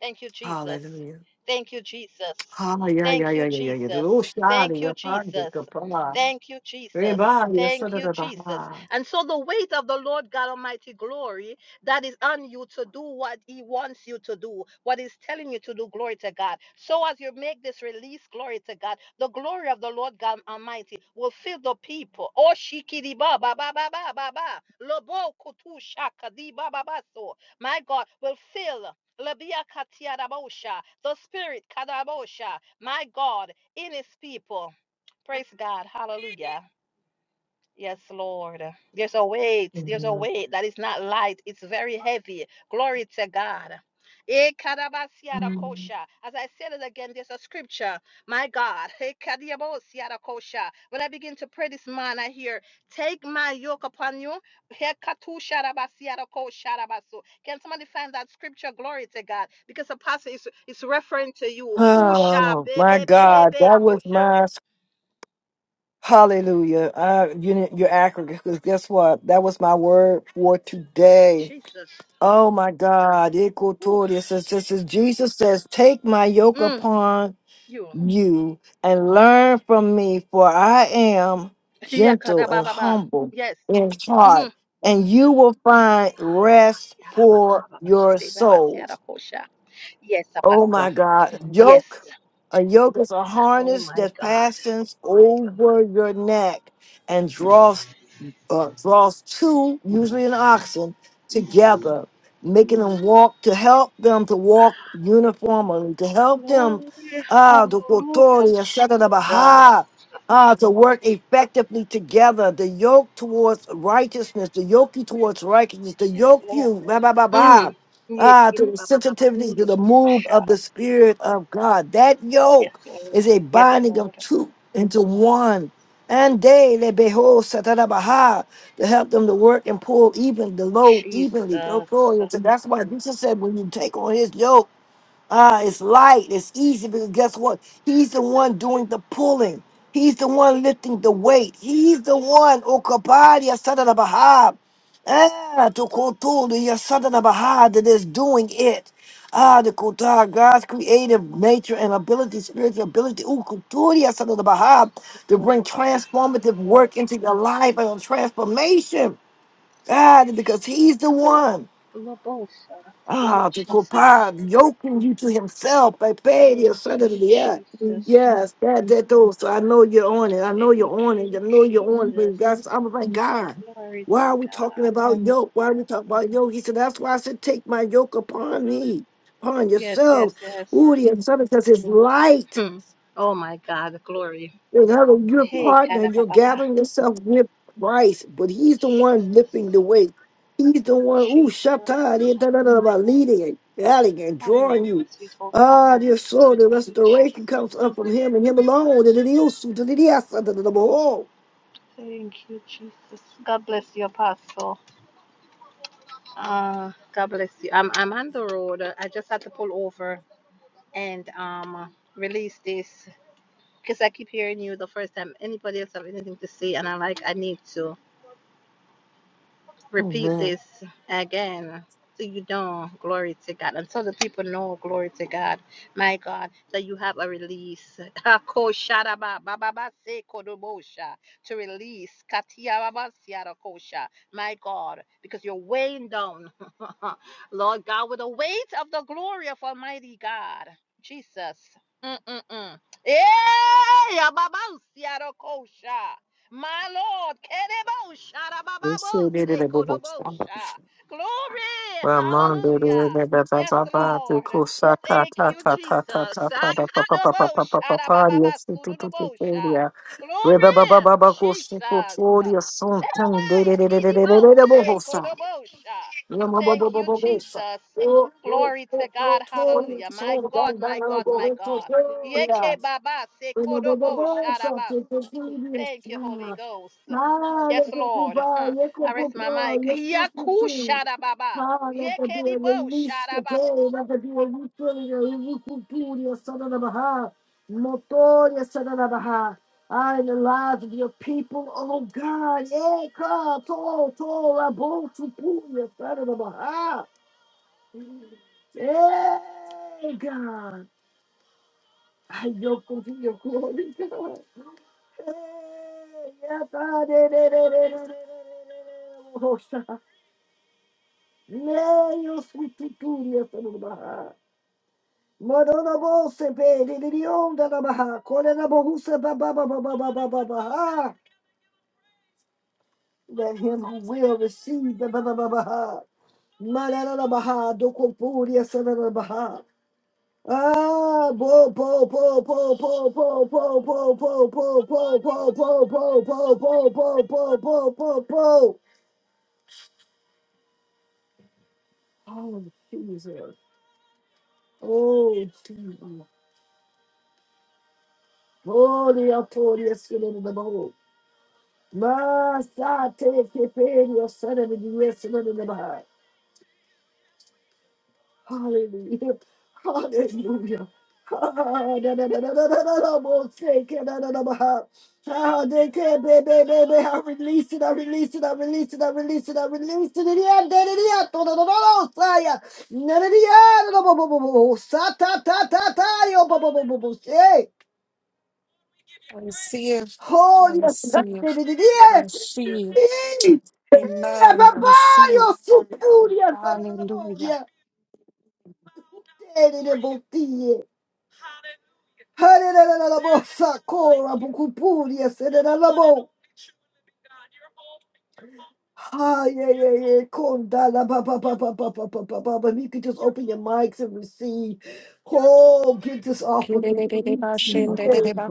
[SPEAKER 3] Thank you, Jesus.
[SPEAKER 1] Hallelujah.
[SPEAKER 3] Thank you, Jesus.
[SPEAKER 1] Hallelujah. Yeah, yeah,
[SPEAKER 3] Thank
[SPEAKER 1] yeah,
[SPEAKER 3] you,
[SPEAKER 1] yeah, yeah. yeah. The
[SPEAKER 3] Jesus.
[SPEAKER 1] Lord shine
[SPEAKER 3] Thank
[SPEAKER 1] in
[SPEAKER 3] you,
[SPEAKER 1] your heart, the
[SPEAKER 3] Jesus.
[SPEAKER 1] kapah.
[SPEAKER 3] Thank you, Jesus.
[SPEAKER 1] Everybody, your
[SPEAKER 3] Thank
[SPEAKER 1] son of
[SPEAKER 3] you,
[SPEAKER 1] the
[SPEAKER 3] Jesus.
[SPEAKER 1] Baha.
[SPEAKER 3] And so the weight of the Lord God Almighty glory that is on you to do what He wants you to do, what He's telling you to do, glory to God. So as you make this release, glory to God, the glory of the Lord God Almighty will fill the people. Oh, shikiri ba ba ba ba ba ba ba. Lobo kutu shaka di ba ba ba so my God, will fill. Labia katiarabosha, the spirit kadarabosha, my God, in his people. Praise God. Hallelujah. Yes, Lord. There's a weight. There's a weight that is not light. It's very heavy. Glory to God. Eh, kadabasiada kosha. As I said it again, there's a scripture. My God. *laughs* Eh, kadiabosiada kosha. When I begin to pray this man, I hear, Take my yoke upon you. Eh, katushadabasiada koshadabasu. Can somebody find that scripture? Glory to God. Because the pastor is, is referring to you. Kusha.
[SPEAKER 1] Oh
[SPEAKER 3] be,
[SPEAKER 1] my
[SPEAKER 3] be, be, be,
[SPEAKER 1] God,
[SPEAKER 3] be,
[SPEAKER 1] that was
[SPEAKER 3] Kosha.
[SPEAKER 1] my hallelujah. I, you, you're accurate because guess what? That was my word for today.
[SPEAKER 3] Jesus.
[SPEAKER 1] Oh my God,
[SPEAKER 3] Ooh.
[SPEAKER 1] Ikotori says, this is Jesus says, take my yoke
[SPEAKER 3] Mm,
[SPEAKER 1] upon
[SPEAKER 3] you.
[SPEAKER 1] you and learn from me, for I am gentle and
[SPEAKER 3] Yakadababa.
[SPEAKER 1] humble
[SPEAKER 3] Yes.
[SPEAKER 1] in
[SPEAKER 3] Mm-hmm.
[SPEAKER 1] heart, and you will find rest for your souls.
[SPEAKER 3] Alabasiarabababashidibabasiarakosha. Yes,
[SPEAKER 1] Oh
[SPEAKER 3] Apostle.
[SPEAKER 1] my God. Yoke.
[SPEAKER 3] Yes.
[SPEAKER 1] A yoke is a
[SPEAKER 3] Oh
[SPEAKER 1] harness
[SPEAKER 3] my
[SPEAKER 1] that
[SPEAKER 3] God.
[SPEAKER 1] fastens over your neck and draws uh, draws two, usually an oxen, together, making them walk to help them to walk uniformly, to help them
[SPEAKER 3] Glory.
[SPEAKER 1] ah, to
[SPEAKER 3] Hallelujah.
[SPEAKER 1] authority, etc.
[SPEAKER 3] Jesus.
[SPEAKER 1] Baha. Ah, to work effectively together, the yoke towards righteousness, the yoke you towards righteousness, the
[SPEAKER 3] Yes,
[SPEAKER 1] yoke
[SPEAKER 3] Lord.
[SPEAKER 1] you, blah, blah, blah, blah.
[SPEAKER 3] Mm.
[SPEAKER 1] Ah, to the sensitivity to the move
[SPEAKER 3] Yekidibabababasudododobosha.
[SPEAKER 1] of the Spirit of God. That
[SPEAKER 3] Yes,
[SPEAKER 1] yoke
[SPEAKER 3] Lord.
[SPEAKER 1] is a
[SPEAKER 3] Yes,
[SPEAKER 1] binding of
[SPEAKER 3] Lord.
[SPEAKER 1] two into one and they they behold Satarabaha to help them to work and pull even the load evenly. Go
[SPEAKER 3] Jesus.
[SPEAKER 1] glory. So that's why Jesus said, when you take on his yoke, Ah, it's light. It's easy because guess what? He's the one doing the pulling. He's the one lifting the weight. He's the one. Okabadi Asada Baha. Ah, to Kotul, the Yasada Baha that is doing it. Ah, the Kotar, God's creative nature and ability, spiritual ability. Ooh, Kuturi Asada Baha to bring
[SPEAKER 3] Lord.
[SPEAKER 1] transformative work into your life and transformation. Ah, because he's the
[SPEAKER 3] Oh,
[SPEAKER 1] one.
[SPEAKER 3] Lobosha. Thank you,
[SPEAKER 1] Ah, to
[SPEAKER 3] Jesus.
[SPEAKER 1] Kopad, yoking you to himself, I paid you
[SPEAKER 3] Thank you,
[SPEAKER 1] suddenly. Yeah.
[SPEAKER 3] Jesus.
[SPEAKER 1] Yes, that that too. So I know you're on it. I know
[SPEAKER 3] Thank
[SPEAKER 1] you're on it.
[SPEAKER 3] you,
[SPEAKER 1] I know you're on it. But
[SPEAKER 3] Jesus.
[SPEAKER 1] that's I was like, God,
[SPEAKER 3] Glory
[SPEAKER 1] why
[SPEAKER 3] to
[SPEAKER 1] are we talking
[SPEAKER 3] God.
[SPEAKER 1] about yoke? Why are we talking about yoke? He said, That's why I said, Take my yoke upon me, upon
[SPEAKER 3] Yes,
[SPEAKER 1] yourselves.
[SPEAKER 3] yes, yes.
[SPEAKER 1] Ooh, the son, because it's light.
[SPEAKER 3] Hmm. Oh my God, glory.
[SPEAKER 1] Without a good
[SPEAKER 3] Hey,
[SPEAKER 1] partner,
[SPEAKER 3] Kada
[SPEAKER 1] you're
[SPEAKER 3] Papa.
[SPEAKER 1] gathering yourself with Christ, but He's the one
[SPEAKER 3] Jesus.
[SPEAKER 1] lifting the weight. He's the one, ooh,
[SPEAKER 3] Jesus.
[SPEAKER 1] Shabbat, da da da, about leading and guiding and
[SPEAKER 3] Have your
[SPEAKER 1] drawing
[SPEAKER 3] way,
[SPEAKER 1] you.
[SPEAKER 3] sweet Holy
[SPEAKER 1] Ah,
[SPEAKER 3] Ghost.
[SPEAKER 1] dear soul, the
[SPEAKER 3] Thank you,
[SPEAKER 1] restoration
[SPEAKER 3] Jesus.
[SPEAKER 1] comes up from Him and Him alone. Da-da-dee-oh, su- da-da-dee-ah, sa- da-da-da-bo-oh.
[SPEAKER 3] Thank you, Jesus. God bless you, Apostle. Uh, God bless you. I'm, I'm on the road. I just had to pull over and um release this because I keep hearing you the first time. Anybody else have anything to say? And i like, I need to. repeat
[SPEAKER 1] Amen.
[SPEAKER 3] this again till you know glory to God, until the people know glory to God, my God, that you have a release. *laughs* To release. My God, because you're weighing down, *laughs* Lord God, with the weight of the glory of Almighty God. Jesus. Mm-mm-mm. Yeah, my Lord, Kerebosha,
[SPEAKER 1] Yes, you did it, I
[SPEAKER 3] Rabababose,
[SPEAKER 1] will.
[SPEAKER 3] Kodobosha. Glory,
[SPEAKER 1] Ramando de de
[SPEAKER 3] hallelujah.
[SPEAKER 1] de ba ba
[SPEAKER 3] Yes,
[SPEAKER 1] ba de
[SPEAKER 3] Lord.
[SPEAKER 1] kusaka
[SPEAKER 3] Thank
[SPEAKER 1] ta
[SPEAKER 3] you,
[SPEAKER 1] ta
[SPEAKER 3] Jesus.
[SPEAKER 1] ta ta ta ta da pa pa pa pa pa pa pa
[SPEAKER 3] Sakadobosha,
[SPEAKER 1] pa
[SPEAKER 3] Rabababa,
[SPEAKER 1] yes tu tu tu tu
[SPEAKER 3] Sudodobosha.
[SPEAKER 1] ya re ba ba ba
[SPEAKER 3] Glory,
[SPEAKER 1] ba ba kusi tu
[SPEAKER 3] Jesus.
[SPEAKER 1] tu ya son tan de de de de de de de de de bo ho sa bo bo
[SPEAKER 3] Thank you,
[SPEAKER 1] sa
[SPEAKER 3] Jesus. Glory to God. Hallelujah. My God, my God,
[SPEAKER 1] bo ho
[SPEAKER 3] my God. Yeke baba se kodobosha rabaso. Thank you, Holy Ghost. Yes, Lord. *laughs* Huh. I rest my mic. Yaku shada baba. Yeke dibo shada baba.
[SPEAKER 1] ya to to la bo tu pu ya ta da ba ha hey God I yo con your glory God yeah ta de de de de de de de de bo ho Neos vituturias da Baha. Morona bolsa pede de onda da Baha. Corena bolsa baba baba baba baba Baha. Let him who will receive the baba baba Baha. Marana da Baha do compuria sana Baha. Ah, po po po po po po po po po po po po po po po po po po po po po. Oh Jesus. Oh Jesus. Holy authority is in the Baha. Masate keperio sana de Dios sana de bahai. Hallelujah. Hallelujah. Ah, da, da, da, da, da, da, da, da, mo, se, ke, da, da, da, baha. Ah, de, ke, be, be, be, be. I release it, I release it, I release it, I release it, I release it. Di, da da, da di, ah, to, da, da, da, da, sa, ya. Na, da di, ah, da, da, bo, bo, bo, bo, bo. Sa, ta, ta, ta, ta, yo, bo, bo, bo, bo, bo, se.
[SPEAKER 5] I receive i
[SPEAKER 1] Holy, di,
[SPEAKER 5] receive
[SPEAKER 1] di, di,
[SPEAKER 5] i receive
[SPEAKER 1] di, ah.
[SPEAKER 5] amen i receive
[SPEAKER 1] Babaio, Supuria,
[SPEAKER 5] hallelujah
[SPEAKER 1] Saranaboria, Terebotia, Haranabosa, Cora, Bucupuria, Serenabo. Ah, yeah, yeah, yeah, Condala, Baba, Baba, Baba, Baba, Baba. If you could just open your mics and receive. Oh, get this off of me.
[SPEAKER 5] Kidididideba
[SPEAKER 10] I receive
[SPEAKER 5] shindidideba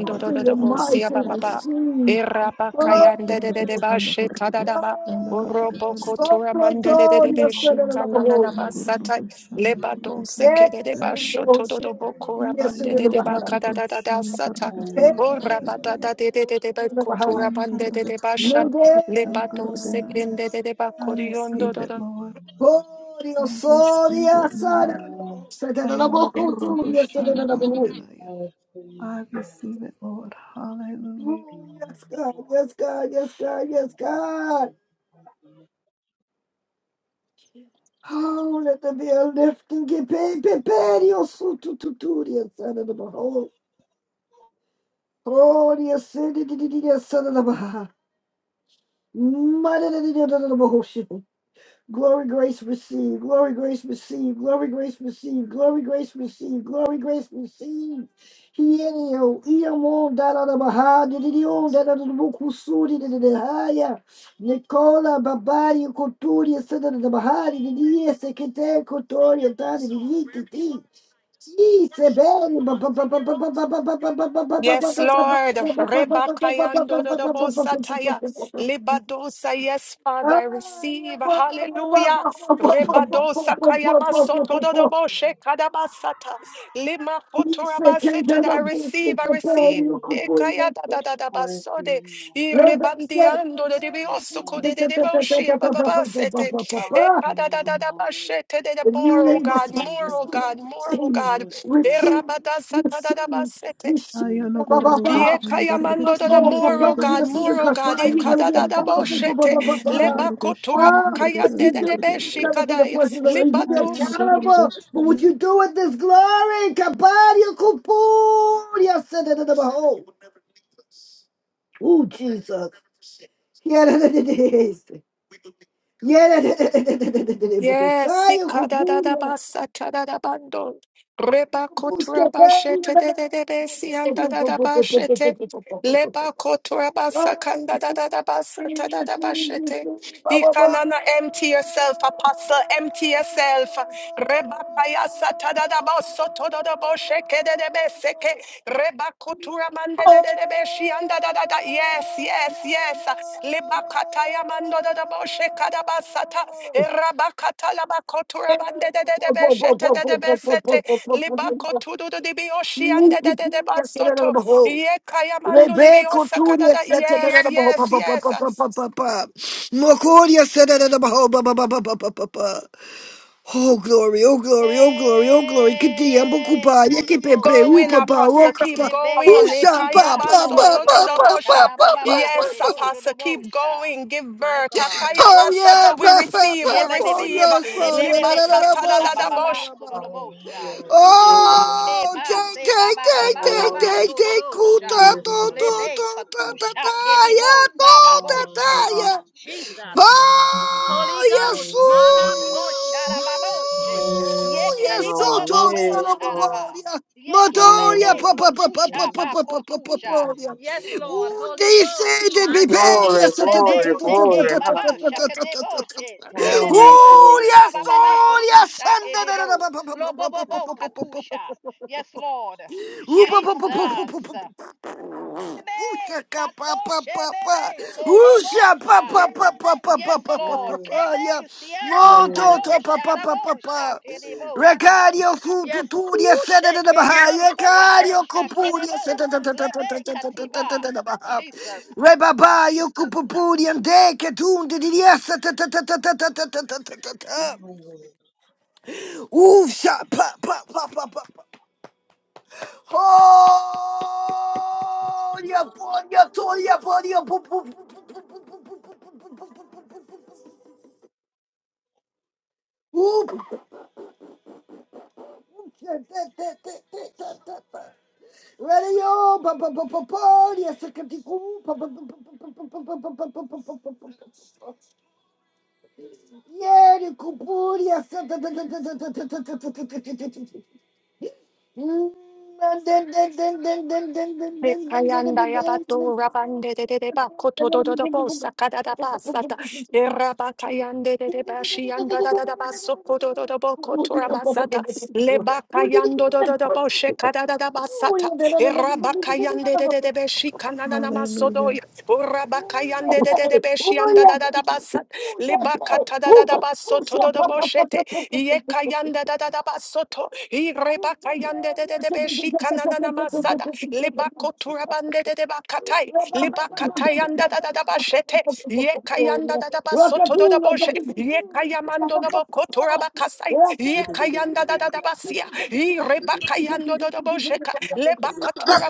[SPEAKER 1] Open your mics and
[SPEAKER 5] siyabababa.
[SPEAKER 1] receive.
[SPEAKER 5] Iraba
[SPEAKER 1] Oh,
[SPEAKER 5] kayandididideba shitadadaba.
[SPEAKER 1] oh, you're
[SPEAKER 5] Urobo
[SPEAKER 1] so
[SPEAKER 5] kotura
[SPEAKER 1] good, oh,
[SPEAKER 5] mandidididebe
[SPEAKER 1] so
[SPEAKER 11] Amen.
[SPEAKER 5] shikanananama satai. Lebado
[SPEAKER 1] Yeah,
[SPEAKER 5] sekididideba
[SPEAKER 1] oh, shit,
[SPEAKER 5] shotododobo kura
[SPEAKER 1] yes, in the
[SPEAKER 5] mandididideba
[SPEAKER 1] behind.
[SPEAKER 5] kadadadada sata.
[SPEAKER 1] Hey, oh, shit,
[SPEAKER 5] Urabadadadidididebe
[SPEAKER 1] in the behind.
[SPEAKER 5] kotura mandididideba shat.
[SPEAKER 1] Monday.
[SPEAKER 5] Lebado sekindididideba
[SPEAKER 10] it,
[SPEAKER 5] kuriyondodododobo
[SPEAKER 10] Lord.
[SPEAKER 1] Gloria,
[SPEAKER 10] I receive
[SPEAKER 1] Soria,
[SPEAKER 10] it,
[SPEAKER 1] Sada,
[SPEAKER 10] Lord.
[SPEAKER 12] Um,
[SPEAKER 1] Sada, la boca, tu, yes, Sada, la boca.
[SPEAKER 12] I was the
[SPEAKER 10] I receive it, Lord. Hallelujah.
[SPEAKER 1] Oh, yes, God, yes, God, yes, God, yes, God. Oh, let the veil lift and get paid, paid, paid, your suit, tu, tu, tu, yes, Sada, la boca. Oh, yes, Sada, yes, Sada, la boca. Glory, grace, receive. Glory, grace, receive. Glory, grace, receive. Glory, grace, receive. Glory, grace, receive. Heini o ei onda la mahadi, ni onda la mukusuri, ni la la haya. Nicola babari kutori, ni la mahadi, ni ni asi kete kutori, ni tadi ni ni ni ni ni
[SPEAKER 5] Yes, Lord. Rebakayando dodobosataya.
[SPEAKER 1] sebeni.
[SPEAKER 5] Libadosa. Yes, Father, I receive. Hallelujah. Rebadosa kayamasoto
[SPEAKER 12] I
[SPEAKER 5] dodoboshe
[SPEAKER 12] was
[SPEAKER 5] kadabasata. Lima
[SPEAKER 12] the
[SPEAKER 5] kotorabasete. I receive. I
[SPEAKER 12] I was
[SPEAKER 5] receive. Ekaya da da da da basode.
[SPEAKER 12] the
[SPEAKER 1] Let us
[SPEAKER 5] Irrebandiando de debiosuko de de deboshi abababasete.
[SPEAKER 1] say,
[SPEAKER 5] Eka da da da bashete de de
[SPEAKER 1] The
[SPEAKER 12] I
[SPEAKER 1] new
[SPEAKER 5] more, oh
[SPEAKER 1] name of
[SPEAKER 5] God, more,
[SPEAKER 1] Jesus,
[SPEAKER 5] oh God, more, oh
[SPEAKER 1] receive,
[SPEAKER 5] God.
[SPEAKER 12] was
[SPEAKER 1] receive,
[SPEAKER 5] Erabadasa da da
[SPEAKER 1] receive,
[SPEAKER 5] basete.
[SPEAKER 10] I
[SPEAKER 12] the
[SPEAKER 1] receive,
[SPEAKER 10] am a
[SPEAKER 1] ba ba ba
[SPEAKER 10] gorro
[SPEAKER 1] ba.
[SPEAKER 5] Ye
[SPEAKER 10] koshina garga
[SPEAKER 5] kayamando
[SPEAKER 1] Not
[SPEAKER 5] da da
[SPEAKER 1] all
[SPEAKER 10] tana
[SPEAKER 1] papa,
[SPEAKER 5] moro
[SPEAKER 10] garga
[SPEAKER 1] you
[SPEAKER 5] God,
[SPEAKER 10] naya.
[SPEAKER 1] see the
[SPEAKER 5] moro God,
[SPEAKER 1] papa,
[SPEAKER 10] I
[SPEAKER 5] ye
[SPEAKER 1] you're gonna
[SPEAKER 5] kada
[SPEAKER 1] be
[SPEAKER 5] da
[SPEAKER 10] receive
[SPEAKER 5] da
[SPEAKER 10] it,
[SPEAKER 1] accountable
[SPEAKER 10] Lord.
[SPEAKER 1] for ba
[SPEAKER 5] boshete,
[SPEAKER 1] ba
[SPEAKER 10] I am
[SPEAKER 1] ba
[SPEAKER 10] a
[SPEAKER 1] ba.
[SPEAKER 5] leba
[SPEAKER 10] gorro
[SPEAKER 5] kotura
[SPEAKER 10] koshana
[SPEAKER 1] Ah, for
[SPEAKER 10] garga
[SPEAKER 1] what
[SPEAKER 10] tana
[SPEAKER 5] kayande
[SPEAKER 1] you
[SPEAKER 5] da de
[SPEAKER 1] do, when
[SPEAKER 10] garga
[SPEAKER 1] you
[SPEAKER 5] beshi
[SPEAKER 10] naya.
[SPEAKER 1] come into the
[SPEAKER 5] kadaya,
[SPEAKER 1] presence of God. You're gonna
[SPEAKER 10] I
[SPEAKER 1] be
[SPEAKER 10] am a gorro
[SPEAKER 1] accountable for what
[SPEAKER 10] koshana.
[SPEAKER 1] you do with this glory. Kabadia kupur, yes, da da da da, behold. Ooh, Jesus. Yeah, da da da da. Yeah, da da da da da da da da. Behold,
[SPEAKER 5] Yes,
[SPEAKER 1] Saya
[SPEAKER 5] sikada da da
[SPEAKER 1] kupur.
[SPEAKER 5] basa chada da bando. Reba
[SPEAKER 1] Oh,
[SPEAKER 5] kotura bashete de de sikadadadabasa tadadabando. Rebakoturabashete dededebesi andadadabashete. Lebakoturabasa kandadadadabasa tadadabashete. Ikanana, empty yourself, apostle, empty yourself. Reba kaya satada da baso todo da bosheke de de tadadabaso tododoboseke dedebeseke. Rebakoturamandededebeshi andadadada. Yes, yes, yes. Lebakatayamandododoboshe kadabasata. Erabakatalabakoturabandededebesetededebesete. Libakotudududibiyoshiandedededebasoto.
[SPEAKER 1] Rebecca Tunia
[SPEAKER 5] Yekayamandudibiyosakadada.
[SPEAKER 1] said to the
[SPEAKER 5] Yes, yes, yes.
[SPEAKER 1] Mokoria said to the Oh glory, oh glory, oh glory, oh glory. Kiti
[SPEAKER 3] Hey,
[SPEAKER 1] ambukupa, yeke pepe,
[SPEAKER 5] Go in,
[SPEAKER 3] kodobosha.
[SPEAKER 1] upapa,
[SPEAKER 5] Apostle. Keep
[SPEAKER 1] wokapa,
[SPEAKER 3] Lebe
[SPEAKER 5] going.
[SPEAKER 1] usha, pa,
[SPEAKER 3] katiba
[SPEAKER 1] pa,
[SPEAKER 3] so
[SPEAKER 1] pa,
[SPEAKER 3] do
[SPEAKER 1] pa, pa, pa,
[SPEAKER 5] Ikayabasotododomosha.
[SPEAKER 1] pa, pa, pa,
[SPEAKER 5] Yes,
[SPEAKER 3] se
[SPEAKER 1] pa.
[SPEAKER 3] koro
[SPEAKER 5] Apostle. Keep going. Give
[SPEAKER 3] My
[SPEAKER 5] birth.
[SPEAKER 3] God,
[SPEAKER 1] Oh
[SPEAKER 3] oh
[SPEAKER 1] yeah,
[SPEAKER 5] Akayabasata.
[SPEAKER 3] shara
[SPEAKER 5] We
[SPEAKER 1] pa,
[SPEAKER 3] baba.
[SPEAKER 1] pa,
[SPEAKER 5] receive. We
[SPEAKER 3] Ye
[SPEAKER 1] pa,
[SPEAKER 3] be be
[SPEAKER 1] pa,
[SPEAKER 3] be
[SPEAKER 5] receive.
[SPEAKER 3] be
[SPEAKER 1] Dios,
[SPEAKER 12] I
[SPEAKER 1] pa,
[SPEAKER 3] lebe
[SPEAKER 1] la,
[SPEAKER 3] be
[SPEAKER 1] la, la, la, la, pa,
[SPEAKER 3] katusha
[SPEAKER 1] sa, la,
[SPEAKER 3] baba ba
[SPEAKER 5] Libasata
[SPEAKER 1] la, la,
[SPEAKER 3] so
[SPEAKER 1] pa.
[SPEAKER 3] My God, ke
[SPEAKER 1] Oh, take,
[SPEAKER 3] se ba
[SPEAKER 1] take,
[SPEAKER 3] ba ba
[SPEAKER 1] take,
[SPEAKER 3] ba
[SPEAKER 1] take, take,
[SPEAKER 3] so
[SPEAKER 1] take, kuta, to, to,
[SPEAKER 3] Lebe
[SPEAKER 1] to, ta, ta,
[SPEAKER 3] katusha ke
[SPEAKER 1] ta,
[SPEAKER 3] di
[SPEAKER 1] ya, to, ta, ta, ya.
[SPEAKER 3] Jesus. Holy
[SPEAKER 1] Oh, yes,
[SPEAKER 3] Ghost, mana ko
[SPEAKER 12] Hallelujah.
[SPEAKER 3] sharababoshe.
[SPEAKER 1] oh, yes,
[SPEAKER 3] Yekeri
[SPEAKER 1] so tall,
[SPEAKER 3] bobobobo sharaba.
[SPEAKER 1] Paparia,
[SPEAKER 12] Glory,
[SPEAKER 1] Madoria,
[SPEAKER 3] Yekebebe
[SPEAKER 1] Papa, Papa, Papa,
[SPEAKER 3] kotusha ba
[SPEAKER 1] Papa, Papa,
[SPEAKER 3] kotusha.
[SPEAKER 1] Paparia.
[SPEAKER 3] Yes, Lord, Holy
[SPEAKER 1] They say
[SPEAKER 3] Ghost,
[SPEAKER 1] they
[SPEAKER 3] my
[SPEAKER 1] prepare,
[SPEAKER 3] God.
[SPEAKER 1] yes, oh, ta- ta-
[SPEAKER 3] Lebe
[SPEAKER 1] ta-
[SPEAKER 12] glory,
[SPEAKER 1] ta- ta- ta-
[SPEAKER 12] glory,
[SPEAKER 3] seke
[SPEAKER 1] ta- ta- ta-
[SPEAKER 3] baba
[SPEAKER 12] hallelujah.
[SPEAKER 1] ta- ta- ta- ta- ta- ta.
[SPEAKER 3] shakadeboshe.
[SPEAKER 12] Glory,
[SPEAKER 3] Lebebe
[SPEAKER 1] Ooh,
[SPEAKER 12] glory,
[SPEAKER 3] kotusha
[SPEAKER 1] yes,
[SPEAKER 3] bababa
[SPEAKER 12] glory.
[SPEAKER 1] oh, yes,
[SPEAKER 3] kotusha
[SPEAKER 1] and da- da- da- da-
[SPEAKER 3] kedebo.
[SPEAKER 1] pa- pa- pa- pa- pa- pa- pa-
[SPEAKER 3] Lobobobo
[SPEAKER 1] pa- pa-
[SPEAKER 3] katusha. Yes, Lord.
[SPEAKER 1] pa- pa-
[SPEAKER 3] Jesus.
[SPEAKER 1] pa- Usha
[SPEAKER 3] Bebe
[SPEAKER 1] ka pa pa
[SPEAKER 3] katoshe
[SPEAKER 1] pa pa.
[SPEAKER 3] bebe
[SPEAKER 1] Usha pa
[SPEAKER 3] kobobosha.
[SPEAKER 1] pa pa pa pa pa pa
[SPEAKER 3] Yes,
[SPEAKER 1] pa pa
[SPEAKER 3] Lord.
[SPEAKER 12] Hallelujah.
[SPEAKER 1] pa ya.
[SPEAKER 3] Keben, Seattle,
[SPEAKER 1] Monto to
[SPEAKER 12] Hallelujah.
[SPEAKER 3] Kado,
[SPEAKER 1] pa pa pa pa
[SPEAKER 3] Sharabo,
[SPEAKER 1] pa.
[SPEAKER 3] Shakedibosa.
[SPEAKER 1] Recadio su tu
[SPEAKER 3] Yes,
[SPEAKER 1] tu di
[SPEAKER 3] Kushe,
[SPEAKER 1] sede de de baha.
[SPEAKER 3] Kedibo, Bobo,
[SPEAKER 1] Recadio cupu di sede
[SPEAKER 3] Shakedibo,
[SPEAKER 1] de de de de de
[SPEAKER 3] Lebe,
[SPEAKER 1] de de de de
[SPEAKER 3] Katiba.
[SPEAKER 1] de de baha.
[SPEAKER 3] Jesus.
[SPEAKER 1] Re baba yo cupu pu di ande che tu di di sede de de de de de de de de de de de. Usha pa pa pa pa pa pa. Oh! ya po ya to ya po ya po po. Whoop. Ready, y'all. Pa- pa- pa- pa- Yes, I can take you. Pa- pa- pa- pa- pa- pa- pa- pa- pa- pa- pa- pa- Yeah, the couple. Yes, da- da- da- da- da- da- da- da- da- da- Ooh,
[SPEAKER 5] Mekayanda yabato rabande de de de ba koto do do do bo sakada da ba sata eraba kayande de de ba shianda da da da ba soko do do do bo koto raba sata leba kayando do do do bo shekada da da ba sata eraba kayande de de de be shikana na na maso
[SPEAKER 10] Hallelujah.
[SPEAKER 5] Urabakayande de de de beshianda da da da basat. Libakata da da da basoto do do boshete. Yekayanda da da da basoto. Irebakayande de de de beshikana na na masada. Libakoturabande de de bakatai. Libakatayanda da da da bashete.
[SPEAKER 1] Rabaya
[SPEAKER 5] Yekayanda da da basoto do do boshe. Yekayamando do bokoturabakasai.
[SPEAKER 13] Ma
[SPEAKER 5] Yekayanda da da da basia no da da bo sheka le ba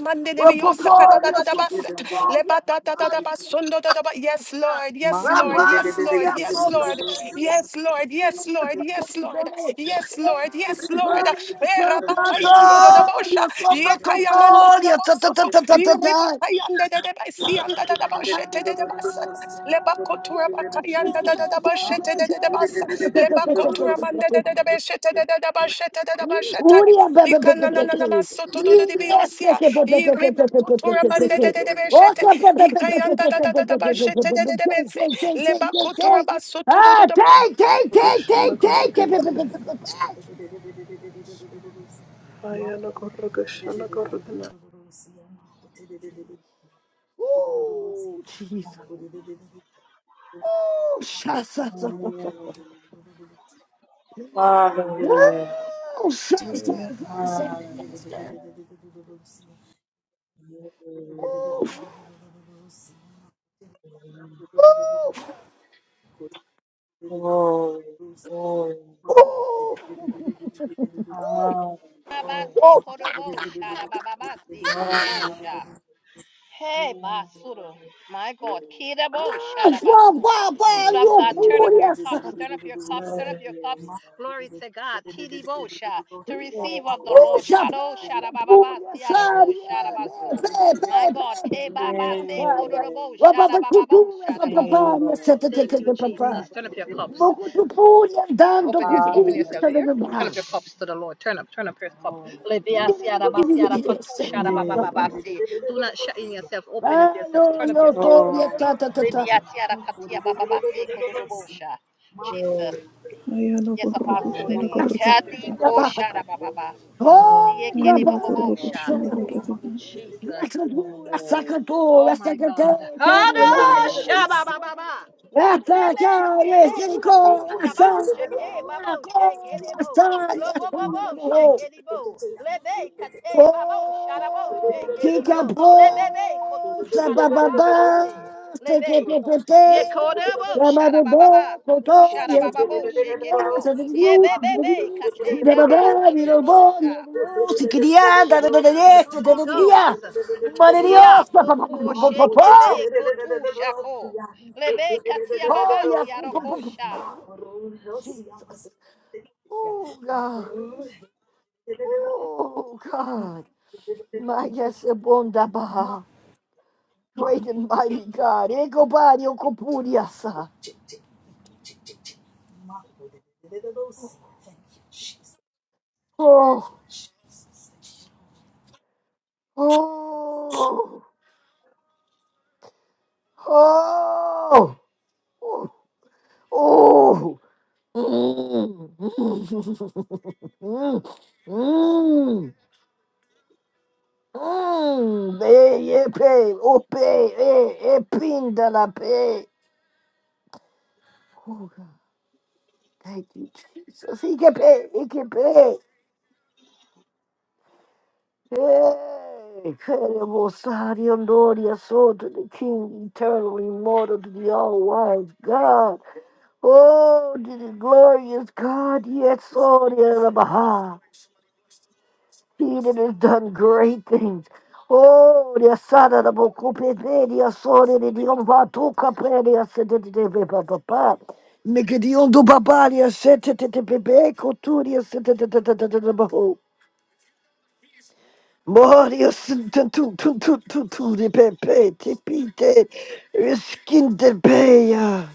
[SPEAKER 5] mande ne bi osaka da da da da baset le ba da da da da basundo da da ba yes lord yes lord yes lord yes lord yes lord yes lord yes lord yes lord yes lord era ba da da bosha ye kayamando da da bosoto iri ba
[SPEAKER 1] soto
[SPEAKER 5] da da ba si anda da da
[SPEAKER 1] Ah,
[SPEAKER 5] boshete da da basat le ba kotura
[SPEAKER 1] take,
[SPEAKER 5] da da da boshete da da da basa
[SPEAKER 1] take,
[SPEAKER 5] le ba mande da da da beshete da da da bashete da da bashete Ikanananamasotodododebeosia. Iribakotorabandedededebeshete. Ikayandadadadadabashetedededebese. Lebakotorabasotodododo-
[SPEAKER 1] take,
[SPEAKER 10] Koshana
[SPEAKER 1] take,
[SPEAKER 10] a naya.
[SPEAKER 1] take.
[SPEAKER 10] I am a gorro koshana garga naya.
[SPEAKER 1] Ooh, Jesus. Ooh, sha, sha, sha,
[SPEAKER 13] Thank
[SPEAKER 1] sha, sha. Ooh, sha, sha, sha,
[SPEAKER 10] Hallelujah.
[SPEAKER 1] sha, sha. Ooh. Ooh,
[SPEAKER 12] Glory, glory,
[SPEAKER 1] ooh, ooh,
[SPEAKER 3] Abasi, Kodobo, Sharababasi,
[SPEAKER 12] hallelujah.
[SPEAKER 3] Kodobosha. Hey, Basuru. My God. Kidabo Shadabasu.
[SPEAKER 12] Glory,
[SPEAKER 3] People of
[SPEAKER 1] Trabalho
[SPEAKER 3] God, turn
[SPEAKER 12] glory,
[SPEAKER 1] por
[SPEAKER 3] up your
[SPEAKER 1] essa.
[SPEAKER 3] cups, turn up your cups, turn up your cups. Glory to God. Kidibo Sha. To receive of the
[SPEAKER 1] O
[SPEAKER 3] Lord. Kado
[SPEAKER 1] trabalho por
[SPEAKER 3] Shadababa
[SPEAKER 1] essa
[SPEAKER 3] Siadoko
[SPEAKER 1] área. Be,
[SPEAKER 3] Shadabasu.
[SPEAKER 1] be,
[SPEAKER 3] My God.
[SPEAKER 1] be, be, be,
[SPEAKER 3] Kebaba
[SPEAKER 1] por
[SPEAKER 13] you.
[SPEAKER 1] essa
[SPEAKER 3] Se
[SPEAKER 1] área.
[SPEAKER 3] Kodobo
[SPEAKER 1] Bababa
[SPEAKER 3] Shadababa
[SPEAKER 1] cultura,
[SPEAKER 3] Shadabaku.
[SPEAKER 1] bababá, essa, tê, tê,
[SPEAKER 3] Thank
[SPEAKER 1] tê,
[SPEAKER 3] you,
[SPEAKER 1] tê,
[SPEAKER 13] Thank
[SPEAKER 3] Jesus.
[SPEAKER 1] babá.
[SPEAKER 3] Turn up your cups.
[SPEAKER 1] Moco do puri andando
[SPEAKER 3] Open your
[SPEAKER 1] com
[SPEAKER 3] open
[SPEAKER 1] puri,
[SPEAKER 3] yourself
[SPEAKER 1] essa, tê,
[SPEAKER 3] here.
[SPEAKER 1] tê,
[SPEAKER 3] Turn up
[SPEAKER 1] babá.
[SPEAKER 3] your cups to the Lord. Turn up, turn up your cup. Ledia
[SPEAKER 1] Uri, uri,
[SPEAKER 3] siara ba
[SPEAKER 1] uri, uri, uri,
[SPEAKER 3] siara katu shara ba ba ba ba si. Do not shut in yourself. Open up
[SPEAKER 1] Ah,
[SPEAKER 3] yourself. Turn up your cups to the
[SPEAKER 1] e
[SPEAKER 3] Lord. Ledia siara katia ba ba ba si kododobosha. Jesus.
[SPEAKER 12] Hallelujah.
[SPEAKER 10] I am a
[SPEAKER 3] Yes,
[SPEAKER 10] gorro
[SPEAKER 3] Apostle
[SPEAKER 1] Oh,
[SPEAKER 10] koshana
[SPEAKER 3] Denise.
[SPEAKER 1] yes.
[SPEAKER 10] garga
[SPEAKER 3] Hadi
[SPEAKER 10] naya.
[SPEAKER 3] ko shara ba ba ba.
[SPEAKER 1] Oh,
[SPEAKER 10] I
[SPEAKER 3] Yekede
[SPEAKER 10] am
[SPEAKER 3] bo
[SPEAKER 10] a
[SPEAKER 3] bo bo
[SPEAKER 10] gorro
[SPEAKER 1] Gabario,
[SPEAKER 3] sha.
[SPEAKER 10] koshana
[SPEAKER 1] so.
[SPEAKER 10] garga naya.
[SPEAKER 3] Jesus.
[SPEAKER 1] Graçadura,
[SPEAKER 3] Oh
[SPEAKER 1] sacadura,
[SPEAKER 3] my
[SPEAKER 1] secretária,
[SPEAKER 3] God. Hada shaba
[SPEAKER 13] you.
[SPEAKER 3] ba ba ba.
[SPEAKER 1] essa
[SPEAKER 3] Lebe
[SPEAKER 1] já é
[SPEAKER 3] sebe
[SPEAKER 1] cinco,
[SPEAKER 3] katu shabo
[SPEAKER 1] essa
[SPEAKER 3] sheke
[SPEAKER 1] já é
[SPEAKER 3] babo sheke
[SPEAKER 1] coisa, essa
[SPEAKER 3] debo
[SPEAKER 1] já é
[SPEAKER 3] lobo bobo
[SPEAKER 1] tudo.
[SPEAKER 3] sheke debo lebe kate babo sharabo
[SPEAKER 1] Oh,
[SPEAKER 3] sheke
[SPEAKER 1] chica
[SPEAKER 3] debo lebe kotu
[SPEAKER 1] posta,
[SPEAKER 3] sharababo
[SPEAKER 1] bababá,
[SPEAKER 13] Thank you.
[SPEAKER 3] se
[SPEAKER 1] se que
[SPEAKER 3] lebe
[SPEAKER 1] te
[SPEAKER 3] so
[SPEAKER 1] pete,
[SPEAKER 3] ye kodebo
[SPEAKER 1] chama de
[SPEAKER 3] sharababa
[SPEAKER 1] beco,
[SPEAKER 3] kutu
[SPEAKER 1] tori, el
[SPEAKER 3] sharababo
[SPEAKER 1] sur, de
[SPEAKER 3] sheke debo
[SPEAKER 1] criança, de
[SPEAKER 3] ye
[SPEAKER 1] dios, de
[SPEAKER 3] bebe
[SPEAKER 1] dios,
[SPEAKER 3] kate
[SPEAKER 1] de
[SPEAKER 3] baba
[SPEAKER 1] babá, de
[SPEAKER 3] sodobo
[SPEAKER 1] robô, de
[SPEAKER 3] sha
[SPEAKER 1] dios, de criança, de
[SPEAKER 3] Jesus
[SPEAKER 1] dieste,
[SPEAKER 3] Holy
[SPEAKER 1] de diria,
[SPEAKER 3] Ghost
[SPEAKER 1] mare de
[SPEAKER 3] Hia
[SPEAKER 1] dios,
[SPEAKER 3] boko
[SPEAKER 1] papapapapapó,
[SPEAKER 3] shekebe kotu shako. Lebe katia
[SPEAKER 1] oh, e a
[SPEAKER 3] babasi
[SPEAKER 1] culpa,
[SPEAKER 3] arokosha.
[SPEAKER 1] Jesus, oh, God, oh, God, my yes, é bom da
[SPEAKER 13] Ma,
[SPEAKER 1] barra.
[SPEAKER 13] ma,
[SPEAKER 1] Great and mighty God. Ekobadio
[SPEAKER 13] Mako
[SPEAKER 1] kopuriasa.
[SPEAKER 13] tick tick tick tick tick. Mako de de de de de see. Thank you, Jesus.
[SPEAKER 1] Oh,
[SPEAKER 13] Jesus. Thank you.
[SPEAKER 1] oh, oh, oh. Mm, mm, *laughs* mm, mm. Be, ye, pe, ope, e, e, pinda la pe. Oh, God. Thank you, Jesus. He can pay. He can pay. Hey, incredible Sadio Lord, soul to the King, eternal, immortal, to the all-wise God. Oh, to the glorious God, yes, oh, the Baha. He that has done great things. Oh, the Asada, the Bokupepe, the Asori, the Diomba, Tukape, the Asete, Papa, Papa. Nicodion do Baba, the Asete, Pepe, Coturia, Sete, Moria senten tu tu tu tu tu de pepe te pite skin de peya.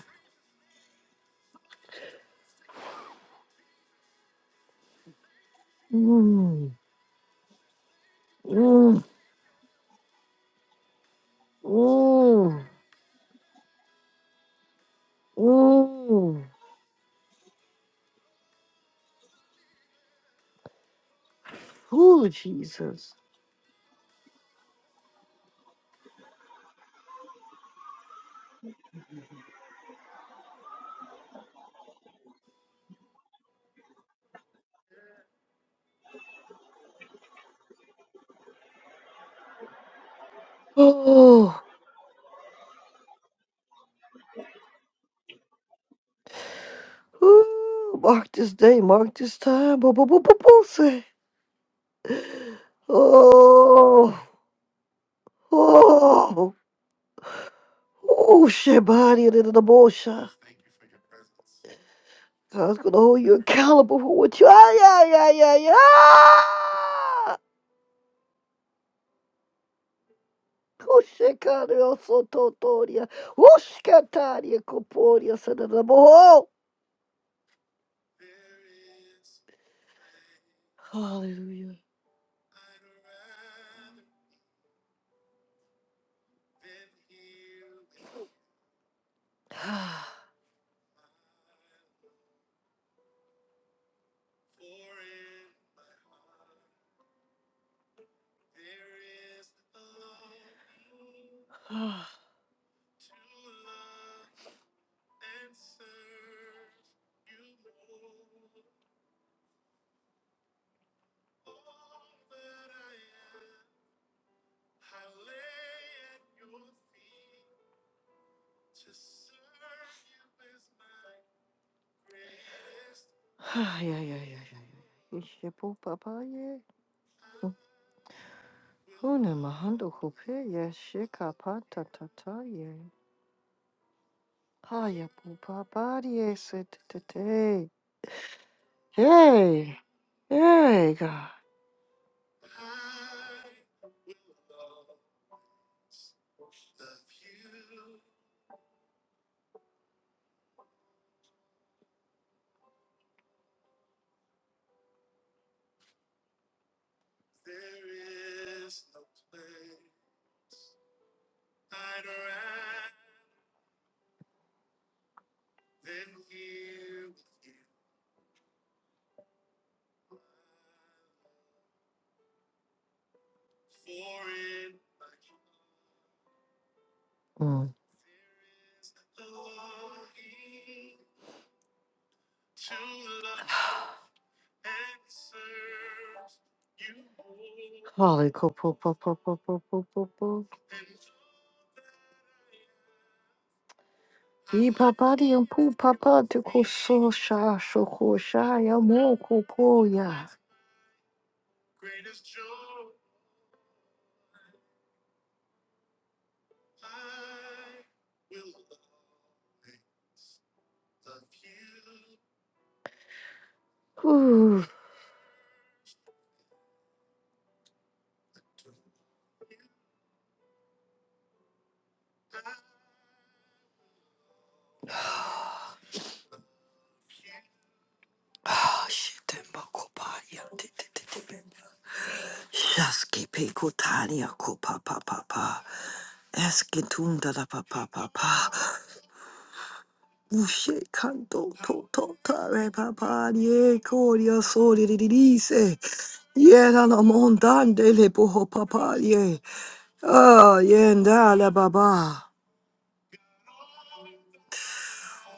[SPEAKER 1] Oh Jesus. Ooh, mark this day, mark this time. Bo bo bo bo bo say. Oh oh oh shebari de the bosha. God's gonna hold you accountable for what you ah yeah yeah yeah yeah. Kushekari osototoria. Ushkataria koporia sadadaboho. Hallelujah. Ah. would rather Una mahando kupiye shika pata tataye. Haya pupa bariye sitete. Hey, hey. God. Hali ko pupa pupa. Ipa bariye pupa pata Yeah. Shaskipe kutania kupa pa pa pa. Eskitunda da pa pa pa pa. Ushe kanto to to ta pa pa nie koria sori di di di se. Yera mondande le poho pa pa ye. Ah, yenda la ba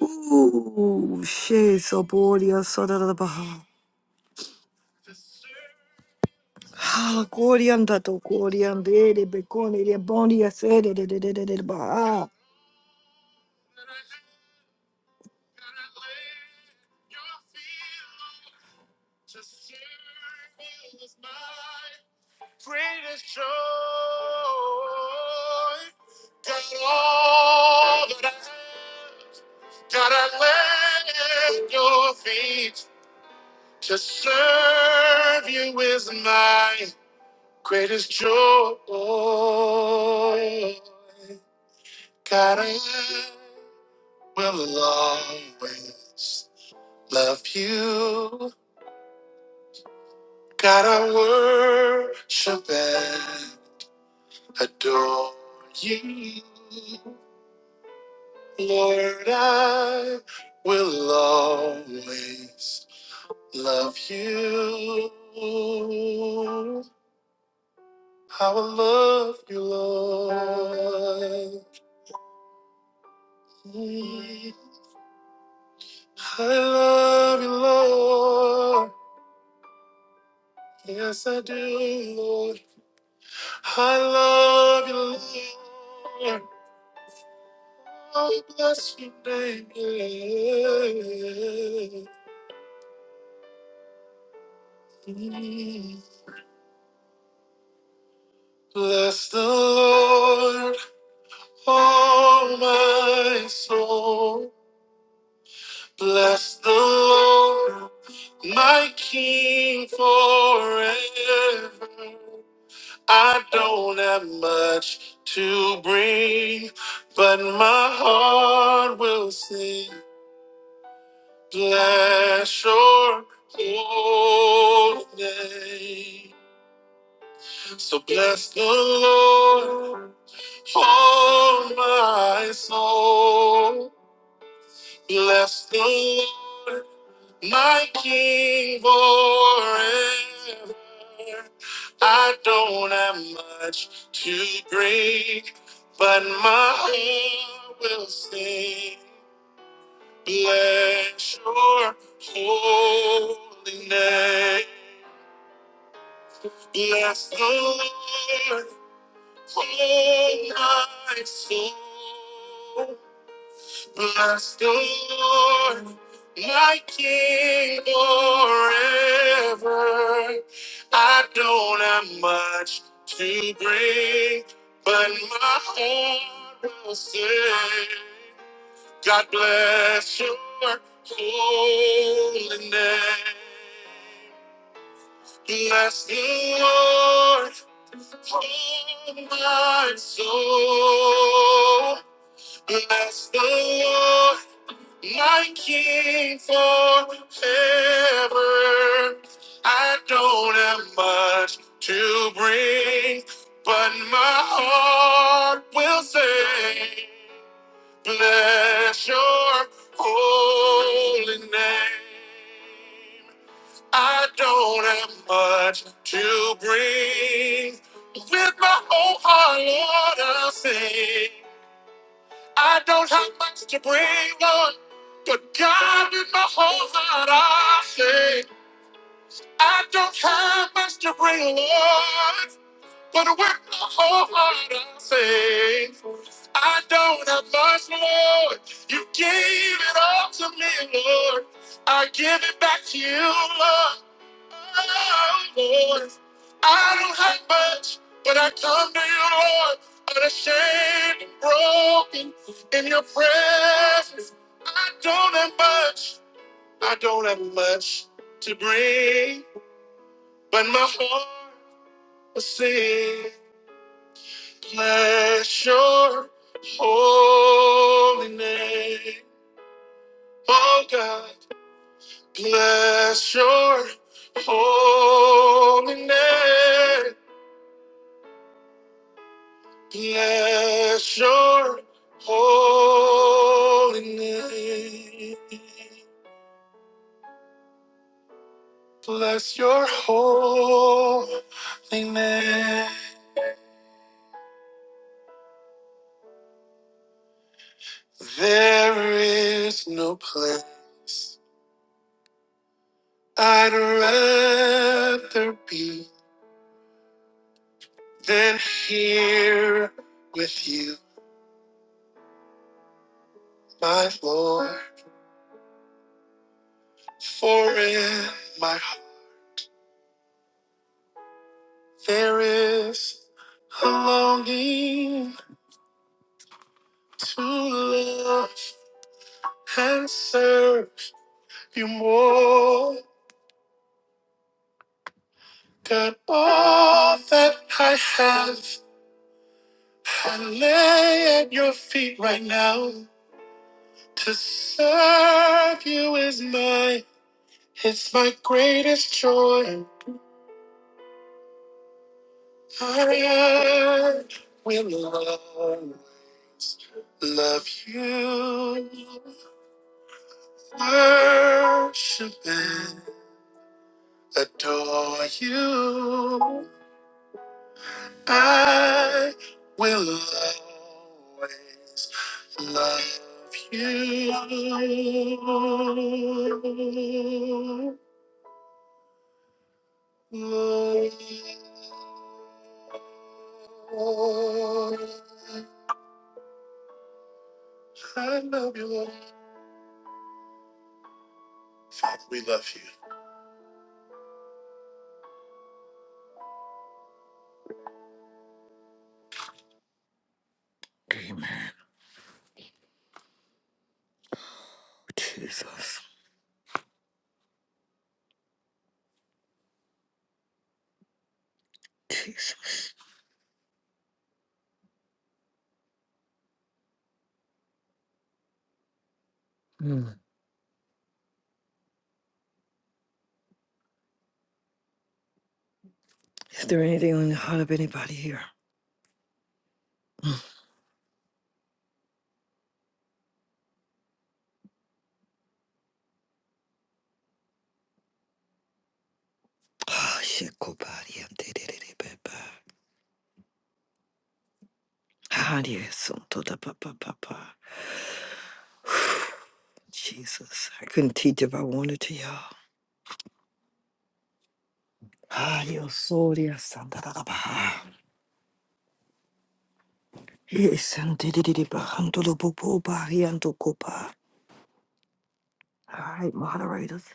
[SPEAKER 1] Ooh, she so boria, soda da baha. Oriandere beka. God, I will always love you. God, I worship and adore you. Lord, I will always love you. I will love you, Lord. Mm. I love you, Lord. Yes, I do, Lord. I love you, Lord. I bless your name. yeah. Mm. Bless the Lord, oh my soul. Bless the Lord, my King forever. I don't have much to bring, but my heart will sing. Bless your holy name. So bless the Lord, oh my soul. Bless the Lord, my King forever. I don't have much to bring, but my heart will sing. Bless your holy name. Bless the Lord, oh my soul. Bless the Lord, my King forever. I don't have much to bring, but my heart will sing. God bless your holy name. Bless the Lord, oh my soul. Bless the Lord, my King forever. I don't have much to bring, but my heart will sing. Bless your holy name. I don't have much to bring. With my whole heart, Lord, I sing. I don't have much to bring, Lord, but God, with my whole heart, I sing. I don't have much to bring, Lord, but with my whole heart, I sing. I don't have much, Lord. You gave it all to me, Lord. I give it back to you, Lord. Lord. I don't have much, but I come to you, Lord, unashamed and broken in your presence. I don't have much, I don't have much to bring, but my heart will sing. Bless your holy name. Oh God, bless your holy name. Bless your holy name. Bless your holy name. There is no place I'd rather be than here with you, my Lord. For in my There is a longing to love and serve you more than all. Lay at your feet right now. Serve you is my, my joy. Worship and adore you. I will always love you. Lord. Jesus. Mm. Is there anything on the heart of anybody here? Ah, shit, go body and did it, it, it, but- Iba, handle the bo- bo- body and do go All right, moderators.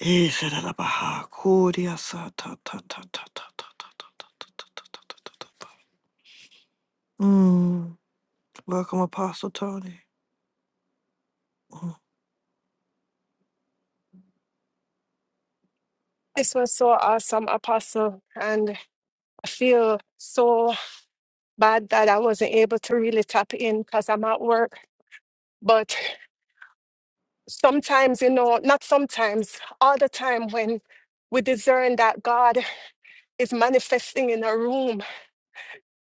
[SPEAKER 1] Ishadadabaha, Kuriasa, ta, ta, ta, ta, ta, ta, ta, ta, ta, ta, ta, ta, ta, ta, ta, ta. Mm, welcome, Apostle Tony.
[SPEAKER 5] This was so awesome, Apostle. And I feel so bad that I wasn't able to really tap in because I'm at work. But sometimes, you know, not sometimes, all the time when we discern that God is manifesting in a room,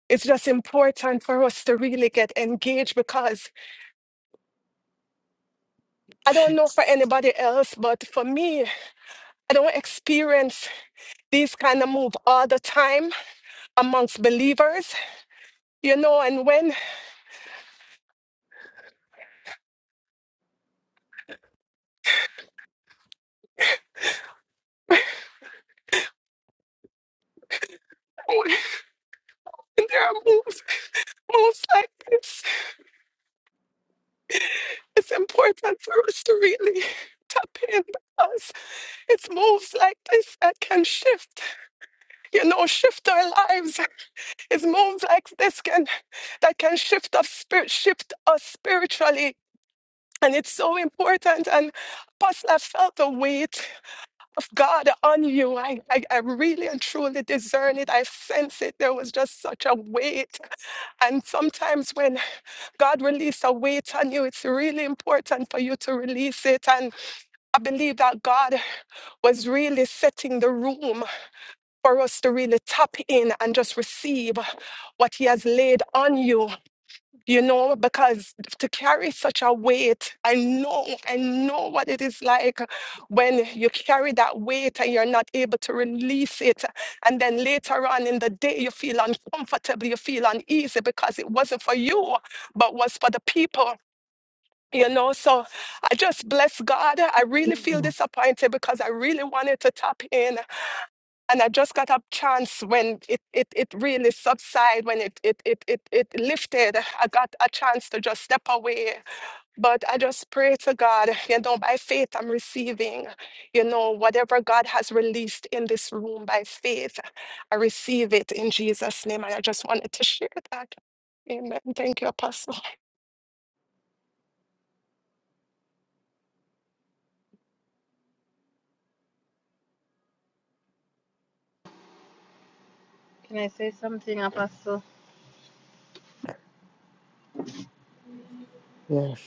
[SPEAKER 5] it's just important for us to really get engaged because I don't know for anybody else, but for me, I don't experience these kind of move all the time amongst believers, you know. And when, *laughs* when there are moves, moves like this, it's important for us to really tap in because it's moves like this that can shift, you know, shift our lives. It's moves like this can that can shift us spirit, shift us spiritually. And it's so important. And Apostle, I felt the weight of God on you. I, I, I really and truly discern it. I sense it. There was just such a weight. And sometimes when God release a weight on you, it's really important for you to release it. And I believe that God was really setting the room for us to really tap in and just receive what He has laid on you you know, because to carry such a weight, I know, I know what it is like when you carry that weight and you're not able to release it. And then later on in the day, you feel uncomfortable, you feel uneasy because it wasn't for you, but was for the people. You know, so I just bless God. I really feel
[SPEAKER 1] Mm.
[SPEAKER 5] disappointed because I really wanted to tap in and I just got a chance when it it, it really subsided, when it it, it it it lifted. I got a chance to just step away. But I just pray to God, you know, by faith I'm receiving, you know, whatever God has released in this room by faith, I receive it in Jesus' name. And I just wanted to share that. Amen. Thank you, Apostle.
[SPEAKER 3] Can I say something, Apostle?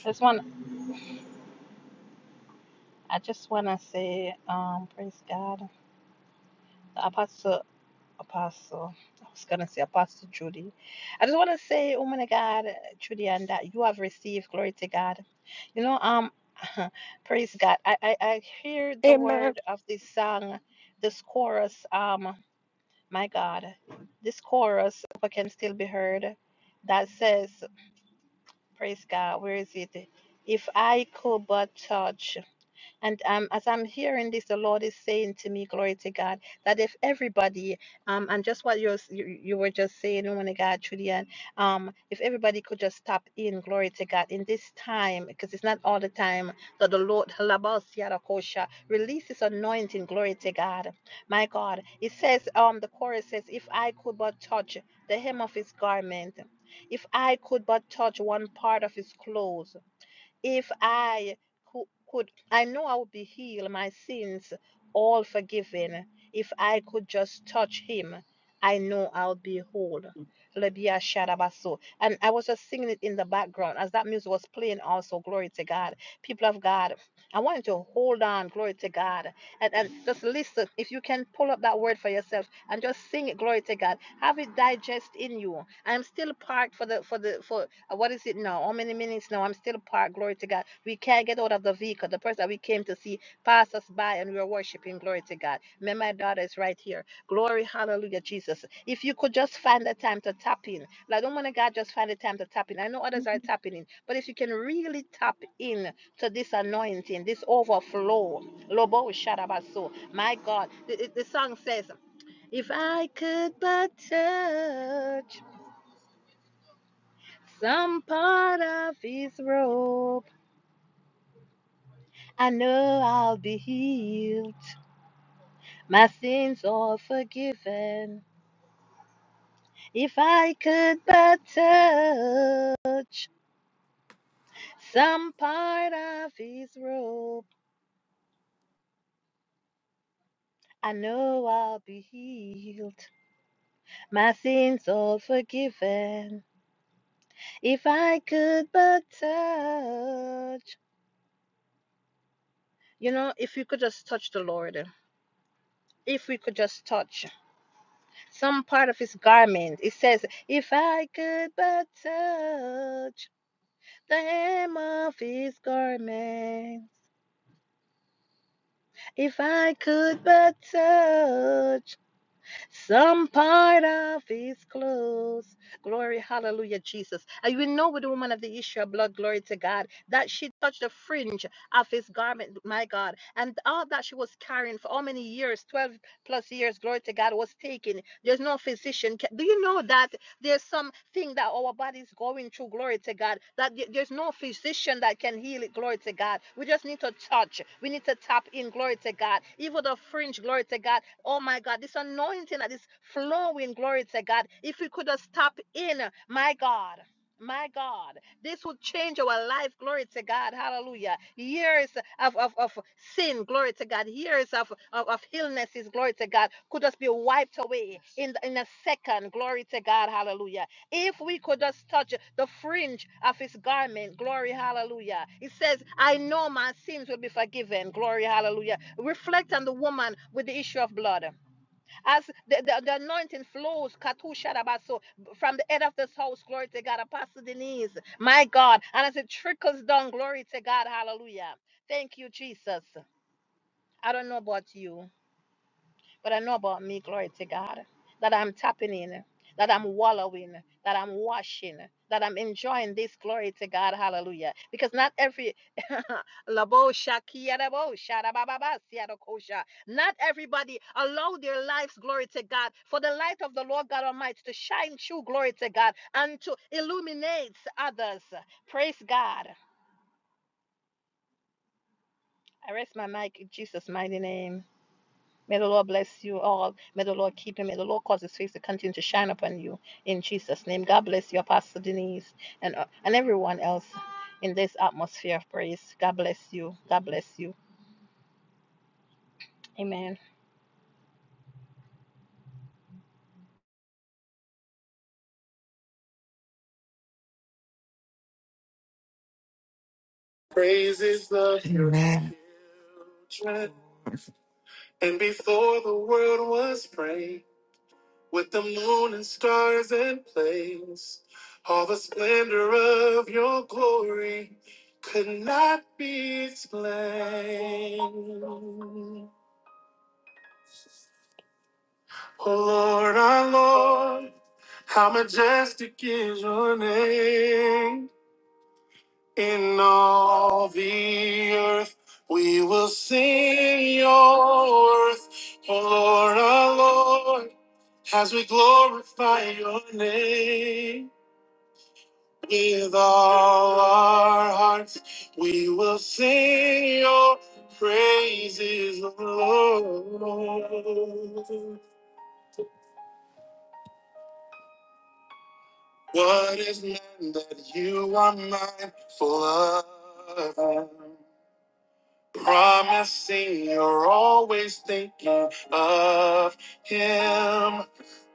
[SPEAKER 3] This one, I just want to say, um, praise God. Apostle, Apostle, I was going to say Apostle Judy. I just want to say, woman of God, Judy, and that you have received glory to God. You know, um, *laughs* praise God. I, I, I hear the
[SPEAKER 5] Amen.
[SPEAKER 3] word of this song, this chorus. Um, My God, this chorus can still be heard that says, Praise God, where is it? If I could but touch. And um, as I'm hearing this, the Lord is saying to me, glory to God, that if everybody, um, and just what you're, you you were just saying, woman of God, Julian, um, if everybody could just stop in, glory to God, in this time, because it's not all the time that the Lord Halabasiarakosha, releases anointing, glory to God. My God, it says, um, the chorus says, if I could but touch the hem of his garment, if I could but touch one part of his clothes. If I cou- could, I know I would be healed, my sins all forgiven. If I could just touch him, I know I'll be whole. Lebia Shadabaso. And I was just singing it in the background as that music was playing, also. Glory to God. People of God, I want you to hold on. Glory to God and, and just listen. If you can pull up that word for yourself and just sing it, glory to God. Have it digest in you. I'm still parked for the for the for uh, what is it now? How many minutes now? I'm still parked, glory to God. We can't get out of the vehicle. The person that we came to see passed us by and we were worshiping, glory to God. Man, my daughter is right here. Glory, hallelujah, Jesus. If you could just find the time to tap in. Like don't want to God just find the time to tap in. I know others are tapping in, but if you can really tap in to this anointing, this overflow. Lobo Sharabaso. My God. The, the song says, If I could but touch some part of his robe, I know I'll be healed. My sins all forgiven. If I could but touch some part of his robe, I know I'll be healed. My sins all forgiven. If I could but touch You know, if you could just touch the Lord, if we could just touch some part of his garment, it says, If I could but touch the hem of his garment, if I could but touch. Some part of his clothes. Glory, hallelujah, Jesus. And you know, with the woman of the issue of blood, glory to God, that she touched the fringe of his garment, my God. And all that she was carrying for how many years, 12 plus years, glory to God, was taken. There's no physician. Do you know that? There's something that our body's going through. Glory to God. That th- there's no physician that can heal it. Glory to God. We just need to touch. We need to tap in. Glory to God. Even the fringe. Glory to God. Oh my God. This anointing that is flowing. Glory to God. If we could just tap in, my God. My God, this will change our life. Glory to God. Hallelujah. Years of, of, of sin. Glory to God. Years of, of, of illnesses. Glory to God. Could just be wiped away in, in a second. Glory to God. Hallelujah. If we could just touch the fringe of his garment. Glory. Hallelujah. It says, I know my sins will be forgiven. Glory. Hallelujah. Reflect on the woman with the issue of blood. As the, the, the anointing flows, katushadabaso, from the head of this house, glory to God, Apostle Denise, my God. And as it trickles down, glory to God, hallelujah. Thank you, Jesus. I don't know about you. But I know about me, glory to God, that I'm tapping in, that I'm wallowing, that I'm washing, that I'm enjoying this glory to God. Hallelujah. Because not every *laughs* Labo shakia dabo shada ba ba ba sia do kosha. not everybody allow their lives, glory to God, for the light of the Lord God Almighty to shine through, glory to God, and to illuminate others. Praise God. I rest my mic in Jesus' mighty name. May the Lord bless you all. May the Lord keep you. May the Lord cause His face to continue to shine upon you in Jesus' name. God bless you, Pastor Denise, and uh, and everyone else in this atmosphere of praise. God bless you. God bless you. Amen.
[SPEAKER 1] Praises of your Amen. children. And before the world was framed, with the moon and stars and plains, all the splendor of your glory could not be explained. Oh Lord, our Lord, how majestic is your name in all the earth. We will sing your worth, oh Lord, our Lord, as we glorify your name. With all our hearts, we will sing your praises, oh Lord. What is man that you are mindful of? Promising you're always thinking of him,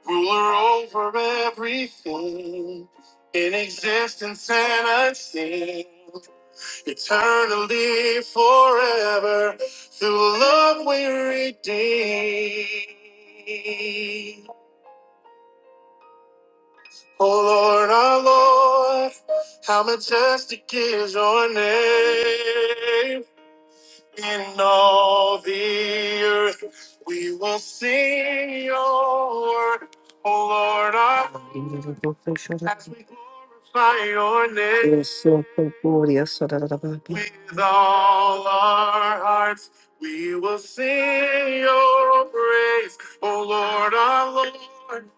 [SPEAKER 1] ruler over everything, in existence and unseen, eternally forever, through love we redeem. Oh Lord, our Lord, how majestic is your name in all the earth. We will sing your word, O Lord, our as we glorify your name with all our hearts. We will sing your praise, O Lord, our Lord.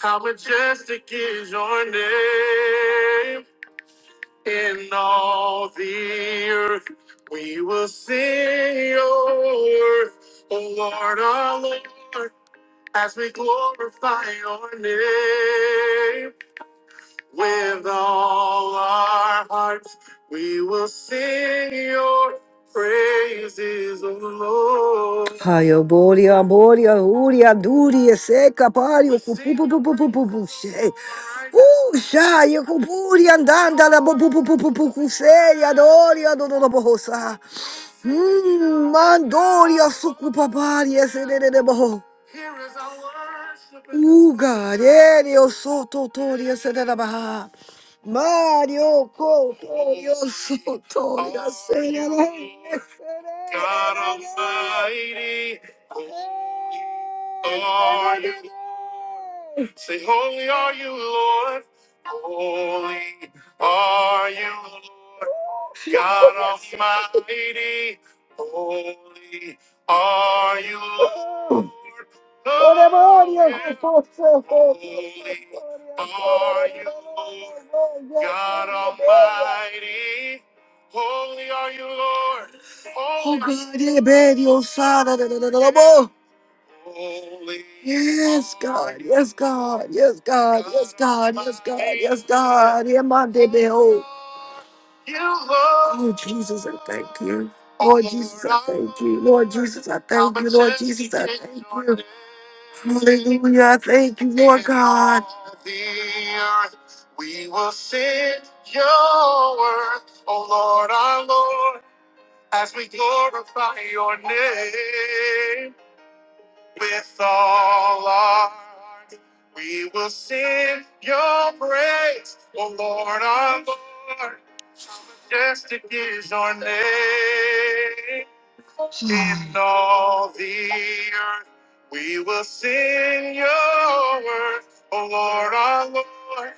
[SPEAKER 1] How majestic is your name in all the earth. We will sing your worth, O Lord, our Lord, as we glorify your name. With all our hearts, we will sing your praises, O Lord. Hallelujah, Uria, Duria, Seca, Pario, Pupupupu, Usha, Yokupuria, Danda, Pupupupu, Seya, Doria, Mario Su- Mario Ko- God Almighty, are you? Say, holy are you, Lord. Holy are you, Lord. God Almighty, holy are you, Lord. Lord, holy are you, Lord. God Almighty, holy are you, Lord. Oh God, yeah, baby, oh Father, da, da, da, da, da, bo. holy yes, God, yes, God, yes, God, yes, God yes, God, yes, God, yeah, my baby, Oh Jesus, I thank you. Lord Jesus, I thank you. Lord Jesus, I thank you. Lord Jesus, I thank you. Hallelujah. I thank you, Lord God. We will sing your word, O Lord our Lord, as we glorify your name with all our heart. We will sing your praise, O Lord our Lord Majestic is your name in all the earth. We will sing your word, O Lord, our Lord,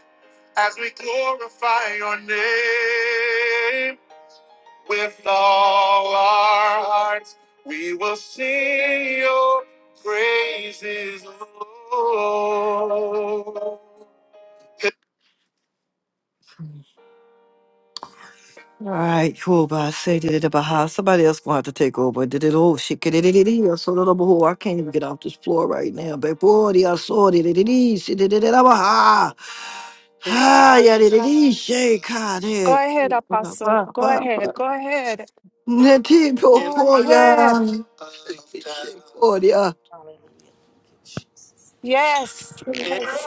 [SPEAKER 1] as we glorify your name with all our hearts. We will sing your praises, Lord. All right, cool. But I say did it about how Somebody else gonna have to take over. Did it all shit. Did it all? so little boy. I can't even get off this floor right now. But boy, I saw it. did it is did it Baha. Ah, yeah, did it it is shake hard.
[SPEAKER 5] Go ahead, Apostle. Go ahead. Go ahead. Go ahead.
[SPEAKER 1] Cordia.
[SPEAKER 13] Hallelujah. Thank you, Jesus.
[SPEAKER 5] Yes. Yes,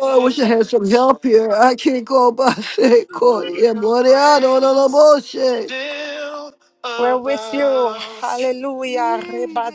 [SPEAKER 1] Oh, I wish I had some help here. I can't go by say Cordia. Boy, I don't know the bullshit.
[SPEAKER 5] We're with you. Hallelujah.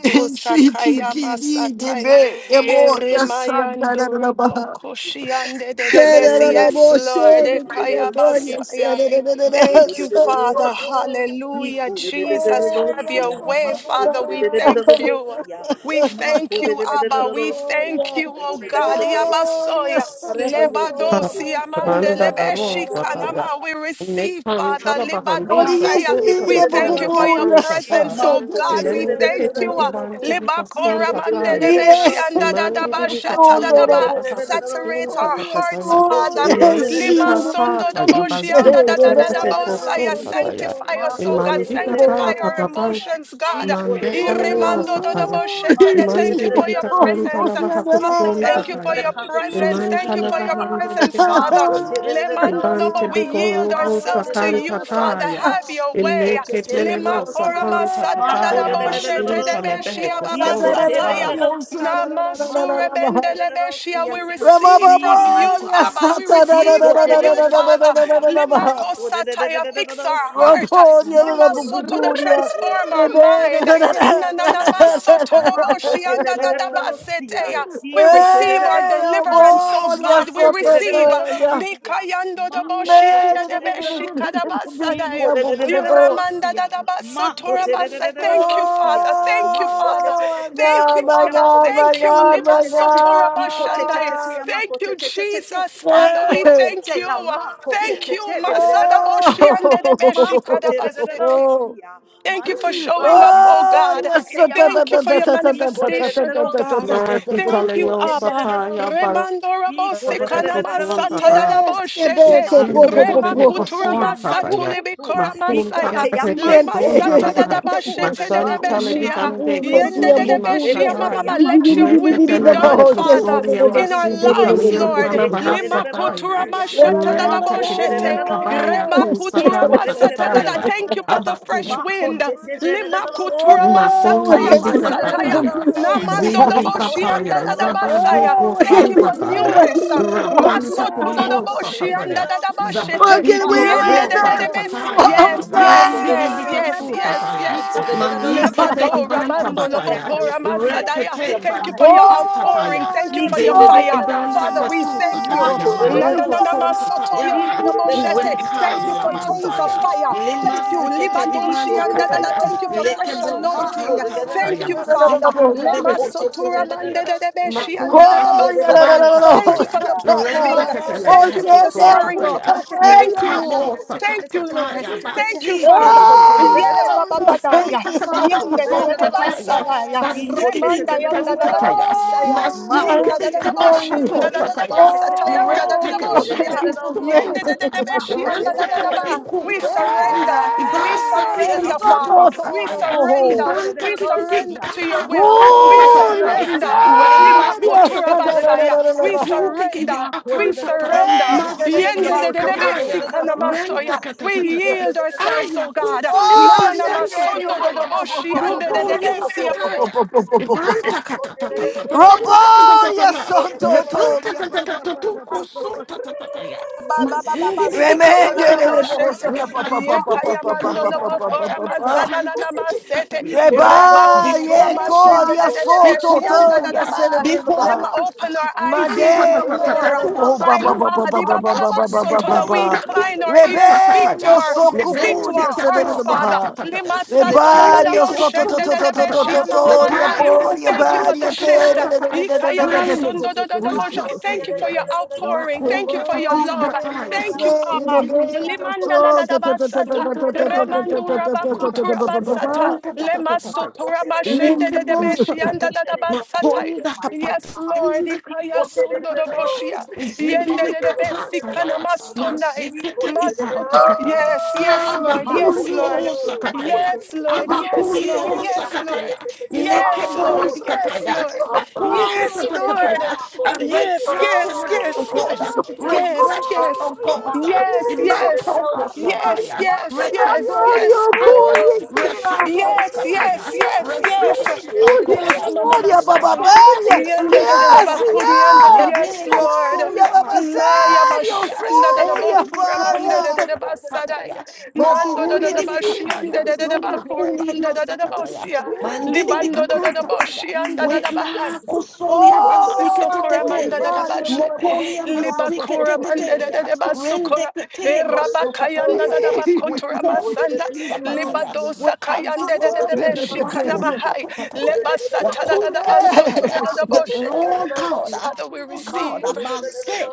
[SPEAKER 1] *laughs*
[SPEAKER 5] kayama
[SPEAKER 1] CTTD, did
[SPEAKER 5] sataya.
[SPEAKER 1] it. Yeah, boy, yes, son, da da
[SPEAKER 5] Eremayando
[SPEAKER 1] da da.
[SPEAKER 5] roboko shiande de
[SPEAKER 1] Oh,
[SPEAKER 5] debesi.
[SPEAKER 13] Glory.
[SPEAKER 5] Yes,
[SPEAKER 13] Mako
[SPEAKER 5] Lord.
[SPEAKER 13] de de de de de see.
[SPEAKER 5] Ekaya
[SPEAKER 13] Mako de
[SPEAKER 5] Thank
[SPEAKER 13] de
[SPEAKER 5] you,
[SPEAKER 13] de de
[SPEAKER 5] Father.
[SPEAKER 13] see.
[SPEAKER 5] Hallelujah.
[SPEAKER 13] Miko de de de de
[SPEAKER 5] Jesus, have
[SPEAKER 13] see.
[SPEAKER 5] your way,
[SPEAKER 13] Mako
[SPEAKER 5] Father.
[SPEAKER 13] de
[SPEAKER 5] We
[SPEAKER 13] de de de
[SPEAKER 5] thank you.
[SPEAKER 13] see.
[SPEAKER 5] We
[SPEAKER 13] Mako
[SPEAKER 5] thank
[SPEAKER 13] de
[SPEAKER 5] you,
[SPEAKER 13] de de de
[SPEAKER 5] Abba. We
[SPEAKER 13] see.
[SPEAKER 5] thank you,
[SPEAKER 13] Mako de
[SPEAKER 5] oh
[SPEAKER 13] de de de
[SPEAKER 5] God.
[SPEAKER 13] see.
[SPEAKER 5] Yabasoya.
[SPEAKER 13] Whatever you're doing this
[SPEAKER 5] Lebadosi amande
[SPEAKER 13] season,
[SPEAKER 8] Branda da
[SPEAKER 13] my
[SPEAKER 8] Rosa, da ya.
[SPEAKER 5] lebeshikanama. We receive,
[SPEAKER 8] Imekan
[SPEAKER 5] Father.
[SPEAKER 8] sala
[SPEAKER 13] Mighty
[SPEAKER 8] bahandi,
[SPEAKER 5] Lebadosaya.
[SPEAKER 8] kostur
[SPEAKER 5] We
[SPEAKER 8] satata,
[SPEAKER 5] thank you
[SPEAKER 8] ya
[SPEAKER 5] for your
[SPEAKER 8] patan
[SPEAKER 5] presence,
[SPEAKER 8] sata.
[SPEAKER 5] oh God. We
[SPEAKER 8] Imendi
[SPEAKER 5] thank
[SPEAKER 8] ketan
[SPEAKER 5] you. uh,
[SPEAKER 8] iban
[SPEAKER 1] yes,
[SPEAKER 8] sebi
[SPEAKER 5] Lebako
[SPEAKER 8] koson
[SPEAKER 5] ramande
[SPEAKER 8] sata.
[SPEAKER 5] lebeshi
[SPEAKER 1] Yes,
[SPEAKER 5] anda da da da
[SPEAKER 8] Imandi
[SPEAKER 5] ba
[SPEAKER 8] bibi
[SPEAKER 5] shata da
[SPEAKER 8] kapan
[SPEAKER 5] da
[SPEAKER 1] wonderful, no
[SPEAKER 8] sala
[SPEAKER 5] ba
[SPEAKER 8] baha
[SPEAKER 1] mundo.
[SPEAKER 8] kostur
[SPEAKER 5] Saturate our
[SPEAKER 1] Only a
[SPEAKER 8] satata
[SPEAKER 5] hearts,
[SPEAKER 8] ya.
[SPEAKER 1] spoon
[SPEAKER 5] Father.
[SPEAKER 1] is
[SPEAKER 8] Imandi
[SPEAKER 5] Lima
[SPEAKER 1] seated
[SPEAKER 5] sondo
[SPEAKER 8] kakata
[SPEAKER 5] do
[SPEAKER 8] ya
[SPEAKER 1] in the
[SPEAKER 5] boshi
[SPEAKER 1] sea.
[SPEAKER 8] basdi
[SPEAKER 5] anda da da
[SPEAKER 8] ketan
[SPEAKER 5] da da
[SPEAKER 8] se
[SPEAKER 5] ba anda
[SPEAKER 1] The
[SPEAKER 5] osaya
[SPEAKER 8] koson sata ya.
[SPEAKER 5] Sanctify us, oh God.
[SPEAKER 8] Imandi
[SPEAKER 1] Mario
[SPEAKER 5] Sanctify
[SPEAKER 1] Bowl.
[SPEAKER 5] our
[SPEAKER 8] kakata
[SPEAKER 5] emotions, God.
[SPEAKER 8] Mande kanıyor sakaya.
[SPEAKER 1] Ooh,
[SPEAKER 5] Iremandododoboshetede. Thank
[SPEAKER 1] he's
[SPEAKER 5] you
[SPEAKER 8] Mandiri
[SPEAKER 5] for
[SPEAKER 8] bir
[SPEAKER 1] not
[SPEAKER 5] your
[SPEAKER 1] going
[SPEAKER 8] katağın
[SPEAKER 5] presence.
[SPEAKER 8] talabaha
[SPEAKER 5] Abba,
[SPEAKER 8] kutsun
[SPEAKER 13] God,
[SPEAKER 1] another.
[SPEAKER 5] thank you
[SPEAKER 13] give her
[SPEAKER 5] for
[SPEAKER 13] a
[SPEAKER 5] your
[SPEAKER 8] tataya.
[SPEAKER 5] presence.
[SPEAKER 13] conversation,
[SPEAKER 8] Eman
[SPEAKER 5] Thank you
[SPEAKER 13] mighty
[SPEAKER 5] for
[SPEAKER 13] God.
[SPEAKER 5] your
[SPEAKER 8] talabahan
[SPEAKER 5] presence,
[SPEAKER 8] dedebehin
[SPEAKER 13] Ma
[SPEAKER 5] Father.
[SPEAKER 13] koche
[SPEAKER 8] tataya.
[SPEAKER 13] re re re re ro
[SPEAKER 8] Eban
[SPEAKER 5] Lemandolobo, We
[SPEAKER 13] siya.
[SPEAKER 8] tebiko
[SPEAKER 5] yield
[SPEAKER 13] Ma
[SPEAKER 8] robo
[SPEAKER 5] ourselves
[SPEAKER 13] koche
[SPEAKER 5] to
[SPEAKER 13] re re
[SPEAKER 8] sakan
[SPEAKER 13] re
[SPEAKER 5] you,
[SPEAKER 13] re ro
[SPEAKER 5] Father.
[SPEAKER 8] tataya.
[SPEAKER 13] siya.
[SPEAKER 5] Have your
[SPEAKER 13] I
[SPEAKER 5] way.
[SPEAKER 13] koche
[SPEAKER 8] Elleke
[SPEAKER 13] che re re re
[SPEAKER 8] telebo
[SPEAKER 13] ro
[SPEAKER 1] Oh,
[SPEAKER 13] siya.
[SPEAKER 5] Limakorama
[SPEAKER 8] sakan
[SPEAKER 13] Ma koche
[SPEAKER 8] tatataya.
[SPEAKER 13] re
[SPEAKER 5] satadabo
[SPEAKER 13] re re re
[SPEAKER 8] Basin
[SPEAKER 13] ro siya.
[SPEAKER 8] talebehe
[SPEAKER 5] shetedebeshia baba
[SPEAKER 13] I
[SPEAKER 1] yes,
[SPEAKER 8] kutsun
[SPEAKER 13] koche re re
[SPEAKER 5] sataya.
[SPEAKER 13] re
[SPEAKER 8] tataya.
[SPEAKER 13] ro
[SPEAKER 1] oh,
[SPEAKER 13] siya. Ma
[SPEAKER 5] Namasure
[SPEAKER 13] koche re re
[SPEAKER 1] God.
[SPEAKER 13] re re ro
[SPEAKER 5] bendelebeshia.
[SPEAKER 13] siya.
[SPEAKER 5] We
[SPEAKER 13] As I
[SPEAKER 1] Oh,
[SPEAKER 5] receive
[SPEAKER 13] receive
[SPEAKER 5] from you,
[SPEAKER 13] mighty
[SPEAKER 5] Abba.
[SPEAKER 13] God.
[SPEAKER 5] We
[SPEAKER 13] I
[SPEAKER 5] receive from
[SPEAKER 13] koche re re
[SPEAKER 5] you,
[SPEAKER 13] re ro
[SPEAKER 5] Father.
[SPEAKER 13] siya. Ma
[SPEAKER 5] Limako
[SPEAKER 13] koche re re
[SPEAKER 5] sataya.
[SPEAKER 13] re re
[SPEAKER 5] Fix
[SPEAKER 13] ro
[SPEAKER 5] our
[SPEAKER 13] siya.
[SPEAKER 5] heart.
[SPEAKER 13] Ma
[SPEAKER 5] Lima soto to
[SPEAKER 13] koche.
[SPEAKER 5] transform our mind. Inananama
[SPEAKER 13] Ekotererosia,
[SPEAKER 5] soto domoshi
[SPEAKER 13] makotererosia,
[SPEAKER 5] andadadabaseteya. We receive our deliverance
[SPEAKER 13] ikotererosia,
[SPEAKER 5] and so, God, we receive. uh,
[SPEAKER 13] makotererosia,
[SPEAKER 5] Mikayando da boshi anda da beshi
[SPEAKER 13] makotererosia,
[SPEAKER 5] kadabasadai. Iramanda da
[SPEAKER 13] ikotererosia,
[SPEAKER 5] da baso torabasa. Thank you,
[SPEAKER 13] makotererosia,
[SPEAKER 5] Father.
[SPEAKER 13] makotererosia,
[SPEAKER 5] Thank you, Father. Thank
[SPEAKER 1] my God,
[SPEAKER 5] you,
[SPEAKER 1] my
[SPEAKER 5] Abba.
[SPEAKER 1] God, my
[SPEAKER 5] Thank
[SPEAKER 13] makotererosia,
[SPEAKER 5] you,
[SPEAKER 1] God,
[SPEAKER 13] makote
[SPEAKER 1] my
[SPEAKER 13] te te
[SPEAKER 5] Libaso
[SPEAKER 13] te. Ikote te
[SPEAKER 5] torabashandai.
[SPEAKER 13] te te ya
[SPEAKER 1] God.
[SPEAKER 5] Thank you,
[SPEAKER 13] makote te te te te.
[SPEAKER 5] Jesus. Father, we
[SPEAKER 13] Ikote
[SPEAKER 1] Hey.
[SPEAKER 5] thank
[SPEAKER 13] te
[SPEAKER 5] you.
[SPEAKER 13] ya makote
[SPEAKER 5] Thank
[SPEAKER 13] te
[SPEAKER 5] you,
[SPEAKER 13] te re re re re
[SPEAKER 5] Masada boshi
[SPEAKER 13] rosia.
[SPEAKER 5] anda da beshi
[SPEAKER 13] Makote re re re
[SPEAKER 5] kadabasete.
[SPEAKER 1] Oh. *laughs*
[SPEAKER 13] rosia.
[SPEAKER 5] Thank you for
[SPEAKER 13] Mighty
[SPEAKER 5] showing
[SPEAKER 13] God,
[SPEAKER 5] up, oh
[SPEAKER 1] Oh,
[SPEAKER 13] makote
[SPEAKER 5] God.
[SPEAKER 13] te
[SPEAKER 1] yes.
[SPEAKER 13] te
[SPEAKER 1] ta-
[SPEAKER 13] ya
[SPEAKER 1] ta- ta-
[SPEAKER 5] Thank you
[SPEAKER 1] ta-
[SPEAKER 5] for
[SPEAKER 1] ta-
[SPEAKER 13] makote.
[SPEAKER 5] your
[SPEAKER 1] ta- ta- ta- ta- ta-
[SPEAKER 13] Ikore
[SPEAKER 1] ta- ta-
[SPEAKER 13] re re
[SPEAKER 1] ta-
[SPEAKER 13] re
[SPEAKER 5] manifestation, oh
[SPEAKER 1] ta-
[SPEAKER 5] God.
[SPEAKER 13] rosia.
[SPEAKER 1] ta- ta-
[SPEAKER 8] Madi
[SPEAKER 1] ta- ta-
[SPEAKER 5] Thank you,
[SPEAKER 1] ta.
[SPEAKER 8] taleyo
[SPEAKER 13] Makote te re
[SPEAKER 5] Abba.
[SPEAKER 13] re
[SPEAKER 8] sataya.
[SPEAKER 13] rosia.
[SPEAKER 5] Remando rabo
[SPEAKER 13] Ikore re
[SPEAKER 8] Barabahe
[SPEAKER 13] re
[SPEAKER 5] sekana
[SPEAKER 13] re re
[SPEAKER 8] kutsun
[SPEAKER 5] masata
[SPEAKER 13] rosia.
[SPEAKER 8] tataya.
[SPEAKER 5] dadabo
[SPEAKER 1] Yes, que bete,
[SPEAKER 5] shete.
[SPEAKER 1] po, po, po,
[SPEAKER 5] Rema
[SPEAKER 1] po.
[SPEAKER 13] Marukutututu
[SPEAKER 5] kutura
[SPEAKER 13] ya
[SPEAKER 8] Zindelebehekoswan pataya.
[SPEAKER 13] marukutu.
[SPEAKER 8] Makun
[SPEAKER 13] Ikote ya
[SPEAKER 5] Lima
[SPEAKER 1] Niente,
[SPEAKER 8] talabehekoswan
[SPEAKER 5] satada da
[SPEAKER 8] tarabaha.
[SPEAKER 5] ba
[SPEAKER 13] marukutututututu.
[SPEAKER 5] shete de
[SPEAKER 1] José,
[SPEAKER 5] de
[SPEAKER 8] Masan
[SPEAKER 1] como,
[SPEAKER 5] beshia.
[SPEAKER 1] como,
[SPEAKER 8] talebihande
[SPEAKER 5] Yende
[SPEAKER 1] niente,
[SPEAKER 5] de
[SPEAKER 13] Marukututututututu.
[SPEAKER 8] kosuri
[SPEAKER 5] de
[SPEAKER 1] bocuria,
[SPEAKER 5] beshia, ma
[SPEAKER 13] Ekote
[SPEAKER 8] makataya.
[SPEAKER 13] ya
[SPEAKER 5] mama.
[SPEAKER 1] ni ni ni
[SPEAKER 5] Let your
[SPEAKER 1] ni ni
[SPEAKER 5] will
[SPEAKER 1] ni ni
[SPEAKER 5] be
[SPEAKER 1] no,
[SPEAKER 5] done,
[SPEAKER 1] José,
[SPEAKER 13] marukutututututututu.
[SPEAKER 5] Father,
[SPEAKER 1] da no,
[SPEAKER 8] Reketelebehekosuri
[SPEAKER 1] no, no, no,
[SPEAKER 5] in our
[SPEAKER 1] no,
[SPEAKER 8] amasidi
[SPEAKER 5] lives,
[SPEAKER 13] Rokutututututu.
[SPEAKER 1] no,
[SPEAKER 8] kalion
[SPEAKER 5] Lord.
[SPEAKER 8] talabaha
[SPEAKER 5] Lima kutura
[SPEAKER 8] sakaya.
[SPEAKER 5] ma
[SPEAKER 13] Ekorerererosiya.
[SPEAKER 5] da da
[SPEAKER 8] Renta
[SPEAKER 5] bo shete.
[SPEAKER 8] keti
[SPEAKER 13] Makotererererosiya.
[SPEAKER 8] kabaya
[SPEAKER 1] no,
[SPEAKER 5] Rema
[SPEAKER 8] tu
[SPEAKER 5] kutura
[SPEAKER 8] sakan
[SPEAKER 5] ma da
[SPEAKER 1] no,
[SPEAKER 5] da.
[SPEAKER 8] tatataya.
[SPEAKER 5] Thank you
[SPEAKER 13] Ikorererererosiya.
[SPEAKER 5] for the fresh
[SPEAKER 8] Abakuya.
[SPEAKER 5] wind. Lima kutura
[SPEAKER 13] Makoteteterererosiya.
[SPEAKER 5] masakaya
[SPEAKER 8] Makundi
[SPEAKER 5] sakaya ma
[SPEAKER 8] libika
[SPEAKER 5] sataya.
[SPEAKER 8] pataya,
[SPEAKER 13] Makorererererosiya.
[SPEAKER 1] no,
[SPEAKER 5] Namando da
[SPEAKER 8] zibri
[SPEAKER 5] bo shianda
[SPEAKER 8] kataya,
[SPEAKER 5] da da basaya.
[SPEAKER 1] Oh,
[SPEAKER 8] zabadiko
[SPEAKER 1] what
[SPEAKER 5] Thank
[SPEAKER 1] can
[SPEAKER 5] you
[SPEAKER 1] we
[SPEAKER 5] for
[SPEAKER 1] do?
[SPEAKER 13] Ikotererererosiya.
[SPEAKER 8] santataya,
[SPEAKER 1] What do you
[SPEAKER 5] newness. uh,
[SPEAKER 1] do? Oh, God. Oh, what can we do? What do you do? Oh,
[SPEAKER 8] rapanta
[SPEAKER 1] God.
[SPEAKER 8] kurimo
[SPEAKER 5] Masotododoboshi
[SPEAKER 8] sakataya,
[SPEAKER 13] Ekoterererosia,
[SPEAKER 5] andadadaboshete,
[SPEAKER 8] zabandiko robo
[SPEAKER 1] And nothing
[SPEAKER 5] yendedededebesi.
[SPEAKER 1] you
[SPEAKER 13] makoterererosia,
[SPEAKER 8] sakatataya,
[SPEAKER 1] won't
[SPEAKER 5] Yes, yes,
[SPEAKER 1] say.
[SPEAKER 8] zabandi
[SPEAKER 5] yes,
[SPEAKER 8] libika
[SPEAKER 5] yes,
[SPEAKER 13] makoterererosia,
[SPEAKER 5] yes,
[SPEAKER 8] sutataya,
[SPEAKER 5] yes. uh,
[SPEAKER 13] ikoterererosia.
[SPEAKER 8] manikete
[SPEAKER 5] Lebado
[SPEAKER 8] ibanta
[SPEAKER 5] rabando
[SPEAKER 13] Mighty God,
[SPEAKER 8] bataya,
[SPEAKER 13] I
[SPEAKER 5] lobokora
[SPEAKER 13] receive a
[SPEAKER 5] masadaya.
[SPEAKER 13] piece
[SPEAKER 8] rekete
[SPEAKER 13] of
[SPEAKER 5] Thank you
[SPEAKER 13] my
[SPEAKER 5] for your
[SPEAKER 8] baduka
[SPEAKER 13] mighty God.
[SPEAKER 5] outpouring.
[SPEAKER 8] tataya,
[SPEAKER 1] Oh,
[SPEAKER 5] Thank you for
[SPEAKER 1] yes,
[SPEAKER 5] your
[SPEAKER 1] Lord.
[SPEAKER 8] dendi
[SPEAKER 5] fire.
[SPEAKER 8] ibanta
[SPEAKER 5] Father,
[SPEAKER 13] Ikoterererosia,
[SPEAKER 5] we
[SPEAKER 8] katu
[SPEAKER 5] thank
[SPEAKER 1] Oh,
[SPEAKER 5] you.
[SPEAKER 8] sakataya,
[SPEAKER 5] Na,
[SPEAKER 1] yeah.
[SPEAKER 5] na,
[SPEAKER 8] baroko
[SPEAKER 5] na, na, ma,
[SPEAKER 1] Oh,
[SPEAKER 13] makoterererosia,
[SPEAKER 5] soto, yondo,
[SPEAKER 8] sontataya,
[SPEAKER 5] na, bo, shete.
[SPEAKER 13] ikoterererosia. I
[SPEAKER 5] Thank you for
[SPEAKER 13] Receive from my
[SPEAKER 5] tongues of
[SPEAKER 8] Wekalabasaya,
[SPEAKER 5] fire.
[SPEAKER 13] beauty, mighty
[SPEAKER 8] Lima
[SPEAKER 5] Thank you.
[SPEAKER 13] God.
[SPEAKER 8] Sikete
[SPEAKER 5] Libadoshi,
[SPEAKER 8] Ivanta
[SPEAKER 5] and da, da, da.
[SPEAKER 8] Kataya,
[SPEAKER 5] Thank you for
[SPEAKER 13] Ikoterererosia,
[SPEAKER 5] fresh
[SPEAKER 8] Lekebo
[SPEAKER 5] anointing.
[SPEAKER 8] Sakanta
[SPEAKER 5] Thank
[SPEAKER 8] Kataya,
[SPEAKER 5] you,
[SPEAKER 13] makoterererosia,
[SPEAKER 5] Father.
[SPEAKER 8] Basinkanta de
[SPEAKER 5] Lema,
[SPEAKER 8] Beko
[SPEAKER 5] sotura, man, de,
[SPEAKER 8] Sontaya,
[SPEAKER 5] de, de,
[SPEAKER 13] makoterererosia.
[SPEAKER 5] and da,
[SPEAKER 13] Mako
[SPEAKER 5] da,
[SPEAKER 8] Makunta
[SPEAKER 5] da, ba,
[SPEAKER 8] di
[SPEAKER 5] satai.
[SPEAKER 8] Kabanta
[SPEAKER 5] Thank you
[SPEAKER 8] Kataya,
[SPEAKER 5] for the birthing.
[SPEAKER 8] Renta Katele
[SPEAKER 5] Thank you for
[SPEAKER 8] Beheko
[SPEAKER 5] the stirring up.
[SPEAKER 8] Sontataya,
[SPEAKER 5] Thank you, Lord.
[SPEAKER 8] Lekabo
[SPEAKER 5] Thank you, Lord.
[SPEAKER 8] Sakataya,
[SPEAKER 5] Thank you, Father.
[SPEAKER 8] Basikele
[SPEAKER 5] Ye
[SPEAKER 8] Anda,
[SPEAKER 5] la ba da da ya.
[SPEAKER 8] Anta
[SPEAKER 5] Yende de de de ba sa
[SPEAKER 8] Katata
[SPEAKER 5] da ya.
[SPEAKER 8] Mazikini
[SPEAKER 5] Remanda yanda
[SPEAKER 8] Kitong
[SPEAKER 5] da da da bo
[SPEAKER 8] Kataya,
[SPEAKER 5] sa ya.
[SPEAKER 1] Oh, Lord,
[SPEAKER 5] Ninda
[SPEAKER 1] have
[SPEAKER 5] da
[SPEAKER 8] Masukini
[SPEAKER 5] da
[SPEAKER 1] your
[SPEAKER 5] da bo shi
[SPEAKER 1] glory.
[SPEAKER 8] kato
[SPEAKER 5] yanda da da da bo
[SPEAKER 8] Sakaya,
[SPEAKER 5] sa ta yanda da da
[SPEAKER 8] Renta
[SPEAKER 5] da
[SPEAKER 1] Oh,
[SPEAKER 5] bo
[SPEAKER 1] Lord,
[SPEAKER 5] shi
[SPEAKER 8] Kalabaha
[SPEAKER 1] thank
[SPEAKER 5] ya.
[SPEAKER 1] you
[SPEAKER 8] Kusum
[SPEAKER 5] Yende de
[SPEAKER 8] Kataya,
[SPEAKER 5] de de be
[SPEAKER 1] for
[SPEAKER 5] shi
[SPEAKER 13] Mako
[SPEAKER 5] yanda da
[SPEAKER 8] Renta
[SPEAKER 5] da da
[SPEAKER 1] grace. *laughs*
[SPEAKER 5] ba.
[SPEAKER 8] Kabari Kun
[SPEAKER 5] We
[SPEAKER 13] terererererosia. With
[SPEAKER 8] Kataya,
[SPEAKER 5] surrender.
[SPEAKER 13] my hands
[SPEAKER 5] We
[SPEAKER 1] Yes,
[SPEAKER 8] Ibasa
[SPEAKER 13] lifted
[SPEAKER 8] Kini
[SPEAKER 5] surrender,
[SPEAKER 13] up,
[SPEAKER 8] Kato
[SPEAKER 13] mighty
[SPEAKER 5] Father.
[SPEAKER 1] todo,
[SPEAKER 5] We
[SPEAKER 13] God.
[SPEAKER 1] todo,
[SPEAKER 8] Sakaya,
[SPEAKER 1] boho.
[SPEAKER 5] surrender.
[SPEAKER 13] Iko de de
[SPEAKER 8] Ibanta
[SPEAKER 13] de
[SPEAKER 5] We
[SPEAKER 8] Kiki
[SPEAKER 5] surrender
[SPEAKER 13] Russia.
[SPEAKER 5] to your
[SPEAKER 8] Kapa
[SPEAKER 5] will.
[SPEAKER 13] Mako
[SPEAKER 8] Kakan
[SPEAKER 5] We
[SPEAKER 1] Ooh, yes,
[SPEAKER 8] Tataya,
[SPEAKER 5] surrender.
[SPEAKER 13] tererererosia.
[SPEAKER 1] sir.
[SPEAKER 8] Wemban
[SPEAKER 13] Mako
[SPEAKER 1] Yes,
[SPEAKER 13] te te
[SPEAKER 1] sir.
[SPEAKER 13] te
[SPEAKER 1] Da,
[SPEAKER 13] de
[SPEAKER 8] Tataya,
[SPEAKER 1] da,
[SPEAKER 13] de de
[SPEAKER 1] da,
[SPEAKER 5] Limakoturabasaya.
[SPEAKER 13] de
[SPEAKER 1] da, da, da,
[SPEAKER 5] We
[SPEAKER 1] da.
[SPEAKER 13] Russia.
[SPEAKER 8] Sapinki Kini
[SPEAKER 5] surrender.
[SPEAKER 13] Mako
[SPEAKER 5] We
[SPEAKER 8] Akantata,
[SPEAKER 5] surrender.
[SPEAKER 1] Man, da,
[SPEAKER 13] tererererosia.
[SPEAKER 1] da, da, da, da, da,
[SPEAKER 8] Masikini
[SPEAKER 1] boho.
[SPEAKER 13] Mako te de de de
[SPEAKER 8] Kapaya,
[SPEAKER 13] de de Russia.
[SPEAKER 8] Renta
[SPEAKER 5] Yendedededebesikanabasoya. We
[SPEAKER 13] Iko
[SPEAKER 8] Katatata,
[SPEAKER 5] yield ourselves,
[SPEAKER 8] Aya
[SPEAKER 5] O
[SPEAKER 13] tererererosia.
[SPEAKER 5] God.
[SPEAKER 1] Oh,
[SPEAKER 8] Kusalima
[SPEAKER 13] Mako te
[SPEAKER 1] yes,
[SPEAKER 13] de
[SPEAKER 8] Santa
[SPEAKER 13] de
[SPEAKER 1] sir.
[SPEAKER 13] de de
[SPEAKER 1] Yo,
[SPEAKER 5] Nananamasondo
[SPEAKER 1] bo, bo,
[SPEAKER 8] Tataya,
[SPEAKER 1] bo, bo,
[SPEAKER 13] Russia.
[SPEAKER 5] dodoboshi
[SPEAKER 1] bo, bo, bo, bo, bo, bo,
[SPEAKER 5] andededebesi
[SPEAKER 1] bo,
[SPEAKER 8] Mokolyosataya.
[SPEAKER 1] bo, bo, bo, bo, bo.
[SPEAKER 8] Ibanta kata tata tata tata tata
[SPEAKER 1] Robon, yes,
[SPEAKER 8] tata.
[SPEAKER 1] son, toto,
[SPEAKER 8] Rebanta
[SPEAKER 1] yeah,
[SPEAKER 8] tata
[SPEAKER 1] ba, ba,
[SPEAKER 8] tata
[SPEAKER 1] ba, ba,
[SPEAKER 8] tuko
[SPEAKER 1] ba, ba, ba.
[SPEAKER 8] sunta tata taya.
[SPEAKER 5] Baba baba
[SPEAKER 8] Mazindi bibi
[SPEAKER 5] Soto do
[SPEAKER 1] Remende,
[SPEAKER 5] do
[SPEAKER 8] katanta
[SPEAKER 5] do
[SPEAKER 1] da,
[SPEAKER 5] bo
[SPEAKER 1] da,
[SPEAKER 8] taya.
[SPEAKER 1] boho, sa, ta, ba, ba,
[SPEAKER 5] Ye
[SPEAKER 8] Rabanta
[SPEAKER 1] ba, ba,
[SPEAKER 8] kutu
[SPEAKER 1] ba,
[SPEAKER 5] kaya
[SPEAKER 1] ba, ba,
[SPEAKER 5] mando
[SPEAKER 1] ba,
[SPEAKER 5] do
[SPEAKER 8] kanta
[SPEAKER 1] ba,
[SPEAKER 5] bo
[SPEAKER 1] ba,
[SPEAKER 8] tataya.
[SPEAKER 1] ba, ba.
[SPEAKER 5] mazada na
[SPEAKER 8] Rabanta
[SPEAKER 5] na
[SPEAKER 8] kutu
[SPEAKER 5] masete.
[SPEAKER 8] katanta tata.
[SPEAKER 5] Reba
[SPEAKER 1] Reba,
[SPEAKER 5] kutura
[SPEAKER 1] ye
[SPEAKER 8] Behold
[SPEAKER 1] call
[SPEAKER 5] mashete de
[SPEAKER 1] ya
[SPEAKER 5] de
[SPEAKER 8] us.
[SPEAKER 5] de be
[SPEAKER 1] soto,
[SPEAKER 13] Marco,
[SPEAKER 5] anda
[SPEAKER 1] to,
[SPEAKER 5] da
[SPEAKER 8] Behold
[SPEAKER 1] ya
[SPEAKER 5] da ba.
[SPEAKER 13] I
[SPEAKER 8] us.
[SPEAKER 1] sene, de, de, de,
[SPEAKER 13] worship
[SPEAKER 5] Let
[SPEAKER 13] you,
[SPEAKER 5] me
[SPEAKER 8] Behold
[SPEAKER 1] ba.
[SPEAKER 8] us.
[SPEAKER 13] mighty
[SPEAKER 5] open our
[SPEAKER 13] God.
[SPEAKER 1] My
[SPEAKER 5] eyes
[SPEAKER 8] Anta
[SPEAKER 5] even
[SPEAKER 13] We
[SPEAKER 5] the
[SPEAKER 1] day, de,
[SPEAKER 8] tata
[SPEAKER 13] go to
[SPEAKER 1] de, de,
[SPEAKER 5] more.
[SPEAKER 8] tata
[SPEAKER 13] the
[SPEAKER 1] de, bo,
[SPEAKER 13] love
[SPEAKER 8] kusa
[SPEAKER 1] ba,
[SPEAKER 5] My
[SPEAKER 13] here.
[SPEAKER 1] ba, ba,
[SPEAKER 8] tanta
[SPEAKER 1] ba,
[SPEAKER 5] God,
[SPEAKER 1] ba,
[SPEAKER 13] Ma
[SPEAKER 5] Iba ba
[SPEAKER 1] ba, ba,
[SPEAKER 8] tataya.
[SPEAKER 13] go
[SPEAKER 5] ba
[SPEAKER 1] ba,
[SPEAKER 5] ba
[SPEAKER 13] te
[SPEAKER 1] ba,
[SPEAKER 13] te
[SPEAKER 1] ba,
[SPEAKER 13] te
[SPEAKER 1] ba,
[SPEAKER 5] soto
[SPEAKER 1] ba,
[SPEAKER 13] ama
[SPEAKER 5] da
[SPEAKER 8] Behold
[SPEAKER 13] go
[SPEAKER 5] we
[SPEAKER 13] te
[SPEAKER 1] ba.
[SPEAKER 13] ama te
[SPEAKER 5] incline
[SPEAKER 13] te
[SPEAKER 5] our
[SPEAKER 13] te
[SPEAKER 8] us.
[SPEAKER 5] ears,
[SPEAKER 13] te.
[SPEAKER 5] speak
[SPEAKER 1] Rebe,
[SPEAKER 5] to
[SPEAKER 8] Sakataya.
[SPEAKER 1] yo
[SPEAKER 13] We
[SPEAKER 5] our
[SPEAKER 13] go te
[SPEAKER 1] soku
[SPEAKER 13] te te
[SPEAKER 5] speak
[SPEAKER 13] te
[SPEAKER 5] to
[SPEAKER 1] pun,
[SPEAKER 8] Lebendi
[SPEAKER 1] ya
[SPEAKER 5] our
[SPEAKER 13] ama go
[SPEAKER 1] sene,
[SPEAKER 13] te
[SPEAKER 1] de,
[SPEAKER 5] hearts,
[SPEAKER 8] kato
[SPEAKER 1] de,
[SPEAKER 13] te
[SPEAKER 5] Father.
[SPEAKER 1] ba.
[SPEAKER 13] te te.
[SPEAKER 8] sakataya.
[SPEAKER 5] Lima
[SPEAKER 13] We go
[SPEAKER 5] sata da
[SPEAKER 13] to
[SPEAKER 1] Reba,
[SPEAKER 5] da
[SPEAKER 13] the
[SPEAKER 5] da
[SPEAKER 8] Lebendi
[SPEAKER 1] yo
[SPEAKER 5] bo
[SPEAKER 13] love
[SPEAKER 1] soto,
[SPEAKER 13] here.
[SPEAKER 1] to, to,
[SPEAKER 5] de
[SPEAKER 8] kusanta
[SPEAKER 1] to,
[SPEAKER 5] de
[SPEAKER 1] to,
[SPEAKER 5] be
[SPEAKER 1] to,
[SPEAKER 13] Ma
[SPEAKER 5] shi
[SPEAKER 8] tataya.
[SPEAKER 1] to,
[SPEAKER 13] go te
[SPEAKER 1] to,
[SPEAKER 13] te te
[SPEAKER 1] ya
[SPEAKER 13] te
[SPEAKER 8] Labari
[SPEAKER 1] bo,
[SPEAKER 13] love
[SPEAKER 1] ya
[SPEAKER 5] Thank
[SPEAKER 13] here.
[SPEAKER 5] you
[SPEAKER 1] ba,
[SPEAKER 5] for the
[SPEAKER 1] ya
[SPEAKER 8] osakanta
[SPEAKER 13] We
[SPEAKER 1] te,
[SPEAKER 13] go
[SPEAKER 5] shift. Uh,
[SPEAKER 1] de, de,
[SPEAKER 13] te
[SPEAKER 1] de,
[SPEAKER 13] te
[SPEAKER 8] tatatata.
[SPEAKER 13] te
[SPEAKER 1] de,
[SPEAKER 13] te
[SPEAKER 1] de, de, de, de,
[SPEAKER 13] love
[SPEAKER 1] de,
[SPEAKER 13] here.
[SPEAKER 1] de,
[SPEAKER 8] Wait,
[SPEAKER 1] de,
[SPEAKER 8] we
[SPEAKER 1] de,
[SPEAKER 13] Ma
[SPEAKER 1] de,
[SPEAKER 5] Ikayamasundodododobosh.
[SPEAKER 8] shall
[SPEAKER 13] go
[SPEAKER 1] de.
[SPEAKER 13] te te te
[SPEAKER 8] see
[SPEAKER 5] Thank you
[SPEAKER 13] te
[SPEAKER 5] for
[SPEAKER 8] ya.
[SPEAKER 5] your
[SPEAKER 13] te love
[SPEAKER 5] outpouring.
[SPEAKER 13] here.
[SPEAKER 5] Thank you
[SPEAKER 8] Makonta
[SPEAKER 5] for
[SPEAKER 1] Oh,
[SPEAKER 5] your
[SPEAKER 13] Ma
[SPEAKER 8] tatiri
[SPEAKER 13] go
[SPEAKER 1] de,
[SPEAKER 5] love. Uh,
[SPEAKER 13] te
[SPEAKER 1] de,
[SPEAKER 13] te
[SPEAKER 1] yo
[SPEAKER 13] te
[SPEAKER 8] kataya.
[SPEAKER 5] Thank you,
[SPEAKER 13] ama go
[SPEAKER 1] sene,
[SPEAKER 13] te
[SPEAKER 1] de,
[SPEAKER 5] Abba.
[SPEAKER 8] Masindi
[SPEAKER 1] de,
[SPEAKER 13] te te te ama
[SPEAKER 1] yo
[SPEAKER 8] nikata.
[SPEAKER 13] go te
[SPEAKER 1] so,
[SPEAKER 13] te.
[SPEAKER 1] te, te, te,
[SPEAKER 13] We
[SPEAKER 1] te,
[SPEAKER 13] go
[SPEAKER 1] te,
[SPEAKER 5] Limandaladadabasata,
[SPEAKER 13] te
[SPEAKER 8] Masunta
[SPEAKER 1] te, te,
[SPEAKER 13] te te love
[SPEAKER 1] te, te,
[SPEAKER 8] tatataya.
[SPEAKER 13] here.
[SPEAKER 1] te, te, te,
[SPEAKER 13] Ma
[SPEAKER 1] te,
[SPEAKER 8] Batanta.
[SPEAKER 1] te, te, te, te,
[SPEAKER 13] go
[SPEAKER 1] ba,
[SPEAKER 13] te te
[SPEAKER 1] ba,
[SPEAKER 13] te
[SPEAKER 1] ba,
[SPEAKER 13] te
[SPEAKER 5] remandurabakuturabasata,
[SPEAKER 1] ba.
[SPEAKER 13] love
[SPEAKER 8] Makonta
[SPEAKER 13] here. Ma go
[SPEAKER 8] tatatataya.
[SPEAKER 13] te te te te love here.
[SPEAKER 8] Lekebos tatata.
[SPEAKER 5] lemasotoramashendedebeshiandadadabasata.
[SPEAKER 8] Makonda hapata.
[SPEAKER 5] Yes, Lord.
[SPEAKER 8] Ende kunta tatataya.
[SPEAKER 5] Ikayasundodoboshia,
[SPEAKER 8] Izibiri katataya.
[SPEAKER 5] yendedebesikanamastonai,
[SPEAKER 8] Masikete isanta
[SPEAKER 5] mastotor-
[SPEAKER 13] Thank
[SPEAKER 8] katata.
[SPEAKER 13] you.
[SPEAKER 5] Yes, yes, Lord.
[SPEAKER 13] Marco,
[SPEAKER 5] Yes,
[SPEAKER 8] Abakuri
[SPEAKER 5] Lord.
[SPEAKER 8] osakataya.
[SPEAKER 5] Yes, Lord. Yes,
[SPEAKER 8] Abakuyo
[SPEAKER 5] Lord. Yes, Lord.
[SPEAKER 8] sakataya,
[SPEAKER 5] Yes, Lord.
[SPEAKER 8] lekebos
[SPEAKER 5] Yes,
[SPEAKER 8] kataya,
[SPEAKER 5] Lord.
[SPEAKER 8] akun
[SPEAKER 5] Yes, Lord.
[SPEAKER 8] katataya, a
[SPEAKER 5] Yes, yes,
[SPEAKER 8] refreshment, oh
[SPEAKER 5] yes,
[SPEAKER 8] God,
[SPEAKER 5] yes, yes,
[SPEAKER 8] refresh,
[SPEAKER 5] yes,
[SPEAKER 8] oh God,
[SPEAKER 5] yes, yes,
[SPEAKER 8] imatoko
[SPEAKER 5] yes,
[SPEAKER 8] sotaya,
[SPEAKER 5] yes, yes,
[SPEAKER 8] rekados
[SPEAKER 5] yes. Woo!
[SPEAKER 8] kataya,
[SPEAKER 1] Yes,
[SPEAKER 8] rekados
[SPEAKER 5] Yes,
[SPEAKER 1] yes,
[SPEAKER 5] yes,
[SPEAKER 8] kataya,
[SPEAKER 5] yes, yes.
[SPEAKER 1] yes,
[SPEAKER 8] refresh, oh
[SPEAKER 5] Yes,
[SPEAKER 8] God,
[SPEAKER 1] glória,
[SPEAKER 8] Aya
[SPEAKER 5] Amanamastoya.
[SPEAKER 8] tonda
[SPEAKER 1] bababalha,
[SPEAKER 8] ki
[SPEAKER 1] yes,
[SPEAKER 5] Yenda de
[SPEAKER 8] anta
[SPEAKER 5] de de
[SPEAKER 1] yes,
[SPEAKER 8] papaya
[SPEAKER 5] bakuri yenda. Yes,
[SPEAKER 8] lebe
[SPEAKER 5] Lord.
[SPEAKER 1] glória,
[SPEAKER 8] kusolia
[SPEAKER 5] Na
[SPEAKER 8] masaka
[SPEAKER 5] ya
[SPEAKER 1] babacélia,
[SPEAKER 8] tataya
[SPEAKER 5] bashanda da da
[SPEAKER 1] súria,
[SPEAKER 8] eh
[SPEAKER 5] bakura banda da
[SPEAKER 8] kaboso
[SPEAKER 5] da
[SPEAKER 1] palha,
[SPEAKER 5] da
[SPEAKER 8] tataya
[SPEAKER 5] basadaya. Nando da da
[SPEAKER 8] mazindi
[SPEAKER 5] da
[SPEAKER 1] glória,
[SPEAKER 8] di
[SPEAKER 1] sim,
[SPEAKER 5] bashianda
[SPEAKER 8] bikataya
[SPEAKER 5] da da da
[SPEAKER 8] zomba
[SPEAKER 5] bakura
[SPEAKER 8] kuli
[SPEAKER 5] banda da da da
[SPEAKER 8] masaka taya
[SPEAKER 5] bosia.
[SPEAKER 8] mandidi
[SPEAKER 5] Libando da da
[SPEAKER 8] bikata
[SPEAKER 5] da
[SPEAKER 8] tataya
[SPEAKER 5] boshianda da
[SPEAKER 8] we
[SPEAKER 5] da bahaya.
[SPEAKER 8] ma
[SPEAKER 13] Thank
[SPEAKER 8] kusolia basike
[SPEAKER 5] Masokora
[SPEAKER 1] oh,
[SPEAKER 5] manda
[SPEAKER 8] teteteya
[SPEAKER 5] da da
[SPEAKER 1] palha,
[SPEAKER 5] bashe.
[SPEAKER 8] mokolia masike
[SPEAKER 5] Libakora manda da
[SPEAKER 8] teteteya
[SPEAKER 5] da da
[SPEAKER 8] rende
[SPEAKER 5] basokora.
[SPEAKER 8] kete
[SPEAKER 5] Eraba
[SPEAKER 8] basuka
[SPEAKER 5] kayanda da da
[SPEAKER 8] tatataya we
[SPEAKER 5] bakotora masanda.
[SPEAKER 8] kolia sabataya we
[SPEAKER 5] Libadosa kayanda da
[SPEAKER 8] kandus
[SPEAKER 5] da
[SPEAKER 1] oh,
[SPEAKER 5] da
[SPEAKER 8] kataya
[SPEAKER 1] bebê, bebê,
[SPEAKER 5] beshikana
[SPEAKER 8] wakas
[SPEAKER 5] mahai.
[SPEAKER 8] tatataya
[SPEAKER 5] Lebasata da da da basoto da da da
[SPEAKER 8] Wakukatataya, The
[SPEAKER 5] boshe.
[SPEAKER 8] Lord
[SPEAKER 5] Oh,
[SPEAKER 8] God, uh,
[SPEAKER 5] Father, we
[SPEAKER 8] Lord God,
[SPEAKER 5] receive.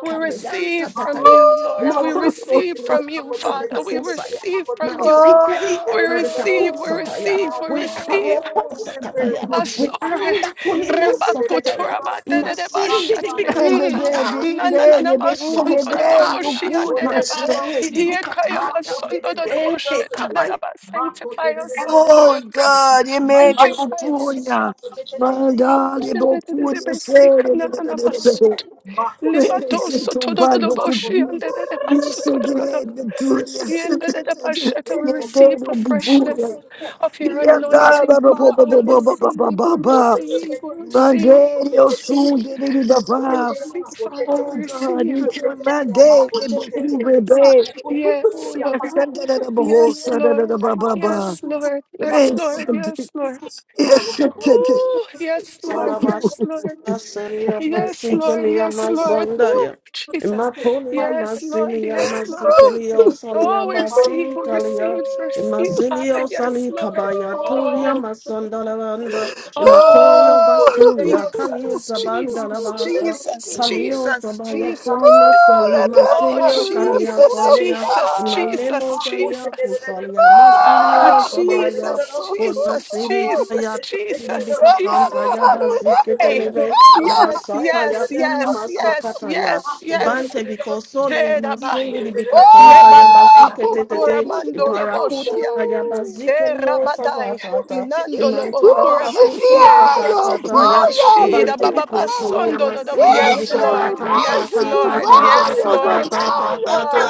[SPEAKER 5] We receive from
[SPEAKER 8] Tatataya,
[SPEAKER 5] you, Lord. We
[SPEAKER 8] no
[SPEAKER 5] receive from
[SPEAKER 1] bebê,
[SPEAKER 5] you, Father. We
[SPEAKER 8] Pantakusaya,
[SPEAKER 5] receive from you.
[SPEAKER 1] Oh
[SPEAKER 8] Mazikei
[SPEAKER 5] We receive, we
[SPEAKER 13] you.
[SPEAKER 8] Pantakusataya,
[SPEAKER 5] receive,
[SPEAKER 13] God,
[SPEAKER 5] we
[SPEAKER 8] we
[SPEAKER 13] grab the fruit
[SPEAKER 5] receive.
[SPEAKER 13] of the
[SPEAKER 1] God,
[SPEAKER 13] Spirit,
[SPEAKER 8] Karoposakataya,
[SPEAKER 13] mighty
[SPEAKER 8] we
[SPEAKER 13] God.
[SPEAKER 5] Basore,
[SPEAKER 13] We put it in the
[SPEAKER 8] Andakulimasakataya,
[SPEAKER 5] Rebakutura
[SPEAKER 13] middle of the
[SPEAKER 5] Madede
[SPEAKER 13] earth.
[SPEAKER 5] de
[SPEAKER 13] Up on the
[SPEAKER 5] Bashate,
[SPEAKER 1] you
[SPEAKER 13] whole armor,
[SPEAKER 8] Masindibikatataya,
[SPEAKER 13] oh,
[SPEAKER 5] Na, na,
[SPEAKER 13] put
[SPEAKER 5] na,
[SPEAKER 13] it in
[SPEAKER 5] na,
[SPEAKER 8] we
[SPEAKER 13] the
[SPEAKER 5] Nanana
[SPEAKER 13] middle of the earth.
[SPEAKER 5] Masondo de Boshi
[SPEAKER 8] Katoskataya,
[SPEAKER 13] We
[SPEAKER 5] and
[SPEAKER 13] put it in the
[SPEAKER 5] Dedeva,
[SPEAKER 13] middle of the earth.
[SPEAKER 5] Hiekaya
[SPEAKER 13] Ma, put it
[SPEAKER 5] Masondo
[SPEAKER 13] in the
[SPEAKER 5] de
[SPEAKER 13] middle of the
[SPEAKER 5] Bosheta de
[SPEAKER 13] earth.
[SPEAKER 8] Masindibikataya,
[SPEAKER 5] ba.
[SPEAKER 13] Ma, put
[SPEAKER 5] sanctify
[SPEAKER 13] it in the
[SPEAKER 5] us, O
[SPEAKER 13] middle of the
[SPEAKER 5] Lord,
[SPEAKER 13] earth. Ma, put
[SPEAKER 5] sanctify
[SPEAKER 13] it in the middle
[SPEAKER 5] us.
[SPEAKER 13] of the earth.
[SPEAKER 5] de de de de de besika na, na, na, basoto.
[SPEAKER 13] Ma, put it in the
[SPEAKER 5] Libato soto do do do
[SPEAKER 13] middle of
[SPEAKER 5] boshi
[SPEAKER 13] the
[SPEAKER 5] and
[SPEAKER 13] earth.
[SPEAKER 5] de de basu
[SPEAKER 13] Marco,
[SPEAKER 5] Yandadadabashata, We receive the freshness of your anointing, Father. We receive, we receive, we receive, we receive, we receive, Father. We receive.
[SPEAKER 1] kill my day, baby. Oh,
[SPEAKER 5] Yes,
[SPEAKER 1] yes,
[SPEAKER 5] Lord.
[SPEAKER 1] send it up a whole
[SPEAKER 5] Yes,
[SPEAKER 1] send it up
[SPEAKER 5] Lord.
[SPEAKER 1] a baba.
[SPEAKER 5] Yes, Lord. Yes,
[SPEAKER 1] Yes,
[SPEAKER 5] Lord.
[SPEAKER 1] send it.
[SPEAKER 5] Yes, Lord.
[SPEAKER 1] Yes, send
[SPEAKER 5] Oh, yes, Lord.
[SPEAKER 8] Salabas,
[SPEAKER 5] Yes,
[SPEAKER 13] Maruco,
[SPEAKER 5] Lord.
[SPEAKER 8] Seria,
[SPEAKER 5] Yes, Lord.
[SPEAKER 8] Masicalia,
[SPEAKER 5] Yes, Lord. Oh,
[SPEAKER 8] Masandaya,
[SPEAKER 5] Jesus.
[SPEAKER 8] Imapolia,
[SPEAKER 5] Yes, Lord.
[SPEAKER 8] Masilia,
[SPEAKER 5] Yes, Lord.
[SPEAKER 8] Masicalio, Salia,
[SPEAKER 5] Oh, we receive,
[SPEAKER 8] Basili,
[SPEAKER 5] we
[SPEAKER 8] Calia,
[SPEAKER 5] receive, we receive, Father.
[SPEAKER 8] Imasilio,
[SPEAKER 5] Yes,
[SPEAKER 8] Sali,
[SPEAKER 5] Lord.
[SPEAKER 8] Cabaya, Toria,
[SPEAKER 5] Oh,
[SPEAKER 8] Masandalavanda,
[SPEAKER 5] oh,
[SPEAKER 8] Imacorio,
[SPEAKER 13] Pull it
[SPEAKER 8] Basulia,
[SPEAKER 13] down in the
[SPEAKER 8] Calia,
[SPEAKER 13] mighty
[SPEAKER 5] Jesus,
[SPEAKER 13] name
[SPEAKER 5] Jesus,
[SPEAKER 8] Zabandalavasa,
[SPEAKER 1] it.
[SPEAKER 5] Jesus,
[SPEAKER 13] of
[SPEAKER 8] Kalio
[SPEAKER 5] Jesus,
[SPEAKER 8] Sabaya
[SPEAKER 5] Jesus.
[SPEAKER 8] Kulima
[SPEAKER 1] Oh,
[SPEAKER 8] Sali
[SPEAKER 1] let there be
[SPEAKER 5] Oh,
[SPEAKER 1] a
[SPEAKER 8] Masilio
[SPEAKER 13] Jesus.
[SPEAKER 8] Kalia
[SPEAKER 1] lifting
[SPEAKER 13] Pull
[SPEAKER 5] Jesus,
[SPEAKER 13] it
[SPEAKER 1] of
[SPEAKER 13] in the
[SPEAKER 8] Sonia
[SPEAKER 13] nose.
[SPEAKER 5] Jesus,
[SPEAKER 1] God.
[SPEAKER 5] Jesus,
[SPEAKER 8] Imalemo
[SPEAKER 13] Pull it
[SPEAKER 8] Salia
[SPEAKER 13] in
[SPEAKER 5] Jesus.
[SPEAKER 13] the nose.
[SPEAKER 8] Kusalia
[SPEAKER 13] He
[SPEAKER 5] Ah,
[SPEAKER 8] Masilio
[SPEAKER 1] Oh,
[SPEAKER 13] pulled it in the nose. Pull it in
[SPEAKER 8] Sabaya
[SPEAKER 13] the
[SPEAKER 5] Jesus,
[SPEAKER 13] nose.
[SPEAKER 8] Kona
[SPEAKER 5] Jesus,
[SPEAKER 8] Siri
[SPEAKER 13] Pull
[SPEAKER 8] Kaya
[SPEAKER 5] Jesus,
[SPEAKER 13] it in the
[SPEAKER 5] Jesus,
[SPEAKER 13] nose.
[SPEAKER 1] let there
[SPEAKER 5] Jesus.
[SPEAKER 1] be a
[SPEAKER 8] Bibikatantaya
[SPEAKER 13] I pulled it in the nose. Pull it in
[SPEAKER 5] Hey,
[SPEAKER 1] lifting.
[SPEAKER 13] the
[SPEAKER 8] baziketelebe,
[SPEAKER 13] nose.
[SPEAKER 5] yes,
[SPEAKER 13] He pulled
[SPEAKER 8] ibasataya
[SPEAKER 5] yes,
[SPEAKER 13] it in the nose.
[SPEAKER 5] yes, yes,
[SPEAKER 8] kulimasakataya,
[SPEAKER 5] yes, yes.
[SPEAKER 8] ibante bikosoli
[SPEAKER 5] Shedabaya,
[SPEAKER 8] amasingi
[SPEAKER 1] Oh,
[SPEAKER 8] libikatantaya
[SPEAKER 5] Lebadaya,
[SPEAKER 13] Pull
[SPEAKER 8] baziketetete,
[SPEAKER 13] it in the
[SPEAKER 5] Uramando
[SPEAKER 8] ibarakutaya
[SPEAKER 13] nose.
[SPEAKER 5] Eh, Rabadai,
[SPEAKER 8] bazikeliosabatata,
[SPEAKER 5] Nando lobo
[SPEAKER 1] oh,
[SPEAKER 5] kura basie,
[SPEAKER 1] Sipiaio,
[SPEAKER 8] imantalabahakusotatataya,
[SPEAKER 1] Poia,
[SPEAKER 5] Nashi da
[SPEAKER 8] ibante
[SPEAKER 5] ba
[SPEAKER 1] Itineia,
[SPEAKER 8] bikosoli
[SPEAKER 5] do do
[SPEAKER 8] amasingi
[SPEAKER 5] Yes,
[SPEAKER 1] Ixi,
[SPEAKER 5] Lord.
[SPEAKER 1] Rebeis,
[SPEAKER 5] Yes, Lord. Yes,
[SPEAKER 1] Itibario,
[SPEAKER 5] Lord.
[SPEAKER 1] Vaporia,
[SPEAKER 5] Ah,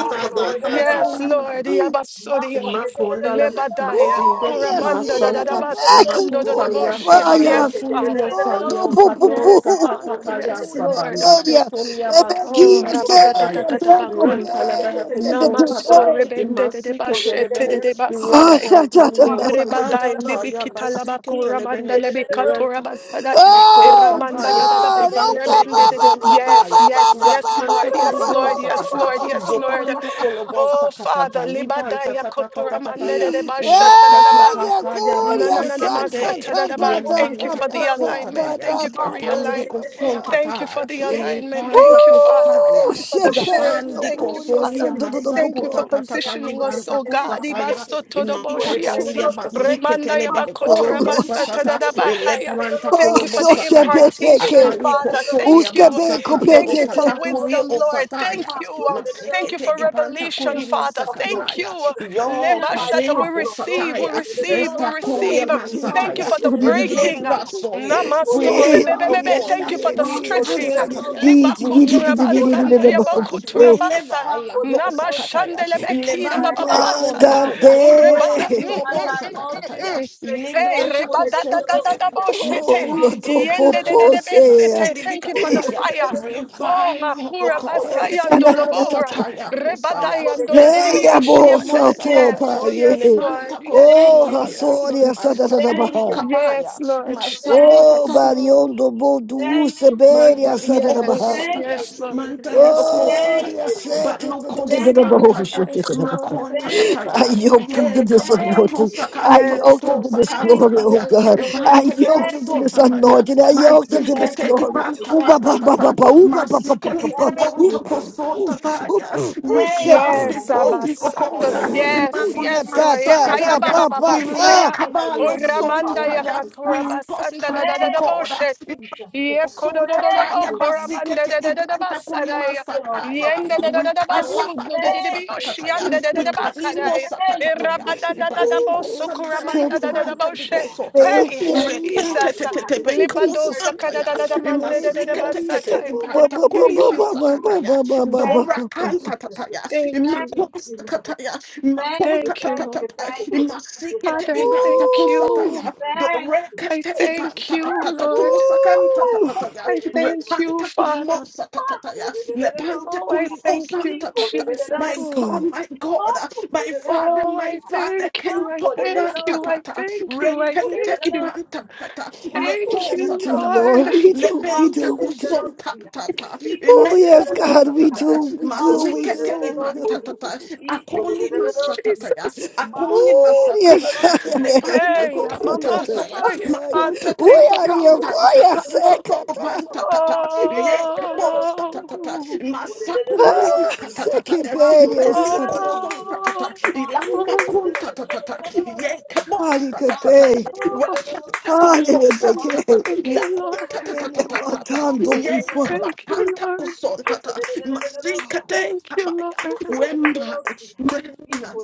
[SPEAKER 5] yes, Lord.
[SPEAKER 1] Porto,
[SPEAKER 5] Yabasodia.
[SPEAKER 8] Makondala,
[SPEAKER 5] Lebadaya.
[SPEAKER 8] Masinde,
[SPEAKER 1] Curia,
[SPEAKER 5] Kuramanda da
[SPEAKER 1] filha,
[SPEAKER 5] da da
[SPEAKER 8] Masanta,
[SPEAKER 5] ba
[SPEAKER 1] bebê,
[SPEAKER 5] da da do
[SPEAKER 1] cultura,
[SPEAKER 8] Makusalia
[SPEAKER 5] boshia.
[SPEAKER 1] baia.
[SPEAKER 8] Sabaya,
[SPEAKER 5] Yes,
[SPEAKER 8] Kulimo
[SPEAKER 5] Father.
[SPEAKER 1] Oh, do
[SPEAKER 8] Salia, Kados,
[SPEAKER 5] Yes, Father.
[SPEAKER 8] Katakataya
[SPEAKER 5] Yes,
[SPEAKER 1] pupupuria,
[SPEAKER 5] Lord.
[SPEAKER 8] Sabanda,
[SPEAKER 1] beria,
[SPEAKER 8] Kusolia Basindi
[SPEAKER 5] Oh,
[SPEAKER 1] bebequinha, séria,
[SPEAKER 8] Bikakaya,
[SPEAKER 1] teco,
[SPEAKER 5] rabatatatatatabakonda.
[SPEAKER 8] Rantalabeha
[SPEAKER 1] beria,
[SPEAKER 8] Kuson
[SPEAKER 5] Namaso
[SPEAKER 8] Tata,
[SPEAKER 1] tetetetê.
[SPEAKER 5] rebende de de
[SPEAKER 8] Imasike
[SPEAKER 5] bashete de
[SPEAKER 8] Telebehe,
[SPEAKER 5] de
[SPEAKER 1] Oh,
[SPEAKER 5] basadai.
[SPEAKER 1] cha, cha, cha.
[SPEAKER 8] Rantantalio
[SPEAKER 5] Rebadai
[SPEAKER 8] Sakata Taya,
[SPEAKER 5] libikita
[SPEAKER 8] Basike
[SPEAKER 5] labako ramanda
[SPEAKER 8] Telebehe,
[SPEAKER 5] lebikato
[SPEAKER 8] Ranta
[SPEAKER 5] rabasadai.
[SPEAKER 8] Makosa
[SPEAKER 1] Oh,
[SPEAKER 5] Iramanda da
[SPEAKER 8] taya,
[SPEAKER 5] da da
[SPEAKER 1] God. Oh,
[SPEAKER 5] baku
[SPEAKER 8] ibante
[SPEAKER 1] ca-
[SPEAKER 5] rebende
[SPEAKER 1] ba,
[SPEAKER 13] Marco,
[SPEAKER 5] de
[SPEAKER 1] ba,
[SPEAKER 5] de.
[SPEAKER 1] ba,
[SPEAKER 8] bikosonta
[SPEAKER 1] ba,
[SPEAKER 5] Yes,
[SPEAKER 1] ba,
[SPEAKER 8] taya,
[SPEAKER 1] ba,
[SPEAKER 5] yes,
[SPEAKER 1] ba, ba,
[SPEAKER 5] yes,
[SPEAKER 1] ba,
[SPEAKER 8] rapanta
[SPEAKER 5] Lord.
[SPEAKER 1] ba,
[SPEAKER 5] Yes,
[SPEAKER 1] ba, ba.
[SPEAKER 5] Lord.
[SPEAKER 8] kulubosa
[SPEAKER 5] Yes,
[SPEAKER 8] kata,
[SPEAKER 5] Lord. Yes, Lord.
[SPEAKER 8] zopanta kolobosa
[SPEAKER 5] Oh,
[SPEAKER 8] kata
[SPEAKER 5] Father,
[SPEAKER 8] ta,
[SPEAKER 5] libadai
[SPEAKER 8] ibanta ta ta ta
[SPEAKER 5] yakoto
[SPEAKER 8] ta ta
[SPEAKER 5] de
[SPEAKER 8] taya,
[SPEAKER 5] de bashata da da
[SPEAKER 13] Thank
[SPEAKER 5] ba.
[SPEAKER 1] Ei,
[SPEAKER 8] rapakota taya
[SPEAKER 5] Na
[SPEAKER 1] curia,
[SPEAKER 5] na na
[SPEAKER 8] bazike
[SPEAKER 5] na
[SPEAKER 1] santa,
[SPEAKER 8] tete,
[SPEAKER 5] masata da
[SPEAKER 1] ta,
[SPEAKER 5] da ba.
[SPEAKER 1] ta, ta,
[SPEAKER 5] Thank you
[SPEAKER 1] ta, ta,
[SPEAKER 8] remanta
[SPEAKER 5] for
[SPEAKER 1] ta,
[SPEAKER 5] the
[SPEAKER 1] ta,
[SPEAKER 8] kosota
[SPEAKER 1] ta,
[SPEAKER 5] alignment.
[SPEAKER 1] ta,
[SPEAKER 8] taya,
[SPEAKER 1] ta,
[SPEAKER 5] Thank you for
[SPEAKER 1] ta, ta,
[SPEAKER 8] apandi
[SPEAKER 5] realignment.
[SPEAKER 1] ta, ta.
[SPEAKER 8] kosonta
[SPEAKER 5] Thank you for
[SPEAKER 8] ta,
[SPEAKER 5] the alignment.
[SPEAKER 8] ilipanta
[SPEAKER 5] Thank you, Father.
[SPEAKER 1] Oh,
[SPEAKER 8] kostaya,
[SPEAKER 5] Thank you for the
[SPEAKER 1] shepe,
[SPEAKER 5] shift.
[SPEAKER 1] meu
[SPEAKER 8] zapandi
[SPEAKER 5] Thank you,
[SPEAKER 1] puri,
[SPEAKER 5] Father.
[SPEAKER 8] kosolia
[SPEAKER 1] son do do do do
[SPEAKER 5] Thank
[SPEAKER 8] masako
[SPEAKER 5] you
[SPEAKER 8] ta
[SPEAKER 5] for
[SPEAKER 1] po.
[SPEAKER 8] ta ta ta,
[SPEAKER 5] positioning us,
[SPEAKER 8] ibanta
[SPEAKER 5] oh God.
[SPEAKER 8] kosataya,
[SPEAKER 1] Oh,
[SPEAKER 5] Ibasotodoboshia.
[SPEAKER 8] Maikatoria
[SPEAKER 1] Jesus.
[SPEAKER 8] basike
[SPEAKER 5] Remanda
[SPEAKER 8] telebe
[SPEAKER 1] Oh,
[SPEAKER 8] kurobo
[SPEAKER 1] Lord Jesus.
[SPEAKER 8] satata le
[SPEAKER 5] yabakotorabasatadadabahaya.
[SPEAKER 8] paranta
[SPEAKER 5] Thank
[SPEAKER 1] Oh,
[SPEAKER 5] you for
[SPEAKER 8] kurobo
[SPEAKER 1] so
[SPEAKER 5] the
[SPEAKER 8] sataya
[SPEAKER 1] shepe
[SPEAKER 5] impartation,
[SPEAKER 1] peke.
[SPEAKER 8] apani
[SPEAKER 5] Father.
[SPEAKER 8] kosoria
[SPEAKER 5] Thank
[SPEAKER 1] Uske
[SPEAKER 13] you.
[SPEAKER 5] you.
[SPEAKER 1] be
[SPEAKER 13] Fill
[SPEAKER 8] basakata
[SPEAKER 5] Thank you
[SPEAKER 1] kopetete.
[SPEAKER 5] for
[SPEAKER 8] otata kuri
[SPEAKER 5] wisdom, Lord.
[SPEAKER 8] osataya
[SPEAKER 5] Thank you. Um, thank you
[SPEAKER 8] masikete
[SPEAKER 5] for
[SPEAKER 8] ibanta
[SPEAKER 5] revelation,
[SPEAKER 8] kuri
[SPEAKER 13] my
[SPEAKER 5] Father.
[SPEAKER 13] cup, Lord
[SPEAKER 5] Thank
[SPEAKER 8] masakataya
[SPEAKER 5] you.
[SPEAKER 13] Jesus.
[SPEAKER 8] yo
[SPEAKER 13] Fill my
[SPEAKER 5] Lebashata.
[SPEAKER 8] kate
[SPEAKER 5] We
[SPEAKER 13] cup, Lord. Oh,
[SPEAKER 5] receive,
[SPEAKER 13] for
[SPEAKER 5] we
[SPEAKER 13] the
[SPEAKER 8] bosataya
[SPEAKER 13] Lord.
[SPEAKER 5] receive, we
[SPEAKER 8] resta
[SPEAKER 1] Ay, ay,
[SPEAKER 5] receive.
[SPEAKER 8] kuria
[SPEAKER 1] ay, ay,
[SPEAKER 13] Mark
[SPEAKER 5] Thank
[SPEAKER 1] oh,
[SPEAKER 5] you
[SPEAKER 8] masataya
[SPEAKER 13] for
[SPEAKER 5] for
[SPEAKER 13] the
[SPEAKER 5] the
[SPEAKER 1] so
[SPEAKER 13] Lord.
[SPEAKER 1] di
[SPEAKER 8] we
[SPEAKER 1] di di di di
[SPEAKER 5] breaking. uh,
[SPEAKER 8] labor
[SPEAKER 1] di.
[SPEAKER 8] solely.
[SPEAKER 13] He for
[SPEAKER 5] Namaste,
[SPEAKER 8] We
[SPEAKER 13] the
[SPEAKER 1] Eh,
[SPEAKER 8] labor,
[SPEAKER 13] Lord.
[SPEAKER 8] oh
[SPEAKER 5] rebebebebe.
[SPEAKER 1] yes,
[SPEAKER 8] God.
[SPEAKER 5] Thank you for
[SPEAKER 1] yes,
[SPEAKER 5] the
[SPEAKER 8] We
[SPEAKER 13] Mark for the
[SPEAKER 1] yes,
[SPEAKER 5] stretching.
[SPEAKER 1] eh, di
[SPEAKER 13] Lord.
[SPEAKER 8] Antataya,
[SPEAKER 1] di
[SPEAKER 8] we
[SPEAKER 1] di di di
[SPEAKER 13] He
[SPEAKER 1] di
[SPEAKER 8] labor
[SPEAKER 1] di
[SPEAKER 13] for
[SPEAKER 1] di di di di di
[SPEAKER 5] Libakuturabasanda,
[SPEAKER 1] di
[SPEAKER 13] the
[SPEAKER 1] po
[SPEAKER 13] Lord.
[SPEAKER 1] po
[SPEAKER 8] Ekaliasa,
[SPEAKER 1] po.
[SPEAKER 8] we labor
[SPEAKER 5] yabakuturabasa.
[SPEAKER 13] Mark
[SPEAKER 8] La
[SPEAKER 13] for the
[SPEAKER 8] Bosa
[SPEAKER 13] Lord.
[SPEAKER 8] Kataya,
[SPEAKER 13] With
[SPEAKER 5] Namashandelebekira
[SPEAKER 13] my
[SPEAKER 8] Levanta
[SPEAKER 13] hands
[SPEAKER 8] Coson
[SPEAKER 13] lifted
[SPEAKER 5] babababasata.
[SPEAKER 13] up,
[SPEAKER 8] Tataya,
[SPEAKER 13] mighty
[SPEAKER 5] Urebata-
[SPEAKER 13] God,
[SPEAKER 5] mm, mm,
[SPEAKER 1] Mandante.
[SPEAKER 13] and
[SPEAKER 8] Recalobo
[SPEAKER 5] mm,
[SPEAKER 13] my
[SPEAKER 5] mm,
[SPEAKER 13] mouth filled
[SPEAKER 8] Sakatataya,
[SPEAKER 13] with
[SPEAKER 5] mm.
[SPEAKER 13] praise.
[SPEAKER 5] Hey,
[SPEAKER 8] Libranta koson, Tata,
[SPEAKER 5] rebadadadadadaboshete.
[SPEAKER 1] Oh,
[SPEAKER 8] Masindi
[SPEAKER 1] quanto
[SPEAKER 8] Kataya,
[SPEAKER 1] popo sea.
[SPEAKER 5] Yendedededebesete.
[SPEAKER 8] Masindi
[SPEAKER 5] Thank you for the
[SPEAKER 1] Dio
[SPEAKER 8] Kataya,
[SPEAKER 1] mio.
[SPEAKER 5] fire. Oh,
[SPEAKER 8] revive, oh
[SPEAKER 5] Makura
[SPEAKER 8] God,
[SPEAKER 5] Basayando
[SPEAKER 8] Nasa
[SPEAKER 5] Lobora.
[SPEAKER 1] *laughs*
[SPEAKER 8] kusaya.
[SPEAKER 5] Rebadayando
[SPEAKER 1] Hey,
[SPEAKER 8] Levanta
[SPEAKER 1] Yabo
[SPEAKER 8] kolomosa
[SPEAKER 13] Thank you,
[SPEAKER 1] Soto
[SPEAKER 5] Yes,
[SPEAKER 8] kataya.
[SPEAKER 1] Paye.
[SPEAKER 13] Lord.
[SPEAKER 5] yes, Lord.
[SPEAKER 8] Levanta
[SPEAKER 5] Yes,
[SPEAKER 13] Thank
[SPEAKER 1] Oh,
[SPEAKER 8] kosunta
[SPEAKER 13] you,
[SPEAKER 5] Lord.
[SPEAKER 8] taya.
[SPEAKER 5] Yes,
[SPEAKER 13] Jesus.
[SPEAKER 1] Hasoria
[SPEAKER 5] Lord.
[SPEAKER 1] Satata
[SPEAKER 13] Thank
[SPEAKER 8] Masakuni
[SPEAKER 13] you,
[SPEAKER 1] Baha.
[SPEAKER 13] mighty
[SPEAKER 8] kabaya.
[SPEAKER 5] Yes, Lord.
[SPEAKER 13] God. Thank
[SPEAKER 1] Oh,
[SPEAKER 13] you,
[SPEAKER 5] Yes,
[SPEAKER 8] Masanta
[SPEAKER 13] mighty
[SPEAKER 5] Lord.
[SPEAKER 13] God.
[SPEAKER 1] Bariondo Bodu
[SPEAKER 13] Thank you, mighty
[SPEAKER 8] Manta
[SPEAKER 1] Seberia
[SPEAKER 13] God.
[SPEAKER 8] i
[SPEAKER 1] Satata
[SPEAKER 8] oko
[SPEAKER 5] Yes,
[SPEAKER 1] Baha.
[SPEAKER 13] Thank
[SPEAKER 8] sataya,
[SPEAKER 13] you,
[SPEAKER 5] yes, Lord.
[SPEAKER 13] Jesus.
[SPEAKER 8] mantali
[SPEAKER 5] Yes,
[SPEAKER 8] oko
[SPEAKER 5] Lord.
[SPEAKER 1] Oh,
[SPEAKER 13] Thank
[SPEAKER 1] Dia
[SPEAKER 8] sataya,
[SPEAKER 13] you, Lord.
[SPEAKER 8] but
[SPEAKER 1] Sete da
[SPEAKER 8] loko
[SPEAKER 1] da da
[SPEAKER 5] Yes,
[SPEAKER 1] da
[SPEAKER 13] Thank
[SPEAKER 1] Baha.
[SPEAKER 13] you,
[SPEAKER 5] Lord.
[SPEAKER 1] Oh,
[SPEAKER 8] sataya,
[SPEAKER 1] shit, da
[SPEAKER 5] Yes,
[SPEAKER 13] Jesus.
[SPEAKER 1] da
[SPEAKER 5] Lord.
[SPEAKER 1] baha.
[SPEAKER 8] makonta
[SPEAKER 5] Yes,
[SPEAKER 13] Thank
[SPEAKER 1] I
[SPEAKER 13] you,
[SPEAKER 8] tataya,
[SPEAKER 5] Lord.
[SPEAKER 13] God.
[SPEAKER 1] yoked him to
[SPEAKER 8] ye
[SPEAKER 1] this
[SPEAKER 8] kabaya, to
[SPEAKER 13] Thank
[SPEAKER 1] anointing.
[SPEAKER 13] you,
[SPEAKER 1] I
[SPEAKER 13] Jesus.
[SPEAKER 8] sakanto to
[SPEAKER 5] Yes,
[SPEAKER 1] yoked him
[SPEAKER 8] to
[SPEAKER 1] to
[SPEAKER 5] Lord.
[SPEAKER 1] this
[SPEAKER 13] Thank
[SPEAKER 8] sakanta
[SPEAKER 1] glory,
[SPEAKER 13] you,
[SPEAKER 1] oh
[SPEAKER 8] taya,
[SPEAKER 5] Yes,
[SPEAKER 1] God.
[SPEAKER 5] Lord.
[SPEAKER 1] I
[SPEAKER 13] Jesus.
[SPEAKER 8] ibante niko
[SPEAKER 1] yoked him
[SPEAKER 13] Thank
[SPEAKER 1] to
[SPEAKER 13] you,
[SPEAKER 8] son
[SPEAKER 1] this
[SPEAKER 13] Lord.
[SPEAKER 8] tataya,
[SPEAKER 1] anointing. I
[SPEAKER 13] Thank
[SPEAKER 1] yoked him
[SPEAKER 13] you,
[SPEAKER 1] to
[SPEAKER 8] mazike
[SPEAKER 1] this
[SPEAKER 13] thank you,
[SPEAKER 8] teki
[SPEAKER 1] glory.
[SPEAKER 13] thank you,
[SPEAKER 8] banta
[SPEAKER 1] Ooh, ba,
[SPEAKER 13] thank
[SPEAKER 1] ba,
[SPEAKER 13] you,
[SPEAKER 1] ba, ba,
[SPEAKER 13] thank
[SPEAKER 8] patatata,
[SPEAKER 1] ba,
[SPEAKER 13] you,
[SPEAKER 1] ooh, ba,
[SPEAKER 13] thank
[SPEAKER 1] ba,
[SPEAKER 13] you.
[SPEAKER 1] ba, ba,
[SPEAKER 8] mazike
[SPEAKER 1] ba, ba.
[SPEAKER 8] niko
[SPEAKER 13] Thank
[SPEAKER 1] Ooh,
[SPEAKER 8] gonto
[SPEAKER 13] you,
[SPEAKER 8] ko
[SPEAKER 1] pff,
[SPEAKER 13] Lord
[SPEAKER 8] son
[SPEAKER 1] ooh, sh- ooh,
[SPEAKER 8] tataya,
[SPEAKER 1] pff,
[SPEAKER 13] Jesus.
[SPEAKER 8] we
[SPEAKER 1] ooh,
[SPEAKER 13] Thank
[SPEAKER 1] shit.
[SPEAKER 13] you,
[SPEAKER 8] come
[SPEAKER 5] Yes,
[SPEAKER 13] mighty
[SPEAKER 8] before
[SPEAKER 1] Ooh.
[SPEAKER 8] the
[SPEAKER 13] God.
[SPEAKER 5] abasando.
[SPEAKER 8] okoda,
[SPEAKER 13] Thank you for
[SPEAKER 1] Ooh,
[SPEAKER 5] Yes,
[SPEAKER 13] your
[SPEAKER 8] imamuli
[SPEAKER 1] ta
[SPEAKER 5] yes,
[SPEAKER 1] ta
[SPEAKER 5] Lord.
[SPEAKER 13] mercies,
[SPEAKER 5] Eh,
[SPEAKER 1] ta
[SPEAKER 5] Kaya
[SPEAKER 13] mighty
[SPEAKER 1] ta
[SPEAKER 8] masakataya,
[SPEAKER 5] baba
[SPEAKER 1] pa
[SPEAKER 13] God.
[SPEAKER 5] baba
[SPEAKER 1] pa
[SPEAKER 8] we lay
[SPEAKER 1] pa.
[SPEAKER 5] saya.
[SPEAKER 13] Thank you for
[SPEAKER 5] O
[SPEAKER 13] your
[SPEAKER 8] kabalo
[SPEAKER 13] healing
[SPEAKER 8] son
[SPEAKER 13] power,
[SPEAKER 5] ramanda ya
[SPEAKER 8] tataya,
[SPEAKER 13] mighty
[SPEAKER 5] katura
[SPEAKER 13] God.
[SPEAKER 8] we lost
[SPEAKER 5] basanda da da
[SPEAKER 8] strength to
[SPEAKER 5] da da
[SPEAKER 13] Thank you,
[SPEAKER 8] God,
[SPEAKER 5] boshe.
[SPEAKER 13] Jesus.
[SPEAKER 5] Ye kodo do do do
[SPEAKER 13] Thank
[SPEAKER 5] bo
[SPEAKER 8] Sontakaya
[SPEAKER 13] you, mighty
[SPEAKER 5] koramanda
[SPEAKER 8] basikete
[SPEAKER 5] da
[SPEAKER 13] God.
[SPEAKER 5] da da da
[SPEAKER 8] ibanta
[SPEAKER 5] basada
[SPEAKER 13] Let's
[SPEAKER 8] kulima
[SPEAKER 5] ya.
[SPEAKER 13] fill our
[SPEAKER 8] sakaya.
[SPEAKER 13] cups,
[SPEAKER 5] Yenda da
[SPEAKER 13] mighty
[SPEAKER 5] da da da
[SPEAKER 13] God.
[SPEAKER 8] Wikala
[SPEAKER 5] basudo de
[SPEAKER 8] bako
[SPEAKER 5] de de
[SPEAKER 13] Thank you,
[SPEAKER 5] biyoshi yanda
[SPEAKER 1] It
[SPEAKER 5] da da
[SPEAKER 8] We
[SPEAKER 5] da
[SPEAKER 13] Jesus.
[SPEAKER 1] feels
[SPEAKER 5] bakada
[SPEAKER 1] so-
[SPEAKER 8] Wikalimbo
[SPEAKER 5] E
[SPEAKER 13] Thank you,
[SPEAKER 8] sakatataya.
[SPEAKER 13] mighty
[SPEAKER 5] ramanda da
[SPEAKER 13] God.
[SPEAKER 5] da da
[SPEAKER 1] it
[SPEAKER 8] Ibaliko
[SPEAKER 5] boso
[SPEAKER 1] feels
[SPEAKER 13] Thank
[SPEAKER 8] satanta
[SPEAKER 5] koramanda
[SPEAKER 13] you,
[SPEAKER 5] da da da
[SPEAKER 1] temple.
[SPEAKER 8] isbanta
[SPEAKER 13] mighty
[SPEAKER 5] boshe.
[SPEAKER 8] biko
[SPEAKER 13] God.
[SPEAKER 8] sotata.
[SPEAKER 1] May it
[SPEAKER 5] Hey,
[SPEAKER 1] feel
[SPEAKER 13] Thank
[SPEAKER 1] it.
[SPEAKER 13] you,
[SPEAKER 8] Rekente
[SPEAKER 13] mighty
[SPEAKER 5] Jesus.
[SPEAKER 1] temple.
[SPEAKER 13] God.
[SPEAKER 8] tetete
[SPEAKER 1] to-
[SPEAKER 13] It's in
[SPEAKER 1] to-
[SPEAKER 13] your
[SPEAKER 1] to-
[SPEAKER 8] beko
[SPEAKER 1] to-
[SPEAKER 5] Libadosa
[SPEAKER 13] mercies
[SPEAKER 5] kada
[SPEAKER 13] which
[SPEAKER 8] santaya.
[SPEAKER 5] da da
[SPEAKER 13] is
[SPEAKER 5] da manda
[SPEAKER 1] May
[SPEAKER 13] everything,
[SPEAKER 5] da
[SPEAKER 1] it
[SPEAKER 13] mighty
[SPEAKER 5] da da
[SPEAKER 1] feel
[SPEAKER 8] Imasikete
[SPEAKER 13] God.
[SPEAKER 1] each
[SPEAKER 5] basata.
[SPEAKER 8] tete
[SPEAKER 1] temple. Ba
[SPEAKER 13] Thank
[SPEAKER 8] ibanta
[SPEAKER 1] ba ba
[SPEAKER 13] you.
[SPEAKER 1] ba
[SPEAKER 5] Thank
[SPEAKER 8] kulima
[SPEAKER 5] you.
[SPEAKER 1] ba ba ba
[SPEAKER 13] Lord.
[SPEAKER 8] sakataya.
[SPEAKER 1] ba ba ba ba
[SPEAKER 13] thank
[SPEAKER 8] Dora
[SPEAKER 13] you,
[SPEAKER 1] ba ba.
[SPEAKER 8] kanta
[SPEAKER 13] Jesus.
[SPEAKER 8] tataya.
[SPEAKER 5] Thank you,
[SPEAKER 8] Imako
[SPEAKER 13] Thank
[SPEAKER 5] Lord.
[SPEAKER 13] you, Lord.
[SPEAKER 8] sakataya.
[SPEAKER 13] Thank you,
[SPEAKER 8] Imakonta
[SPEAKER 5] Thank you,
[SPEAKER 13] thank
[SPEAKER 5] Lord.
[SPEAKER 13] you,
[SPEAKER 8] tatatata.
[SPEAKER 13] thank you, thank you,
[SPEAKER 8] Imasikete
[SPEAKER 5] Father,
[SPEAKER 13] thank
[SPEAKER 5] I
[SPEAKER 8] ibanta
[SPEAKER 13] you.
[SPEAKER 5] thank you.
[SPEAKER 8] kusataya.
[SPEAKER 1] Ooh,
[SPEAKER 13] Thank
[SPEAKER 8] Dore
[SPEAKER 13] you, Jesus.
[SPEAKER 5] I thank
[SPEAKER 8] kete
[SPEAKER 5] you,
[SPEAKER 8] Matata
[SPEAKER 5] Lord.
[SPEAKER 8] Tusakanta
[SPEAKER 1] ooh.
[SPEAKER 8] Tataya,
[SPEAKER 5] I thank you,
[SPEAKER 8] Repanta
[SPEAKER 5] Father.
[SPEAKER 8] Kulimosa Tataya, Lepanta
[SPEAKER 5] Oh, I thank
[SPEAKER 8] Kuliosa
[SPEAKER 5] you,
[SPEAKER 8] Tatata. My
[SPEAKER 5] Jesus.
[SPEAKER 8] God,
[SPEAKER 1] Oh,
[SPEAKER 8] my God, my Father,
[SPEAKER 5] Oh,
[SPEAKER 8] my
[SPEAKER 5] I
[SPEAKER 8] Father,
[SPEAKER 5] thank you. I
[SPEAKER 8] Kento
[SPEAKER 5] thank
[SPEAKER 8] Obanta
[SPEAKER 5] you. I
[SPEAKER 8] Tata,
[SPEAKER 5] thank you. I
[SPEAKER 8] Rekenta
[SPEAKER 5] thank you.
[SPEAKER 8] Ibanta Tata,
[SPEAKER 5] Thank
[SPEAKER 1] yes we
[SPEAKER 8] Lekosa
[SPEAKER 5] you,
[SPEAKER 1] do,
[SPEAKER 5] Lord.
[SPEAKER 1] Lord.
[SPEAKER 8] Tataya,
[SPEAKER 1] We do, we
[SPEAKER 8] Lepenta
[SPEAKER 1] do, we do.
[SPEAKER 8] Kusonta Tata,
[SPEAKER 1] Oh yes,
[SPEAKER 8] Imekonta
[SPEAKER 1] God, we do,
[SPEAKER 8] Tataya,
[SPEAKER 1] we do, we do,
[SPEAKER 8] Masikete
[SPEAKER 1] we
[SPEAKER 8] Ibanta
[SPEAKER 1] do.
[SPEAKER 8] Tata,
[SPEAKER 13] Equal
[SPEAKER 5] Thank
[SPEAKER 8] Akoli
[SPEAKER 5] you,
[SPEAKER 13] Marco,
[SPEAKER 8] Masataya,
[SPEAKER 5] Jesus.
[SPEAKER 8] Akoli
[SPEAKER 1] Oh
[SPEAKER 5] *laughs*
[SPEAKER 1] yes.
[SPEAKER 8] Masakatata, Lepanta
[SPEAKER 5] Hey,
[SPEAKER 8] Kutanta
[SPEAKER 5] Mama,
[SPEAKER 8] tata.
[SPEAKER 5] sorry.
[SPEAKER 1] *laughs*
[SPEAKER 5] Father, thank you.
[SPEAKER 1] Uyariokoya sekata
[SPEAKER 5] Oh,
[SPEAKER 1] sekeperio sata
[SPEAKER 5] oh,
[SPEAKER 1] harikepe
[SPEAKER 5] oh, thank you, Lord.
[SPEAKER 1] yenemadipa
[SPEAKER 5] Thank you, Lord. Thank you, Lord. Thank
[SPEAKER 8] Wemba, Manda,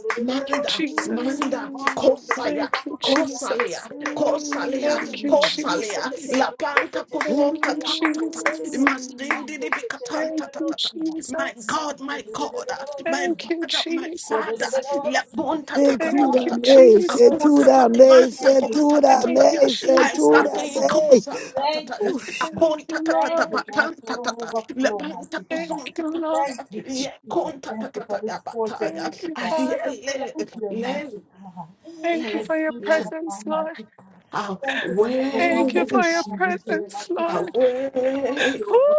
[SPEAKER 5] you,
[SPEAKER 8] Manda,
[SPEAKER 5] Jesus.
[SPEAKER 8] Manda, Kosaya,
[SPEAKER 5] Thank you, Jesus.
[SPEAKER 8] Kosalia, Kosalia,
[SPEAKER 5] Thank you,
[SPEAKER 8] Kosalia,
[SPEAKER 5] Jesus.
[SPEAKER 8] La Planta
[SPEAKER 5] Thank
[SPEAKER 8] Cosonta
[SPEAKER 5] you,
[SPEAKER 8] Tata,
[SPEAKER 5] Jesus.
[SPEAKER 8] Masindi di
[SPEAKER 5] Thank
[SPEAKER 8] Bicatanta
[SPEAKER 5] you,
[SPEAKER 8] Tata. My
[SPEAKER 5] Jesus.
[SPEAKER 8] God, my God, my
[SPEAKER 5] Thank
[SPEAKER 13] Thank
[SPEAKER 5] you,
[SPEAKER 13] you.
[SPEAKER 8] Father, my
[SPEAKER 13] Thank you,
[SPEAKER 8] Father,
[SPEAKER 5] Jesus.
[SPEAKER 8] La Ponta
[SPEAKER 13] Jesus.
[SPEAKER 8] Tata
[SPEAKER 1] sekura
[SPEAKER 5] Thank you,
[SPEAKER 8] Tata,
[SPEAKER 1] me setu
[SPEAKER 5] Jesus.
[SPEAKER 8] Akota Ivanta Conta
[SPEAKER 1] setura
[SPEAKER 5] Thank
[SPEAKER 1] me
[SPEAKER 8] Tata,
[SPEAKER 5] you,
[SPEAKER 8] I'm
[SPEAKER 13] Thank
[SPEAKER 1] setura
[SPEAKER 13] you,
[SPEAKER 5] Jesus.
[SPEAKER 8] Datin
[SPEAKER 1] me
[SPEAKER 13] Lord.
[SPEAKER 8] Cosanta
[SPEAKER 13] Thank
[SPEAKER 8] Tata,
[SPEAKER 13] you.
[SPEAKER 1] Ush.
[SPEAKER 5] Thank
[SPEAKER 8] Aponta
[SPEAKER 5] you,
[SPEAKER 13] Thank
[SPEAKER 8] Tata
[SPEAKER 13] you,
[SPEAKER 5] Lord.
[SPEAKER 13] God, for
[SPEAKER 8] Batanta
[SPEAKER 13] the
[SPEAKER 8] Tata, La
[SPEAKER 13] overflow,
[SPEAKER 8] Planta
[SPEAKER 13] mighty God.
[SPEAKER 5] Thank
[SPEAKER 8] Cosonta
[SPEAKER 5] you,
[SPEAKER 8] Tata,
[SPEAKER 5] Lord.
[SPEAKER 13] Thank you,
[SPEAKER 8] Ye
[SPEAKER 13] Jesus.
[SPEAKER 8] Conta
[SPEAKER 13] Thank you for
[SPEAKER 8] Tata
[SPEAKER 13] this portal,
[SPEAKER 8] Bataya,
[SPEAKER 5] Thank
[SPEAKER 13] mighty
[SPEAKER 5] you,
[SPEAKER 13] God.
[SPEAKER 5] Father.
[SPEAKER 8] Ayele,
[SPEAKER 13] Thank you,
[SPEAKER 8] Le,
[SPEAKER 13] mighty God.
[SPEAKER 5] Thank you
[SPEAKER 13] I
[SPEAKER 8] Le,
[SPEAKER 5] for your
[SPEAKER 13] speak
[SPEAKER 8] le.
[SPEAKER 13] to
[SPEAKER 5] presence,
[SPEAKER 13] all, mighty
[SPEAKER 5] Lord.
[SPEAKER 13] God. Thank you for everyone,
[SPEAKER 5] Thank you for
[SPEAKER 8] Awake,
[SPEAKER 13] mighty God,
[SPEAKER 5] your
[SPEAKER 13] that is here,
[SPEAKER 5] presence,
[SPEAKER 13] mighty God.
[SPEAKER 5] Lord.
[SPEAKER 13] Thank
[SPEAKER 8] awake,
[SPEAKER 5] Woo!
[SPEAKER 13] you, God.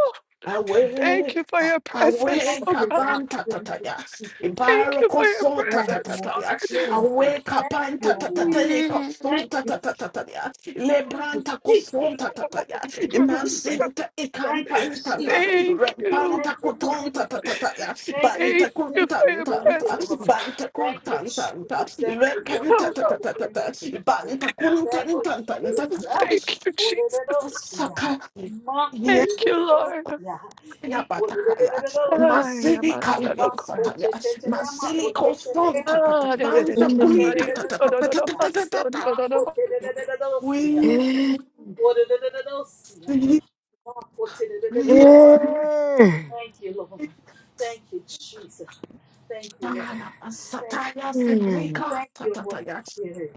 [SPEAKER 13] for this, mighty God.
[SPEAKER 5] Thank
[SPEAKER 8] awake,
[SPEAKER 5] you for your presence,
[SPEAKER 8] awake,
[SPEAKER 13] Thank
[SPEAKER 5] oh
[SPEAKER 13] you, God.
[SPEAKER 8] abanta
[SPEAKER 13] Thank you,
[SPEAKER 8] tataya.
[SPEAKER 13] Jesus.
[SPEAKER 5] Thank you
[SPEAKER 8] Ibaroko
[SPEAKER 5] for your
[SPEAKER 8] son
[SPEAKER 13] Thank you,
[SPEAKER 5] presence,
[SPEAKER 13] Holy
[SPEAKER 8] tatataya.
[SPEAKER 13] Spirit.
[SPEAKER 8] Awake,
[SPEAKER 13] Thank you,
[SPEAKER 8] abanta
[SPEAKER 13] O God.
[SPEAKER 8] tatataya.
[SPEAKER 5] Lord.
[SPEAKER 8] Son
[SPEAKER 13] Thank you,
[SPEAKER 8] tatataya.
[SPEAKER 13] thank you,
[SPEAKER 8] Lebranta
[SPEAKER 13] Jesus.
[SPEAKER 8] kuson tatataya.
[SPEAKER 13] Thank you, Jesus.
[SPEAKER 8] Imasinta
[SPEAKER 13] Thank you,
[SPEAKER 8] ikampanta.
[SPEAKER 13] Jesus.
[SPEAKER 5] Thank you.
[SPEAKER 13] Thank
[SPEAKER 8] Repanta
[SPEAKER 13] you, Jesus.
[SPEAKER 8] kutonta tatataya.
[SPEAKER 13] Thank you,
[SPEAKER 5] Thank
[SPEAKER 8] Banta
[SPEAKER 5] you
[SPEAKER 13] Jesus.
[SPEAKER 5] for your
[SPEAKER 13] Thank you,
[SPEAKER 8] kuntantanta.
[SPEAKER 5] presence.
[SPEAKER 13] Lord.
[SPEAKER 8] Banta
[SPEAKER 13] Thank you, Jesus.
[SPEAKER 8] kuntantanta.
[SPEAKER 13] Thank you, thank you,
[SPEAKER 8] Rekanta
[SPEAKER 13] thank you, thank you,
[SPEAKER 8] tatatata.
[SPEAKER 13] Jesus.
[SPEAKER 8] Banta
[SPEAKER 13] Thank you, Jesus.
[SPEAKER 8] kuntantantanta.
[SPEAKER 5] Thank you, Jesus.
[SPEAKER 13] Hallelujah.
[SPEAKER 8] Saka.
[SPEAKER 13] Mark,
[SPEAKER 8] Yeah,
[SPEAKER 5] Thank you, Lord.
[SPEAKER 13] hallelujah. Equal, the
[SPEAKER 8] batakaya.
[SPEAKER 13] little,
[SPEAKER 5] I am
[SPEAKER 8] Masili
[SPEAKER 5] a son
[SPEAKER 13] Ma,
[SPEAKER 8] kalio
[SPEAKER 5] of
[SPEAKER 13] ma
[SPEAKER 8] sataya.
[SPEAKER 5] Krampus.
[SPEAKER 13] ma
[SPEAKER 8] Masili koson
[SPEAKER 13] dosia,
[SPEAKER 8] tatata.
[SPEAKER 5] Ah, da, da, da, da,
[SPEAKER 8] Vanta
[SPEAKER 5] ba, ka,
[SPEAKER 8] kuli
[SPEAKER 5] di, ah, so, do, do, do, ba, so, do,
[SPEAKER 8] tatatatatatata.
[SPEAKER 13] Ma
[SPEAKER 5] do, do, ba.
[SPEAKER 13] poche de de de dosia,
[SPEAKER 8] We
[SPEAKER 13] O de de de dosia,
[SPEAKER 8] see
[SPEAKER 13] Ma poche de de de
[SPEAKER 8] we
[SPEAKER 13] dosia. Thank you, Lord. Thank you, Jesus. Thank you, Lord.
[SPEAKER 8] shakala
[SPEAKER 13] Thank you.
[SPEAKER 8] sataya sibrika
[SPEAKER 13] Thank you, Holy
[SPEAKER 8] tatataya.
[SPEAKER 13] Spirit.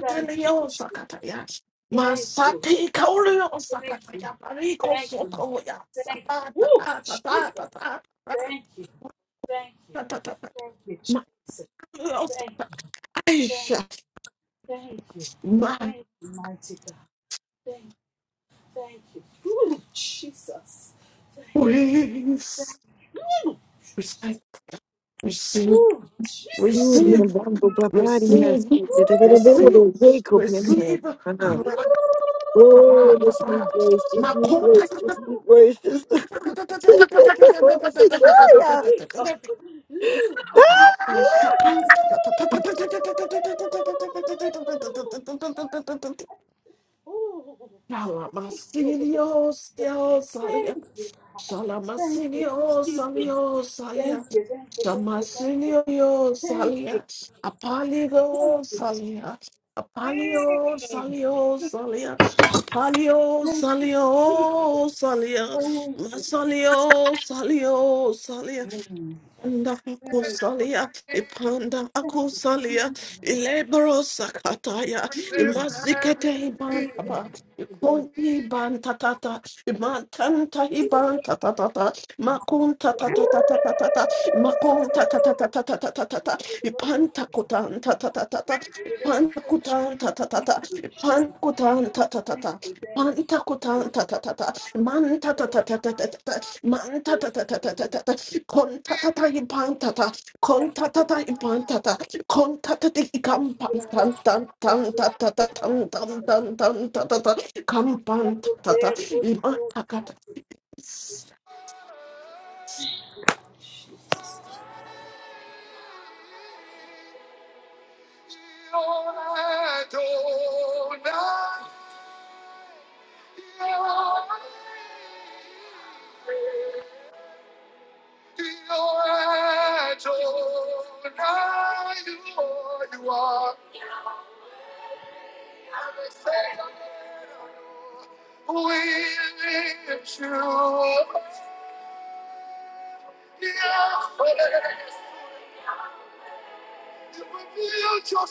[SPEAKER 13] Thank you, Jesus.
[SPEAKER 8] sakataya.
[SPEAKER 13] Thank you.
[SPEAKER 8] Masati kaulio
[SPEAKER 13] Thank you.
[SPEAKER 8] sakataya. Bariko
[SPEAKER 13] Thank you.
[SPEAKER 8] sotoya.
[SPEAKER 13] Thank you.
[SPEAKER 8] Sapata
[SPEAKER 13] Woo!
[SPEAKER 8] tata
[SPEAKER 13] Jesus.
[SPEAKER 8] tata tata
[SPEAKER 13] Thank you. Thank you.
[SPEAKER 8] tata tata.
[SPEAKER 13] Thank you,
[SPEAKER 8] Mario
[SPEAKER 13] Jesus. Thank you. Thank,
[SPEAKER 8] sataya.
[SPEAKER 13] thank you.
[SPEAKER 8] my
[SPEAKER 13] Thank you, mighty God. Thank, thank you. Woo! Jesus. Thank, thank
[SPEAKER 8] ways.
[SPEAKER 13] you. Woo!
[SPEAKER 8] Receive, receive,
[SPEAKER 13] Woo! Jesus.
[SPEAKER 8] receive,
[SPEAKER 1] Urubambo paparias,
[SPEAKER 8] receive,
[SPEAKER 13] Woo!
[SPEAKER 8] receive,
[SPEAKER 1] tetetetetero, Jacob,
[SPEAKER 13] Jesus.
[SPEAKER 1] and,
[SPEAKER 8] receive.
[SPEAKER 1] uh,
[SPEAKER 13] Woo!
[SPEAKER 1] Oh, this new
[SPEAKER 8] Rakatapatapa.
[SPEAKER 1] grace, this new grace,
[SPEAKER 8] Makotatatatatatatatatatatatatatatatatatatatatatatata.
[SPEAKER 1] this new grace, this new
[SPEAKER 13] Woo!
[SPEAKER 1] grace. *laughs*
[SPEAKER 13] Thank
[SPEAKER 8] Ah, shakantatatatatatatatatatatatatatatatatatatatatatatatatata. Yalamasilios,
[SPEAKER 13] you, God. Thank you,
[SPEAKER 8] Salamasinio,
[SPEAKER 13] Jesus.
[SPEAKER 8] salio,
[SPEAKER 13] Thank
[SPEAKER 8] salia.
[SPEAKER 13] you, thank you, thank you, thank you.
[SPEAKER 8] Shamasinio,
[SPEAKER 13] Thank you.
[SPEAKER 8] salia.
[SPEAKER 13] God. Thank
[SPEAKER 8] Apaligo,
[SPEAKER 13] you.
[SPEAKER 8] salia. Apalio, salio, salia. Apalio, salio, salia.
[SPEAKER 13] Thank you. Thank
[SPEAKER 8] Masalio, salio, salia. Panda akusalia, ipanda akusalia, ilebro sakataya, imazikete ibantaba, ikondi ibantatata, imantanta ibantatatata, makunta tatatatatata, makunta tatatatatata, ipanta kutanta tatatata, ipanta kutanta tatata,
[SPEAKER 13] you, Jesus.
[SPEAKER 8] ipanta kutanta
[SPEAKER 13] Thank
[SPEAKER 8] tatata. Manta kota ta ta ta ta manta ta ta ta ta ta ta manta
[SPEAKER 13] you,
[SPEAKER 8] ta ta ta ta
[SPEAKER 13] thank
[SPEAKER 8] ta
[SPEAKER 13] you.
[SPEAKER 8] ta ta konta ta ta impanta ta
[SPEAKER 13] Thank
[SPEAKER 8] konta ta ta impanta ta konta ta ta ikampan tan tan tan
[SPEAKER 13] that
[SPEAKER 8] ta ta ta
[SPEAKER 13] lasted
[SPEAKER 8] tan tan
[SPEAKER 13] my
[SPEAKER 8] tan tan ta ta ta kampan ta ta ta
[SPEAKER 13] good
[SPEAKER 8] imanta kata
[SPEAKER 13] fruit,
[SPEAKER 1] Busa,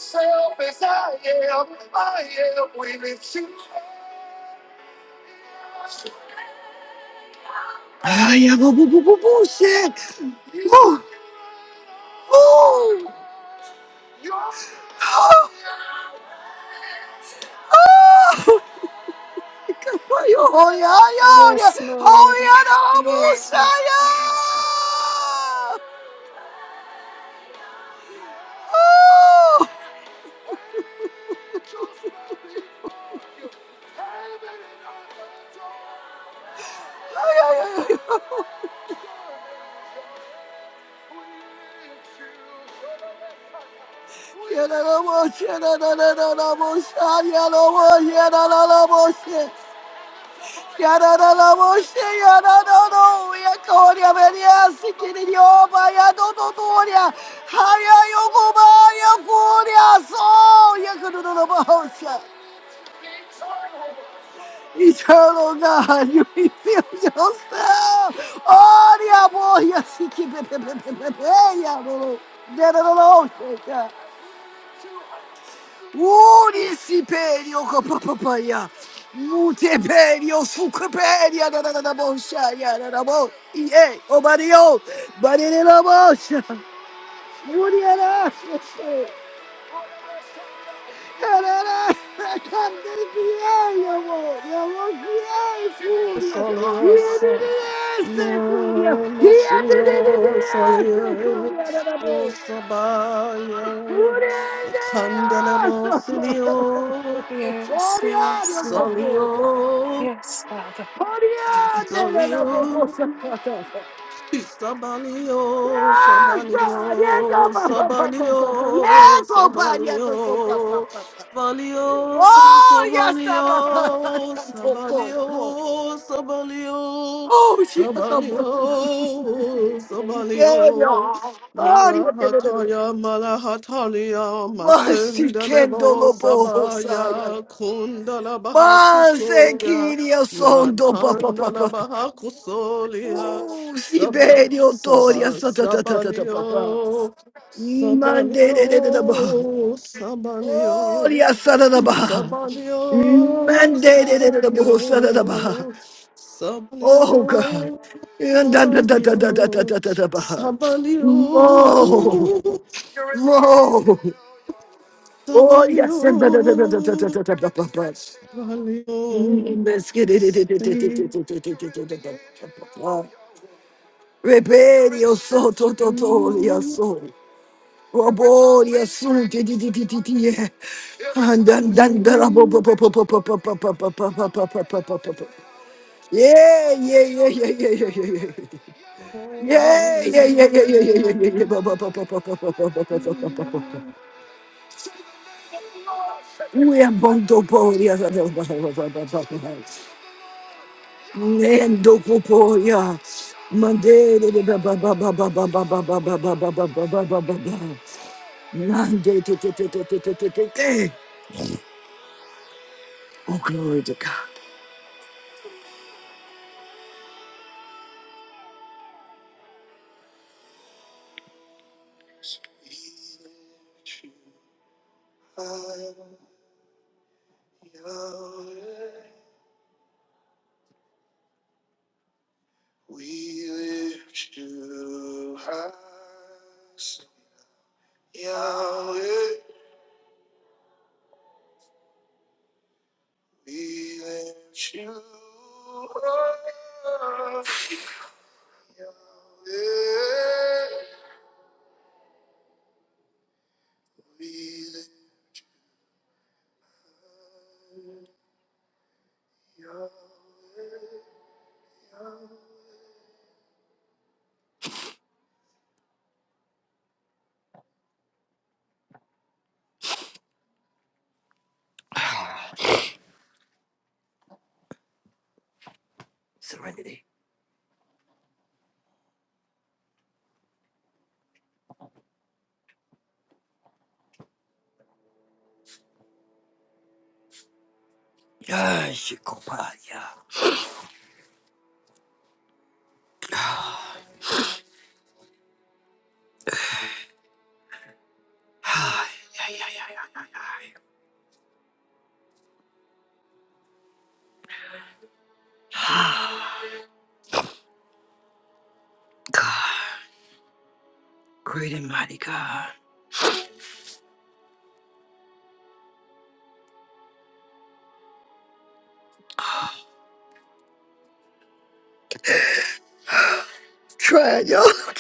[SPEAKER 5] Yes, Lord.
[SPEAKER 1] busa.
[SPEAKER 5] Yes, Lord.
[SPEAKER 1] Eternal God, you reveal yourself. Oh, yeah, boy, yes, he keep it. Uri siperio papapaya. Mute perio suke peria da da da da bosia da da. Eh, bari da da da. Yeah, yeah, yeah.
[SPEAKER 8] soliosa no
[SPEAKER 1] Yeah, yeah,
[SPEAKER 8] masinio solio osabaya Candelabos
[SPEAKER 5] Yes, yes, Lord.
[SPEAKER 8] Solio,
[SPEAKER 5] Yes, Father.
[SPEAKER 1] yeah. Da
[SPEAKER 8] Solio,
[SPEAKER 1] bocosa.
[SPEAKER 8] Sabalio,
[SPEAKER 1] Yes, God. Yes,
[SPEAKER 8] Sabalio,
[SPEAKER 1] papapapa.
[SPEAKER 8] Sabalio,
[SPEAKER 1] Yes, paparia to
[SPEAKER 8] Sabalio,
[SPEAKER 1] papapapa.
[SPEAKER 8] Sabalio,
[SPEAKER 1] Oh, yes,
[SPEAKER 8] Sabalio,
[SPEAKER 1] papapapa.
[SPEAKER 8] Sabalio,
[SPEAKER 1] *laughs* Oh, she has a
[SPEAKER 8] Sabalio,
[SPEAKER 1] bocosa.
[SPEAKER 8] Sabalio,
[SPEAKER 1] Perio. Oh,
[SPEAKER 8] Sabalio,
[SPEAKER 1] yeah. yeah, yeah, yeah, yeah.
[SPEAKER 8] Marahataya, Malahatalia,
[SPEAKER 1] Masi
[SPEAKER 8] Masendelebo,
[SPEAKER 1] kendolo bohosaya.
[SPEAKER 8] Sabaya, Kundalabaha
[SPEAKER 1] Mase
[SPEAKER 8] Kusoya,
[SPEAKER 1] kiria sondo pa pa pa pa.
[SPEAKER 8] Matandalabaha Kusolia.
[SPEAKER 1] Ooh,
[SPEAKER 8] Saba,
[SPEAKER 1] Siberio toria
[SPEAKER 8] Saba,
[SPEAKER 1] sa ta ta ta ta ta pa.
[SPEAKER 8] Sabalio,
[SPEAKER 1] Mande de de de de ba.
[SPEAKER 8] Sabalio, Sabalio,
[SPEAKER 1] Toria sa da da ba.
[SPEAKER 8] Sabalio,
[SPEAKER 1] Mande de de de de bo sa da da ba.
[SPEAKER 8] Sabalio,
[SPEAKER 1] Oh God.
[SPEAKER 8] Sabalio,
[SPEAKER 1] And da da da da da da da
[SPEAKER 8] Sabalio,
[SPEAKER 1] da da da ba. Mo.
[SPEAKER 8] Sabalio,
[SPEAKER 1] Mo. Oh yes. Da da da da da da da
[SPEAKER 8] Sabalio,
[SPEAKER 1] da da da ba.
[SPEAKER 8] Sabalio,
[SPEAKER 1] Mm, let's get
[SPEAKER 8] see.
[SPEAKER 1] it. Rebelli, oh so, to, to, to, yeah,
[SPEAKER 8] mm,
[SPEAKER 1] so. Robori, yeah, so, di, di, di, di, di, di, yeah. And then, then, then, ah, bo, bo,
[SPEAKER 8] mm,
[SPEAKER 1] bo, bo, bo, bo, bo, bo, bo, bo, bo, bo, bo, bo, bo, bo, bo, bo. Yeah, yeah, yeah, yeah, yeah, yeah, yeah, yeah.
[SPEAKER 8] oh.
[SPEAKER 1] Yeah, yeah, yeah, yeah, yeah, yeah,
[SPEAKER 8] mm,
[SPEAKER 1] yeah.
[SPEAKER 8] mm.
[SPEAKER 1] We are bondo bori, yeah, so, so, so, so, so, so, so, so. Ba, ba, ba, ba, ba, ba, ba, ba, ba, ba, ba, ba, ba, ba, ba, ba. Nande, te, te, te, te, te, te, te, te, te. Glory to God. We lift you high. Yahweh, we lift you. Try out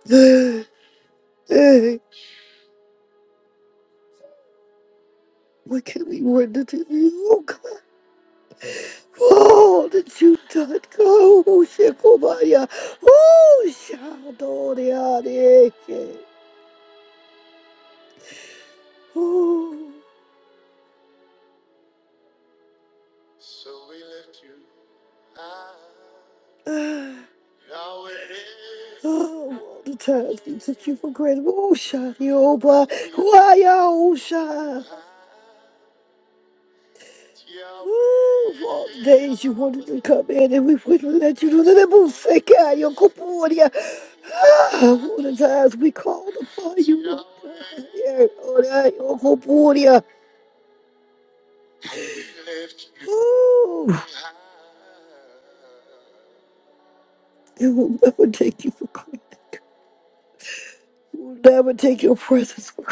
[SPEAKER 1] *laughs* hey, all that you done. Oh, Shekomaya. Oh, Shadoriade. Oh, why? Of all the days you wanted to say your Koporia. Ah, all the times we called upon you there. Oh, that your Koporia. Oh, it will never take you for granted. It will never take your presence for granted.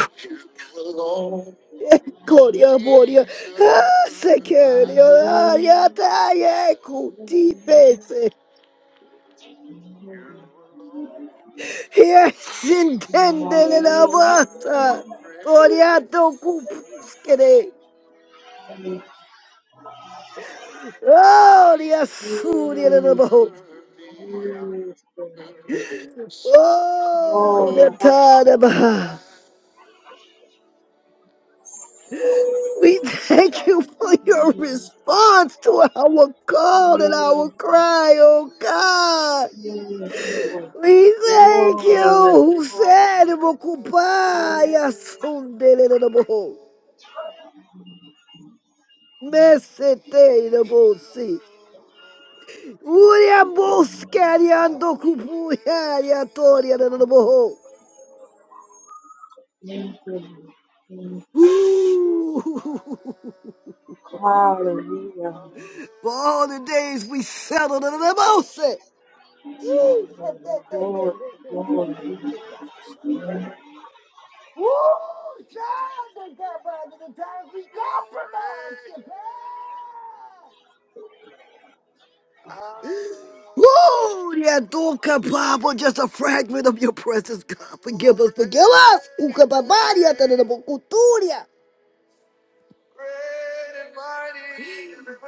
[SPEAKER 1] Gloria, gloria. Ah, security. Ah, yata, yeah, kuti, pese. Yes, intendele la bata. Gloria, to kupuskere. Oh, yes, suri, la la bo. Oh, the
[SPEAKER 12] Glory,
[SPEAKER 1] tadaba. We thank you for your response to our call and our
[SPEAKER 12] hallelujah.
[SPEAKER 1] cry, oh God.
[SPEAKER 12] Yes, Lord.
[SPEAKER 1] We thank
[SPEAKER 12] Glory,
[SPEAKER 1] you.
[SPEAKER 12] glory.
[SPEAKER 1] Sede mokupaya sundele de bo. Mesete de bosi. Uria mosca di ando cupuia di atoria de bo.
[SPEAKER 12] Yes, Lord.
[SPEAKER 1] Ooh.
[SPEAKER 12] Hallelujah.
[SPEAKER 1] For all the days we settled in the motion. Ooh,
[SPEAKER 12] Glory, glory.
[SPEAKER 1] child, the God, by the time we got you, pal. Gloria Duca Papa, just a fragment of your presence, God. Forgive us, forgive us. Ukababaria tadadabokuturia.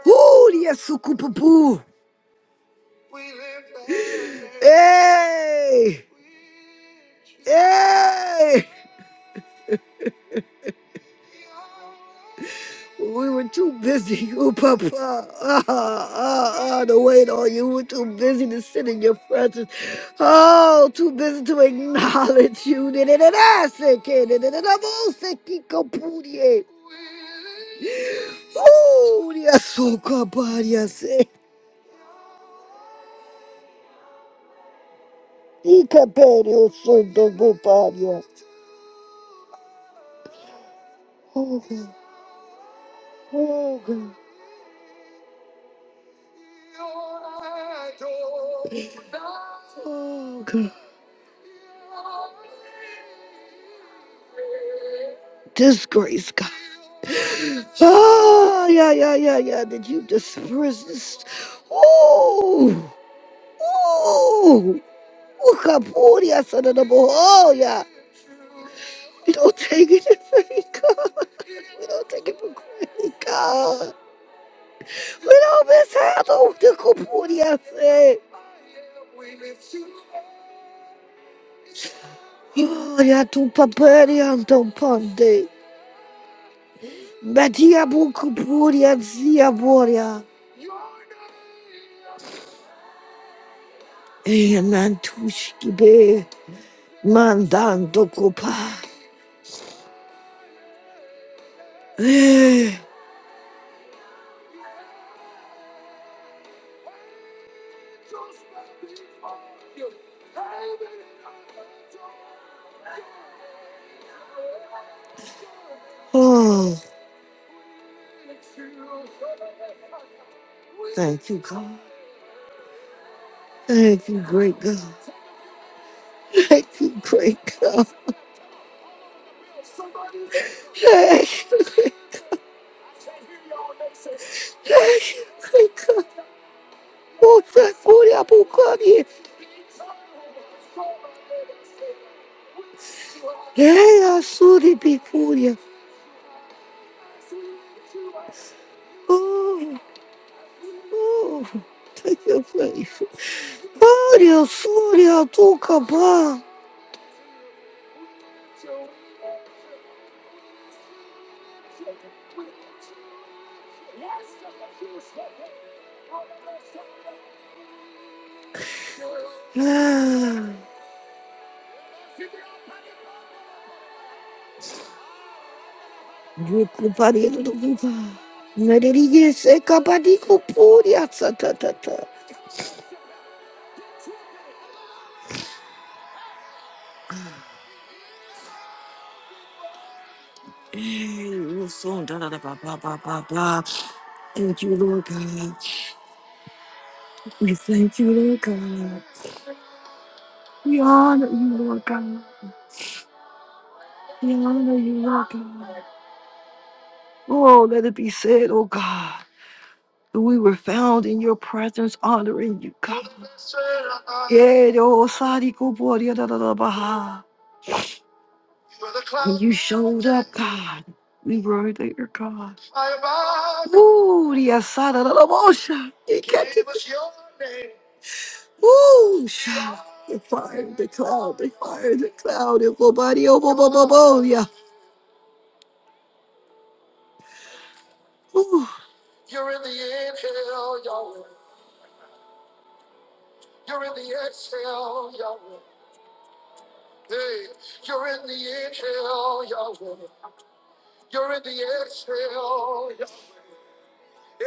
[SPEAKER 1] Huria sukupupu. Hey, hey. We were too busy, *laughs* oh Papa. Ah, ah, ah, to wait on you. We were too busy to sit in your presence. Oh, too busy to acknowledge you. *laughs* Yes, Papa, yes. Oh, God. Disgrace, God. Oh, yeah, yeah, yeah, yeah. Did you disperse this? Oh, oh, oh, Kapuria, son of the boy. Oh, yeah. We don't take it for granted, God. We don't take it for granted, God. We don't mishandle the Kapuria thing. Oh, yeah, tu papari anton ponte. Metia bu Kapuria, zia boria. Eh, nantushki be mandando copa. Eh, Oh, thank you, God. Thank you, great God. Thank you, great God. Thank you, great thank you, great God. Oh, thank you, Abukari. Yeah, I saw the big Furia. Oh, oh, thank you, faith. Oh, the Furia took Yukupari Meririye sekabadi kupuri atsatatata. Oh, let it be said, oh God, that we were found in your presence, honoring you, God. Yeah, the old Sadi Kubori, da, da, da, Baha. When you showed up, God. We were there, God. Ooh, the Asada, da, da, Bosha. It kept it. Ooh, sha. The fire, the cloud, the fire, the cloud, the body, oh, Bobolia. Ooh. You're in the inhale, Yahweh. You're in the exhale, Yahweh. Hey, you're in the inhale, Yahweh. You're in the exhale. Yahweh.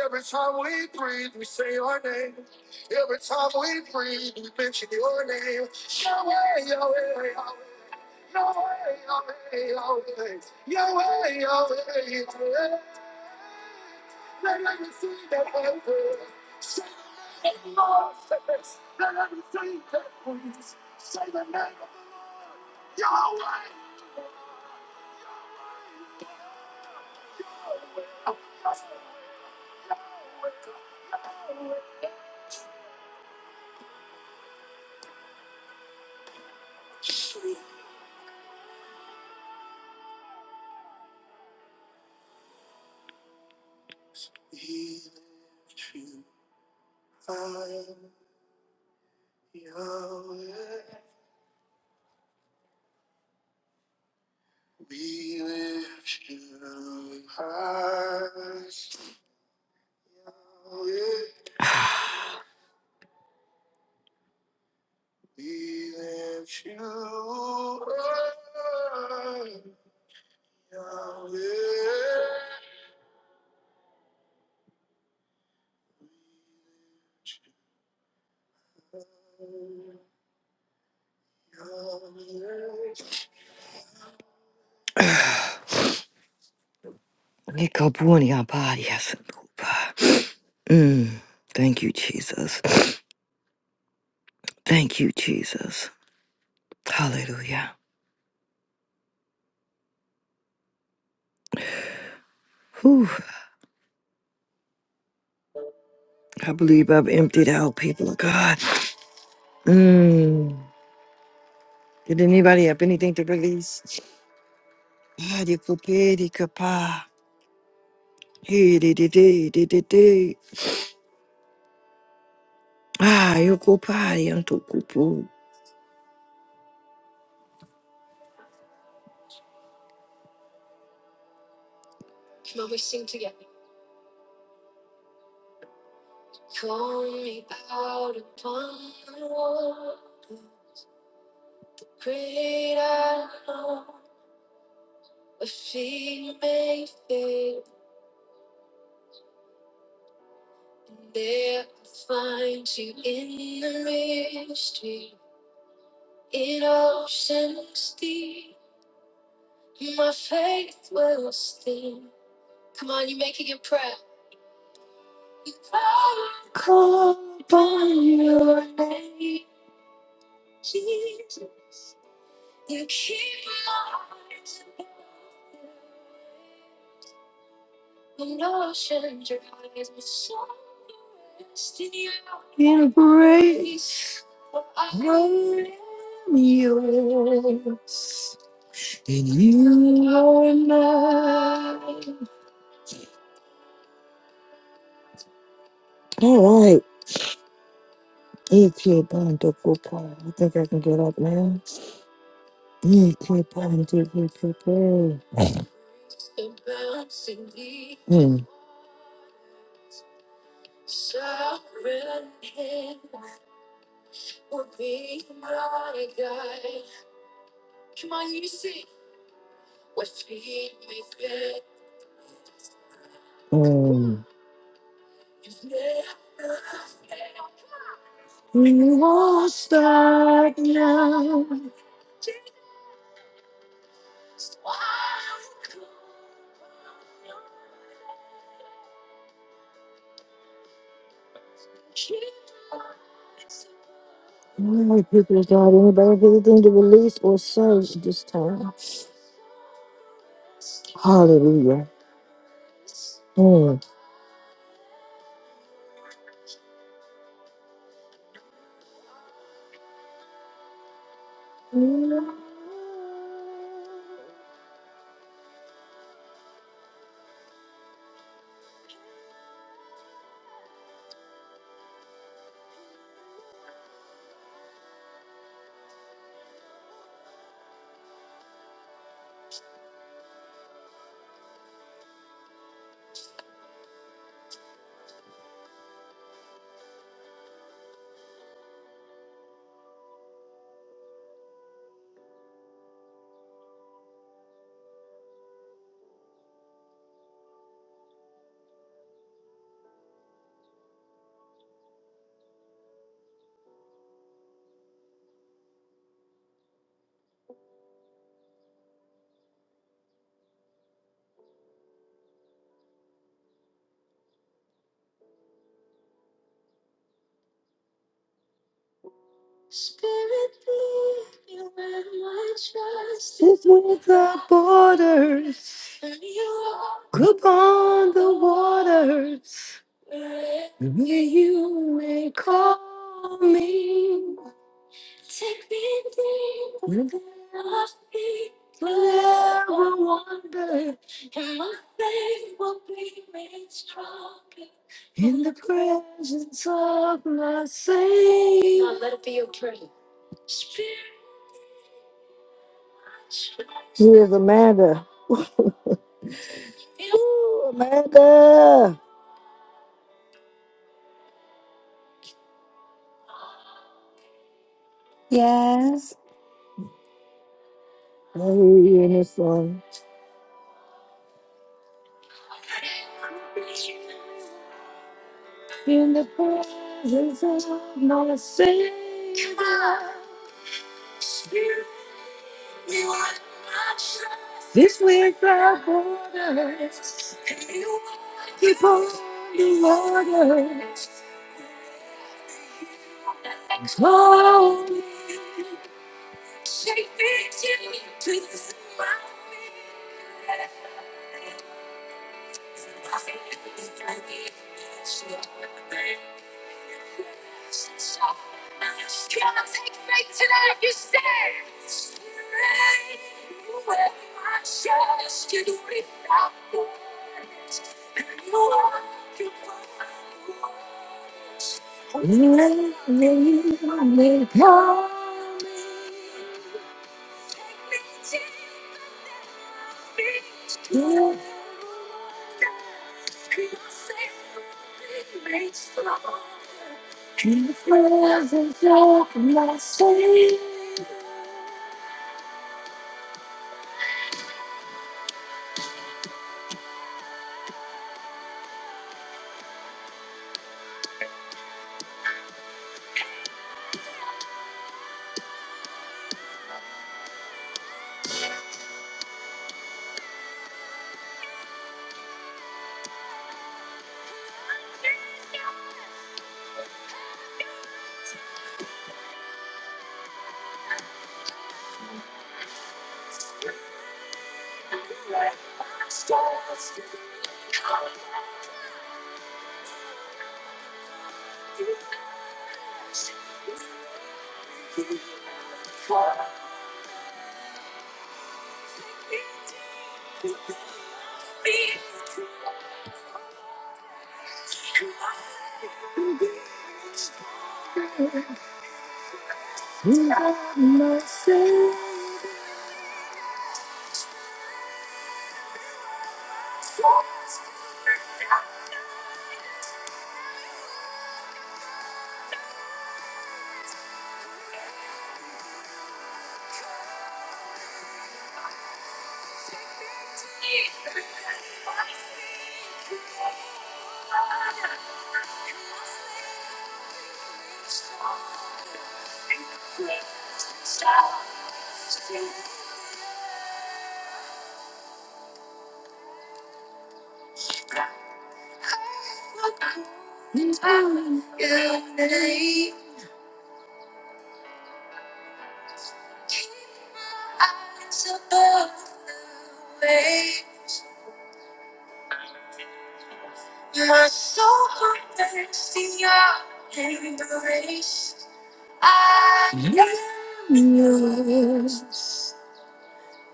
[SPEAKER 1] Every time we breathe, we say your name. Every time we breathe, we mention your name. Yahweh, Yahweh, Yahweh. Yahweh, Yahweh, Yahweh. Yahweh, Yahweh, Yahweh. Mm, thank you, Jesus. Thank you, Jesus. Hallelujah. Whew, I believe I've emptied out, people of God. Mm. Did anybody have anything to release? Ah, di ko pe, di ka Hey, di di di, di di di. Ah, yo ko pa, di an to ko Jesus, you keep All right, eight people, the eight people, and eight people. Come on, You see what feed me good. You've never failed. We won't stop now. My people of God, anybody have anything to release or say at this time? Hallelujah. Mm. Spirit, lead me where my trust is without borders. And you are Upon the Take me deeper than I think will ever wander, and my faith will be made stronger in the presence of my Savior. Now let it be your prayer. Spirit, Here's Amanda. Ooh, Amanda.
[SPEAKER 4] Yes.
[SPEAKER 1] I hear you in this song. In the presence of my Savior, this week our borders. People. Hold me, shake me, turn me, twist me, surround me. Come on, take me tonight. You say, Spirit, you will not change. You don't reflect the light, and you walk your part alone. Only you, only you, only you, only you. Unity, Keep my eyes above the way. My soul converts to your embrace. I am yours,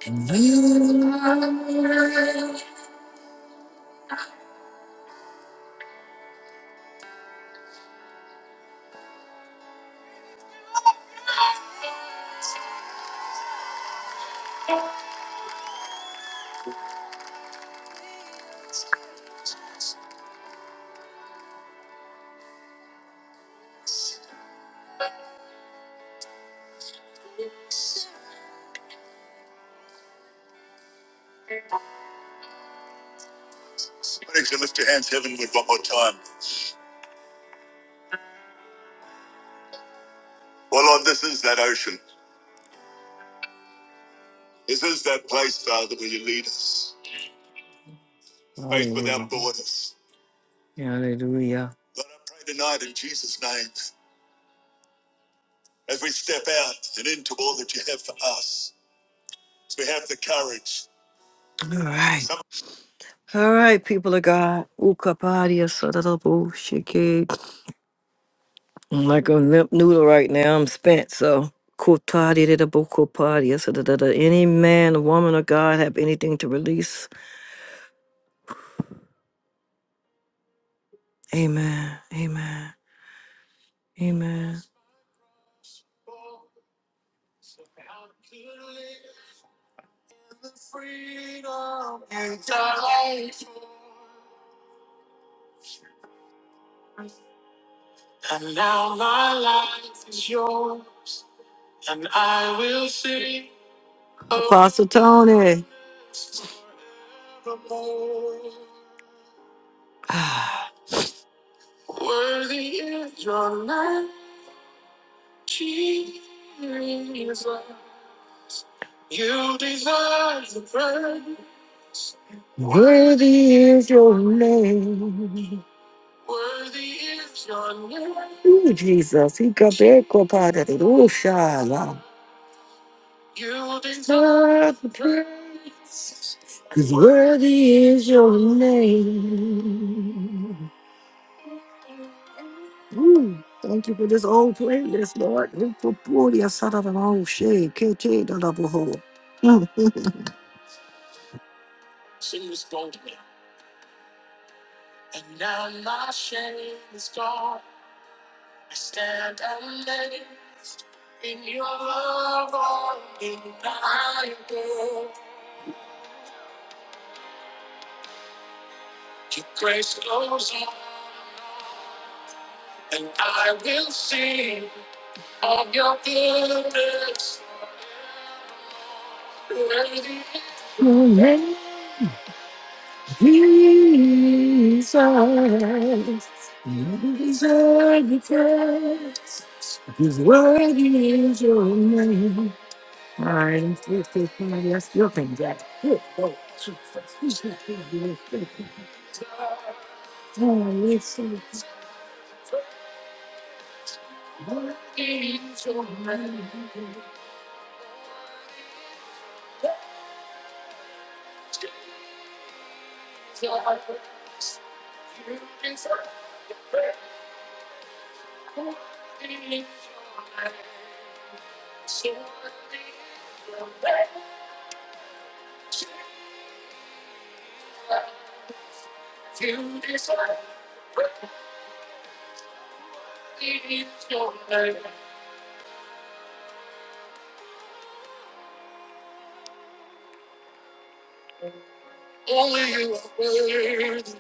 [SPEAKER 1] and you are mine. Why you lift your hands heavenward one more time? Well, Lord, this is that ocean. This is that place, Father, where you lead us. Pray tonight in Jesus' name. every step out and into all that you have for us. All right. All right, people of God. Ukapadia sadadabu shiki. I'm like a limp noodle right now. I'm spent, so. Kotadi dadabu kopadi sadadada. Any man, woman, or God have anything to release? Amen. Amen. Amen. Apostle Tony, is your name. Ooh, Jesus. Eh, kotadi. Cause worthy is your name. Ooh, thank you for this old playlist, Lord. Thank you for the asada da la o she, ke te da la bo ho. Mm. Only Jesus. Only you are worthy.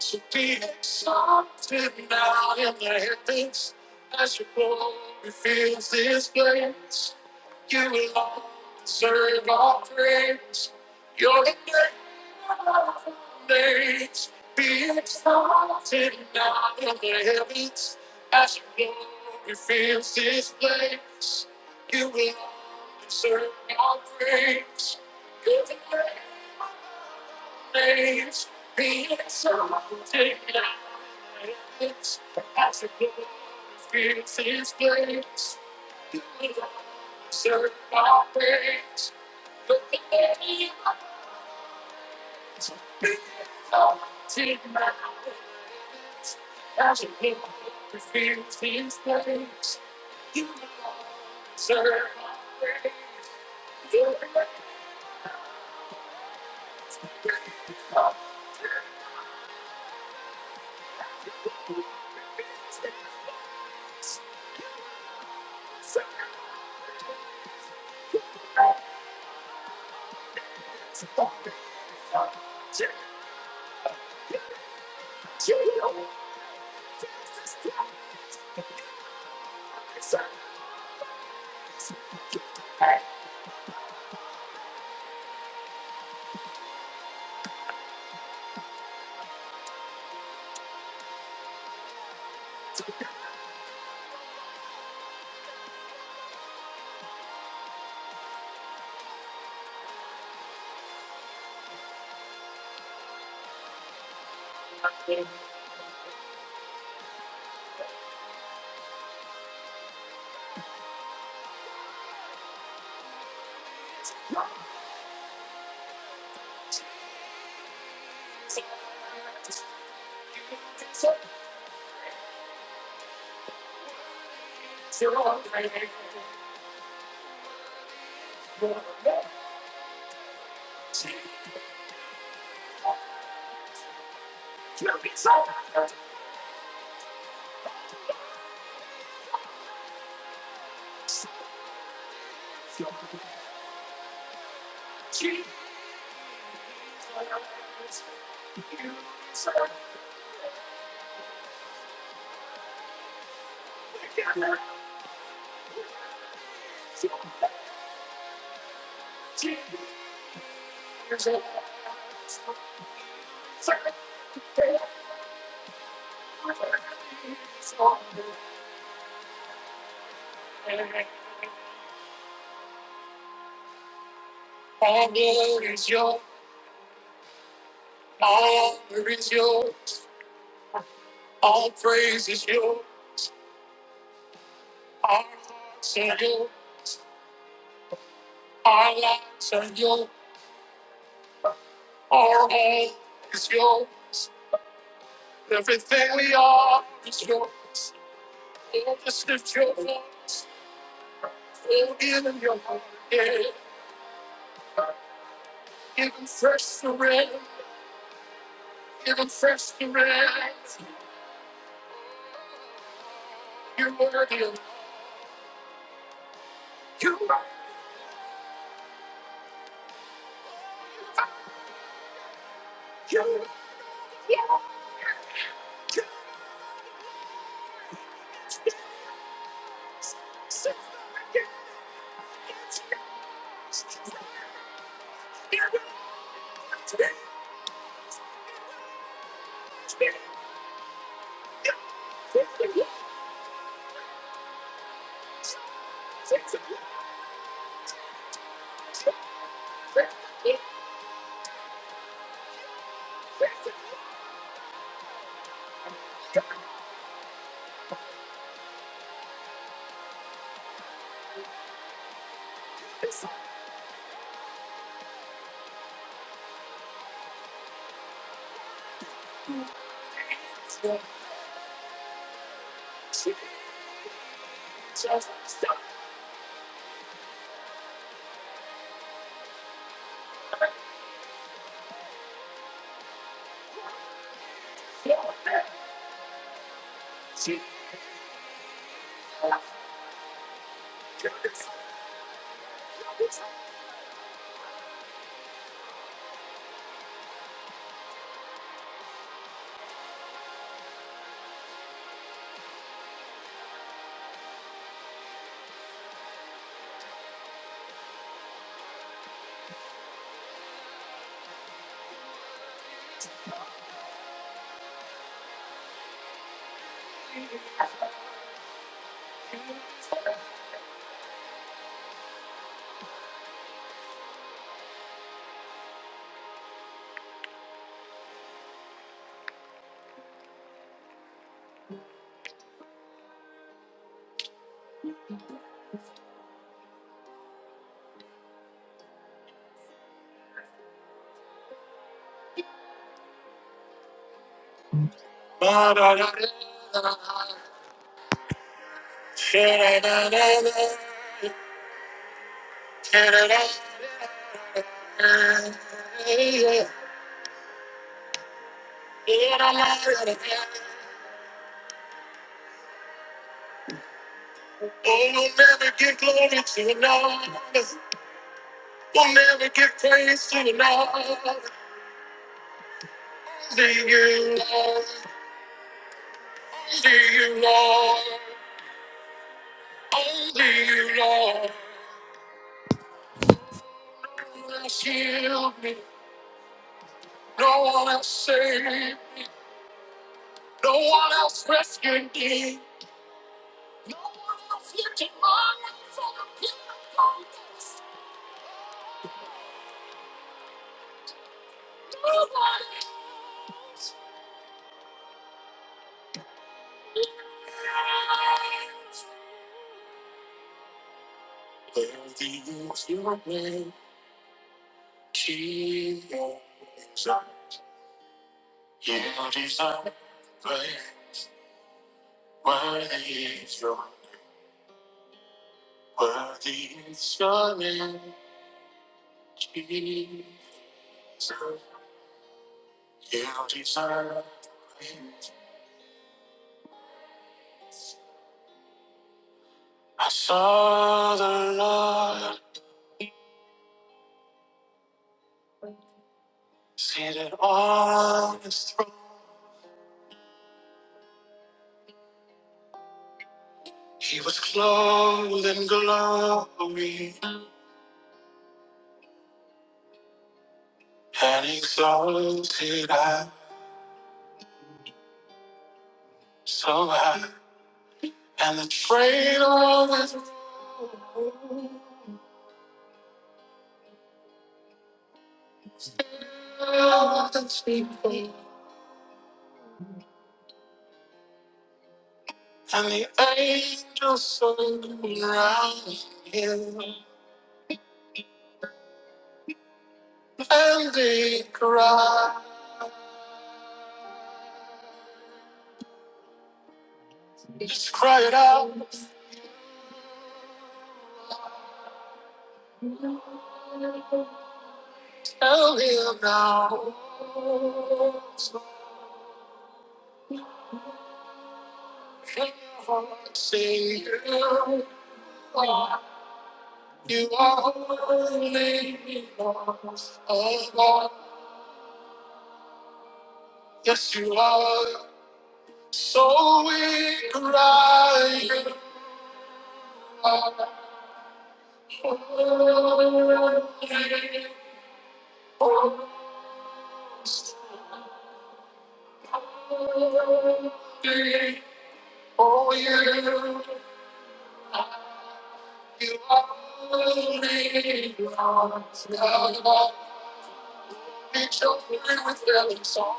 [SPEAKER 1] So be exalted now in the heavens as your glory fills this place. You alone deserve all praise. Your name above all names. Be exalted now in the heavens as your glory fills this place. You alone deserve all praise. Your name Everything we are is yours. Oh, just lift your voice. Oh, give him your heart. Yeah. Give him fresh surrender. Give him fresh surrender. You're worthy of you are you. Jesus. Oh, we'll never give glory to another. We'll never give praise to another. Only you, Lord. Only you, Lord. Only you, Lord. Shield me. No one else saved. No one else rescued me. No afflicted my life from the pit. Worthy is your name, Jesus. You deserve praise. Worthy is your Worthy is your name, Jesus. You deserve praise. I saw the Lord seated on his throne. He was clothed in glory and exalted I so high. And the train of his presence people and the angels sung around him. And they cried, just cried out, tell him now. So heaven sing you are You are holy, Lord. Oh, Lord. Yes, you are. So we cry. Holy, holy, oh, you. You are holy, Lord. Now, Lord, we shall pray with every song.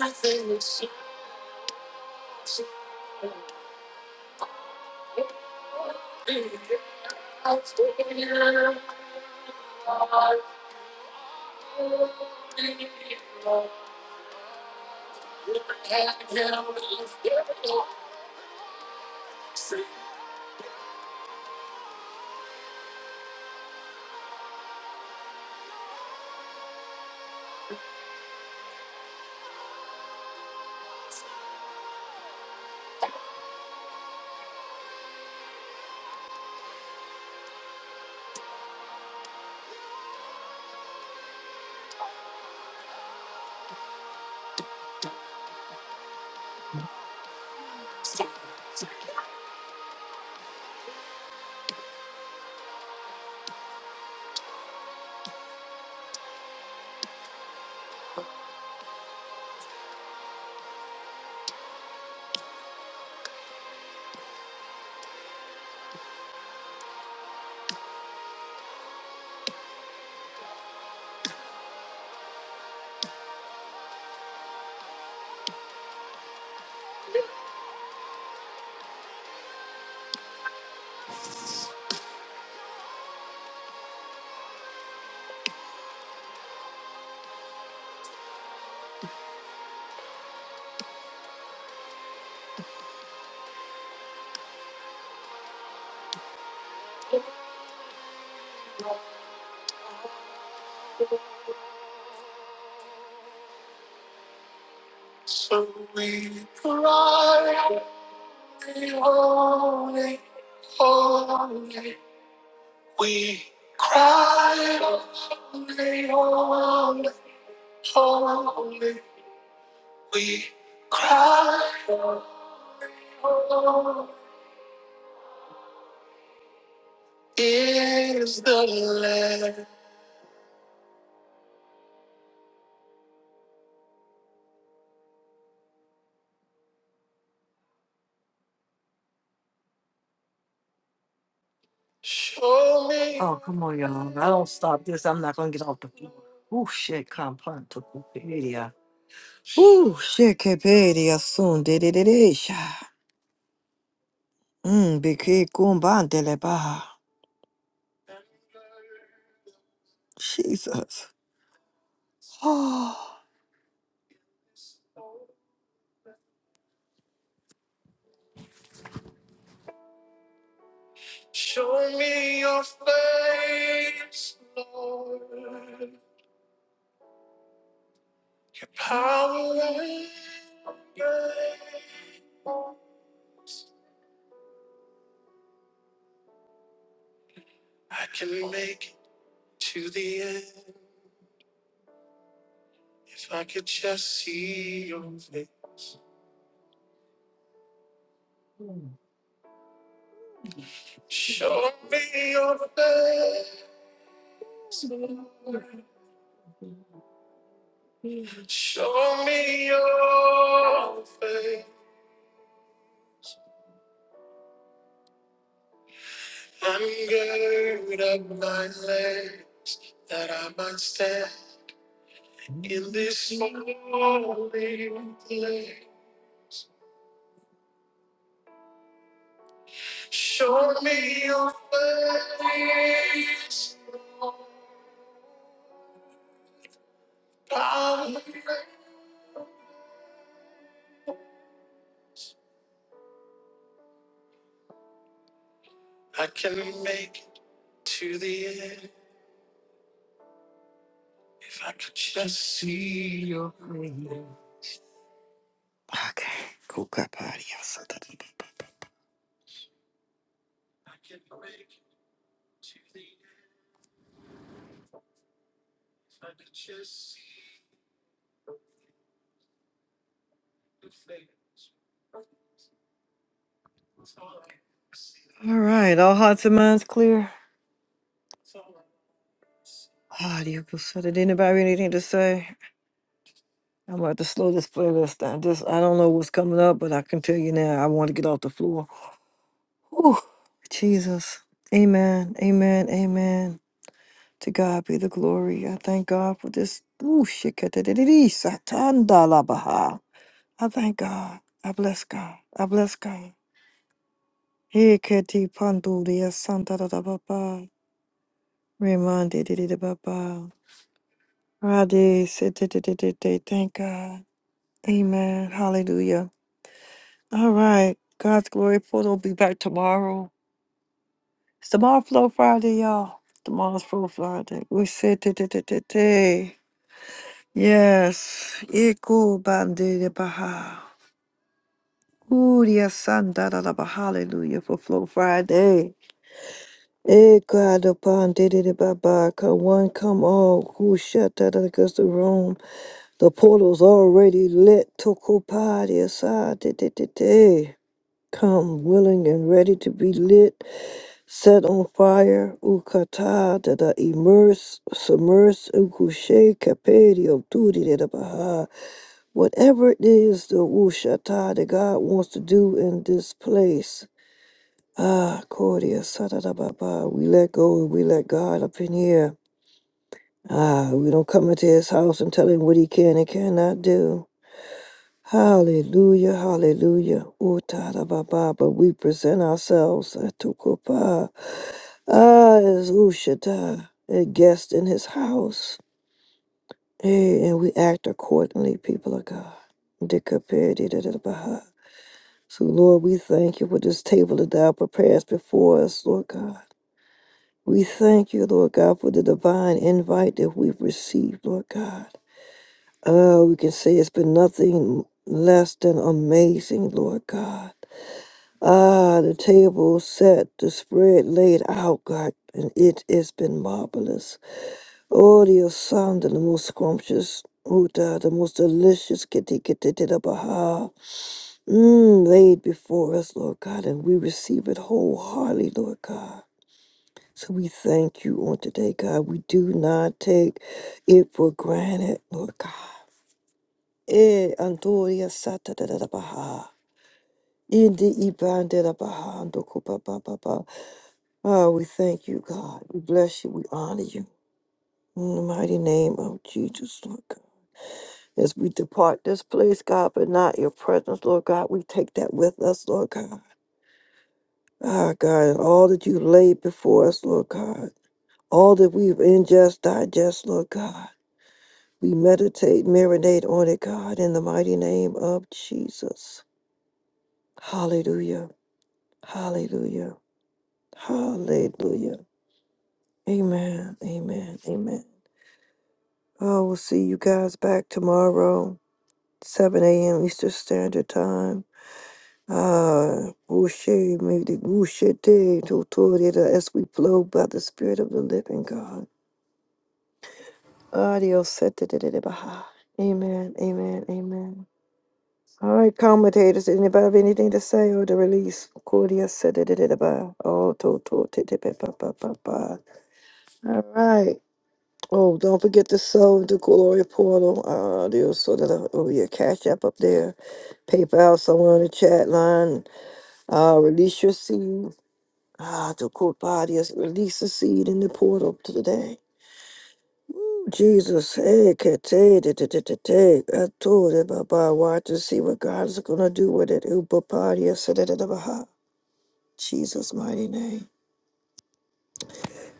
[SPEAKER 1] Everything is so, so, so, so, so, so, so, so, so, so, So we cry, the holy, holy, cry, holy, holy, holy, cry, holy is the Lamb. Oh, come on, y'all. If I don't stop this. I'm not going to get off the floor. Ooh, shit, compound to Wikipedia. Ooh, shit, Wikipedia soon. Did it, it is. Mm, beke kumbandele baha. Jesus. *gasps* Oh, Show me your face, Lord. Your power and grace. I can make it to the end if I could just see your face. Show me your face, Lord. Show me your power. I can make it to the end if I could just see your face. All right, all hearts and minds clear. Ah, you can said it. Anybody have anything to say? I'm about to slow this playlist down. Just I don't know what's coming up, but I can tell you now. I want to get off the floor. Whew, Jesus, Amen, Amen, Amen. To God be the glory. I thank God for this. Ooh, shikatadididi, satandalabaha. I thank God. I bless God. I bless God. Hikati panduria santa da da ba ba. Remande de de de ba ba. Rade se de de de de de. Thank God. Amen. Hallelujah. All right. God's glory portal will be back tomorrow. It's tomorrow Flow Friday, y'all. Tomorrow's Flow Friday. We said de de de de de. Yes. Iku bande de baha. Uria santa da da ba. Hallelujah for Flow Friday. Eh, God, upon did it Baba, come one, come all, who shut out against the room. The portal's already lit, Tokopadi aside, did did did did. Come willing and ready to be lit, set on fire, Ukata, that I immerse, submerse, Ukushe, Kapedi, Obtudi, did it Baha. Whatever it is, the Ushata, that God wants to do in this place. Ah, Cordia, Sada Baba, we let go and we let God up in here. Ah, we don't come into his house and tell him what he can and cannot do. Hallelujah, hallelujah. Utada baba, but we present ourselves eh, to Kopa. Ah, as Ushata, a guest in his house. Hey, and we act accordingly, people of God. Dikapedi da da da baha. So, Lord, we thank you for this table that thou preparest before us, Lord God. We thank you, Lord God, for the divine invite that we've received and amazed. Baha. Mm, Lord God, and we receive it wholeheartedly, Lord God. So we thank you on today, God. We do not take it for granted, Lord God. Eh, Andoria Sata da da da Baha. Indi Ibande da da Baha, Ando Kupa Ba Ba Ba. Ah, we thank you, God. We bless you. We honor you. In the mighty name of Jesus, Lord God. As we depart this place, God, but not your presence, Lord God, we take that with us, Lord God. Ah, God, and all that you laid before us, Lord God, all that we've ingest, digest, Lord God, we meditate, marinate on it, God, in the mighty name of Jesus. Hallelujah. Hallelujah. Hallelujah. Amen. Amen. Amen. Oh, we'll see you guys back tomorrow, 7 a.m. Eastern Standard Time. Ah, Ushe, maybe Ushe Day, Totorida, as we flow by the Spirit of the Living God. Adios. Baha. Amen. Amen. Amen. All right, commentators. Anybody have anything to say or to release? Cordia said it Oh, to to ti- ti- pa- pa- pa- pa- pa. All right. Oh, don't forget to sow the glory portal. Uh, there's sort of oh your cash app up there. PayPal somewhere in the chat line. Uh, release your seed. Ah, to group today. That's what this is gonna do with it. Da- da- da- ba- ha. Jesus, mighty name.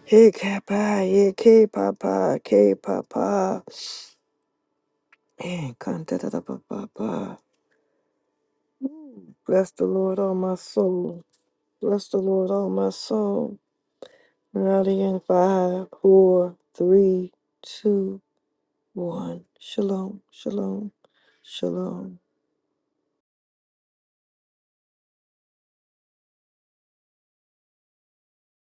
[SPEAKER 1] Hey kappa, hey k papa, k papa, and content da papa. Bless the Lord, all my soul. Bless the Lord, all my soul. Ready in five, four, three, two, one. Shalom, shalom, shalom.